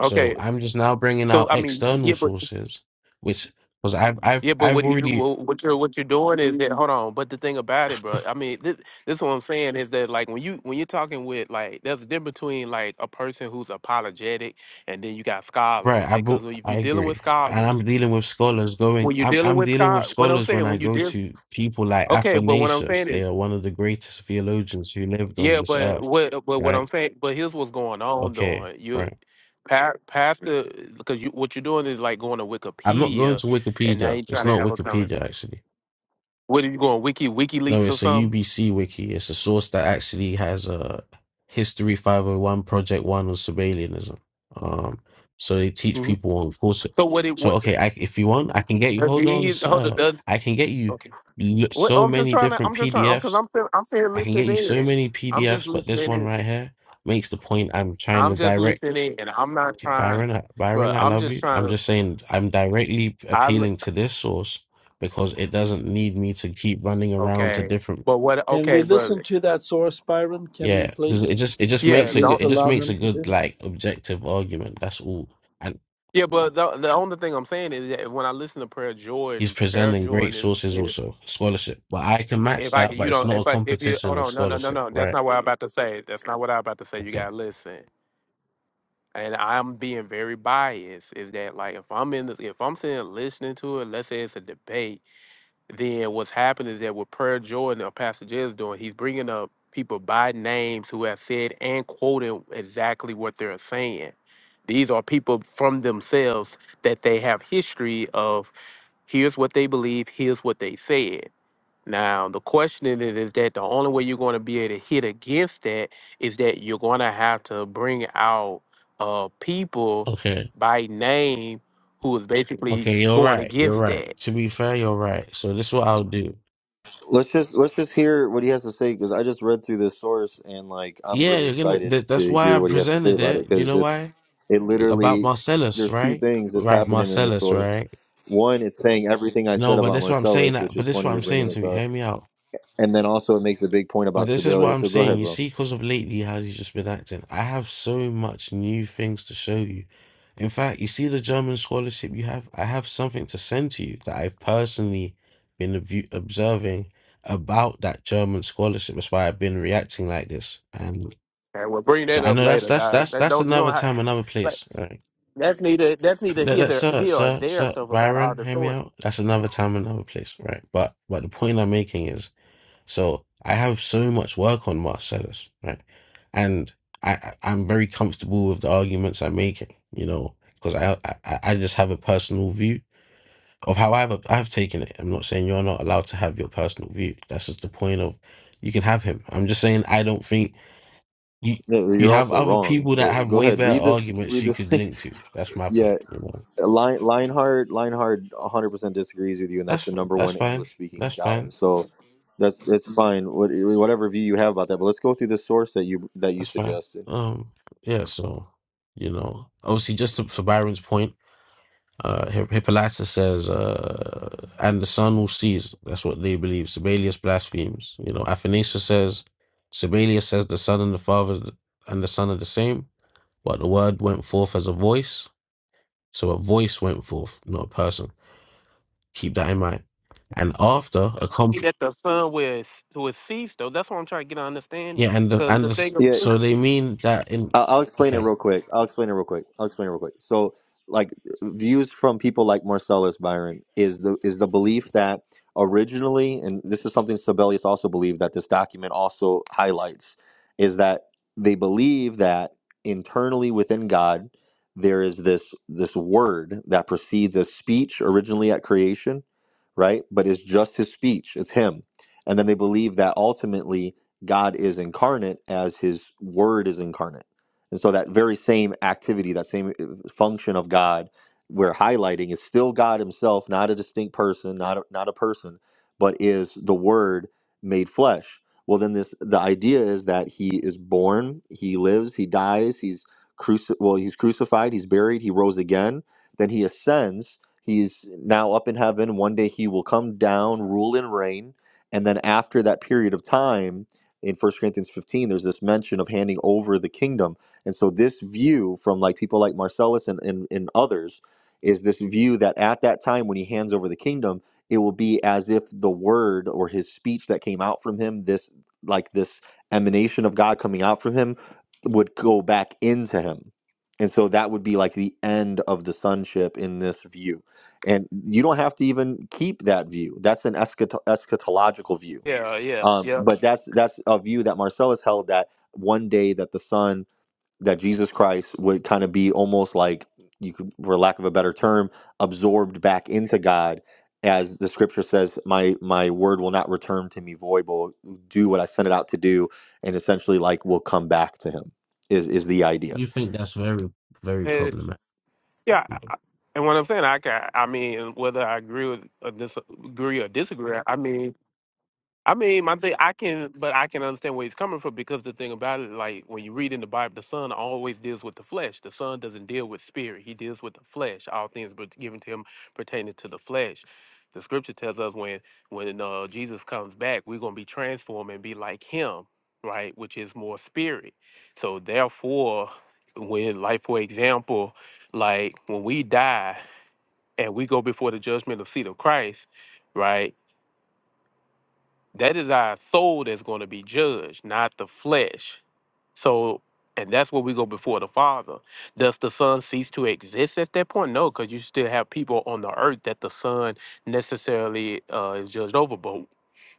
So I'm just now bringing
so
out
I mean,
external
yeah, but
sources, which because I've I've
Yeah, but
I've
what you
already
wha- what you're what you're doing is that hold on. But the thing about it, bro, I mean, this this what I'm saying is that like when you when you're talking with like there's a difference between like a person who's apologetic and then you got
right.
scholars
I
because
brought,
if you're
I
dealing with
agree, and I'm
scholars,
dealing with scholars going.
when you're
I'm
dealing
I'm
with
dealing with
scholars, what I'm
scholars when
saying
I
when you
go
deal
to people like
okay, but what I'm
Athanasius.
saying
They
is
are one of the greatest theologians who lived on
yeah,
this
but
earth.
what but what I'm
Right.
saying, but here's what's going on though.
Okay. Right
You pa- pastor because you what you're doing is like going to
I'm not going
Wikipedia
to
and now
Wikipedia.
you're
It's
trying to
not
have a
Wikipedia
conversation.
actually.
What are you going Wiki
No,
WikiLeaks or
it's a
something?
UBC wiki. It's a source that actually has a History 501 Project One on Sabellianism. Um, so they teach
hmm
people on course.
So what it
So
what
okay, I, if you want, I can get you.
do
Hold on,
you hold on,
sir.
does
I can get you
okay?
l-
What
so
I'm just
many
trying to
different
I'm just trying because
PDFs.
I'm fin- I'm saying
I can get you
listening
so
in.
many
I'm just
PDFs, but this
listening
one
in.
right here makes the point I'm trying to
I'm just
direct.
listening in. I'm not
Okay,
trying
Byron,
to,
I- Byron,
bro.
I
I'm
love
just
you.
trying
I'm
to.
just saying I'm directly
I li-
appealing to this source because it doesn't need me to keep running around to
okay,
different
but what?
Can we
Okay,
listen
brother.
to that source, Byron? Can we
yeah, because it
please?
just it just
Yeah,
makes a good
so
it just makes a good like objective argument. That's all. And
yeah, but the, the only thing I'm saying is that when I listen to Prayer
he's
Jordan, Prayer
presenting great
Jordan is,
sources
is
also, scholarship. But I can match
if I
that,
you
but it's
don't
not
if
a
I if you
competition
hold
of
on no no no
scholarship,
no that's
right?
not what I'm about to say. That's not what I'm about to say. You
Okay.
gotta listen. and I'm being very biased, is that like if I'm in this, if I'm sitting and listening to it, let's say it's a debate, then what's happening is that what Prayer Jordan or Pastor Jay is doing, he's bringing up people by names who have said and quoting exactly what they're saying. These are people from themselves that they have history of. Here's what they believe. Here's what they said. Now, the question in it is that the only way you're going to be able to hit against that is that you're going to have to bring out uh, people
Okay.
by name who is basically
Okay, you're
going
right. You're
against
right.
that.
To be fair, you're right. So this is what I'll do.
Let's just let's just hear what he has to say because I just read through this source and like I'm
Yeah,
really
you're gonna.
excited
That, that's
to
why I
hear what he has to say
presented
about it
it. Do you
because
know why?
it's it
about
literally
Marcellus,
there's two
right?
things that's
Right,
happening in the
Marcellus,
source.
right?
One, it's saying everything I
No,
said
but
about
this is what I'm saying.
Marcellus,
that-
which
But
is
this is
funny
what
you're
I'm
bringing
saying to
this
you.
up.
Hear me out.
And then also it makes a big point
But
about
this is what
Sibelia.
I'm
So go
saying.
ahead,
You
bro.
see, because of lately how he's just been acting, I have so much new things to show you. In fact, you see the German scholarship you have, I have something to send to you that I've personally been abu- observing about that German scholarship. That's why I've been reacting like this. And
Okay, we'll bring that
I
up
know that's
later,
that's
dog.
that's
That
that's
don't you
another
don't have.
time, another
But
place, right?
that's neither that's neither
Let,
here
let,
there
sir,
here or
sir,
there
sir,
stuff about all
Byron,
the
hear me
source.
out. That's another time, another place, right? But but the point I'm making is, so I have so much work on Marcellus, right? And I I- I'm very comfortable with the arguments I'm making, you know, because I, I I I just have a personal view of how I've I've taken it. I'm not saying you're not allowed to have your personal view. That's just the point of you can have him. I'm just saying I don't think you
No,
you
You're
have
also
other
wrong,
people that
but
have
go
way
ahead.
better
Read this.
arguments
Read
you
this. (laughs)
could
thing.
link to. That's my
yeah,
point.
Lion, Lionheart. Lionheart 100 percent disagrees with you, and that's the
That's f-
number
that's
one
fine.
English speaking
That's
scholar.
fine.
So that's that's fine. What, whatever view you have about that, but let's go through the source that you that you
That's fine.
suggested.
Um, yeah. So, you know, obviously, just to, for Byron's point, uh, Hi- Hippolytus says, uh, and the sun will cease. That's what they believe. Sibelius blasphemes. You know, Athanasius says, Sibelius says the son and the father is the- and the son are the same, but the word went forth as a voice. So a voice went forth, not a person. Keep that in mind. And after a comp,
That the sun will will cease though. That's what I'm trying to get an understanding.
yeah, and the,
Cause
and
the
the, s-
thing,
Yeah.
so they mean that in.
I'll, I'll explain it
Okay
real quick. I'll explain it real quick. I'll explain it real quick. So, like views from people like Marcellus Byron is the is the belief that originally, and this is something Sibelius also believed that this document also highlights, is that they believe that internally within God there is this this word that precedes a speech originally at creation, right? But it's just his speech. It's him, and then they believe that ultimately God is incarnate as his word is incarnate and so that very same activity, that same uh, function of God we're highlighting is still God himself, not a distinct person, not a, not a person, but is the word made flesh. Well, then this the idea is that he is born, he lives, he dies, he's cruci- well, he's crucified, he's buried, he rose again, then he ascends, he's now up in heaven, one day he will come down, rule and reign, and then after that period of time in First Corinthians 15 there's this mention of handing over the kingdom and so this view from like people like Marcellus and, and, and others is this view that at that time when he hands over the kingdom, it will be as if the word or his speech that came out from him, this like this emanation of God coming out from him, would go back into him. And so that would be like the end of the sonship in this view. And you don't have to even keep that view. That's an eschato- eschatological view.
(laughs) yeah, yeah,
Um, but that's that's a view that Marcellus held that one day that the son that Jesus Christ would kind of be almost like you could for lack of a better term absorbed back into God as the scripture says my my word will not return to me void but will do what I sent it out to do and essentially like will come back to him is is the idea
We think that's very, very
yeah.
problematic.
Yeah, I- and what I'm saying, I can, I mean, whether I agree with or disagree or disagree, I mean, I mean, my thing, I can, but I can understand where he's coming from because the thing about it, like when you read in the Bible, the Son always deals with the flesh. The Son doesn't deal with spirit; he deals with the flesh. All things but given to him pertaining to the flesh. The Scripture tells us when when uh, Jesus comes back, we're gonna be transformed and be like Him, right? Which is more spirit. So therefore, when like for example, like when we die and we go before the judgment of seat of Christ, right? That is our soul that's going to be judged, not the flesh. So, and that's where we go before the Father. Does the Son cease to exist at that point? No, because you still have people on the earth that the Son necessarily uh, is judged over. But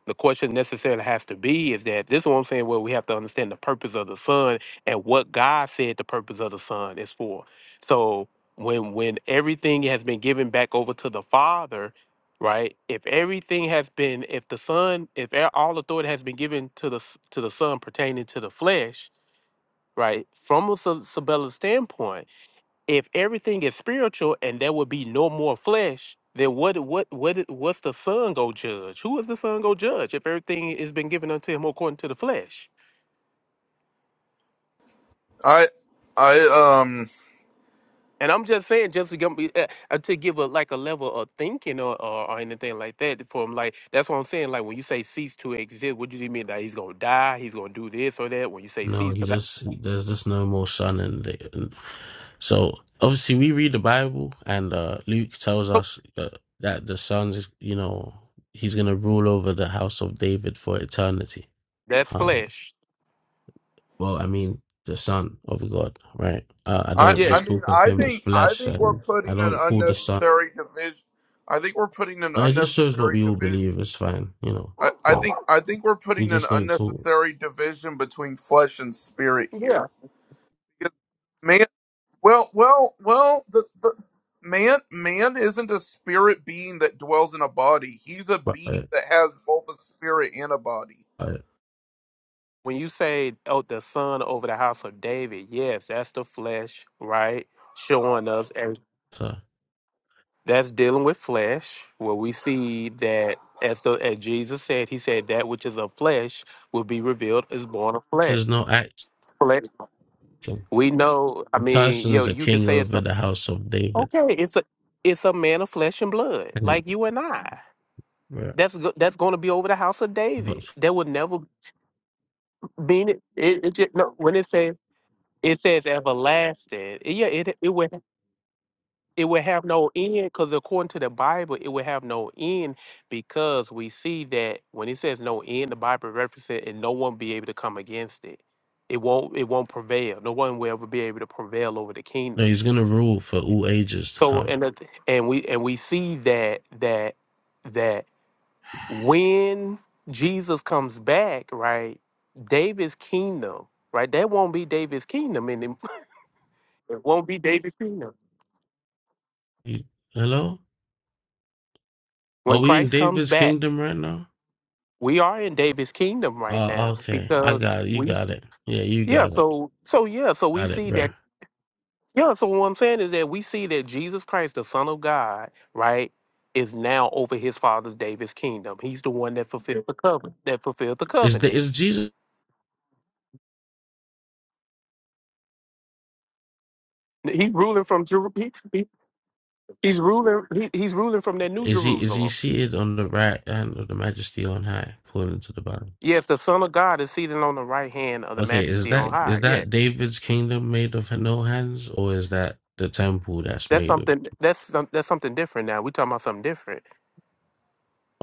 the question necessarily has to be is that this is what I'm saying, where we have to understand the purpose of the sun and what God said the purpose of the sun is for. So when when everything has been given back over to the Father, right? If everything has been, if the Son, if a- all authority has been given to the s- to the Son pertaining to the flesh, right? From a sub- Sabella standpoint if everything is spiritual and there would be no more flesh, then what what what what's the son go judge? Who is the son go judge if everything has been given unto him according to the flesh? And I'm just saying, just to give, uh, uh, to give a like a level of thinking or, or, or anything like that. From like that's what I'm saying. Like when you say cease to exist, what do you mean that he's gonna die? He's gonna do this or that? When you say
No,
cease
he
to that,
just there's just no more sun, and, the- and so obviously we read the Bible, and uh, Luke tells
so
us uh, that the son's, you know, he's gonna rule over the house of David for eternity.
that's
Um,
flesh.
well, I mean, the Son of God, right? Uh, I don't
Yeah,
just talk of him as flesh, and I don't call the Son. It just shows what we all believe is fine, you know, but we just don't talk
yeah.
about it. About it.
when you say oh the son over the house of david yes that's the flesh right showing us and
So
that's dealing with flesh where we see that as the as jesus said he said that which is of flesh will be revealed is born of flesh
there's no act.
flesh we know i
The
mean yo
person's a
you can
king
say it's
over
a
the house of David.
okay it's a it's a man of flesh and blood
And it-
like you and i
yeah.
that's go, that's going to be over the house of
But
david
f-
there would never be it, it, it just, no, when it says it says everlasting. Yeah, it it would It will have no end because according to the Bible, it will have no end because we see that when it says no end, the Bible references it and no one be able to come against it. It won't it won't prevail. No one will ever be able to prevail over the
no,
kingdom.
he's gonna rule for all ages to
So and
come.
the- and we and we see that that that when Jesus comes back, right, David's kingdom, right, that won't be David's kingdom anymore. (laughs) it won't be David's kingdom.
You- hello? Are
When
we in
Christ comes
David's
back.
kingdom right now?
we are in David's kingdom right
Oh,
now
okay. I
because
got it. You
we
got
s-
it. Yeah, you
yeah
got it.
so so yeah so we
Got it,
see
bro.
that yeah so what I'm saying is that we see that Jesus Christ the son of God right is now over his father's David's kingdom he's the one that fulfilled the covenant that fulfilled the
Is the
covenant
is Jesus
he's ruling from Jeru- he, he- he's ruling he, he's ruling from that new
is he is he
Jerusalem
seated on the right hand of the majesty on high, according to the Bible?
yes the son of God is seated on the right hand of the
Okay, is
majesty on
that
high
is
Yes,
that David's kingdom made of no hands, or is that the temple that's
that's
made of
something that's some- that's something different now we're talking about something different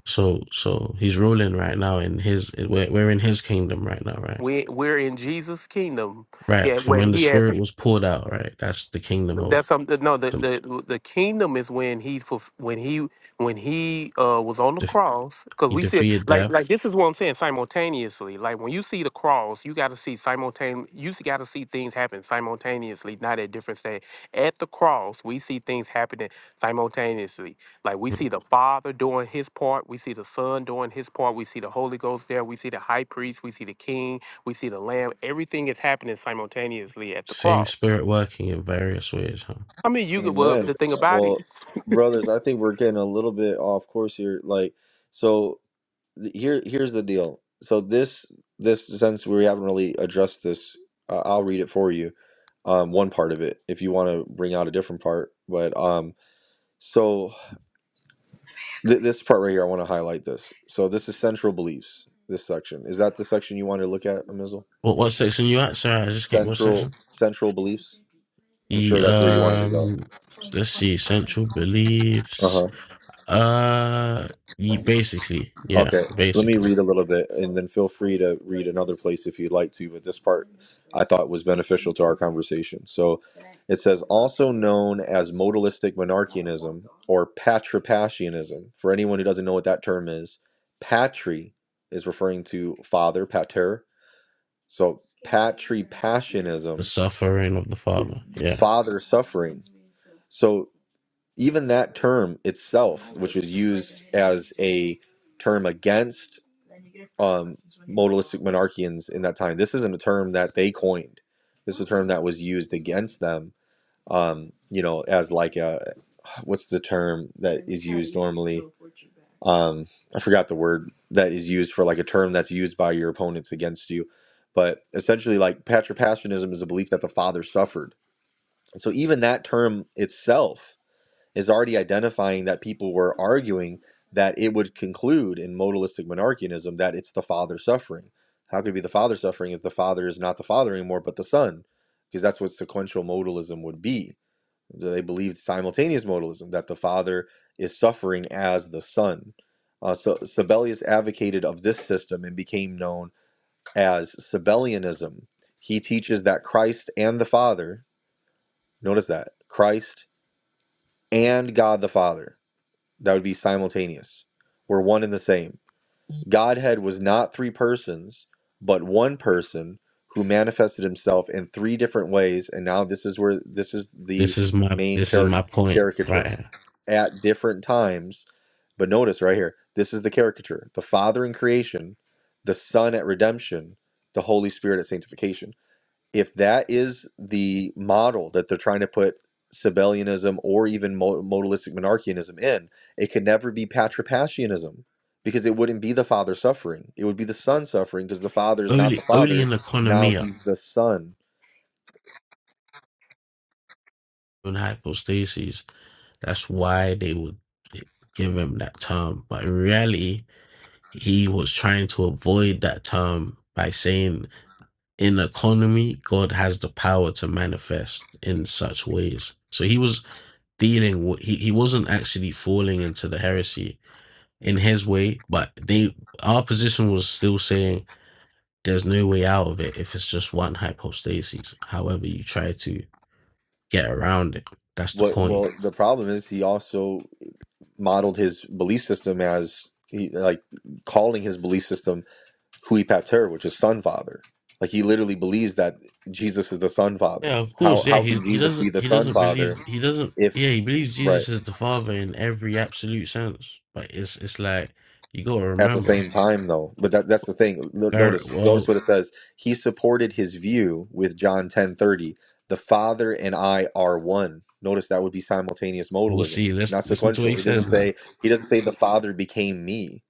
So so he's ruling right now in his we're, we're in his kingdom right now, right?
We we're in Jesus' kingdom, yeah,
Right. From
where
when the
He has
spirit was poured out, right? That's the kingdom
that's
of
something. No, the
the,
the the kingdom is when he fulf- when he when he uh was on the
the
cross. Because
he
we see
defeated
like like
death.
this is what I'm saying simultaneously. Like when you see the cross, you got to see simultane. You got to see things happen simultaneously, not at different stage. At the cross, we see things happening simultaneously. Like we see the Father doing his part, we see the Son doing his part, we see the Holy Ghost there, we see the High Priest, we see the King, we see the Lamb. Everything is happening simultaneously at the
Same
cross.
spirit working in various ways, huh?
I mean, you could. Well,
Amen.
the thing about
Well,
it,
brothers, I think we're getting a little bit off course here. Like, so th- here, here's the deal. So this, this since we haven't really addressed this, uh, I'll read it for you. Um, one part of it, if you want to bring out a different part, but um, so th- this part right here, I want to highlight this. So this is central beliefs. This section is that the section you wanted to look at, Amizel?
What what section you at, Sorry, I just can't what
Central,
section?
central beliefs. I'm
The
sure that's where you wanted to go.
um let's see, central beliefs.
Uh
Uh ye- basically,
huh.
yeah,
Let me
basically.
read a little bit and then feel free to read another place if you'd like to. But this part I thought was beneficial to our conversation. So it says, also known as modalistic monarchianism or patripassianism. For anyone who doesn't know what that term is, patri is referring to father, pater. So,
The
ism,
suffering of the
is
Father. Yeah.
father. So even that term itself term against monarchians in that time. This isn't a term that they coined, term that was used against them um, you know, as like a what's the term that um I forgot the word that is used for like a term that's used by your opponents against you, but essentially like patripassionism is a belief that the father suffered. So even that term itself is already identifying that people were arguing that it would conclude in modalistic monarchianism that it's the father suffering. How could it be the father suffering if the father is not the father anymore but the son? Because that's what sequential modalism would be So they believed simultaneous modalism that the Father is suffering as the Son. Uh, so Sabellius advocated of this system and became known as Sabellianism. He teaches that Christ and the Father, notice that Christ and God the Father, that would be simultaneous, were one and the same Godhead was not three persons, but one person who manifested himself in three different ways. And now this is where this is
This
the
is my
main
this is
charac
my point right
caricature
here.
at different times. But notice right here, this is the caricature the Father in creation, the Son at redemption, the Holy Spirit at sanctification if that is the model that they're trying to put Sabellianism or even modalistic monarchianism in, it could never be patripassianism because it wouldn't be the father suffering. It would be the son suffering because the father is not the
early early
father.
in the
Now
economia
he's the son.
in hypostasis. That's why they would give him that term. But in reality, he was trying to avoid that term by saying in economy, God has the power to manifest in such ways. So he was dealing with he, he wasn't actually falling into the heresy in his way, but they our position was still saying there's no way out of it if it's just one hypostasis, however you try to. get around it. That's the
What?
point.
Well, the problem is he also modeled his belief system as he like calling his belief system hui pater, which is son father. Like he literally believes that Jesus is the son father.
Yeah, of course.
How
Yeah,
how
he
can
he
Jesus
doesn't
be the
he
son
doesn't
father
believe he doesn't
if
yeah he believes
Right.
Jesus is the Father in every absolute sense. But it's it's like you got to
At the
remember.
same time, though, but that, that's the thing. No-
Ver-
Notice, notice
Well,
what it says. He supported his view with John ten thirty. The Father and I are one. Notice that would be simultaneous
we'll
modalism,
see. Let's
not
listen to what
sequential.
he
He doesn't
says now.
say he doesn't say the Father became me.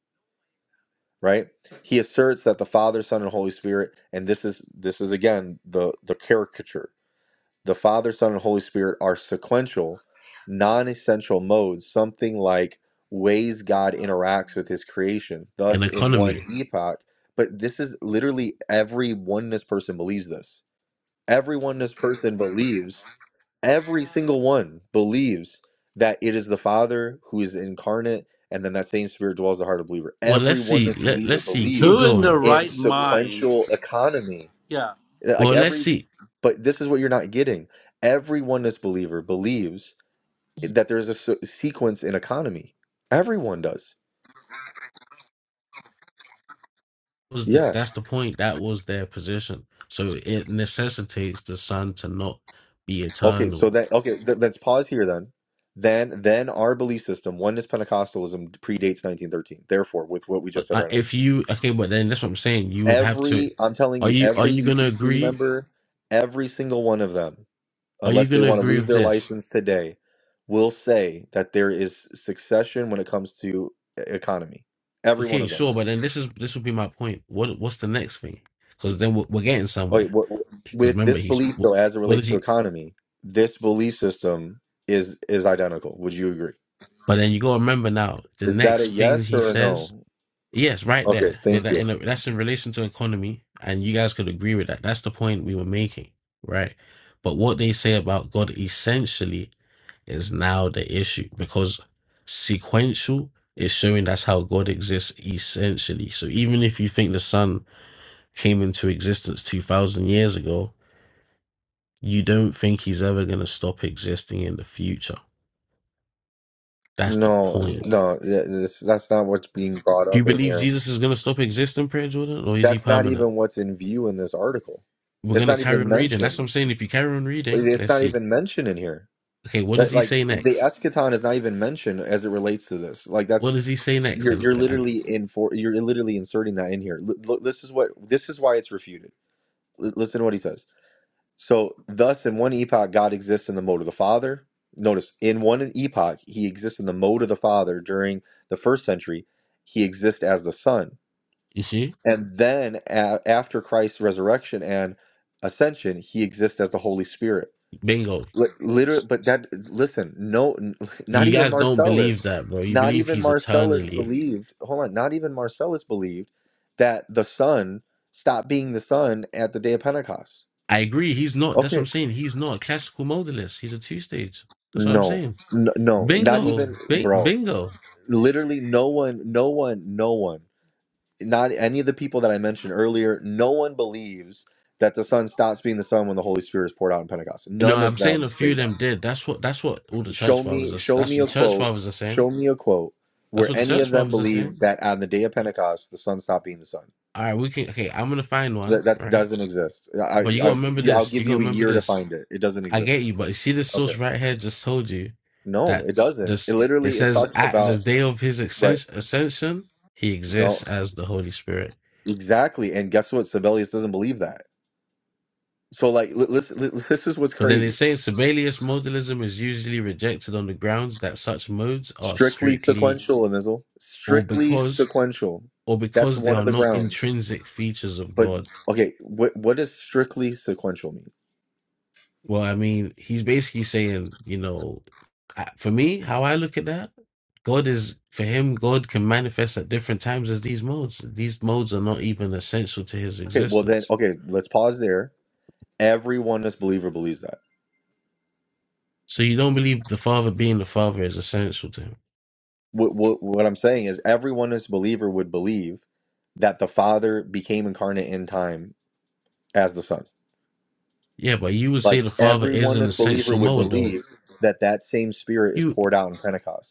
Right. He asserts that the Father, Son, and Holy Spirit, and this is this is again the the caricature. The Father, Son, and Holy Spirit are sequential, non essential modes, something like ways God interacts with his creation,
An
thus in one
economy.
epoch. But this is literally every oneness person believes this. Every oneness person believes, every single one believes that it is the Father who is incarnate and then that same spirit dwells in the heart of the believer.
Well,
Every
let's see.
oneness
Let
believer
let's see. Keep
believes
Who in their
going.
in
right mind?
sequential economy
Yeah.
uh, like
Well, let's
every
see.
but this is what you're not getting every oneness believer believes that there's a se- sequence in economy everyone does
Was that
yeah
that's the point? That was their position. So it necessitates the Son to not be
okay so
eternal
that okay th- let's pause here then then then our belief system oneness pentecostalism predates 1913 therefore with what we just said
uh,
right now
if you okay, but then that's what I'm saying. You would have to.
every i'm telling
Are
you
you are
every
you gonna
upc
agree?
member every single one of them
Are you
unless they
gonna
want to
agree
lose
with
their
this?
license today will say that there is succession when it comes to e- economy every one
Okay,
of them
sure. But then this is this would be my point. What what's the next thing? Because then we're, we're getting
Oh,
somewhere.
wait, what,
Because
with
remember,
this
he's
belief
wh-
though, as it
what is
relates to
he?
economy, this belief system is is identical. Would you agree?
But then you gotta remember now. The
Is that a
next thing
yes
he
or a
says,
no?
yes, right
Okay,
there. Yeah,
thank
that
you.
in a, that's in relation to economy, and you guys could agree with that. That's the point we were making, right? But what they say about God essentially is now the issue because sequential is showing that's how God exists essentially. So even if you think the sun came into existence 2000 years ago, you don't think he's ever going to stop existing in the future. That's the
No,
point.
no, th- this, that's not what's being brought
Do
up
you
in
believe
here.
Jesus is going to stop existing, Prayer Jordan, or is he
That's not
permanent?
even what's in view in this article.
We're
It's
going to
not
carry
even
on reading.
mentioned.
That's what I'm saying. If you carry on reading,
It's
let's
not
see.
even mentioned in here.
Okay, what does
Like
he
like,
say
the
next?
eschaton is not even mentioned as it relates to this. Like that's
What does he say next?
you're
And,
you're
and
literally in for you're literally inserting that in here. L- look, this is what this is why it's refuted. L- listen to what he says. So, thus, in one epoch, God exists in the mode of the Father. Notice, in one epoch, he exists in the mode of the Father during the first century. He exists as the Son.
you see,
And then, a- after Christ's resurrection and ascension, he exists as the Holy Spirit.
bingo.
Li- literally, but that, listen, no, n- (laughs) not
You
even
guys don't believe
Marcellus,
that, bro. You
not
believe
even
he's
Marcellus
eternally.
believed, hold on, not even Marcellus believed that the Son stopped being the Son at the day of Pentecost.
I agree. He's not. That's
Okay.
what I'm saying. He's not a classical modalist. He's a two stage. That's what I'm
No,
saying.
n- no, not
Bingo,
even,
Bing,
bro.
bingo.
Literally, no one, no one, no one, not any of the people that I mentioned earlier, no one believes that the Son stops being the Son when the Holy Spirit is poured out in Pentecost.
You know,
None
I'm
of
saying
them
a few
say
of
that.
them did. That's what. That's what all the church
Show
fathers
me,
are.
show
That's
me
what
a
the church
quote,
fathers are saying.
show me a quote
That's
where
what the
any
church
of them
fathers are saying.
believe that on the day of Pentecost, the Son stopped being the Son.
All right, we can. Okay, I'm gonna find one.
That, that
All Right,
doesn't exist. I,
but you
I,
gotta remember
I'll
this.
give
You gotta
you a
remember
year to
this.
find it. It doesn't
I get
exist.
you, but you see this
Okay.
source right here just told you
No,
that
it doesn't. It
this it
literally is
says
talking
at the
about,
day of his
right.
ascens- ascension he
No,
exists as the Holy Spirit.
Exactly. And guess what? Sibelius doesn't believe that. So, like, li- listen, li- this is what's
But then it's
crazy.
saying Sibelius modalism is usually rejected on the grounds that such modes are
Strictly
strictly
sequential, Amizel.
or
Strictly
because
sequential.
or
That's
because they
one
are
of the
not
grounds.
intrinsic features of
But,
God.
okay, what, what does strictly sequential mean?
Well, I mean, he's basically saying, you know, I- For me, how I look at that, God is for him. God can manifest at different times as these modes. These modes are not even essential to his
Okay, well, then,
existence.
okay, let's pause there. Every oneness believer believes that.
So you don't believe the Father being the Father is essential to him?
What, what, what I'm saying is, every oneness believer would believe that the Father became incarnate in time as the Son.
Yeah, but you would say
Like,
the Father
every
is an
oneness believer
essential
would
mode, though.
believe that that same Spirit is
You,
poured out in Pentecost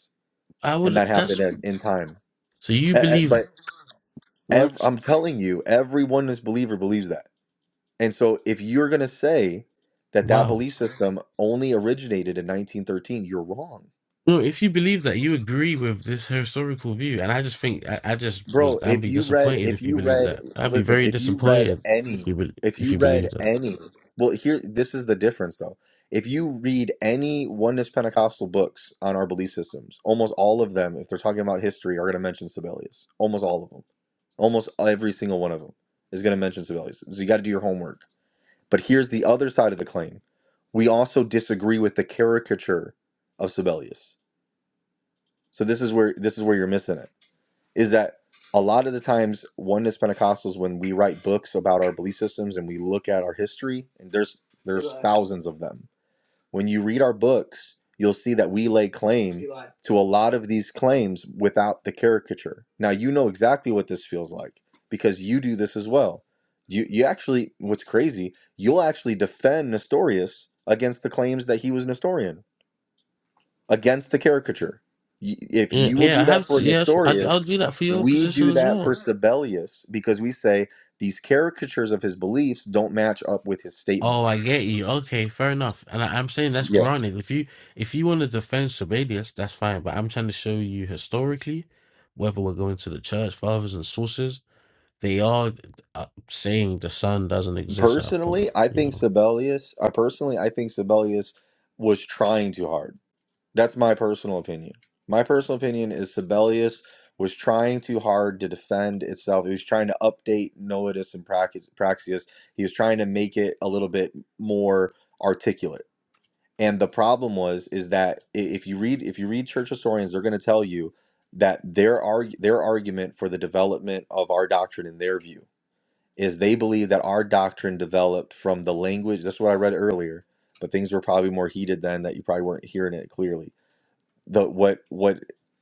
I
and
would.
that happened
That's
in, in time.
so you
E- e-
believe
But ev-
what?
I'm telling you, everyone is believer believes that. And so, if you're going to say that that
Wow.
belief system only originated in 1913, you're wrong.
No, if you believe that, you agree with this historical view, and I just think I, I just was.
Bro,
I'd
if
be
you read,
disappointed
if
if you
you
believe
read,
that. I'd be
listen,
very
if you read
disappointed
any,
if you bel
if
if
you
you believe
read
that.
any, well, here, this is the difference though. If you read any Oneness Pentecostal books on our belief systems, almost all of them, if they're talking about history, are going to mention Sibelius. Almost all of them. Almost every single one of them is going to mention Sibelius. So you got to do your homework. But here's the other side of the claim. We also disagree with the caricature of Sibelius. So this is where this is where you're missing it is that a lot of the times oneness pentecostals when we write books about our belief systems and we look at our history and there's there's thousands of them when you read our books you'll see that we lay claim to a lot of these claims without the caricature now you know exactly what this feels like because you do this as well you you actually what's crazy you'll actually defend nestorius against the claims that he was nestorian against the caricature. Y- If
Yeah,
you will
yeah, I
do that
have
for
to. Yes, I, I'll
Nestorius,
do that for your
we
position
do
as
that for
well.
Sibelius because we say these caricatures of his beliefs don't match up with his
Oh,
statements.
I get you. Okay, fair enough. And I, I'm saying that's
Yeah.
granted. If you if you want to defend Sabellius, that's fine. But I'm trying to show you historically, whether we're going to the church fathers and sources, they are uh, saying the sun doesn't exist at a point.
Personally, I
You
think
know.
Sibelius, I personally, I think Sibelius was trying too hard. That's my personal opinion. My personal opinion is Sibelius was trying too hard to defend itself. He was trying to update Noetus and Praxi- Praxius. He was trying to make it a little bit more articulate And the problem was is that i- if you read if you read church historians, they're going to tell you that their arg- their argument for the development of our doctrine in their view is they believe that our doctrine developed from the language. That's what I read earlier, but things were probably more heated then that you probably weren't hearing it clearly. The what what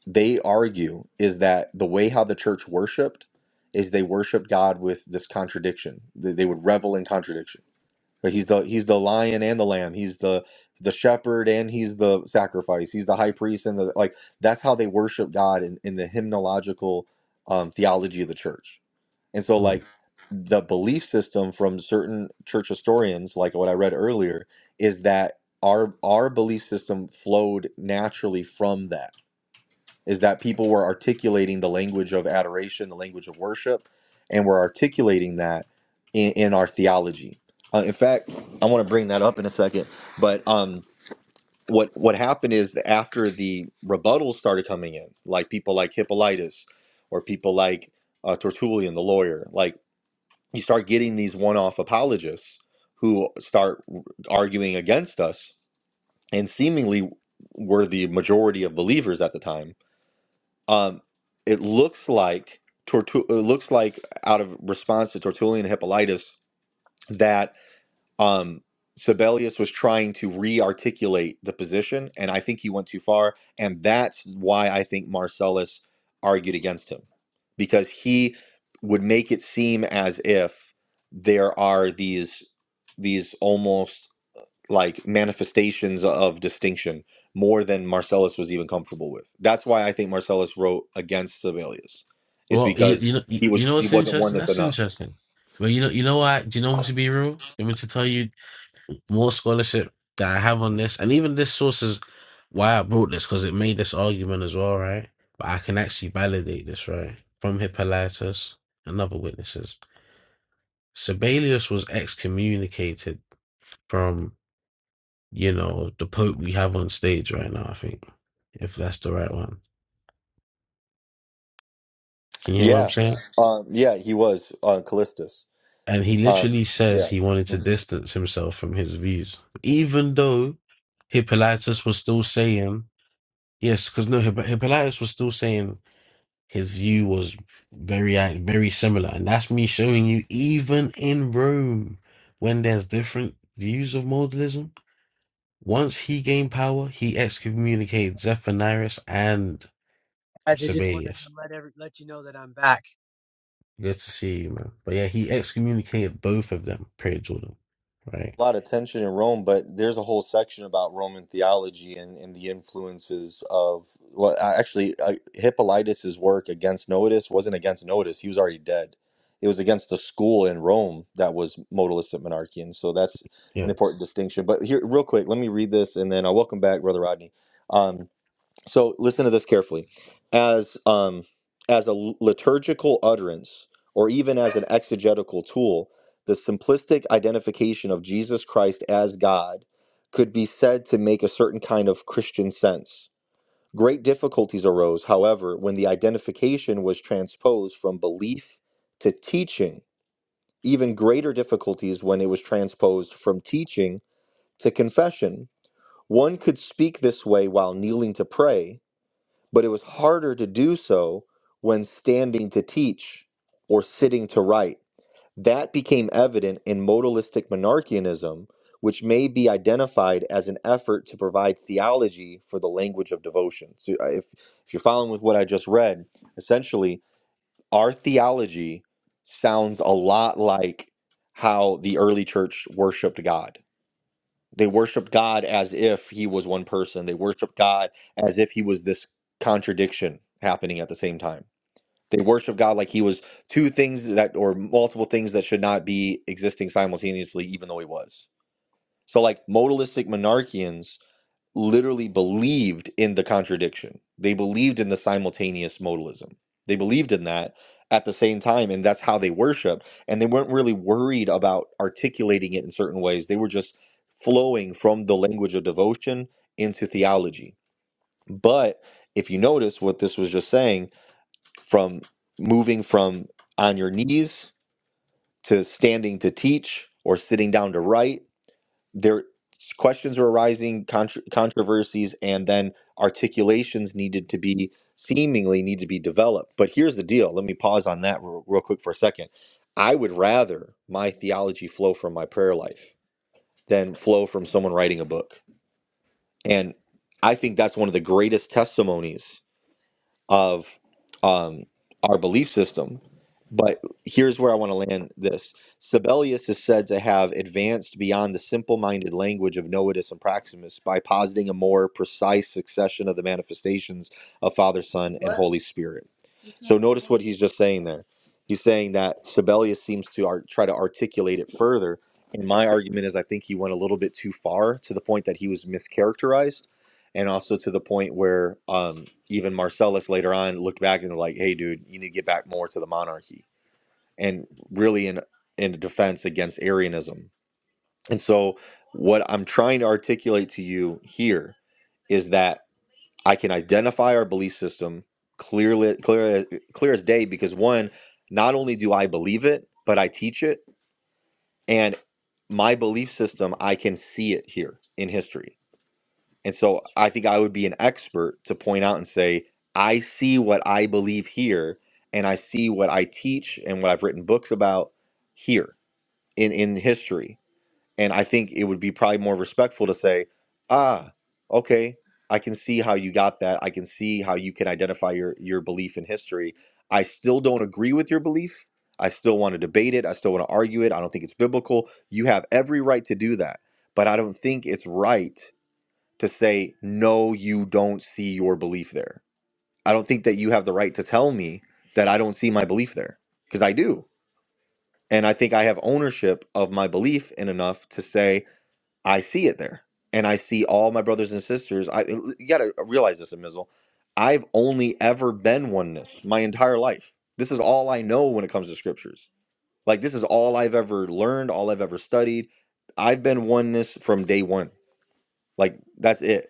they argue is that the way how the church worshipped is they worshiped God with this contradiction. They, they would revel in contradiction like, He's the he's the lion and the lamb. He's the the shepherd and he's the sacrifice. He's the high priest and the like. That's how they worship God in, in the hymnological um, theology of the church. And so,
Mm.
like the belief system from certain church historians, like what I read earlier, is that our our belief system flowed naturally from that is that people were articulating the language of adoration, the language of worship, and we're articulating that in, in our theology. Uh, in fact, I want to bring that up in a second, but um, what what happened is that after the rebuttals started coming in, like people like Hippolytus or people like uh, Tertullian, the lawyer, like you start getting these one-off apologists who start arguing against us, and seemingly were the majority of believers at the time um, it looks like Tortu- it looks like out of response to Tertullian and Hippolytus that um, Sibelius was trying to re-articulate the position, and I think he went too far, and that's why I think Marcellus argued against him because he would make it seem as if there are these these almost like manifestations of distinction more than Marcellus was even comfortable with. That's why I think Marcellus wrote against Sibelius, is
Well, you,
because
you know, you,
he
you
was
know
he
what's
wasn't
interesting?
oneness
That's
enough.
interesting. Well, you know, you know what? Do you know me to be real? I'm to tell you. more scholarship that I have on this, and even this source is why I brought this because it made this argument as well, right? But I can actually validate this, right? From Hippolytus and other witnesses. Sibelius was excommunicated from, you know, the Pope we have on stage right now, I think, if that's the right one. Can you hear what I'm
Yeah,
saying?
um, yeah, he was uh, Callistus.
And he
Um,
literally says
yeah.
he wanted to distance himself from his views, even though Hippolytus was still saying, yes, because no, Hipp- Hippolytus was still saying his view was very ac- very similar and that's me showing you even in rome when there's different views of modalism once he gained power he excommunicated Zephyrinus and
Guys, I just wanted
sabellius
to let every let you know that I'm back.
good to see you man but yeah he excommunicated both of them period jordan right
lot of tension in Rome, but there's a whole section about Roman theology and, and the influences of well, a- actually, uh, Hippolytus's work against Notus wasn't against Notus; he was already dead. It was against the school in Rome that was modalistic monarchy, and so that's
yeah
an important distinction. But here, real quick, let me read this, and then I'll welcome back, Brother Rodney. Um, so listen to this carefully. As um, as a liturgical utterance, or even as an exegetical tool, the simplistic identification of Jesus Christ as God could be said to make a certain kind of Christian sense. Great difficulties arose, however, when the identification was transposed from belief to teaching. Even greater difficulties when it was transposed from teaching to confession. One could speak this way while kneeling to pray, but it was harder to do so when standing to teach or sitting to write. That became evident in modalistic monarchianism, which may be identified as an effort to provide theology for the language of devotion. So, uh, if, if you're following with what I just read, essentially, our theology sounds a lot like how the early church worshiped God they worship God as if he was one person. They worship God as if he was this contradiction happening at the same time. They worship God like he was two things that or multiple things that should not be existing simultaneously even though he was. So like modalistic monarchians literally believed in the contradiction. They believed in the simultaneous modalism. They believed in that at the same time, and that's how they worshiped. And they weren't really worried about articulating it in certain ways. They were just flowing from the language of devotion into theology. But if you notice what this was just saying, from moving from on your knees to standing to teach or sitting down to write there questions were arising contr controversies and then articulations needed to be seemingly need to be developed but here's the deal let me pause on that real, real quick for a second i would rather my theology flow from my prayer life than flow from someone writing a book and i think that's one of the greatest testimonies of um, our belief system. But here's where I want to land this. Sibelius is said to have advanced beyond the simple minded language of Noetus and Proximus by positing a more precise succession of the manifestations of Father, Son, and Holy Spirit he's just saying there. He's saying that Sibelius seems to ar- try to articulate it further. And my argument is I think he went a little bit too far to the point that he was mischaracterized, and also to the point where um, even Marcellus later on looked back and was like, "Hey, dude, you need to get back more to the monarchy," and really in in defense against Arianism. And so, what I'm trying to articulate to you here is that I can identify our belief system clearly, clear, clear as day, because one, not only do I believe it, but I teach it, and my belief system, I can see it here in history. And so I think I would be an expert to point out and say, I see what I believe here, and I see what I teach and what I've written books about here in, in history. And I think it would be probably more respectful to say, ah, okay, I can see how you got that. I can see how you can identify your, your belief in history. I still don't agree with your belief. I still want to debate it. I still want to argue it. I don't think it's biblical. You have every right to do that. But I don't think it's right to say, no, you don't see your belief there. I don't think that you have the right to tell me that I don't see my belief there because I do. And I think I have ownership of my belief in enough to say, I see it there, and I see all my brothers and sisters. I you gotta uh, realize this, Amizel. I've only ever been oneness my entire life. This is all I know when it comes to scriptures. Like this is all I've ever learned, all I've ever studied. I've been oneness from day one. Like that's it.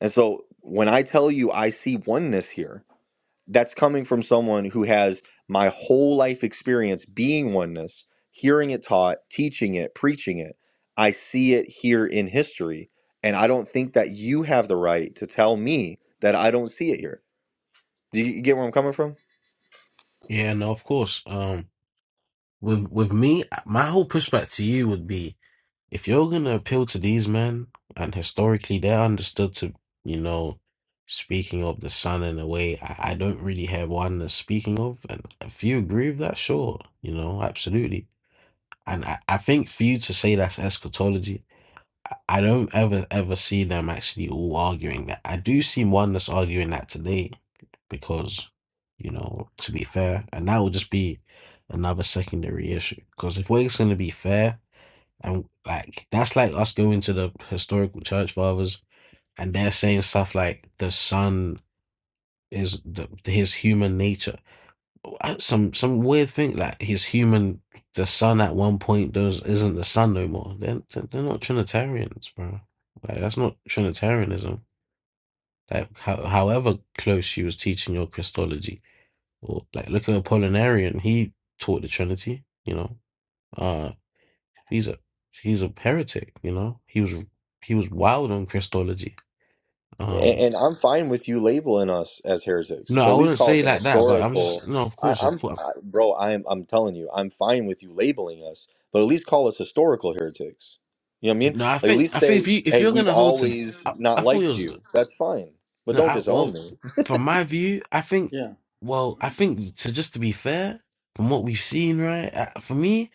And so when I tell you I see oneness here, that's coming from someone who has my whole life experience being oneness, hearing it taught, teaching it, preaching it. I see it here in history. And I don't think that you have the right to tell me that I don't see it here. Do you get where I'm coming from?
yeah no of course um with with me my whole pushback to you would be if you're going to appeal to these men, and historically they're understood to, you know, speaking of the sun in a way I, I don't really hear one that's speaking of. And if you agree with that, sure, you know, absolutely. And I, I think for you to say that's eschatology, I don't ever, ever see them actually all arguing that. I do see one that's arguing that today because, you know, to be fair, and that will just be another secondary issue. Because if we're going to be fair, and like that's like us going to the historical church fathers and they're saying stuff like the son is the, his human nature. Uh, Some some weird thing like his human the son at one point does isn't the son no more. They're they're not Trinitarians, bro. Like that's not Trinitarianism. Like how, however close she was teaching your Christology, or like look at Apollinarian, he taught the Trinity. You know, uh, He's a he's a heretic, you know. He was he was wild on Christology.
And,
Um
and I'm fine with you labeling us as heretics,
no,
but
I
at least
wouldn't
call
say
us an
like that, but I'm
historical.
just no, of
I,
course, of
I'm,
course.
I, bro. I'm, I'm telling you, I'm fine with you labeling us, but at least call us historical heretics. You know what I mean?
No, I
Like at
think I
least
think if
say,
you if
hey,
you're
we've
gonna hold to
always
I, I
not
thought it
liked
was
you. That's fine, but
no,
don't
I,
disown
well,
me.
from my view, I think
Yeah.
well, I think to just to be fair, from what we've seen, right? uh, For me,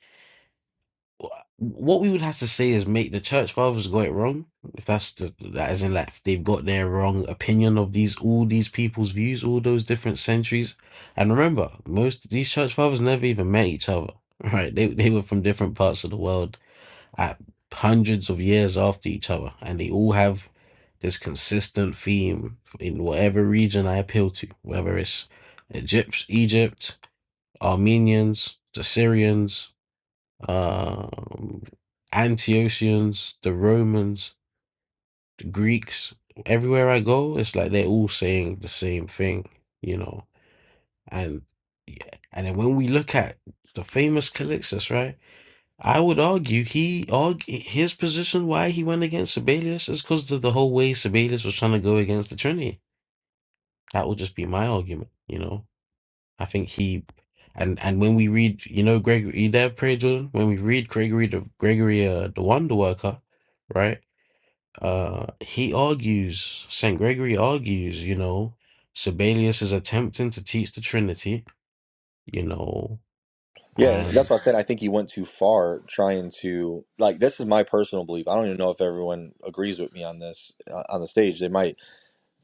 what we would have to say is make the church fathers got it wrong. If that's the that isn't like they've got their wrong opinion of these all these people's views, all those different centuries. And remember, most of these church fathers never even met each other. (laughs) Right? They they were from different parts of the world at hundreds of years after each other. And they all have this consistent theme in whatever region I appeal to, whether it's Egypt, Egypt, Armenians, the Syrians, um, Antiochians, the Romans, the Greeks. Everywhere I go, it's like they're all saying the same thing, you know. And yeah, and then when we look at the famous Calixtus, right? I would argue he argue, his position why he went against Sibelius is because of the whole way Sibelius was trying to go against the Trinity. That would just be my argument, you know. I think he and and when we read, you know, Gregory, you there, pray Jordan. When we read Gregory the Gregory, uh, the Wonder Worker, right? Uh, he argues. Saint Gregory argues. You know, Sibelius is attempting to teach the Trinity. You know,
Yeah, and
and
that's why I said I think he went too far trying to like. This is my personal belief. I don't even know if everyone agrees with me on this uh, on the stage. They might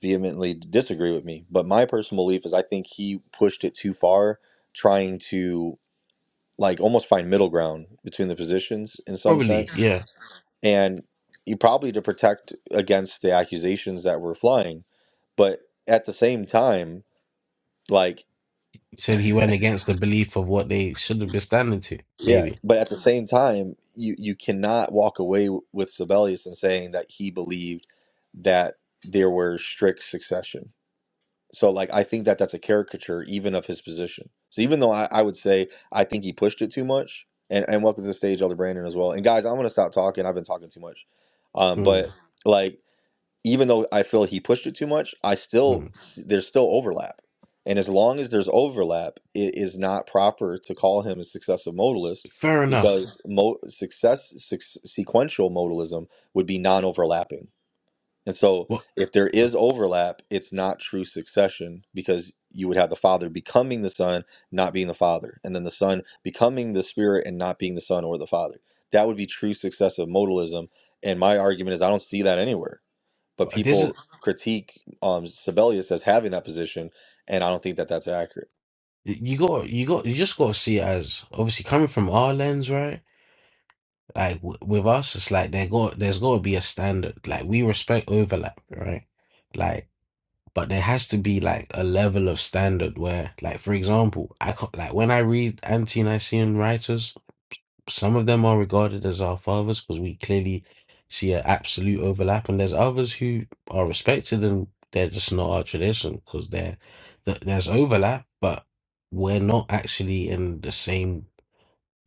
vehemently disagree with me, but my personal belief is I think he pushed it too far, trying to like almost find middle ground between the positions in some
probably
sense, Mhm.
yeah,
and he probably to protect against the accusations that were flying, but at the same time, like
said he went against the belief of what they should have been standing to.
yeah,
Maybe.
but at the Mhm. same time, you you cannot walk away w- with Sibelius and saying that he believed that there were strict succession So like I think that that's a caricature even of his position. So even though I, I would say I think he pushed it too much, and and welcome to the stage, Elder Brandon as well. And guys, I'm gonna stop talking. I've been talking too much. Um,
Mm,
but like even though I feel he pushed it too much, I still
mm.
there's still overlap. And as long as there's overlap, it is not proper to call him a successive modalist
Fair enough.
because mo- success, suc- sequential modalism would be non-overlapping. And so,
What?
if there is overlap, it's not true succession because you would have the Father becoming the Son, not being the Father, and then the Son becoming the Spirit and not being the Son or the Father. That would be true successive modalism. And my argument is I don't see that anywhere. But
But this is
people critique um, Sibelius as having that position, and I don't think that that's accurate.
you got you got you just got to see it as obviously coming from our lens, right? Like w with us, it's like there got there's got to be a standard. Like we respect overlap, right? Like, but there has to be like a level of standard where, like, for example, I can't, like when I read anti-Nicene writers, some of them are regarded as our fathers because we clearly see an absolute overlap, and there's others who are respected and they're just not our tradition because they're th- there's overlap, but we're not actually in the same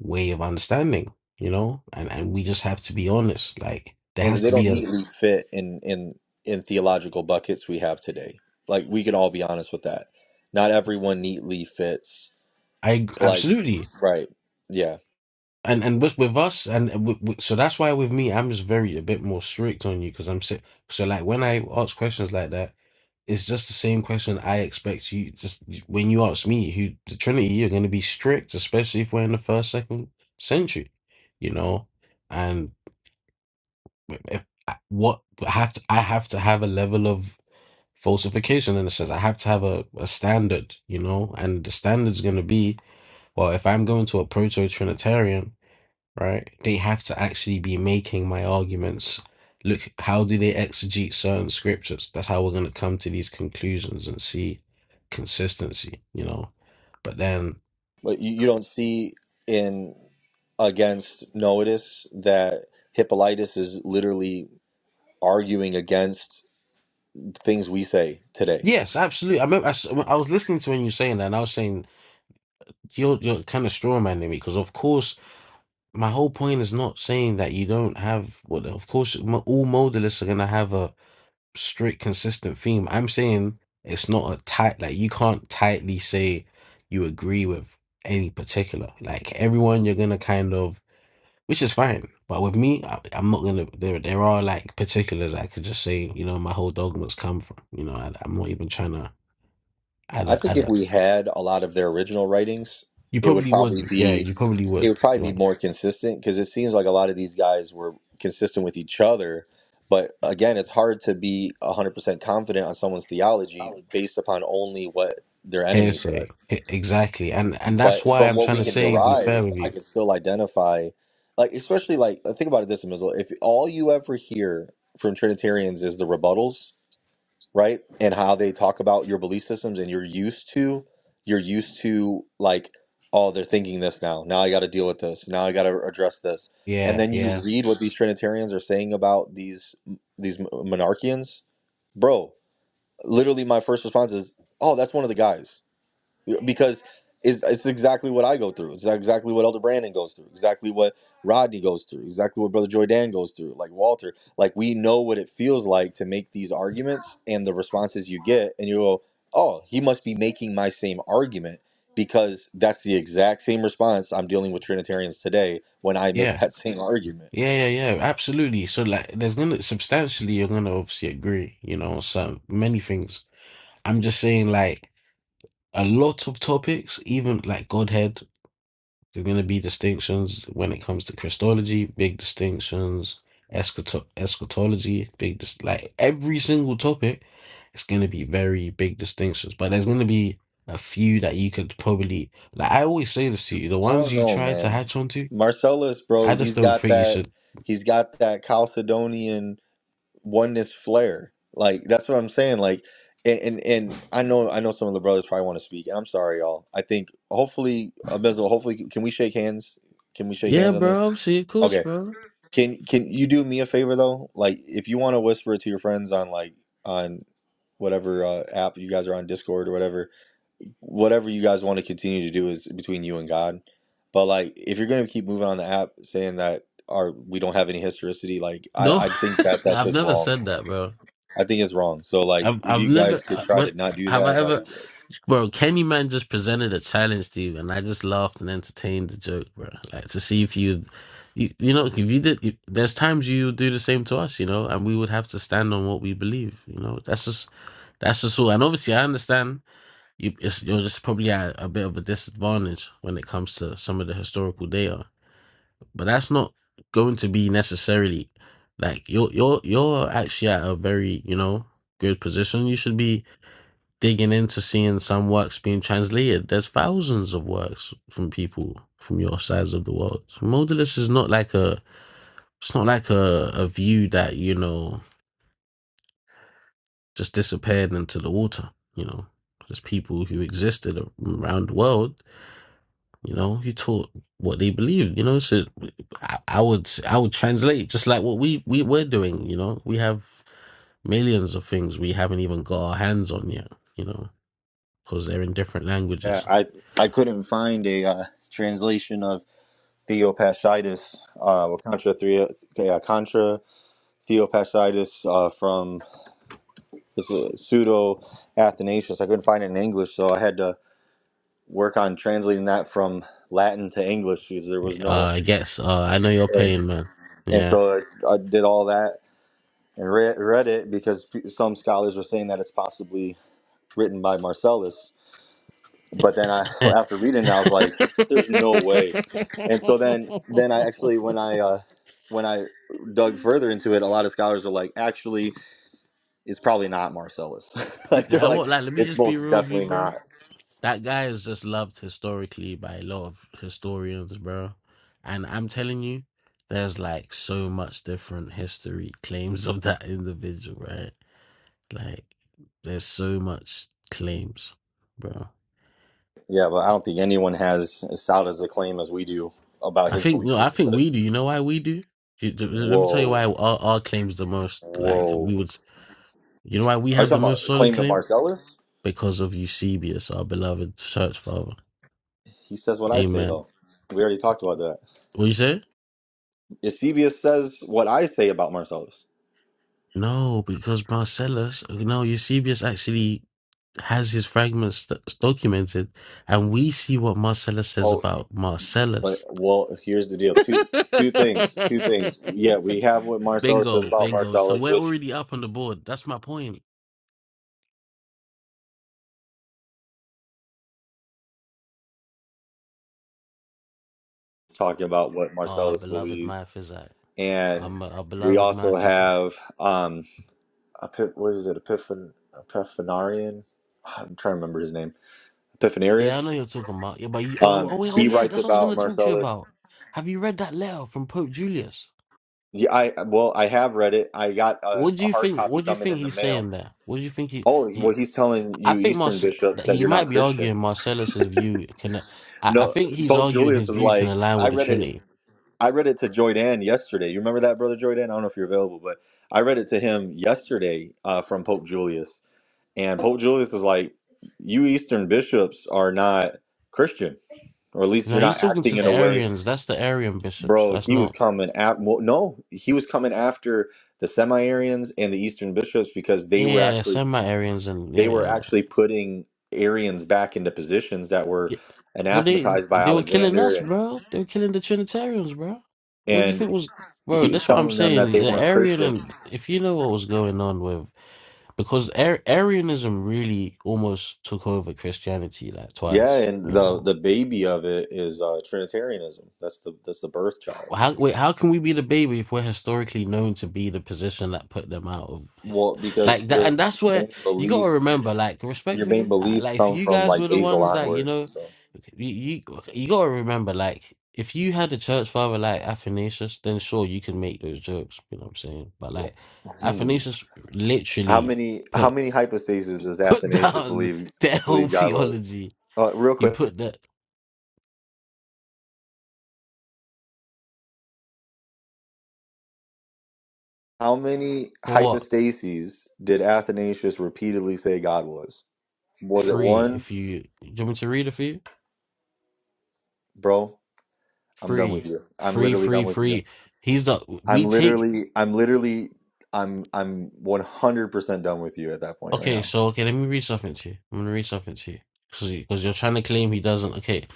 way of understanding, you know? And and we just have to be honest. Like there has
And they
to
don't
be a
neatly fit in in in theological buckets we have today. Like we can all be honest with that. Not everyone neatly fits
I ag-
Like,
absolutely.
right. Yeah.
And and with with us and with, with, so that's why with me I'm just very a bit more strict on you because I'm si- so like when I ask questions like that it's just the same question I expect you just when you ask me who the Trinity you're going to be strict especially if we're in the first second century you know and if, I- what I have to I have to have a level of falsification and it says I have to have a, a standard, you know, and the standard's going to be well, if I'm going to a proto Trinitarian, right, they have to actually be making my arguments. Look, how do they exegete certain scriptures? That's how we're going to come to these conclusions and see consistency, you know. But then,
But you, you don't see in against Notice that Hippolytus is literally arguing against things we say today.
yes, absolutely. I remember I, s- I was listening to when you were saying that, and I was saying you're you're kind of straw manning me because, of course. my whole point is not saying that you don't have well of course mo- all modalists are going to have a strict consistent theme i'm saying it's not a tight like you can't tightly say you agree with any particular like everyone you're going to kind of which is fine but with me I, i'm not going to there there are like particulars i could just say you know my whole dogmas come from you know I, i'm not even trying to add
I
a
think
add
if
a
we had a lot of their original writings,
you
it would
probably
probably
would yeah
be
you probably
it
would
would probably
you
be more consistent because it seems like a lot of these guys were consistent with each other. But again, it's hard to be 100% confident on someone's theology
know
based upon only what their enemies said.
Hearsay. E- Exactly. And and that's
But
why
from
I'm
what
trying
we
to
can
say be fair
derive,
with
I
you.
can still identify, like especially like think about it this way, Mizzle. If all you ever hear from Trinitarians is the rebuttals, right, and how they talk about your belief systems, and you're used to, you're used to like, oh, they're thinking this now. Now I got to deal with this. Now I got to address this. And
Yeah,
then you
yeah.
read what these Trinitarians are saying about these these monarchians, bro. Literally, my first response is, oh, that's one of the guys because it's, it's exactly what I go through. It's exactly what Elder Brandon goes through. Exactly what Rodney goes through. Exactly what Brother Joy Dan goes through. Like Walter, like we know what it feels like to make these arguments and the responses you get, and you go, "Oh, he must be making my same argument." Because that's the exact same response I'm dealing with Trinitarians today when I make
Yeah.
that same argument.
Yeah, yeah, yeah. Absolutely. So like there's gonna substantially you're gonna obviously agree, you know, on some many things. I'm just saying like a lot of topics, even like Godhead, There's going to be distinctions when it comes to Christology, big distinctions, eschato- eschatology, big dis- like every single topic, it's going to be very big distinctions. But there's going to be a few that you could probably like. I always say this to you: the
I
ones
don't
you
know,
try to
man.
hatch onto,
Marcellus, bro,
I just
he's
don't
got
think you
that.
should.
He's got that Chalcedonian oneness flair. Like that's what I'm saying. Like, and and, and I know I know some of the brothers probably want to speak, and I'm sorry, y'all. I think hopefully, Abizel, hopefully, can we shake hands? Can we shake
Yeah,
hands on this?
bro. I'm seeing course,
Okay.
bro.
Can can you do me a favor though? Like, if you want to whisper it to your friends on like on whatever uh, app you guys are on, Discord or whatever, whatever you guys want to continue to do is between you and God. But like, if you're gonna keep moving on the app saying that our we don't have any historicity, like I
No,
I think that
(laughs)
that's
I've
just
never
wrong.
said that, bro.
I think it's wrong. So like,
I've
if
I've
you guys
never
could
uh,
try to
what
not do
have I
that, that'd
ever,
be great.
bro? Kenny Man just presented a challenge to you, and I just laughed and entertained the joke, bro. Like to see if you, you, you know, if you did, if, there's times you would do the same to us, you know, and we would have to stand on what we believe, you know. That's just that's just all. And obviously, I understand you. It's, you're just probably at a bit of a disadvantage when it comes to some of the historical data but that's not going to be necessarily like you're you're you're actually at a very you know good position you should be digging into seeing some works being translated there's thousands of works from people from your sides of the world modalist is not like a it's not like a, a view that you know just disappeared into the water you know there's people who existed around the world You know, he taught what they believed. You know, so I, I would I would translate just like what we we we're doing. You know, we have millions of things we haven't even got our hands on yet. You know, because they're in different
Yeah,
languages.
I I couldn't find a uh, translation of Theopastitis, uh, or contra three, uh, contra Theopastitis uh, from this uh, pseudo Athanasius. I couldn't find it in English, so I had to work on translating that from Latin to English because there was
Uh,
no.
I guess uh, I know your pain, man.
and
Yeah.
so I, I did all that and read, read it because pe- some scholars were saying that it's possibly written by Marcellus. but then I
(laughs) I
(laughs) after reading it, I was like, "There's no way." And so then then I actually when I uh, when I dug further into it, a lot of scholars are like, "Actually, it's probably not Marcellus." (laughs) like they're like,
won't like. Let me
"It's
just be
most
real with you,
definitely
bro.
not."
That guy is just loved historically by a lot of historians, bro. And I'm telling you, there's like so much different history claims of that individual, right? Like, there's so much claims, bro.
Yeah, but I don't think anyone has as solid as a claim as we do about
I
his
think
belief
no, I
system.
think
But it's,
we do. You know why we do? You- th- th- Let me tell you
whoa,
why our, our claims the most. Like
whoa.
we would, you know why we
Are you
have the
talking about
most
a
solid
claim to
claim
Marcellus?
because of Eusebius, our beloved church father.
He says what I say
Amen.
though. We already talked about that.
What you say?
Eusebius says what I say about Marcellus.
No, because Marcellus, no, Eusebius actually has his fragments st- documented, and we see what Marcellus says
Oh.
about
But
Marcellus.
well, here's the deal. Two
(laughs)
two things. Two things. Yeah, we have what Marcellus says
bingo,
about
bingo. So
Marcellus,
we're
which
already up on the board. That's my point.
is talking about what
Oh, our
Marcellus
beloved
believes,
Miaphysite.
and
I'm a, our
we
beloved
also
Miaphysite.
have um, Epip- what is it? Epiphan Epiphanarian. I'm trying to remember his name.
Yeah, I know
Epiphanarius.
you're talking about. Yeah, but you, oh,
Um,
oh, wait, oh,
he
yeah,
writes
that's what I was
about
going to talk to you
Marcellus.
about. Have you read that letter from Pope Julius?
Yeah, I well, I have read it. I got a,
What do
a
you
hard
think?
copy
What do you
coming
think
in the
he's
mail.
saying there? What do you think he?
Oh, well, he's telling
I
you
think
Eastern
Marce-
bishops
that
that
he
you're not
might be
Christian.
arguing Marcellus's view can. I, I
No,
think he's
Pope
arguing
Julius
his
is
view can
like,
align
I
with the
read it
Trinity.
I read it to Joydan yesterday. You remember that, brother Joydan? I don't know if you're available, but I read it to him yesterday uh, from Pope Julius, and Pope Julius is like, "You Eastern bishops are not Christian, or at least
You know,
you're
he's
not
talking
acting
to
in
the
a way."
Arians. That's the Arian bishops.
Bro,
That's
he was
not.
coming at well, no, he was coming after the semi-Arians and the Eastern bishops because they
Yeah,
were
yeah, yeah.
actually
Send my Arians and
they
yeah,
were
yeah, yeah.
actually putting Arians back into positions that were
Yeah. But they
anathematized by
they were killing
Alexander
us,
and
bro. They were killing the Trinitarians, bro. What do you
and
think was, bro?
he was
That's what I'm
telling them that
saying.
they
The
weren't
Arian
Christian
and if you know what was going on with because Ar- Arianism really almost took over Christianity like
Yeah,
twice.
and
You
the
know.
the baby of it is uh, Trinitarianism. That's the that's the birth child.
Well, How wait, how can we be the baby if we're historically known to be the position that put them out of
Well, because
like that?
your
And that's
your
where
main
you got to
beliefs
remember, like
your main
respectfully, uh,
beliefs
like if
come
you
from
guys were
like
the
Basil
ones that you
onward.
know,
So
okay, you you, okay, you got to remember, like if you had a church father like Athanasius, then sure you can make those jokes. You know what I'm saying? But like
Hmm.
Athanasius
how
literally
many how
put
many hypostases does
put (laughs)
Athanasius
down
believe
their whole
believe God was?
theology.
Uh, real
He
quick,
put that
how many
for what
hypostases did Athanasius repeatedly say God was? Was it
free?
one,
If you do you want me to read it for you?
bro? I'm done with
Free.
you. I'm
Free,
literally
free,
done with you.
free. He's the
I'm
we take
literally, I'm literally, I'm, I'm 100% done with you at that point right
okay,
now.
so okay, let me read something to you. I'm gonna read something to you. Cause, you- Cause you're trying to claim he doesn't okay.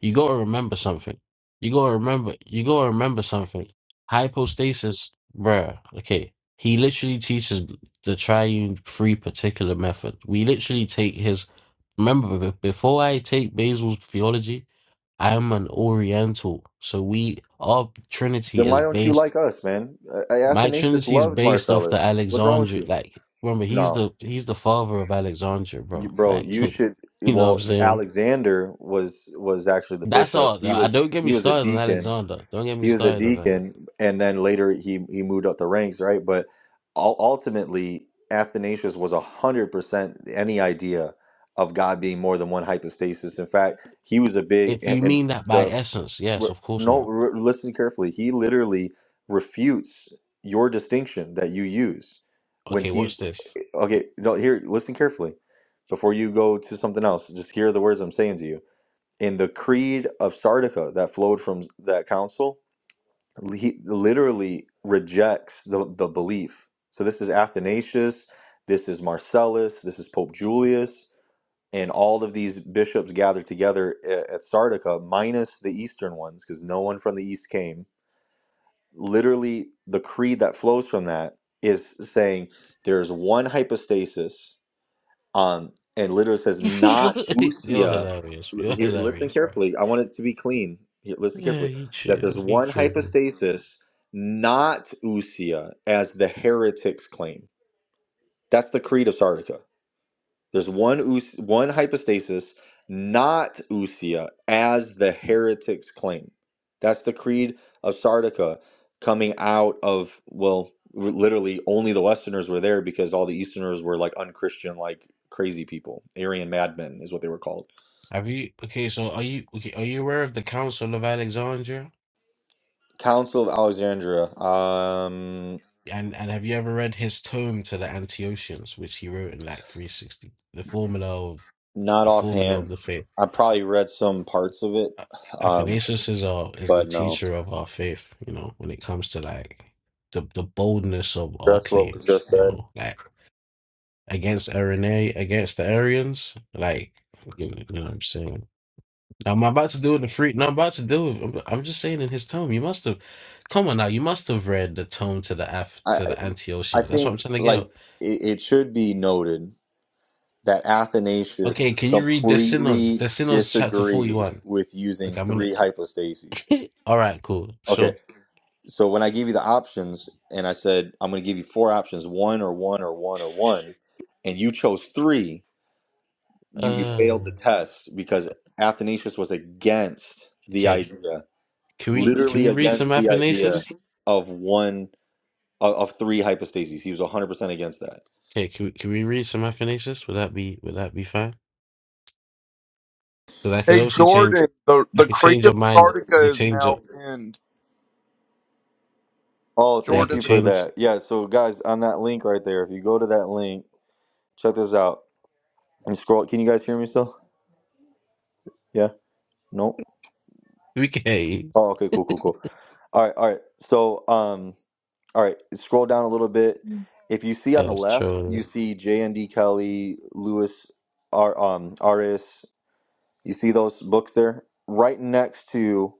You gotta remember something. You gotta remember you gotta remember something. Hypostasis, bruh, okay. He literally teaches the triune free particular method. We literally take his remember be- before I take Basil's theology, I'm an Oriental. So we our Trinity
Then
is
why don't you
based
like us, man? Uh,
My
Athanasius
Trinity is
loved
based off the
Marcellus. What's wrong with
Alexandria.
you?
Like, remember, he's
No,
the he's the father of Alexandria,
you,
bro.
bro,
Like, (laughs)
you should.
you know what I'm
Well,
saying?
Alexander was was actually the
That's
bishop.
all.
He
I
was
don't get me
he was a
started on
deacon
Alexander. Don't get me
he was a
started on that.
deacon and then later he he moved up the ranks right but ul- ultimately athanasius was 100% any idea of god being more than one hypostasis in fact he was a big
If
and
you
and
mean that by
the
essence, yes,
re-
of course
no
not.
re- listen carefully he literally refutes your distinction that you use when
Okay,
he
watch this.
okay no here listen carefully before you go to something else just hear the words i'm saying to you in the creed of sardica that flowed from that council he literally rejects the, the belief. So this is Athanasius, this is Marcellus, this is Pope Julius, and all of these bishops gathered together at, at Sardica, minus the eastern ones, because no one from the east came. Literally, the creed that flows from that is saying there's one hypostasis, um, and literally says
(laughs)
not
You're
usia.
hilarious. You're
Here, listen
hilarious, bro.
carefully. I want it to be clean. Here, listen
Yeah,
carefully
you
that
chill.
there's
You
one
killed me.
hypostasis, not ousia, as the heretics claim. That's the creed of Sardica. There's one ous- one hypostasis, not ousia, as the heretics claim. That's the creed of Sardica coming out of well, w- literally only the Westerners were there because all the Easterners were like unchristian, like crazy people. Arian madmen is what they were called.
Have you? Okay, so are you? Okay, are you aware of the Council of Alexandria?
Council of Alexandria. Um,
And and have you ever read his tome to the Antiochians, which he wrote in like 360? The formula of
Not
the formula of
offhand.
the faith.
I probably read some parts of it,
A-
um,
Athanasius is our is the
but no.
teacher of our faith. You know, when it comes to like the the boldness of our
That's what was
claims.
just
You
said.
know, like against Irenae, against the Arians. Like you know, you know what I'm saying. Now, i am about to deal with the free. No, I'm about to deal with. I'm, I'm just saying in his tome. You must have, come on now. You must have read the tome to the Af
I
to the
I
Antiochians. That's what
think
I'm trying to get.
like it, it should be noted that Athanasius
Okay, can you read the synods?
completely
The synods, chapter
disagreed
41?
with
Okay,
using
I'm gonna,
three hypostases.
all right, cool,
Okay,
sure.
so when I gave you the options and I said I'm going to give you four options, one or one or one or one, and you chose three, you you
Uh,
failed the test because Athanasius was against the
okay.
idea.
Can we, can
literally
we read some
against the
Athanasius?
idea of one of, of three hypostases. He was 100% against that.
Okay, can we, can we read some Athanasius? Would that be, would that be fine? Because I could obviously change, I could change your mind. I could change your,
Oh,
yeah, I
thank
could
you for
change.
that. Yeah, so guys, on that link right there, if you go to that link, check this out. And scroll. Can you guys hear me still? Yeah? Nope.
(laughs) We can,
Oh, okay, cool, cool, cool. All right, all right. So, um, all right, scroll down a little bit.
Mm.
If you see
yeah,
on the
it's
left,
true.
you see JND Kelly, Lewis, R, um, Aris. You see those books there? Right next to,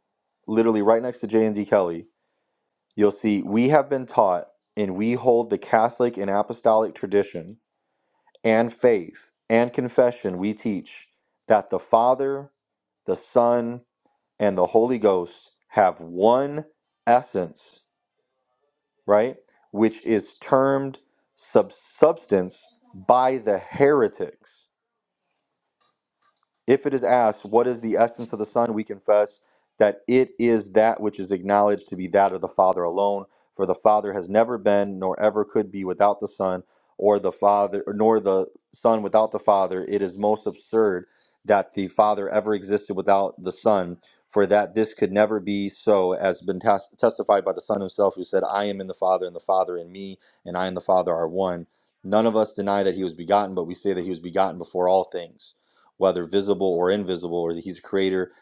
literally right next to J and D Kelly, you'll see we have been taught and we hold the Catholic and Apostolic tradition and faith and confession. We teach that the Father, the Son, and the Holy Ghost have one essence, right? Which is termed sub- substance by the heretics. If it is asked, What is the essence of the Son? we confess that it is that which is acknowledged to be that of the Father alone, for the Father has never been nor ever could be without the Son, or the Father nor the Son without the Father. It is most absurd that the Father ever existed without the Son, for that this could never be so, as been tes- testified by the Son himself, who said, I am in the Father, and the Father in me, and I and the Father are one. None of us deny that he was begotten, but we say that he was begotten before all things whether visible or invisible, or that he's a creator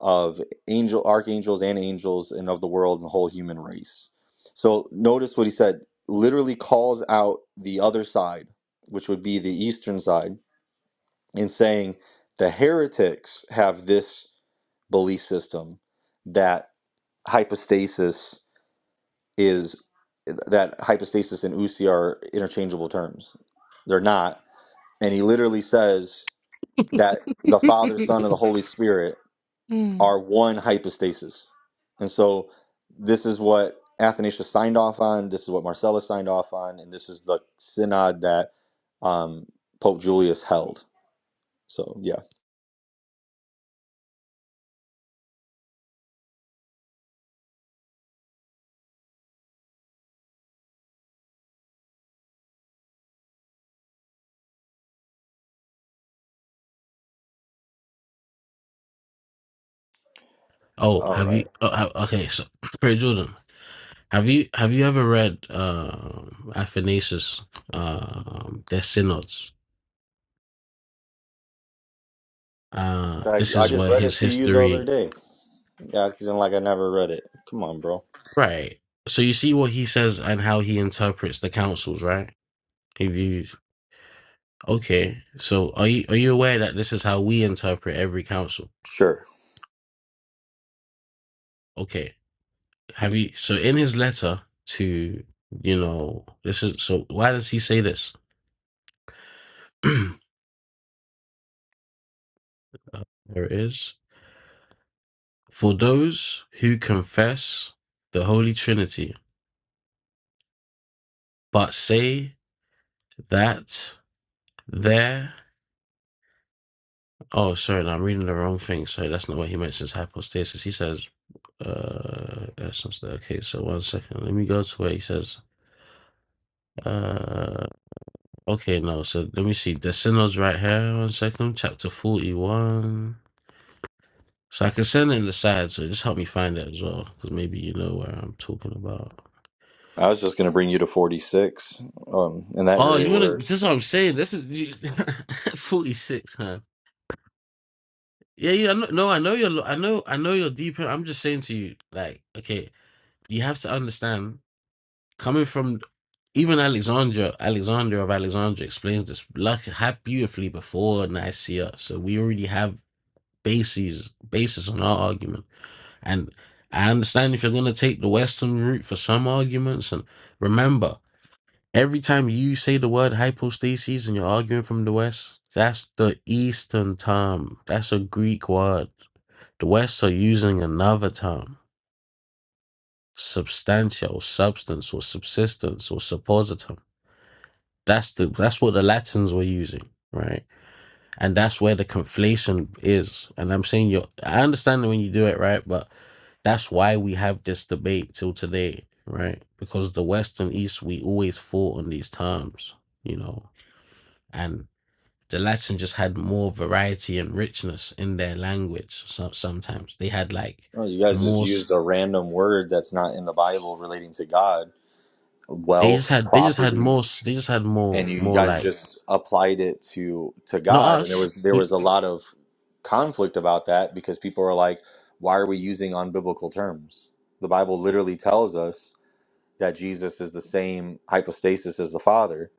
of angel archangels and angels and of the world and the whole human race. So notice what he said literally calls out the other side, which would be the eastern side, in saying the heretics have this belief system that hypostasis is that hypostasis and usi are interchangeable terms. They're not. And he literally says that the Father, Son, and the Holy Spirit
Mm.
are one hypostasis. And so this is what Athanasius signed off on, this is what Marcellus signed off on, and this is the synod that um, Pope Julius held. So, yeah.
Oh,
All
have
right.
you, oh, ha- okay, so, (clears throat) Perry Jordan, have you, have you ever read, um Athanasius, um their synods? Uh,
I,
this
I
is
just
where
read it
his
to you the other
history,
day. Yeah, acting like I never read it. Come on, bro.
right? So you see what he says and how he interprets the councils, right? He views. Okay, so are you are you aware that this is how we interpret every council?
Sure.
Okay, have you? So in his letter to you know this is so why does he say this? (clears throat) Uh, there it is. For those who confess the Holy Trinity, but say that there. Oh, sorry, no, I'm reading the wrong thing. Sorry, that's not what he mentions. Hypostasis. He says, uh, essence. there. Okay, so one second. Let me go to where he says, uh, okay, no. So let me see. The synod's right here. One second. Chapter 41. So I can send it in the side. So just help me find that as well. Because maybe you know where I'm talking about.
I was just going to bring you to 46 um, in that
Oh, you
area
want to?
where
This is what I'm saying. This is you- (laughs) 46, huh? Yeah, yeah. I know, no, I know you're. lo- I know. I know you're deeper. I'm just saying to you, like, okay, you have to understand coming from even Alexandra, Alexander of Alexandria explains this luck ha- beautifully before Nicaea. So we already have bases basis on our argument. And I understand if you're gonna take the Western route for some arguments and remember, every time you say the word hypostasis and you're arguing from the West, that's the Eastern term. That's a Greek word. The West are using another term. Substantia or substance or subsistence or suppositum That's the that's what the Latins were using, right? And that's where the conflation is. And I'm saying you I understand when you do it right, but that's why we have this debate till today, right? Because the West and East we always fought on these terms, you know. And the Latin just had more variety and richness in their language. So sometimes they had like
oh, you guys just
more. s-
used a random word that's not in the Bible relating to God
They just
wealth,
had they just had
property.
more. s- They just had
and
more
you
more
guys
like
just applied it to to
not
God and there
us.
was there was
We,
a lot of conflict about that because people are like why are we using unbiblical terms the bible literally tells us that Jesus is the same hypostasis as the father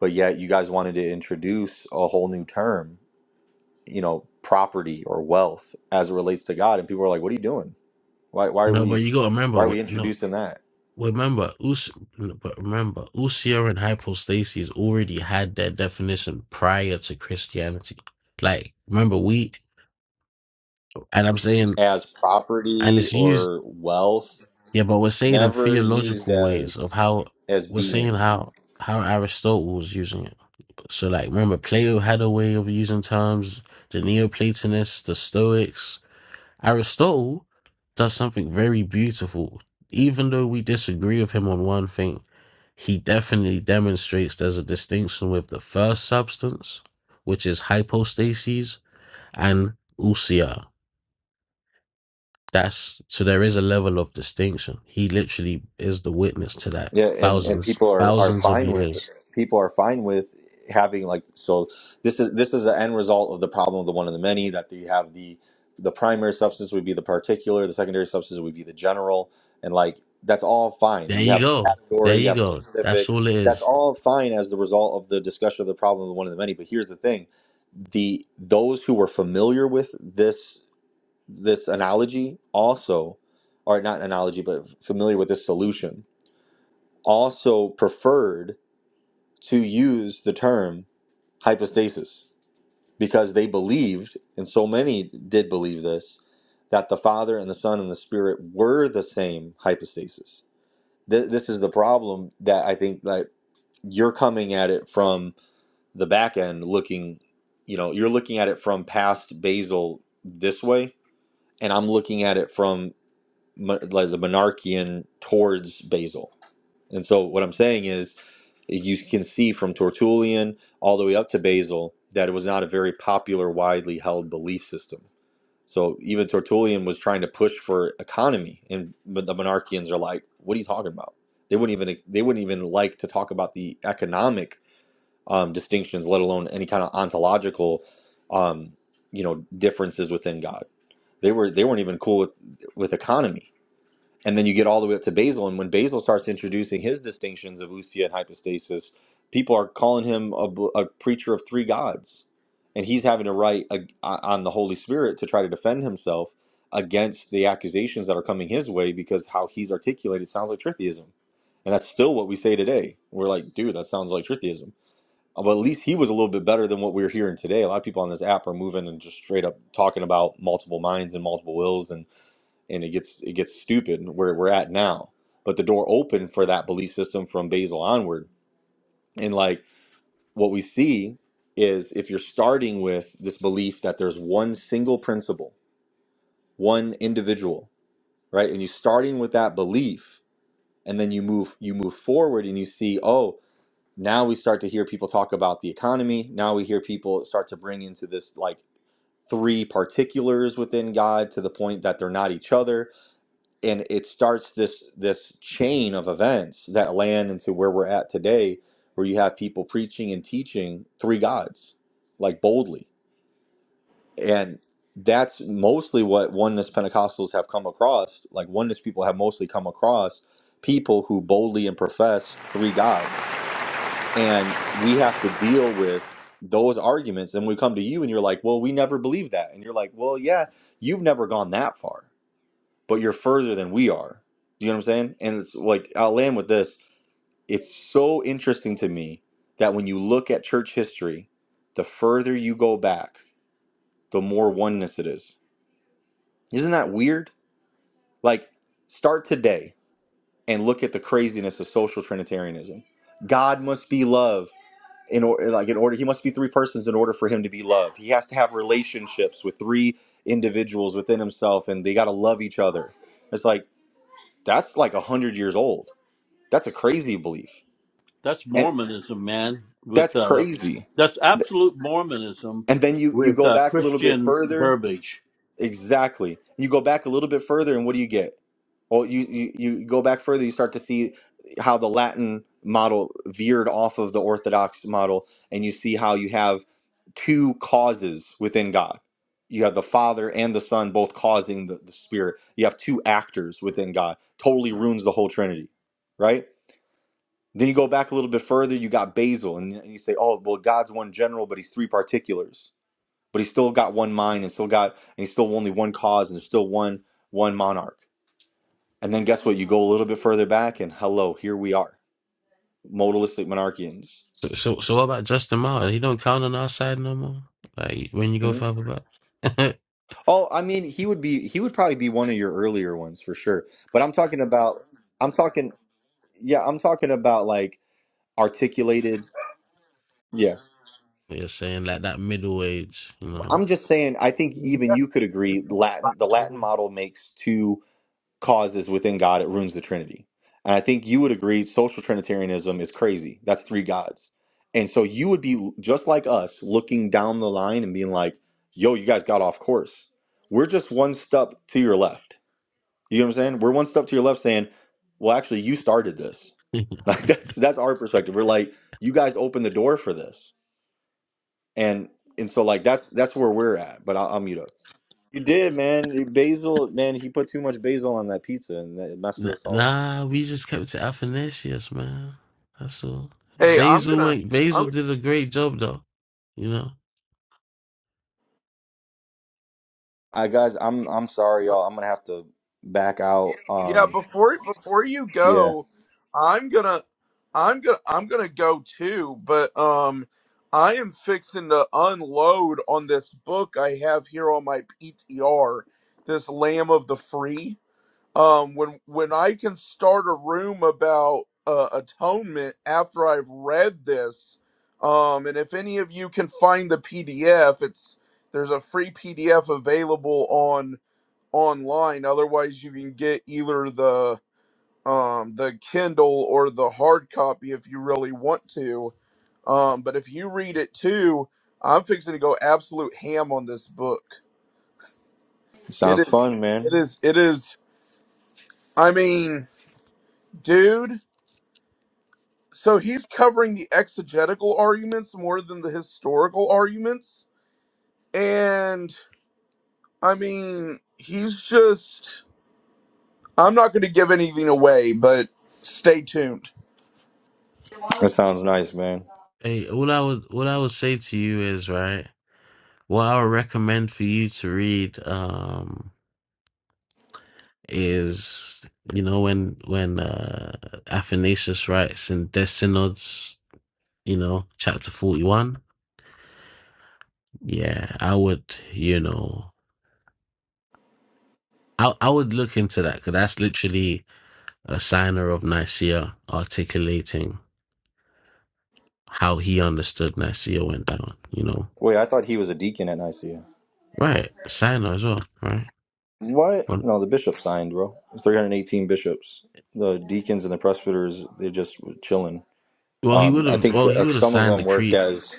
but yet you guys wanted to introduce a whole new term you know property or wealth as it relates to God and people are like what are you doing why why are
no, but
we
you gotta remember
why are we
what no.
introducing that
remember, Us- but remember, Usia and hypostasis already had their definition prior to Christianity. Like, remember, we, and I'm saying,
as
and
property
it's used,
or wealth
yeah, but we're saying in
never used
theological ways
as
of how
as
we're
being
saying how how Aristotle was using it. So, like, remember, Plato had a way of using terms. The Neoplatonists, the Stoics, Aristotle does something very beautiful. Even though we disagree with him on one thing, he definitely demonstrates there's a distinction with the first substance, which is hypostases, and usia. That's so there is a level of distinction. He literally is the witness to that
yeah and and
thousands,
people are are
thousands of
fine with
years.
people are fine with having like so this is this is the end result of the problem of the one and the many that you have the the primary substance would be the particular the secondary substance would be the general and like that's all fine
There
you
you
have
go. There
category you
you
have
go. That's
specific
all it
that's
is.
all fine as the result of the discussion of the problem of the one and the many but here's the thing the those who were familiar with this this analogy also or not analogy but familiar with this solution also preferred to use the term hypostasis because they believed, and so many did believe this, that the Father and the Son and the Spirit were the same hypostasis. Th- this is the problem that I think that you're coming at it from the back end, looking, you know, you're looking at it from past Basil this way, and I'm looking at it from mon- like the monarchian towards Basil And so what I'm saying is you can see from Tertullian all the way up to Basil that it was not a very popular, widely held belief system. So even Tertullian was trying to push for economy, and but the monarchians are like, "What are you talking about?" They wouldn't even they wouldn't even like to talk about the economic um, distinctions, let alone any kind of ontological, um, you know, differences within God. They were they weren't even cool with with economy and then you get all the way up to Basil. And when Basil starts introducing his distinctions of usia and hypostasis, people are calling him a, a preacher of three gods, and he's having to write a, on the Holy Spirit to try to defend himself against the accusations that are coming his way because how he's articulated sounds like tritheism, and that's still what we say today. We're like, dude, that sounds like tritheism. Uh, But at least he was a little bit better than what we're hearing today. A lot of people on this app are moving and just straight up talking about multiple minds and multiple wills and and it gets it gets stupid where we're at now. But the door opened for that belief system from Basil onward. And like what we see is if you're starting with this belief that there's one single principle, one individual, right? And you're starting with that belief and then you move you move forward and you see, oh, now we start to hear people talk about the economy. Now we hear people start to bring into this like three particulars within God to the point that they're not each other and it starts this this chain of events that land into where we're at today where you have people preaching and teaching three gods like boldly and that's mostly what oneness pentecostals have come across like oneness people have mostly come across people who boldly and profess three gods and we have to deal with those arguments and we come to you and you're like well we never believe that and you're like well yeah you've never gone that far but you're further than we are. Do you know what I'm saying? And it's like I'll land with this. It's so interesting to me that when you look at church history, the further you go back, the more oneness it is. Isn't that weird? Like start today and look at the craziness of social trinitarianism. God must be love in order like in order he must be three persons in order for him to be love. He has to have relationships with three individuals within himself and they got to love each other. It's like that's like a hundred years old. That's a crazy belief.
that's
And
Mormonism, man.
that's
With uh,
crazy.
that's absolute Mormonism
And then you you
with
go
uh,
back a little bit
Christian
further.
verbiage.
Exactly. You go back a little bit further and what do you get? Well, you, you you go back further, you start to see how the Latin model veered off of the Orthodox model and you see how you have two causes within God. You have the Father and the Son both causing the, the Spirit. You have two actors within God. Totally ruins the whole Trinity, right? Then you go back a little bit further, you got Basil, and you say, oh, well, God's one general, but he's three particulars. But he's still got one mind and still got, and he's still only one cause and there's still one, one monarch. And then guess what? You go a little bit further back and hello, here we are, modalistic monarchians.
So, so, so what about Justin Martin? He don't count on our side no more. Like when you go
Mhm.
further back,
Oh, I mean, he would be, he would probably be one of your earlier ones for sure. But I'm talking about, I'm talking, yeah, I'm talking about like articulated. Yeah.
(laughs) you're saying like that middle age, you know.
I'm
(laughs)
just saying, I think even you could agree Latin, the Latin
Then
model makes two causes within God, it ruins the Trinity. And I think you would agree social Trinitarianism is crazy. That's three gods. And so you would be just like us looking down the line and being like, yo, you guys got off course. We're just one step to your left. You know what I'm saying? We're one step to your left saying, well, actually, you started this. (laughs) Like that's that's our perspective. We're like, you guys opened the door for this. And and so like that's that's where we're at. But I'll, I'll mute up. You did, man. Basil, man, he put too much basil on that pizza and that it messed
N-
us all up.
Nah, we just kept to Athanasius, man. That's all. Basil went. Basil did a great job, though. You know.
I guys, I'm I'm sorry, y'all. I'm gonna have to back out. Um, yeah, sounds fun, man. That sounds nice, man.
Hey, what I would what I would say to you is right. What I would recommend for you to read um is you know when when uh Athanasius writes in De Synods, you know, chapter forty one. Yeah, I would. You know, I I would look into that because that's literally a signer of Nicaea articulating. how he understood Nasir went down, you know.
Wait, I thought he was a deacon at Nicaea.
Right. Sinner as well, right?
What?
Well,
No, the bishop signed, bro. It's 318 bishops. The deacons and the presbyters, they're just chilling.
well he
Um,
would
I
have
think
well
that,
he
uh,
would have
some of
signed the
them work
creed.
as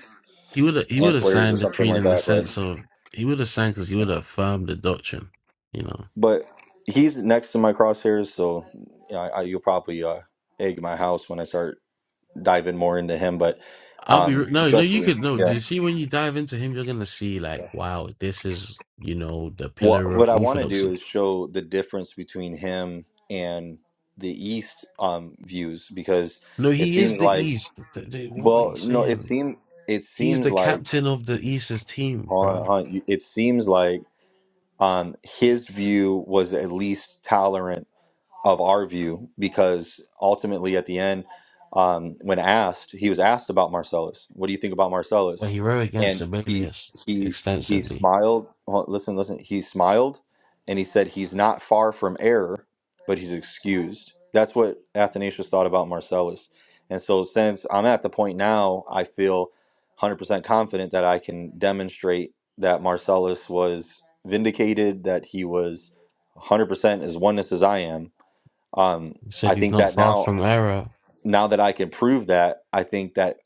He would have he would have
ancillaries or
signed the
something
creed
like
in the
that, but
sense of he would have signed because he would have affirmed the doctrine, you know.
but he's next to my crosshairs, so you know, I, I, you'll probably uh, egg my house when I start diving more into him. But
I'll be
um,
re- no, no. You
especially,
could no. Do
yeah.
you see when you dive into him, you're gonna see like, wow, this is you know the
What
pillar
what
of
I want to do
orthodoxy.
is show the difference between him and the East um, views because
No,
it
he is
seems
the
like
East. Th- th- what are you
well no it
saying?
seem it
He's
seems
the
like
captain of the East's team,
hold on,
bro.
hold on, it seems like um, his view was at least tolerant of our view because ultimately at the end um, when asked he was asked about marcellus what do you think about
Well,
marcellus
he rowed against
and he
Sibelius
he he
extensively
smiled Hold- listen listen he smiled and he said he's not far from error but he's excused that's what athanasius thought about marcellus and so since i'm at the point now i feel 100% confident that i can demonstrate that marcellus was vindicated that he was 100% as oneness as i am um,
He said
I
he's
think
not
that
far
now,
from error.
now that I can prove that, I think that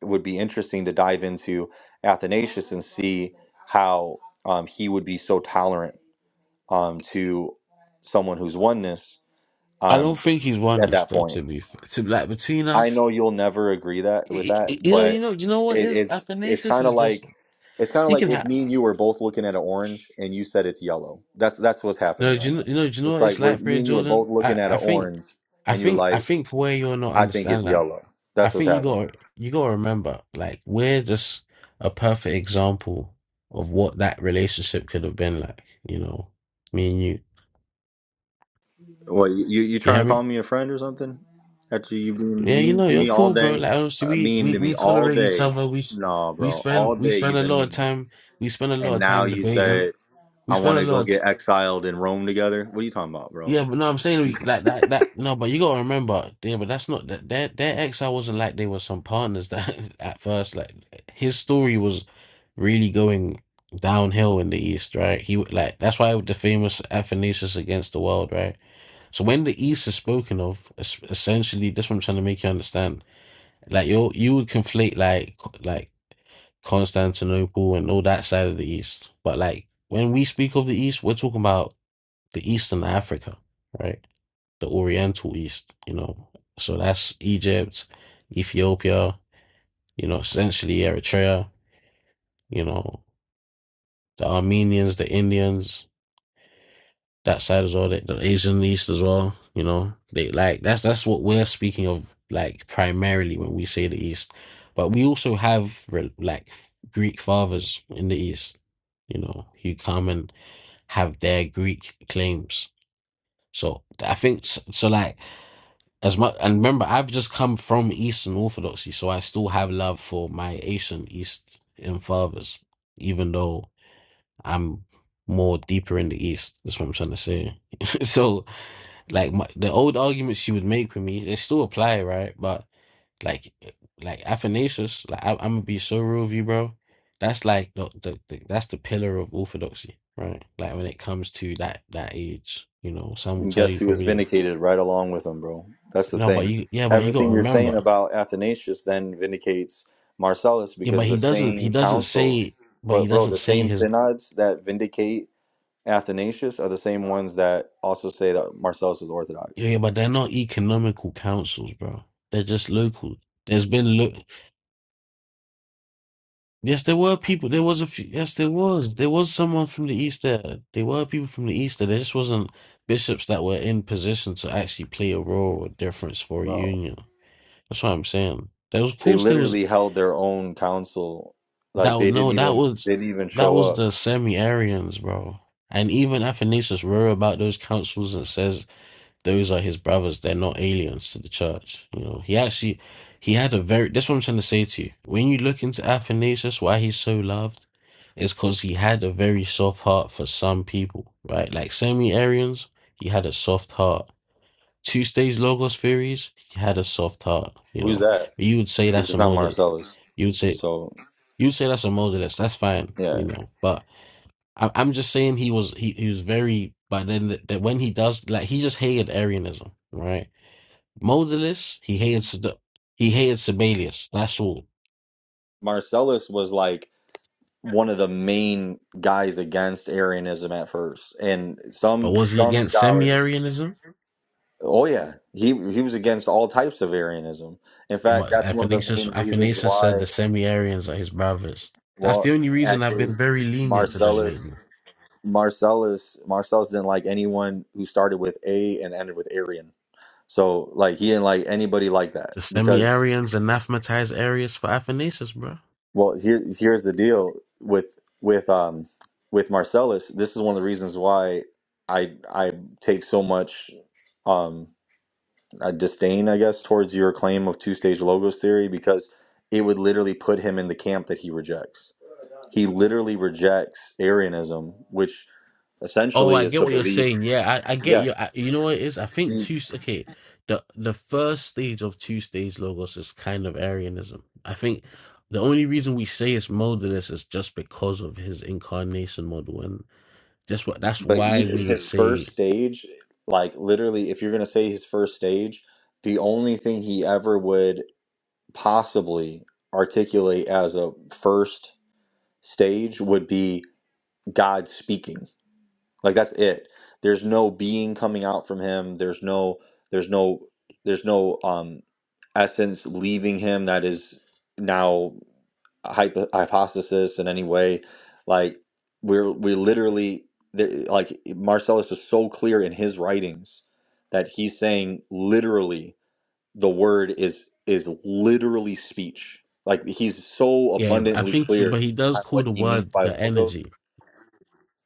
it would be interesting to dive into Athanasius and see how um, he would be so tolerant um, to someone who's oneness
I
um,
don't think he's won
at
this
that
though.
point.
To be f- to like between
I
us,
know you'll never agree that with
Y-
that,
y- you know, you
but
know, you know what
it,
is
it's it's
Athanasius
kind
is
of
just
like it's kind of
you
like
can
if
have.
me and you were both looking at an orange and you said it's yellow. That's that's what's
You
happening
know, do
right
you know,
now.
you know, do you know
It's
what it's
like we're
like,
me
Prayer
and you are
Jordan?
both looking
I,
at
I
an
think,
orange
I
and you're
think, I
like
think where you're not
I think it's
understanding that,
yellow.
I
That's what's
think you
happening.
got, to you got to remember, like we're just a perfect example of what that relationship could have been like. You know, me and you.
What you you you
You
trying
hear
to
me?
call me a friend or something? After you been
Yeah, you
mean
know,
to
you're
me all
cool, bro.
day,
Like obviously
uh,
we
mean
we
to me
we
all
tolerate each
day.
other. We s-
No,
we
bro,
spend
all
we
day
spend
you've
a
been
lot of
mean,
time we spend a lot
and
of
now
time
you
debating.
said I
We spend
want
a
to
lot
go
of t-
get exiled in Rome together. What are you talking about, bro?
yeah, but no, I'm saying
(laughs)
we, like that that no, but you gotta remember, yeah, but that's not that their their ex I wasn't like they were some partners that (laughs) at first like his story was really going downhill in the East, right? He w- like that's why the famous Athanasius against the world, right? So when the East is spoken of, es- essentially, that's what I'm trying to make you understand Like you you would conflate like like Constantinople and all that side of the East. But like when we speak of the East, we're talking about the Eastern Africa, right? The Oriental East, you know. So that's Egypt, Ethiopia, you know, essentially Eritrea, you know, the Armenians, the Indians, that side as well, the, the Asian East as well. You know, they like that's that's what we're speaking of, like primarily when we say the East, but we also have re- like Greek fathers in the East. You know, who come and have their Greek claims. So I think s- so. Like as much, and remember, I've just come from Eastern Orthodoxy, so I still have love for my Asian East and fathers, even though I'm more deeper in the East. That's what I'm trying to say. (laughs) so like my, the old arguments she would make with me, they still apply, right? But like, like Athanasius, like I, I'm gonna be so real with you, bro. That's like the, the, the that's the pillar of orthodoxy, right? Like when it comes to that that age, you know, some will
And
tell
guess
you
who was
probably
vindicated right along with him, bro? That's the
no, but
thing.
you yeah, but you got
Everything
to
you're saying
remember,
about Athanasius then vindicates Marcellus
yeah, but
because the
he doesn't he
same
doesn't
councils,
say, but he
but bro,
doesn't
the
say
same
his
synods that vindicate Athanasius are the same ones that also say that Marcellus was Orthodox.
yeah, but they're not economical councils, bro. They're just local. There's been look. Yes, there were people. There was a few. Yes, there was. There was someone from the East there. There were people from the East there. There just wasn't bishops that were in position to actually play a role or difference for a
Bro,
union. That's what I'm saying. There was, of
they
course, there was
literally held their own council.
that.
Like
was-
they
No,
didn't
that
even
was
they didn't even
that
show
was
up.
the semi-Arians, bro. And even Athanasius wrote about those councils and says those are his brothers. They're not aliens to the church. You know, he actually he had a very. That's what I'm trying to say to you. When you look into Athanasius, why he's so loved, is because he had a very soft heart for some people, right? Like semi Arians, he had a soft heart. Two stage logos theories, he had a soft heart. You
Who's
know,
that?
but you would say
Because
that's a
it's not
modalist.
Marcellus.
You would say
So
you would say that's a modalist. That's fine.
yeah,
You know, but I, I'm just saying he was he, he was very. But then that when he does like he just hated Arianism, right? Modalist, he hated Sed- he hated Sabellius. That's all.
Marcellus was like one of the main guys against Arianism at first, and
But
some
was he
some
against
scholars.
Semi-Arianism?
Oh yeah, he he was against all types of Arianism. In
It
fact,
was
that's one of the
Athanasius.
main reasons
Athanasius said
why.
the Semi-Arians are his brothers. That's
Well,
the only reason I've
actually,
been very lenient to them
Marcellus.
lately.
Marcellus Marcellus didn't like anyone who started with A and ended with Arian. So like he didn't like anybody like that
The
because
Semi-Arians anathematized Arius for Athanasius, bro.
well here here's the deal with with um with Marcellus. This is one of the reasons why I I take so much um I disdain I guess towards your claim of two stage logos theory because it would literally put him in the camp that he rejects. He literally rejects Arianism, which
Oh,
essentially
I
is
get
the
what you're
belief.
saying. Yeah, I, I get
Yeah
you. I, you know what it is? I think two. s- Okay, the the first stage of two stage logos is kind of Arianism. I think the only reason we say it's modalist is just because of his incarnation model, and that's what that's
But
why
even
we would
his
say.
first stage, like literally, if you're gonna say his first stage, the only thing he ever would possibly articulate as a first stage would be God speaking. Like that's it. There's no being coming out from him. There's no. There's no. There's no um essence leaving him that is now hypo- hypothesis in any way. Like we're we literally there, like Marcellus is so clear in his writings that he's saying literally the word is is literally speech. Like he's so
Yeah, I
abundantly
think, he,
clear
but he does
on
call
what
the
he means
word
by
the
logos
energy.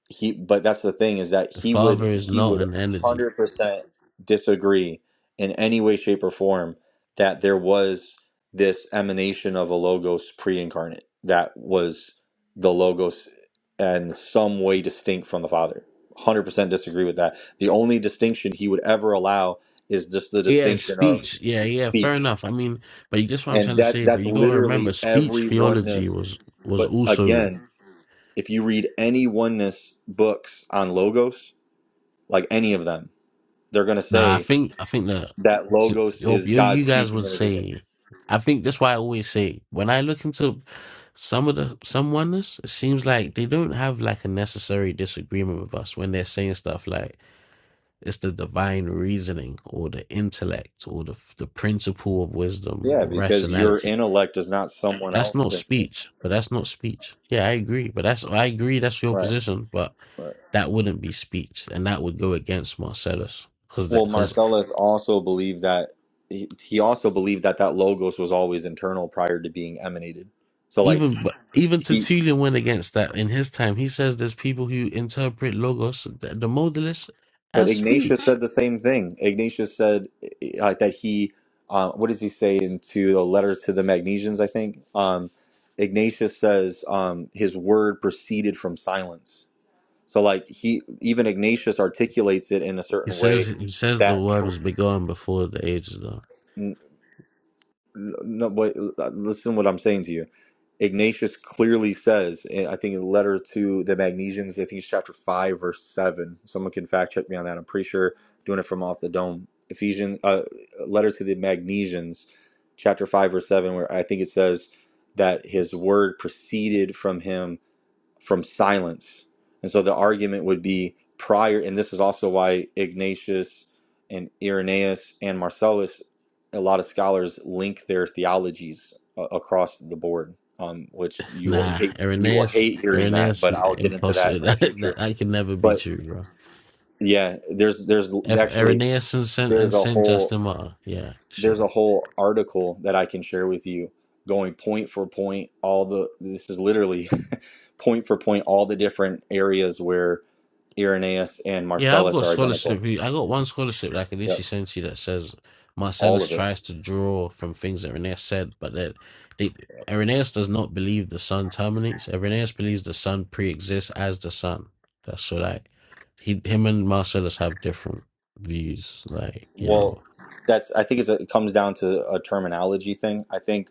he but that's the thing is that
The
he
father
would
is
he
not
would
an energy.
100% disagree in any way shape or form that there was this emanation of a logos pre-incarnate that was the logos and some way distinct from the father 100% disagree with that the only distinction he would ever allow is just the
Yeah,
distinction of
speech. Yeah, yeah. Fair
speech
enough. I mean, but you guess what I'm
and
trying to
that
say. But
that's
you got to remember,
literally
speech
every
theology
oneness
was was
but
also
again if you read any oneness books on logos, like any of them, they're going to
Nah, I
say
think I think that
that
to,
logos
you
is
you
God
you guys
speaking
would
in the beginning.
say. I think that's why I always say when I look into some of the some oneness, it seems like they don't have like a necessary disagreement with us when they're saying stuff like it's the divine reasoning or the intellect or the the principle of wisdom
Yeah,
or
because your
rationality.
intellect is not someone
That's
else.
not
Than
speech, but that's not speech. Yeah, I agree, but that's I agree that's your
Right.
position, but
Right.
that wouldn't be speech, and that would go against Marcellus because that
Well,
because
Marcellus also believed that he, he also believed that that logos was always internal prior to being emanated. So like
even even
he
Tertullian went against that in his time. He says there's people who interpret logos, the, the modalist,
But
as
Ignatius
speech.
said the same thing. Ignatius said uh, that he, uh, what does he say into the letter to the Magnesians? I think um, Ignatius says um, his word proceeded from silence. So like he, even Ignatius articulates it in a
He
certain
says
way
he says the
that.
word was begun before the ages, though.
No, but uh, listen, to what I'm saying to you. Ignatius clearly says, and I think in the letter to the Magnesians, I think it's chapter 5, verse 7. Someone can fact check me on that. I'm pretty sure doing it from off the dome. Ephesians, uh, letter to the Magnesians, chapter 5, verse 7, where I think it says that his word proceeded from him from silence. And so the argument would be prior, and this is also why Ignatius and Irenaeus and Marcellus, a lot of scholars link their theologies uh, across the board, um, which you will
Nah,
hate, you will
Irenaeus,
hate hearing that,
Irenaeus,
but I'll get into that
impossible. (laughs)
in the
That, that
future.
that can never be
But
true, bro.
yeah, there's there's
If
actually
Irenaeus and Saint and
there's a
Saint
whole
Justin Martyr, yeah,
there's
sure.
a whole article that I can share with you going point for point all the this is literally (laughs) point for point all the different areas where Irenaeus and
Yeah, I've
Marcellus
got
are identical.
scholarship. here. I got one scholarship that I can
Yep.
literally send to you that says
All
Marcellus
of it.
tries to draw from things that Irenaeus said, but that they, Irenaeus does not believe the sun terminates. Irenaeus believes the sun pre-exists as the sun. That's so like he, him and Marcellus have different views. Like you
Well,
know,
that's I think it's a, it comes down to a terminology thing. I think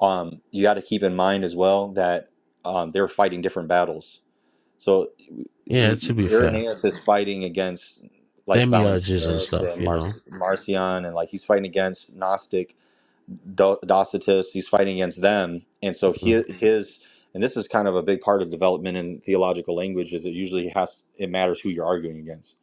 um, you got to keep in mind as well that um, they're fighting different battles. So
yeah.
I-
To
I-
be fair,
Irenaeus is fighting against like
demiurges and
Valentinus
stuff.
and
You
Mar-
know,
Marcion, and like he's fighting against Gnostic Do- Docetus. He's fighting against them, and so
Mm,
he, his and this is kind of a big part of development in theological language is it usually has it matters who you're arguing against,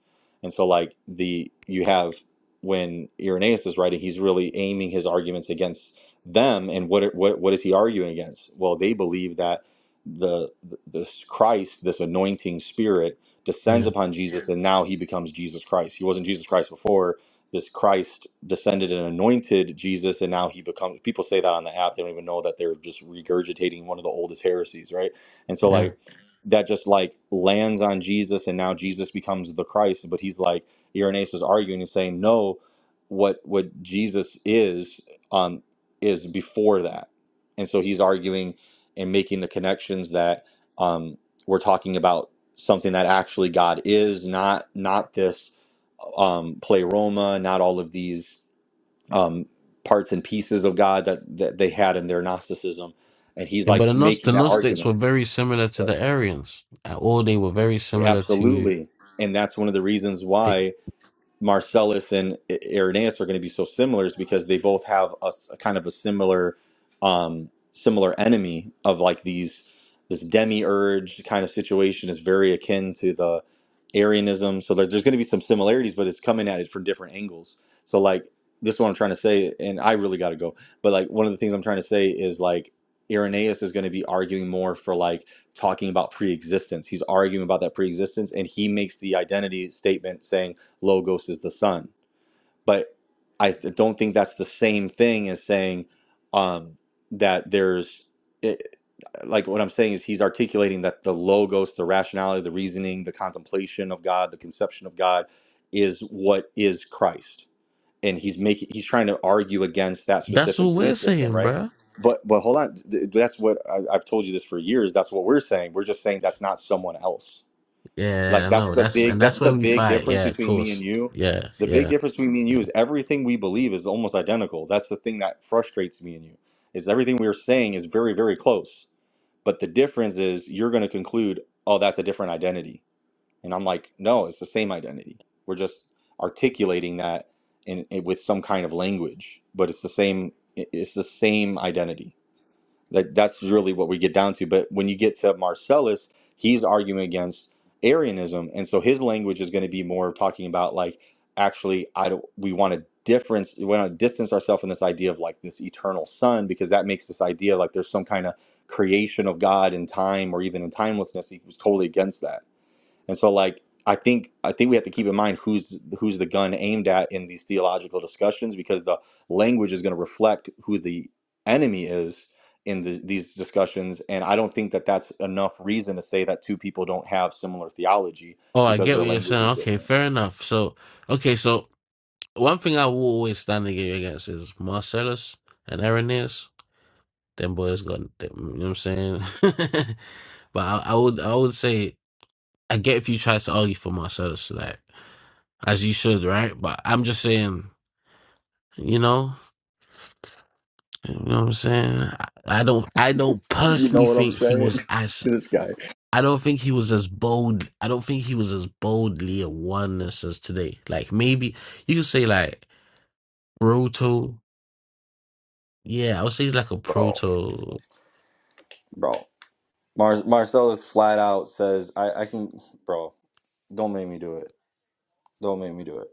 and so like the you have when Irenaeus is writing, he's really aiming his arguments against them, and what it- what what is he arguing against? Well, they believe that the the- this Christ, this anointing spirit, descends
yeah,
upon Jesus Jesus, and now he becomes Jesus Christ. He wasn't Jesus Christ before. This Christ descended and anointed Jesus, and now he becomes. People say that on the app; they don't even know that they're just regurgitating one of the oldest heresies, right? And so,
yeah.
like that, just like lands on Jesus, and now Jesus becomes the Christ. But he's like Irenaeus was arguing and saying, no, what what Jesus is um is before that, and so he's arguing and making the connections that um we're talking about something that actually God is, not not this um, pleroma, not all of these um, parts and pieces of God that, that they had in their Gnosticism. And he's
Yeah, but the,
like
Gnos- the
making that
Gnostics
argument.
were very similar to the Arians, uh, or they were very similar to.
Absolutely. And that's one of the reasons
the.
why. Marcellus and Irenaeus are going to be so similar is because they both have a a kind of a similar, um, similar enemy of like these this demiurge kind of situation is very akin to the Arianism. So there, there's going to be some similarities, but it's coming at it from different angles. So like this is what I'm trying to say, and I really got to go. But like one of the things I'm trying to say is like Irenaeus is going to be arguing more for like talking about pre-existence. He's arguing about that pre-existence, and he makes the identity statement saying logos is the son but i th- don't think that's the same thing as saying um that there's it, like what i'm saying is he's articulating that the logos the rationality the reasoning the contemplation of god the conception of god is what is christ and he's making he's trying to argue against that
That's what
specific
we're
belief system
saying,
right
bro.
but but hold on Th- that's what I, i've told you this for years that's what we're saying we're just saying that's not someone else
Yeah, I
like that's
know.
the
That's and
big
that's
that's the
where we
big
fight.
difference
Yeah, of
between me and
course.
you.
Yeah,
The big
yeah,
difference between me and you
yeah.
is everything we believe is almost identical. That's the thing that frustrates me and you. Is everything we're saying is very very close, but the difference is you're going to conclude, "Oh, that's a different identity." And I'm like, "No, it's the same identity. We're just articulating that in, in- with some kind of language, but it's the same it- it's the same identity." That that's really what we get down to. But when you get to Marcellus, he's arguing against Arianism, and so his language is going to be more of talking about like actually, I don't. We want to difference. We want to distance ourselves from this idea of like this eternal son, because that makes this idea like there's some kind of creation of God in time or even in timelessness. He was totally against that and so like I think I think we have to keep in mind who's who's the gun aimed at in these theological discussions because the language is going to reflect who the enemy is in the, these discussions and I don't think that that's enough reason to say that two people don't have similar theology
Oh, I
because
get
their
what you're
language
saying.
is
Okay,
different.
fair enough. So, okay, so one thing I will always stand against is Marcellus and Irenaeus. Them boys got, them, you know what I'm saying? (laughs) but I, I would, I would say, I get if you try to argue for Marcellus, like as you should, right? But I'm just saying, you know, you know what I'm saying? I, I don't, I don't personally think he was as I don't think he was as bold. I don't think he was as boldly a oneness as today. Like maybe you could say like proto. Yeah, I would say he's like a
Bro,
proto.
bro. Mar- Marcellus flat out says I I can bro, don't make me do it. Don't make me do it.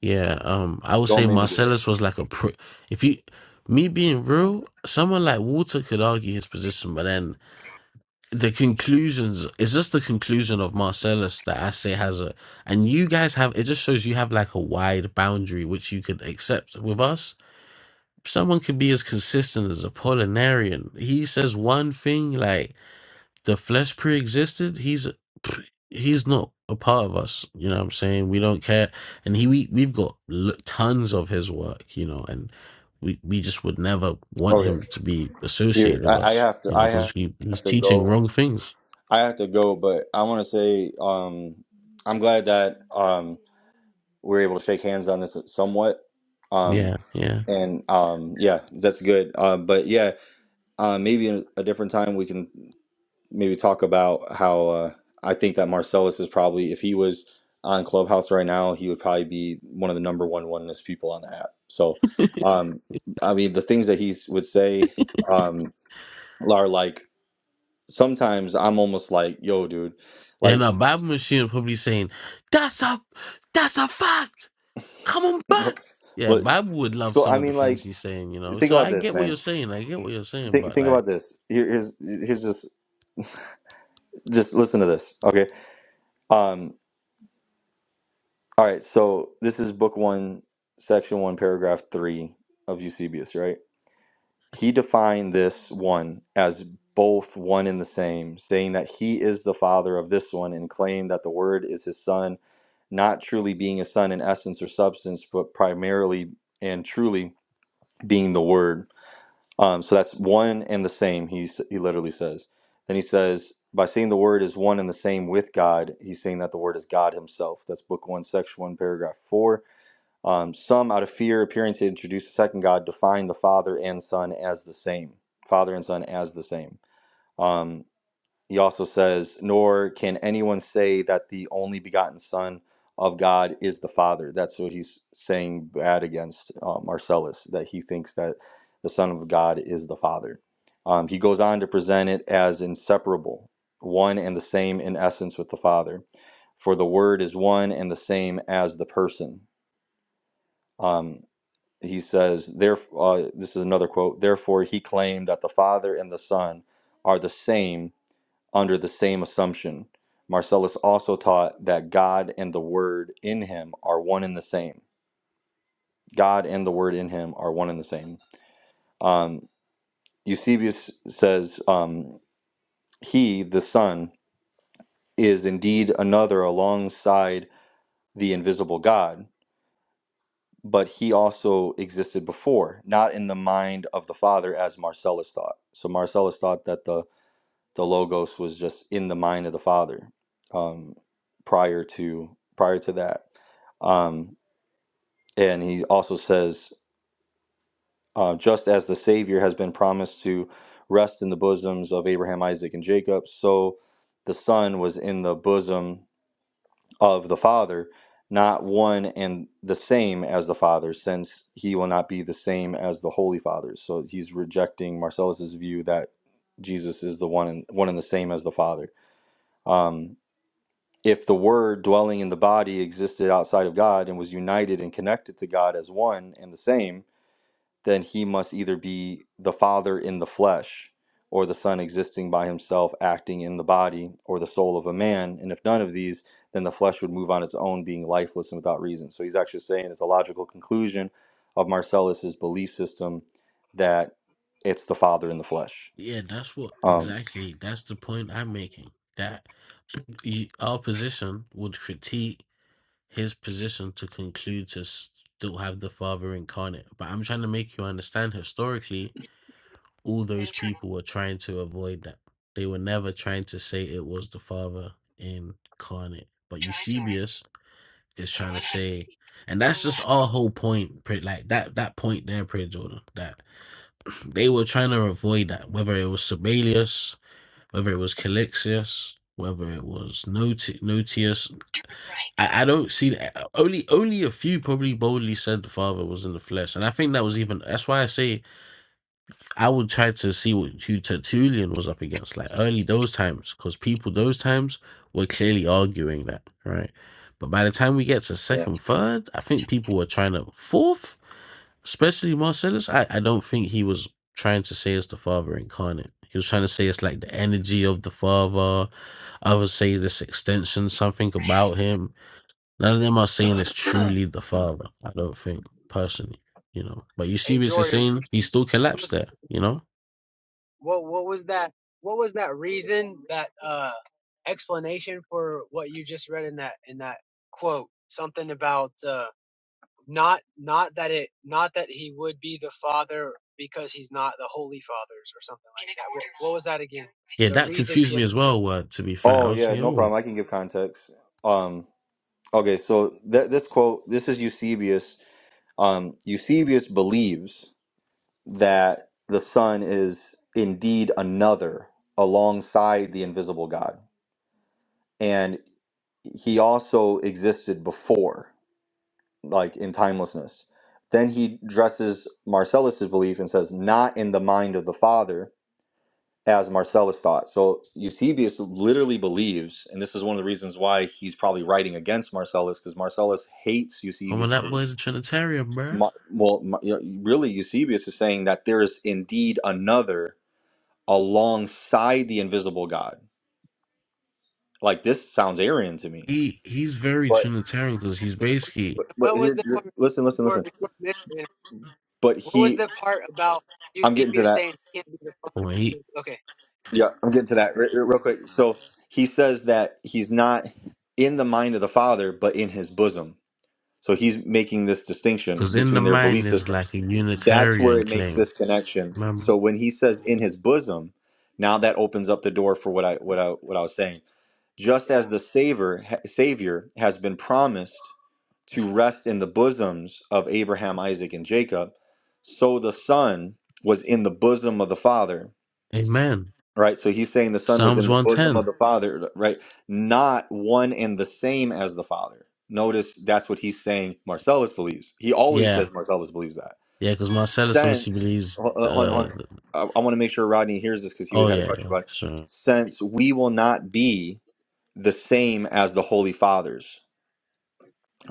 Yeah, um, I would
Don't
say
make me do it.
Marcellus was like a pro. If you, me being real, someone like Walter could argue his position, but then the conclusions is just the conclusion of Marcellus that I say has a, and you guys have it just shows you have like a wide boundary which you could accept with us someone could be as consistent as a Apollinarian. He says one thing like the flesh pre-existed. He's (sniffs) he's not a part of us. You know what I'm saying? We don't care. And he we we've got l- tons of his work. You know, and we we just would never want
Okay.
him to be
Here
associated with
I, I
us.
have to
You know,
I
because
have
he, he's
to
teaching
go.
wrong things.
I have to go, but I want to say um, I'm glad that um, we're able to shake hands on this somewhat. Um,
Yeah, yeah.
and um, yeah, that's good. Uh, but yeah, uh, maybe in a different time we can maybe talk about how uh, I think that Marcellus is probably, if he was on Clubhouse right now, he would probably be one of the number one oneness people on the app. So, um, I mean, the things that he would say um, are like, sometimes I'm almost like, yo, dude.
And
Like
a Bible machine probably saying, "That's a, that's a fact." Come on back.
Well,
Yeah,
well,
Bible would love
so
some
I
of the
mean,
things
like,
he's saying, you know.
think
So
about
I
this,
get what
man.
you're saying. I get what you're saying,
Think
but
think
like,
about this. Here, here's here's just just listen to this, okay? Um, all right. So this is book one, section one, paragraph three of Eusebius, right? He defined this one as both one and the same, saying that he is the father of this one, and claimed that the word is his son, not truly being a son in essence or substance, but primarily and truly being the word. Um, so that's one and the same. He s- he literally says. Then he says, by seeing the word is one and the same with God, he's saying that the word is God Himself. That's Book One, Section One, Paragraph Four. Um, some, out of fear, appearing to introduce a second God, define the Father and Son as the same. Father and Son as the same. Um, he also says, Nor can anyone say that the only begotten Son of God is the Father. That's what he's saying bad against uh, Marcellus, that he thinks that the Son of God is the Father. Um, he goes on to present it as inseparable, one and the same in essence with the Father. For the Word is one and the same as the person. Um, he says, therefore, uh, this is another quote, therefore he claimed that the Father and the Son are the same under the same assumption. Marcellus also taught that God and the Word in him are one and the same. God and the Word in him are one and the same. Um, Eusebius says, um, He, the Son, is indeed another alongside the invisible God, but he also existed before, not in the mind of the Father as Marcellus thought. So Marcellus thought that the, the Logos was just in the mind of the Father um, prior to prior to that. Um, and he also says, uh, just as the Savior has been promised to rest in the bosoms of Abraham, Isaac, and Jacob, so the Son was in the bosom of the Father, not one and the same as the Father, since he will not be the same as the Holy Father. So he's rejecting Marcellus's view that Jesus is the one and one and the same as the Father. Um, if the Word dwelling in the body existed outside of God and was united and connected to God as one and the same, then he must either be the Father in the flesh, or the Son existing by himself, acting in the body, or the soul of a man. And if none of these, then the flesh would move on its own, being lifeless and without reason. So he's actually saying it's a logical conclusion of Marcellus's belief system that it's the Father in the flesh.
yeah, that's what
Um,
exactly. That's the point I'm making. That (clears throat) you, our position would critique his position to conclude to still have the Father incarnate. But I'm trying to make you understand historically, all those
turn
people were trying to avoid that. They were never trying to say it was the Father incarnate. But
drive north
Eusebius is
in
trying to
100
say.
feet.
And
Turn
that's just
left,
our whole point, like that that point there, Prayer Jordan, that they were trying to avoid that, whether it was Sabellius, whether it was Calixius, whether it was Noti- Notius.
right
I, I don't see that. Only only a few probably boldly said the Father was in the flesh, and I think that was even that's why I say I would try to see what who Tertullian was up against, like early those times, because people those times were clearly arguing that, right? But by the time we get to
Yeah.
second, third, I think people were trying to fourth, especially Marcellus. I, I don't think he was trying to say it's the father incarnate. He was trying to say it's like the energy of the father. I would say this extension, something
for half
about
mile.
him. None of them are saying it's truly the father. I don't think personally, you know. But
Hey
Eusebius is
Jordan,
saying he still
what
collapsed
was
there, you know
what, what was that? What was that reason? That uh explanation for what you just read in that in that quote? Something about uh. not not that it not that he would be the father because he's not the holy fathers or something like that. What, what was that again?
Yeah,
The
that
reason
confused me
given.
as well. Uh, to be fair, I
Oh
was
yeah,
like,
no problem.
"Oh,
I can give context. Um, okay, so th- this quote, this is Eusebius. Um, Eusebius believes. that the Son is indeed another alongside the invisible God. And he also existed before, like in timelessness. Then he dresses Marcellus's belief and says, not in the mind of the Father, as Marcellus thought. So Eusebius literally believes, and this is one of the reasons why he's probably writing against Marcellus, because Marcellus hates
come on,
Eusebius'
that
belief.
boy's a Trinitarian, bruh.
Mar- well, Mar- you know, really, Eusebius is saying that there is indeed another alongside the invisible God. Like this sounds Aryan to me.
He he's very
But
Trinitarian because he's basically
but, but
What was
here,
the
just
part
listen, listen,
before
listen.
before
But
What was
he,
the part about
I'm getting to
Eusebius
that.
saying he can't be the father?
well, he
Okay,
Yeah, I'm getting to that re- re- real quick. So he says that he's not in the mind of the Father, but in his bosom. So he's making this distinction
because in the
between their
mind
belief
is
systems.
like a
That's where
Unitarian
it makes
claim.
this connection. So
Remember,
when he says in his bosom, now that opens up the door for what I what I what I was saying just
yeah,
as the savior, savior has been promised to rest in the bosoms of Abraham, Isaac, and Jacob, so the son was in the bosom of the father,
Amen.
right? So he's saying the son was in
Psalms
the
one
bosom
ten.
of the father, right? Not one and the same as the father. Notice that's what he's saying Marcellus believes. He always
Yeah,
says Marcellus believes that.
yeah, because Marcellus also
Since,
believes.
hold on, hold
Uh,
on. I, I want to make sure Rodney hears this because he
oh
had a
yeah,
question
yeah,
about it.
sure.
Since we will not be the same as the Holy Fathers,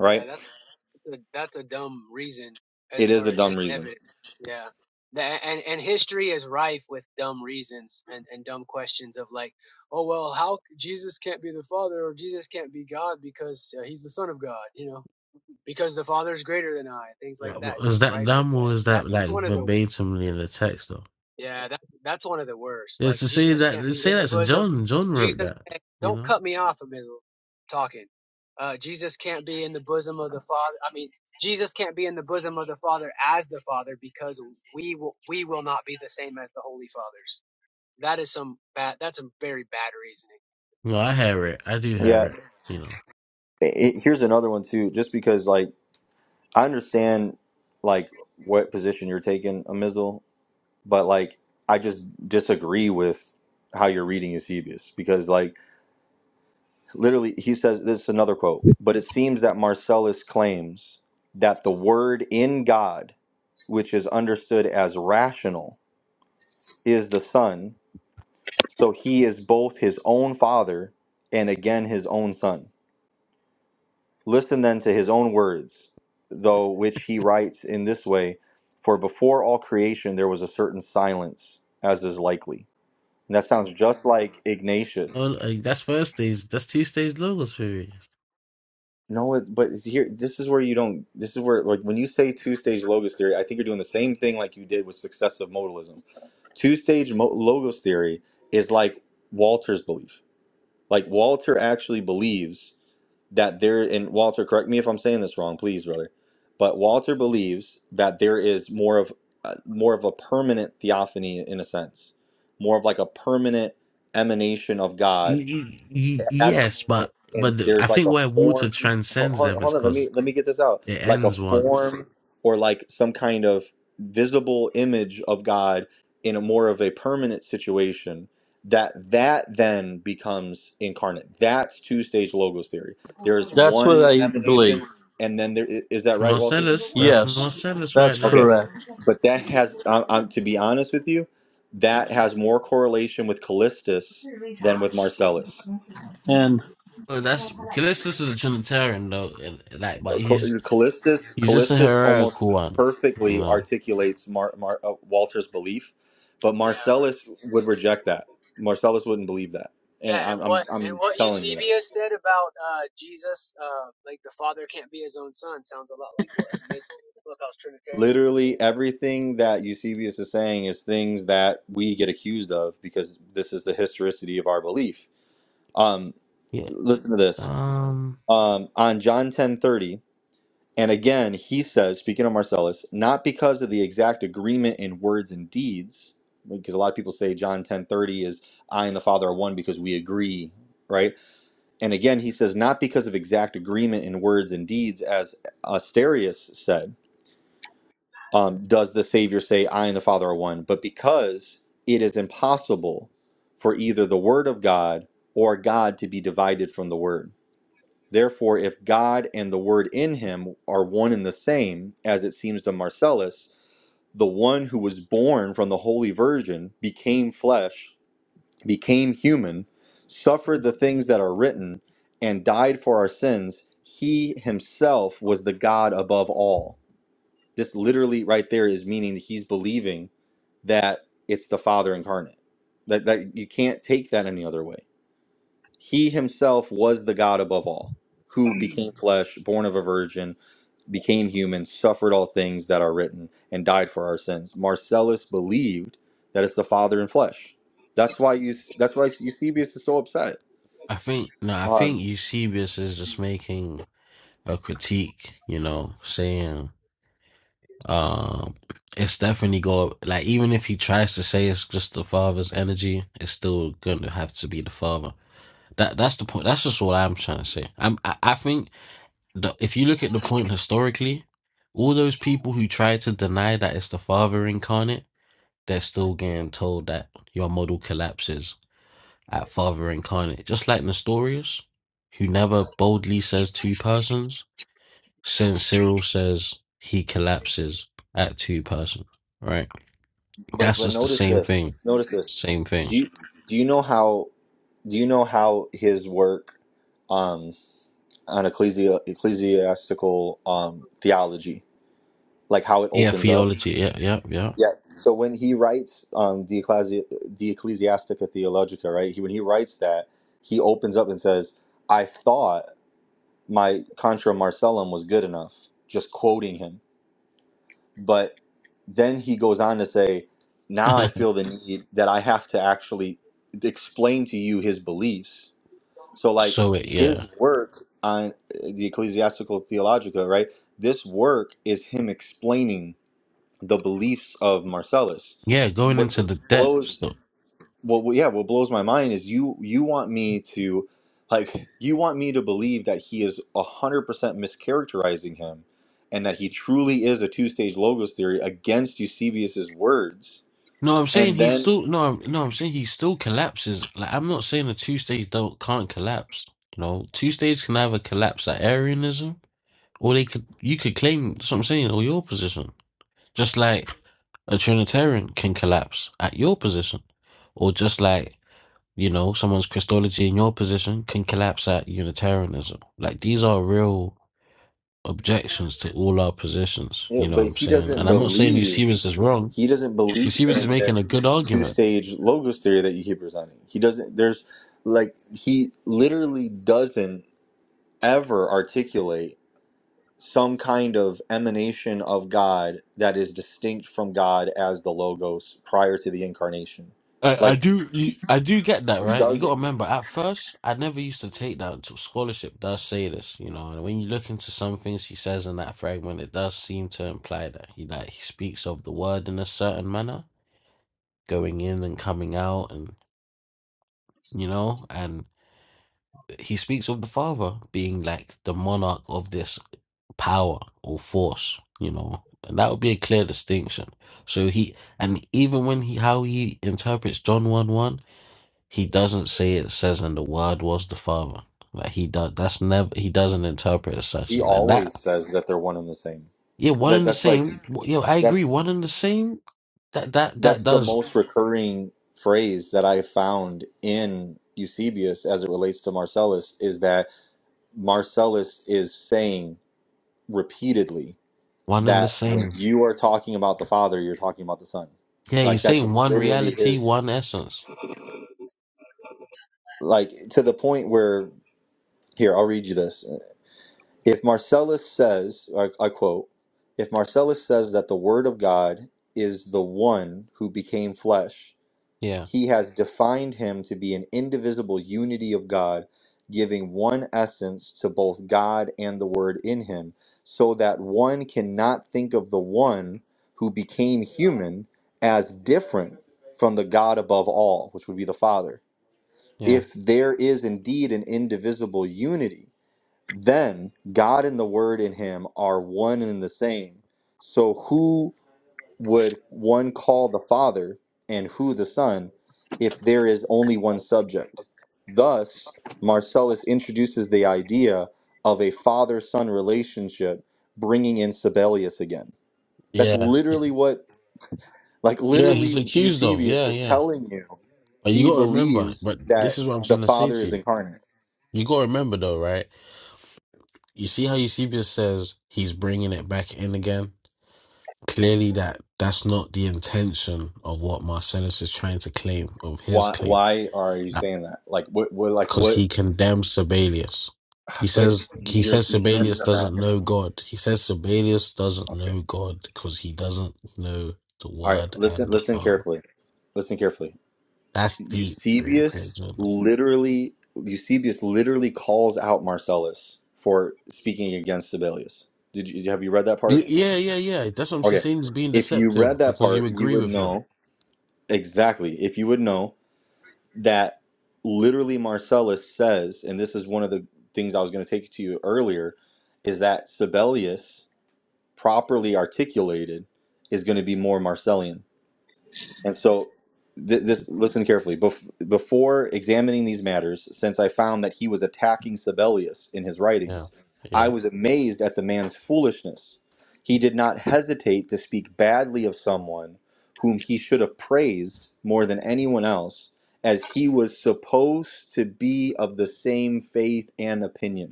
yeah. That's. that's a dumb reason as
It is
far
a
as his
dumb reason.
evidence. Yeah. The, and and history is rife with dumb reasons and, and dumb questions of like, oh well, how c- Jesus can't be the Father or Jesus can't be God because uh, he's the Son of God, you know, because the Father is greater than I, things
Yeah,
like that,
wh- Is
just
that
rife with
dumb or is
that.
that
That's
like
one of the
verbatimly in the text though?
yeah, that that's one of the worst.
Yeah,
Like
to say
Jesus
that
can't
to
be
say
in the
that's
bosom.
John. John wrote
Jesus,
that.
can't-
You
don't
know.
cut me off in the middle of talking. Uh, Jesus can't be in the bosom of the Father. I mean, Jesus can't be in the bosom of the Father as the Father because we will we will not be the same as the Holy Fathers. That is some bad. That's some very bad reasoning.
No, I hear it. I do hear
Yeah.
it. You know.
It, it- here's another one too, just because like I understand like what position you're taking, Amizel, but like I just disagree with how you're reading Eusebius because like literally he says this is another quote, but it seems that Marcellus claims that the word in God, which is understood as rational, is the Son So he is both his own father and again his own son. Listen then to his own words, though which he writes in this way For before all creation there was a certain silence, as is likely. And that sounds just like Ignatius.
Well, like, that's first stage. That's two stage logos theory.
No, it, but here, this is where you don't, this is where, like, when you say two stage logos theory, I think you're doing the same thing like you did with successive modalism. Two stage mo- logos theory is like Walter's belief. Like, Walter actually believes that there and Walter, correct me if I'm saying this wrong, please, brother. But Walter believes that there is more of uh, more of a permanent theophany in a sense, more of like a permanent emanation of God
Y- y- y-
at the
yes, but
moment and
but the- I
there's like
think
a
where water
form ho-
transcends
hold,
them is
hold on let me
because
let me get this out
it
like a
ends once.
form or like some kind of visible image of god in a more of a permanent situation that that then becomes incarnate that's two stage logos theory there's
That's what
one
I believe.
emanation and then there i- is that
It's
right walter
Marcellus, that's
Yes,
Marcellus
that's
right
okay
there.
correct.
but that has I, I'm, to be honest with you that has more correlation with callistus than with marcellus
And
Oh, that's Callistus is a Trinitarian though, and, like, but
Cal-
he's
Callistus
he's just a
Callistus almost
heretical one, you
perfectly
know.
articulates Mar, Mar, uh, Walter's belief, but
Yeah, right.
Marcellus would reject that. Marcellus wouldn't believe that, and
Yeah, and
I'm I'm,
what and
I'm
what
telling you that.
Eusebius said about uh, Jesus, uh, like the Father can't be his own Son, sounds a lot like what a Mizzle, Clubhouse Trinitarians
Literally
would
everything that Eusebius is saying is things that we get accused of because this is the historicity of our belief. Um,
Yeah.
listen to this.
Um,
Um, on John 10:30. And again, he says, speaking of Marcellus, not because of the exact agreement in words and deeds, because a lot of people say John 10:30 is I and the Father are one because we agree, right? And again, he says not because of exact agreement in words and deeds, as Asterius said, um, does the Savior say I and the Father are one, but because it is impossible for either the Word of God or God to be divided from the Word Therefore, if God and the Word in him are one and the same, as it seems to Marcellus, the one who was born from the Holy Virgin became flesh, became human, suffered the things that are written, and died for our sins. He himself was the God above all. This literally right there is meaning that he's believing that it's the Father incarnate. That, that you can't take that any other way he himself was the God above all, who
Mm.
became flesh, born of a virgin, became human, suffered all things that are written, and died for our sins. Marcellus believed that it's the Father in flesh. That's why you. That's why Eusebius is so upset.
I think no, I
Um,
think Eusebius is just making a critique, you know, saying Um, it's definitely go like even if he tries to say it's just the father's energy, it's still gonna have to be the father. That that's the point. That's just what I'm trying to say. I'm I, I think the, if you look at the
say.
point historically, all those people who try to deny that it's the father incarnate, they're still getting told that your model collapses at father incarnate. Just like Nestorius, who never boldly says two persons,
Zola
since
Street,
Cyril says he collapses at two persons, right?
but
That's
but
just the
notice
same
this.
thing.
Notice this.
Same
Do
thing.
you do you know how do you know how his work um, on ecclesi- ecclesiastical um, theology, like how it
Yeah,
opens up?
theology. Yeah, yeah, yeah.
Yeah. So when he writes um, the, Ecclesi- the Ecclesiastica Theologica, right? He, when he writes that, he opens up and says, "I thought my Contra Marcellum was good enough," just quoting him. But then he goes on to say, "Now I feel the need that I have to actually explain to you his beliefs." So
(laughs)
like
so it, yeah,
his work on uh, the Ecclesiastical Theologica, right? This work is him explaining the beliefs of Marcellus.
yeah. Going
What
into the depths,
blows
though.
what yeah, what blows my mind is you you want me to like you want me to believe that he is 100% mischaracterizing him and that he truly is a two-stage logos theory against Eusebius's words.
No, I'm saying
And
he
then
still. No, I'm, no, I'm saying he still collapses. Like I'm not saying the two stage don't can't collapse. You know, two stage can either collapse at Arianism, or they could. You could claim. That's what I'm saying. Or your position, just like a Trinitarian can collapse at your position, or just like you know, someone's Christology in your position can collapse at Unitarianism. Like these are real objections to all our positions.
yeah,
You know what
but
I'm
he
saying?
doesn't
And I'm not saying
believe
Eusebius is wrong.
he doesn't believe
Eusebius is
in
making a
this
good argument.
two-stage logos theory that you keep presenting. He doesn't there's like he literally doesn't ever articulate some kind of emanation of God that is distinct from God as the Logos prior to the incarnation.
I, I
Like
do you, I do get that
he Mhm.
right. You
does
got to
it.
remember, at first, I never used to take that until scholarship does say this. You know, and when you look into some things he says in that fragment, it does seem to imply that he like he speaks of the word in a certain manner, going in and coming out, and you know, and he speaks of the Father being like the monarch of this power or force. You know, and that would be a clear distinction. So he and even when he how he interprets John one one. He doesn't say it says and the word was the father. Like he does that's never he doesn't interpret it such
He
as that.
always
That
says that they're one and the same.
yeah, one
That
and the
that's like
same. W- Yo, I agree,
that's
one and the same. That that that
that's the
does
most recurring phrase that I found in Eusebius as it relates to Marcellus is that Marcellus is saying repeatedly
one and the
that when
same.
you are talking about the Father, you're talking about the Son.
Yeah,
Like
he's
that's
saying one
literally
reality,
his
one essence.
like to the point where Here, I'll read you this. If Marcellus says, I, I quote, if Marcellus says that the Word of God is the one who became flesh,
Yeah,
he has defined him to be an indivisible unity of God, giving one essence to both God and the Word in him, so that one cannot think of the one who became human as different from the God above all, which would be the Father.
yeah.
If there is indeed an indivisible unity, then God and the Word in him are one and the same. So who would one call the Father and who the Son if there is only one subject? Thus, Marcellus introduces the idea of a father son relationship, bringing in Sibelius again. That's
Yeah,
literally what, like,
yeah, he's
literally,
accused of.
Eusebius
Yeah,
is
yeah.
telling you
But you
he
gotta remember.
believes
But
that
this is what I'm
the
trying to say
Father
to
is
you.
incarnate.
You gotta remember though, right? You see how Eusebius says he's bringing it back in again. Clearly, that that's not the intention of what Marcellus is trying to claim of his
Why,
claim,
why are you saying that? Like, what, what, like,
because
what?
he condemns Sibelius. He
But
says he
you're
says
you're
Sibelius
missing on that.
doesn't know God. He says Sibelius doesn't
Okay.
know God because he doesn't know the
All right.
Word
Listen.
and the
Listen
Father.
carefully. Listen carefully.
That's deep. Brilliant, brilliant,
Eusebius
Jordan.
literally Eusebius literally calls out Marcellus for speaking against Sibelius. Did you have you read that
Y-
part?
Yeah, yeah, yeah. That's what I'm
Okay.
saying. He's being
If you
deceptive
read that
because you
part, you
agree
would
with him.
know exactly. If you would know that literally Marcellus says, and this is one of the things I was going to take to you earlier, is that Sibelius properly articulated is going to be more Marcellian And so, th- this listen carefully. Bef- before examining these matters, since I found that he was attacking Sibelius in his
Yeah,
writings, I
yeah,
was amazed at the man's foolishness. He did not hesitate to speak badly of someone whom he should have praised more than anyone else, as he was supposed to be of the same faith and opinion.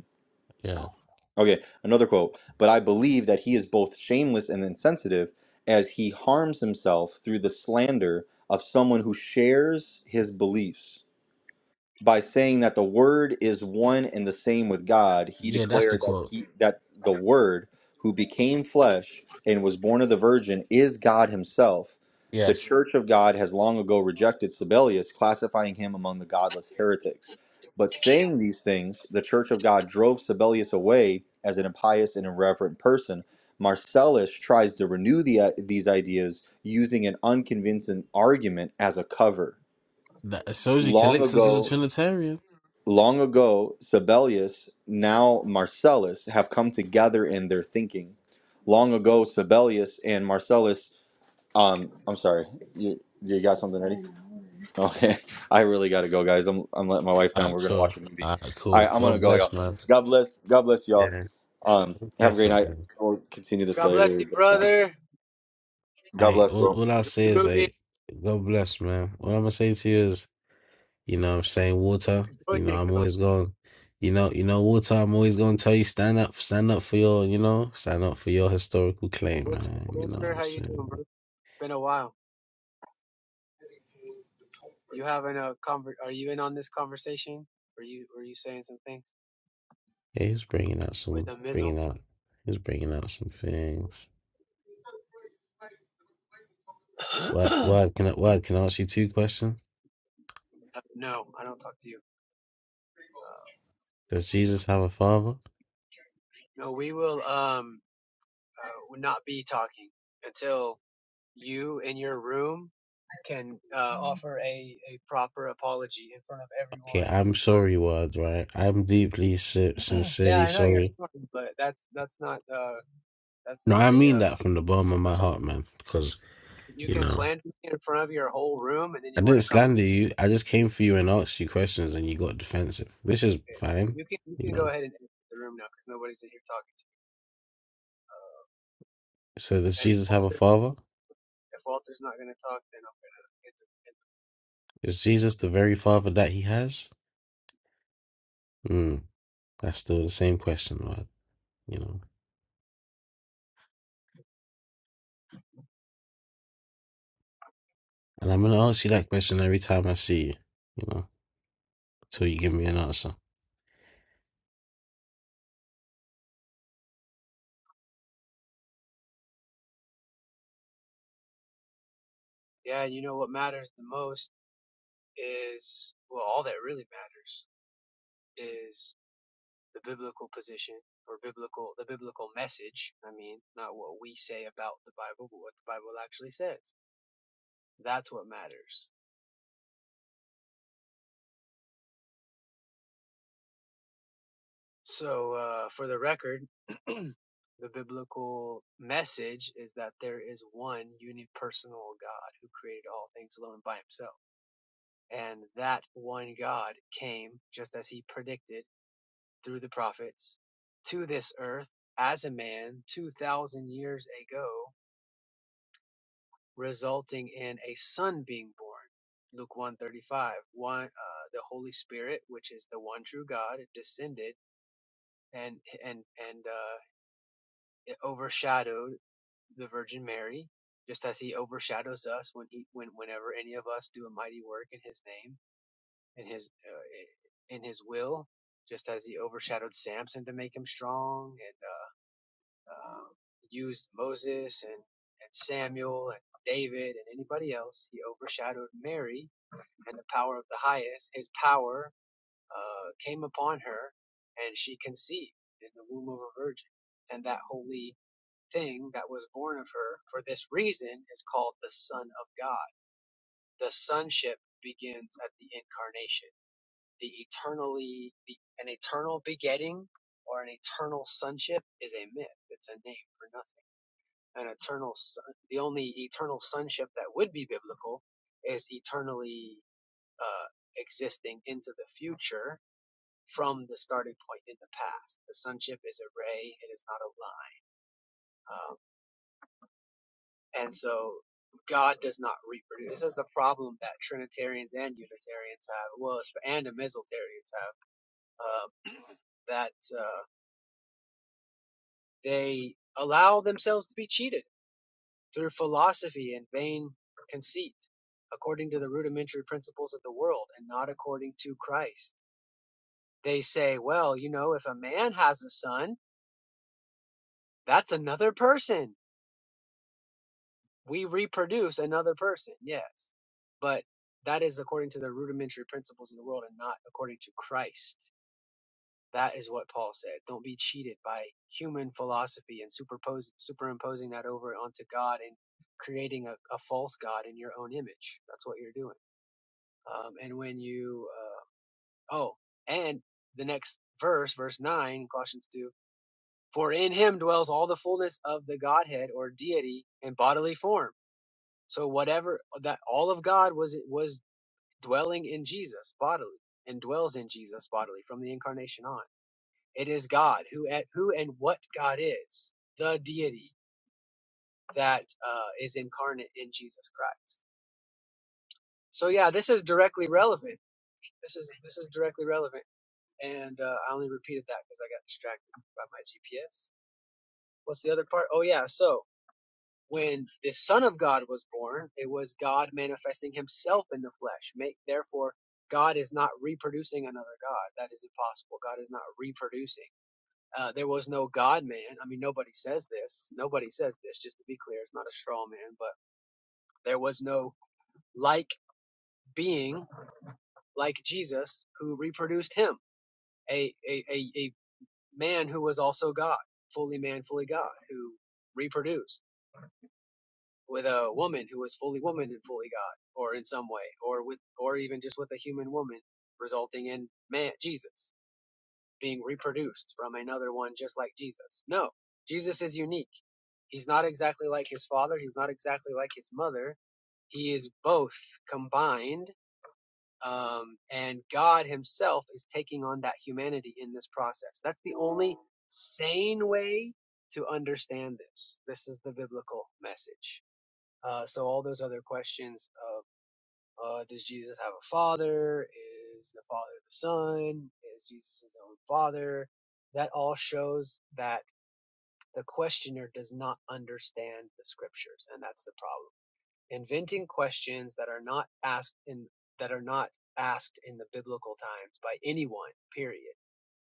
yeah.
Okay, another quote. But I believe that he is both shameless and insensitive, as he harms himself through the slander of someone who shares his beliefs. By saying that the Word is one and the same with God, he
Yeah, that's the
declared that
quote.
he that the Word who became flesh and was self, the Church
Yes.
of God Jectelius, finding him a mix. But
Decatur.
in these things, the Church of God drove Sabellius away as an impious and irreverent person. Marcellia ideas using an unconvincing argument as a cover.
That Soji
Long
Calixtus is a
ago,
Trinitarian.
long ago, Sibelius, now Marcellus, have come together in their thinking. Long ago, Sibelius and Marcellus. Um, I'm sorry, you, you got something ready? Okay, (laughs) I really gotta go, guys. I'm, I'm letting my wife
All
down.
right,
We're gonna
cool.
watch a movie.
All right,
All
cool.
right, I'm gonna
God
go, y'all.
bless, man.
God bless. God bless y'all.
Yeah,
Um,
we'll
have a
catch
great
up,
night.
man.
We'll continue this
God bless
later.
you,
Good time.
brother.
God
Hey,
bless,
all,
bro.
all I'll
Enjoy
say
the
is,
movie.
hey, God bless, man. What I'm gonna say to you is, you know, what I'm saying water.
Enjoy
You know, I'm
Django.
always going. You know, you know, water. I'm always going to tell you, stand up, stand up for your, you know, stand up for your historical claim,
What's up,
man. You know, what
Walter?
I'm
How you doing, bro?
saying.
It's been a while. You having a conver- Are you in on this conversation? Are you Are you saying some things
Yeah, he was bringing out
with
some,
a mizzle?
bringing out, he was bringing out some things. What,
(clears throat)
what can I, what can I ask you two questions?
Uh, no, I don't talk to you.
Does Jesus have a father?
No, we will um uh, not be talking until you in your room can uh, offer a, a proper apology in front of
Okay,
everyone.
I'm sorry, word. right? I'm deeply si-
(clears throat) yeah,
sincerely
I know you're
sorry.
sorry, but that's that's not uh That's
No,
not
I
a
mean
uh,
that from the bottom of my heart, man. Because,
you
you
can
know,
slander me in front of your whole room, and then
I
you want
didn't
to come.
slander you. I just came for you and asked you questions and you got defensive, which is fine,
You can you
you
can go
know.
ahead and enter the room now because nobody's in here talking to you.
So, does
And if,
Jesus have a
Walter,
father?
if Walter's not going to talk, then I'm going to get the
Is Jesus the very father that he has? Hmm, that's still the same question, word. you know. And I'm going to ask you that question every time I see you, you know, until you give me an answer.
Yeah, you know what matters the most is well, all that really matters is the biblical position or biblical the biblical message. I mean, not what we say about the Bible, but what the Bible actually says. That's what matters So, uh, for the record, (clears throat) the biblical message is that there is one unipersonal God who created all things alone by himself. And that one God came, just as he predicted through the prophets, to this earth as a man 2,000 years ago, resulting in a son being born. Luke 135. One, uh, the Holy Spirit, which is the one true God, descended and and and uh, it overshadowed the Virgin Mary, just as He overshadows us when He when whenever any of us do a mighty work in His name in His uh, in His will, just as He overshadowed Samson to make him strong, and uh, um used Moses and and Samuel and David and anybody else. He overshadowed Mary and the power of the highest. His power uh, came upon her, and she conceived in the womb of a virgin, and that holy thing that was born of her for this reason is called the Son of God. The sonship begins at the incarnation. The eternally, the, an eternal begetting or an eternal sonship is a myth. It's a name for nothing. An eternal, son, the only eternal sonship that would be biblical is eternally uh, existing into the future from the starting point in the past. The sonship is a ray. It is not a line. Um, And so God does not reproduce. This is the problem that Trinitarians and Unitarians have, well, it's- and Amisaltarians have, uh, that uh, they allow themselves to be cheated through philosophy and vain conceit, according to the rudimentary principles of the world and not according to Christ. They say, well, you know, if a man has a son, that's another person we reproduce another person, yes, but that is according to the rudimentary principles of the world and not according to Christ. That is what Paul said. Don't be cheated by human philosophy and superpose, superimposing that over onto God and creating a, a false God in your own image. That's what you're doing. Um, and when you, uh, oh, and the next verse, verse 9, Colossians 2, for in him dwells all the fullness of the Godhead or deity in bodily form so whatever that all of God was was dwelling in Jesus bodily and dwells in Jesus bodily from the incarnation on. It is God who at who and what God is, the deity that uh, is incarnate in Jesus Christ. So yeah, this is directly relevant. This is this is directly relevant. And uh, I only repeated that because I got distracted by my GPS. What's the other part? Oh yeah, so when the Son of God was born, it was God manifesting himself in the flesh. Make, therefore, God is not reproducing another God. That is impossible. God is not reproducing. Uh, there was no God man. I mean, nobody says this. Nobody says this, just to be clear. It's not a straw man, but there was no like being like Jesus who reproduced him, a, a, a, a man who was also God, fully man, fully God, who reproduced. with a woman who was fully woman and fully God, or in some way, or with, or even just with a human woman, resulting in man, Jesus, being reproduced from another one just like Jesus. No, Jesus is unique. He's not exactly like his father. He's not exactly like his mother. He is both combined, um, and God Himself is taking on that humanity in this process. That's the only sane way to understand this. This is the biblical message. Uh, so all those other questions of uh, does Jesus have a father? Is the father the son? Is Jesus his own father? That all shows that the questioner does not understand the scriptures, and that's the problem. Inventing questions that are not asked in that are not asked in the biblical times by anyone. Period.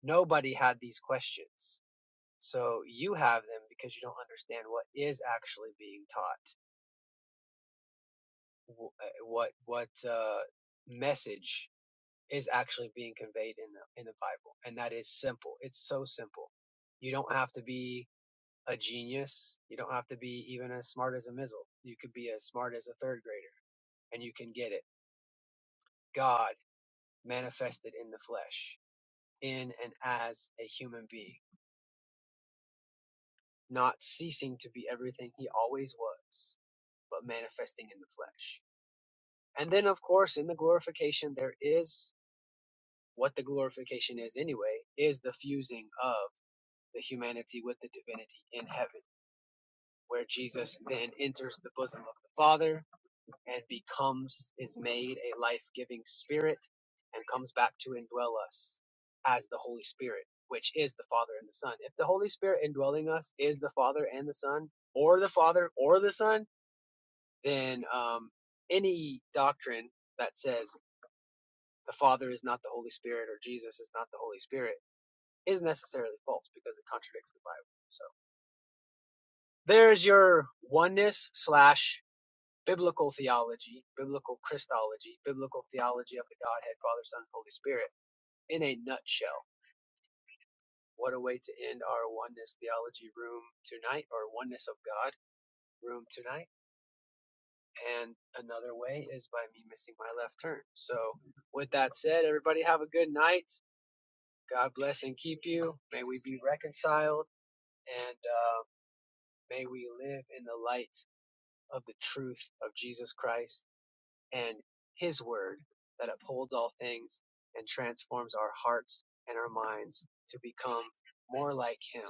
Nobody had these questions. So you have them because you don't understand what is actually being taught. w- uh, what what uh, message is actually being conveyed in the in the Bible, and that is simple. It's so simple. You don't have to be a genius. You don't have to be even as smart as a missile. You could be as smart as a third grader, and you can get it. God manifested in the flesh, in and as a human being, not ceasing to be everything he always was, but manifesting in the flesh. And then, of course, in the glorification, there is what the glorification is anyway is the fusing of the humanity with the divinity in heaven where jesus then enters the bosom of the father and becomes is made a life-giving spirit and comes back to indwell us as the holy spirit which is the father and the son if the holy spirit indwelling us is the father and the son or the father or the son then um, any doctrine that says the father is not the holy spirit or jesus is not the holy spirit is necessarily false because it contradicts the Bible. So there's your oneness slash biblical theology, biblical Christology, biblical theology of the Godhead, Father, Son, Holy Spirit in a nutshell. What a way to end our oneness theology room tonight, or oneness of God room tonight. And another way is by me missing my left turn. So, with that said, everybody have a good night. God bless and keep you. May we be reconciled and uh, may we live in the light of the truth of Jesus Christ and His Word that upholds all things and transforms our hearts and our minds to become more like Him.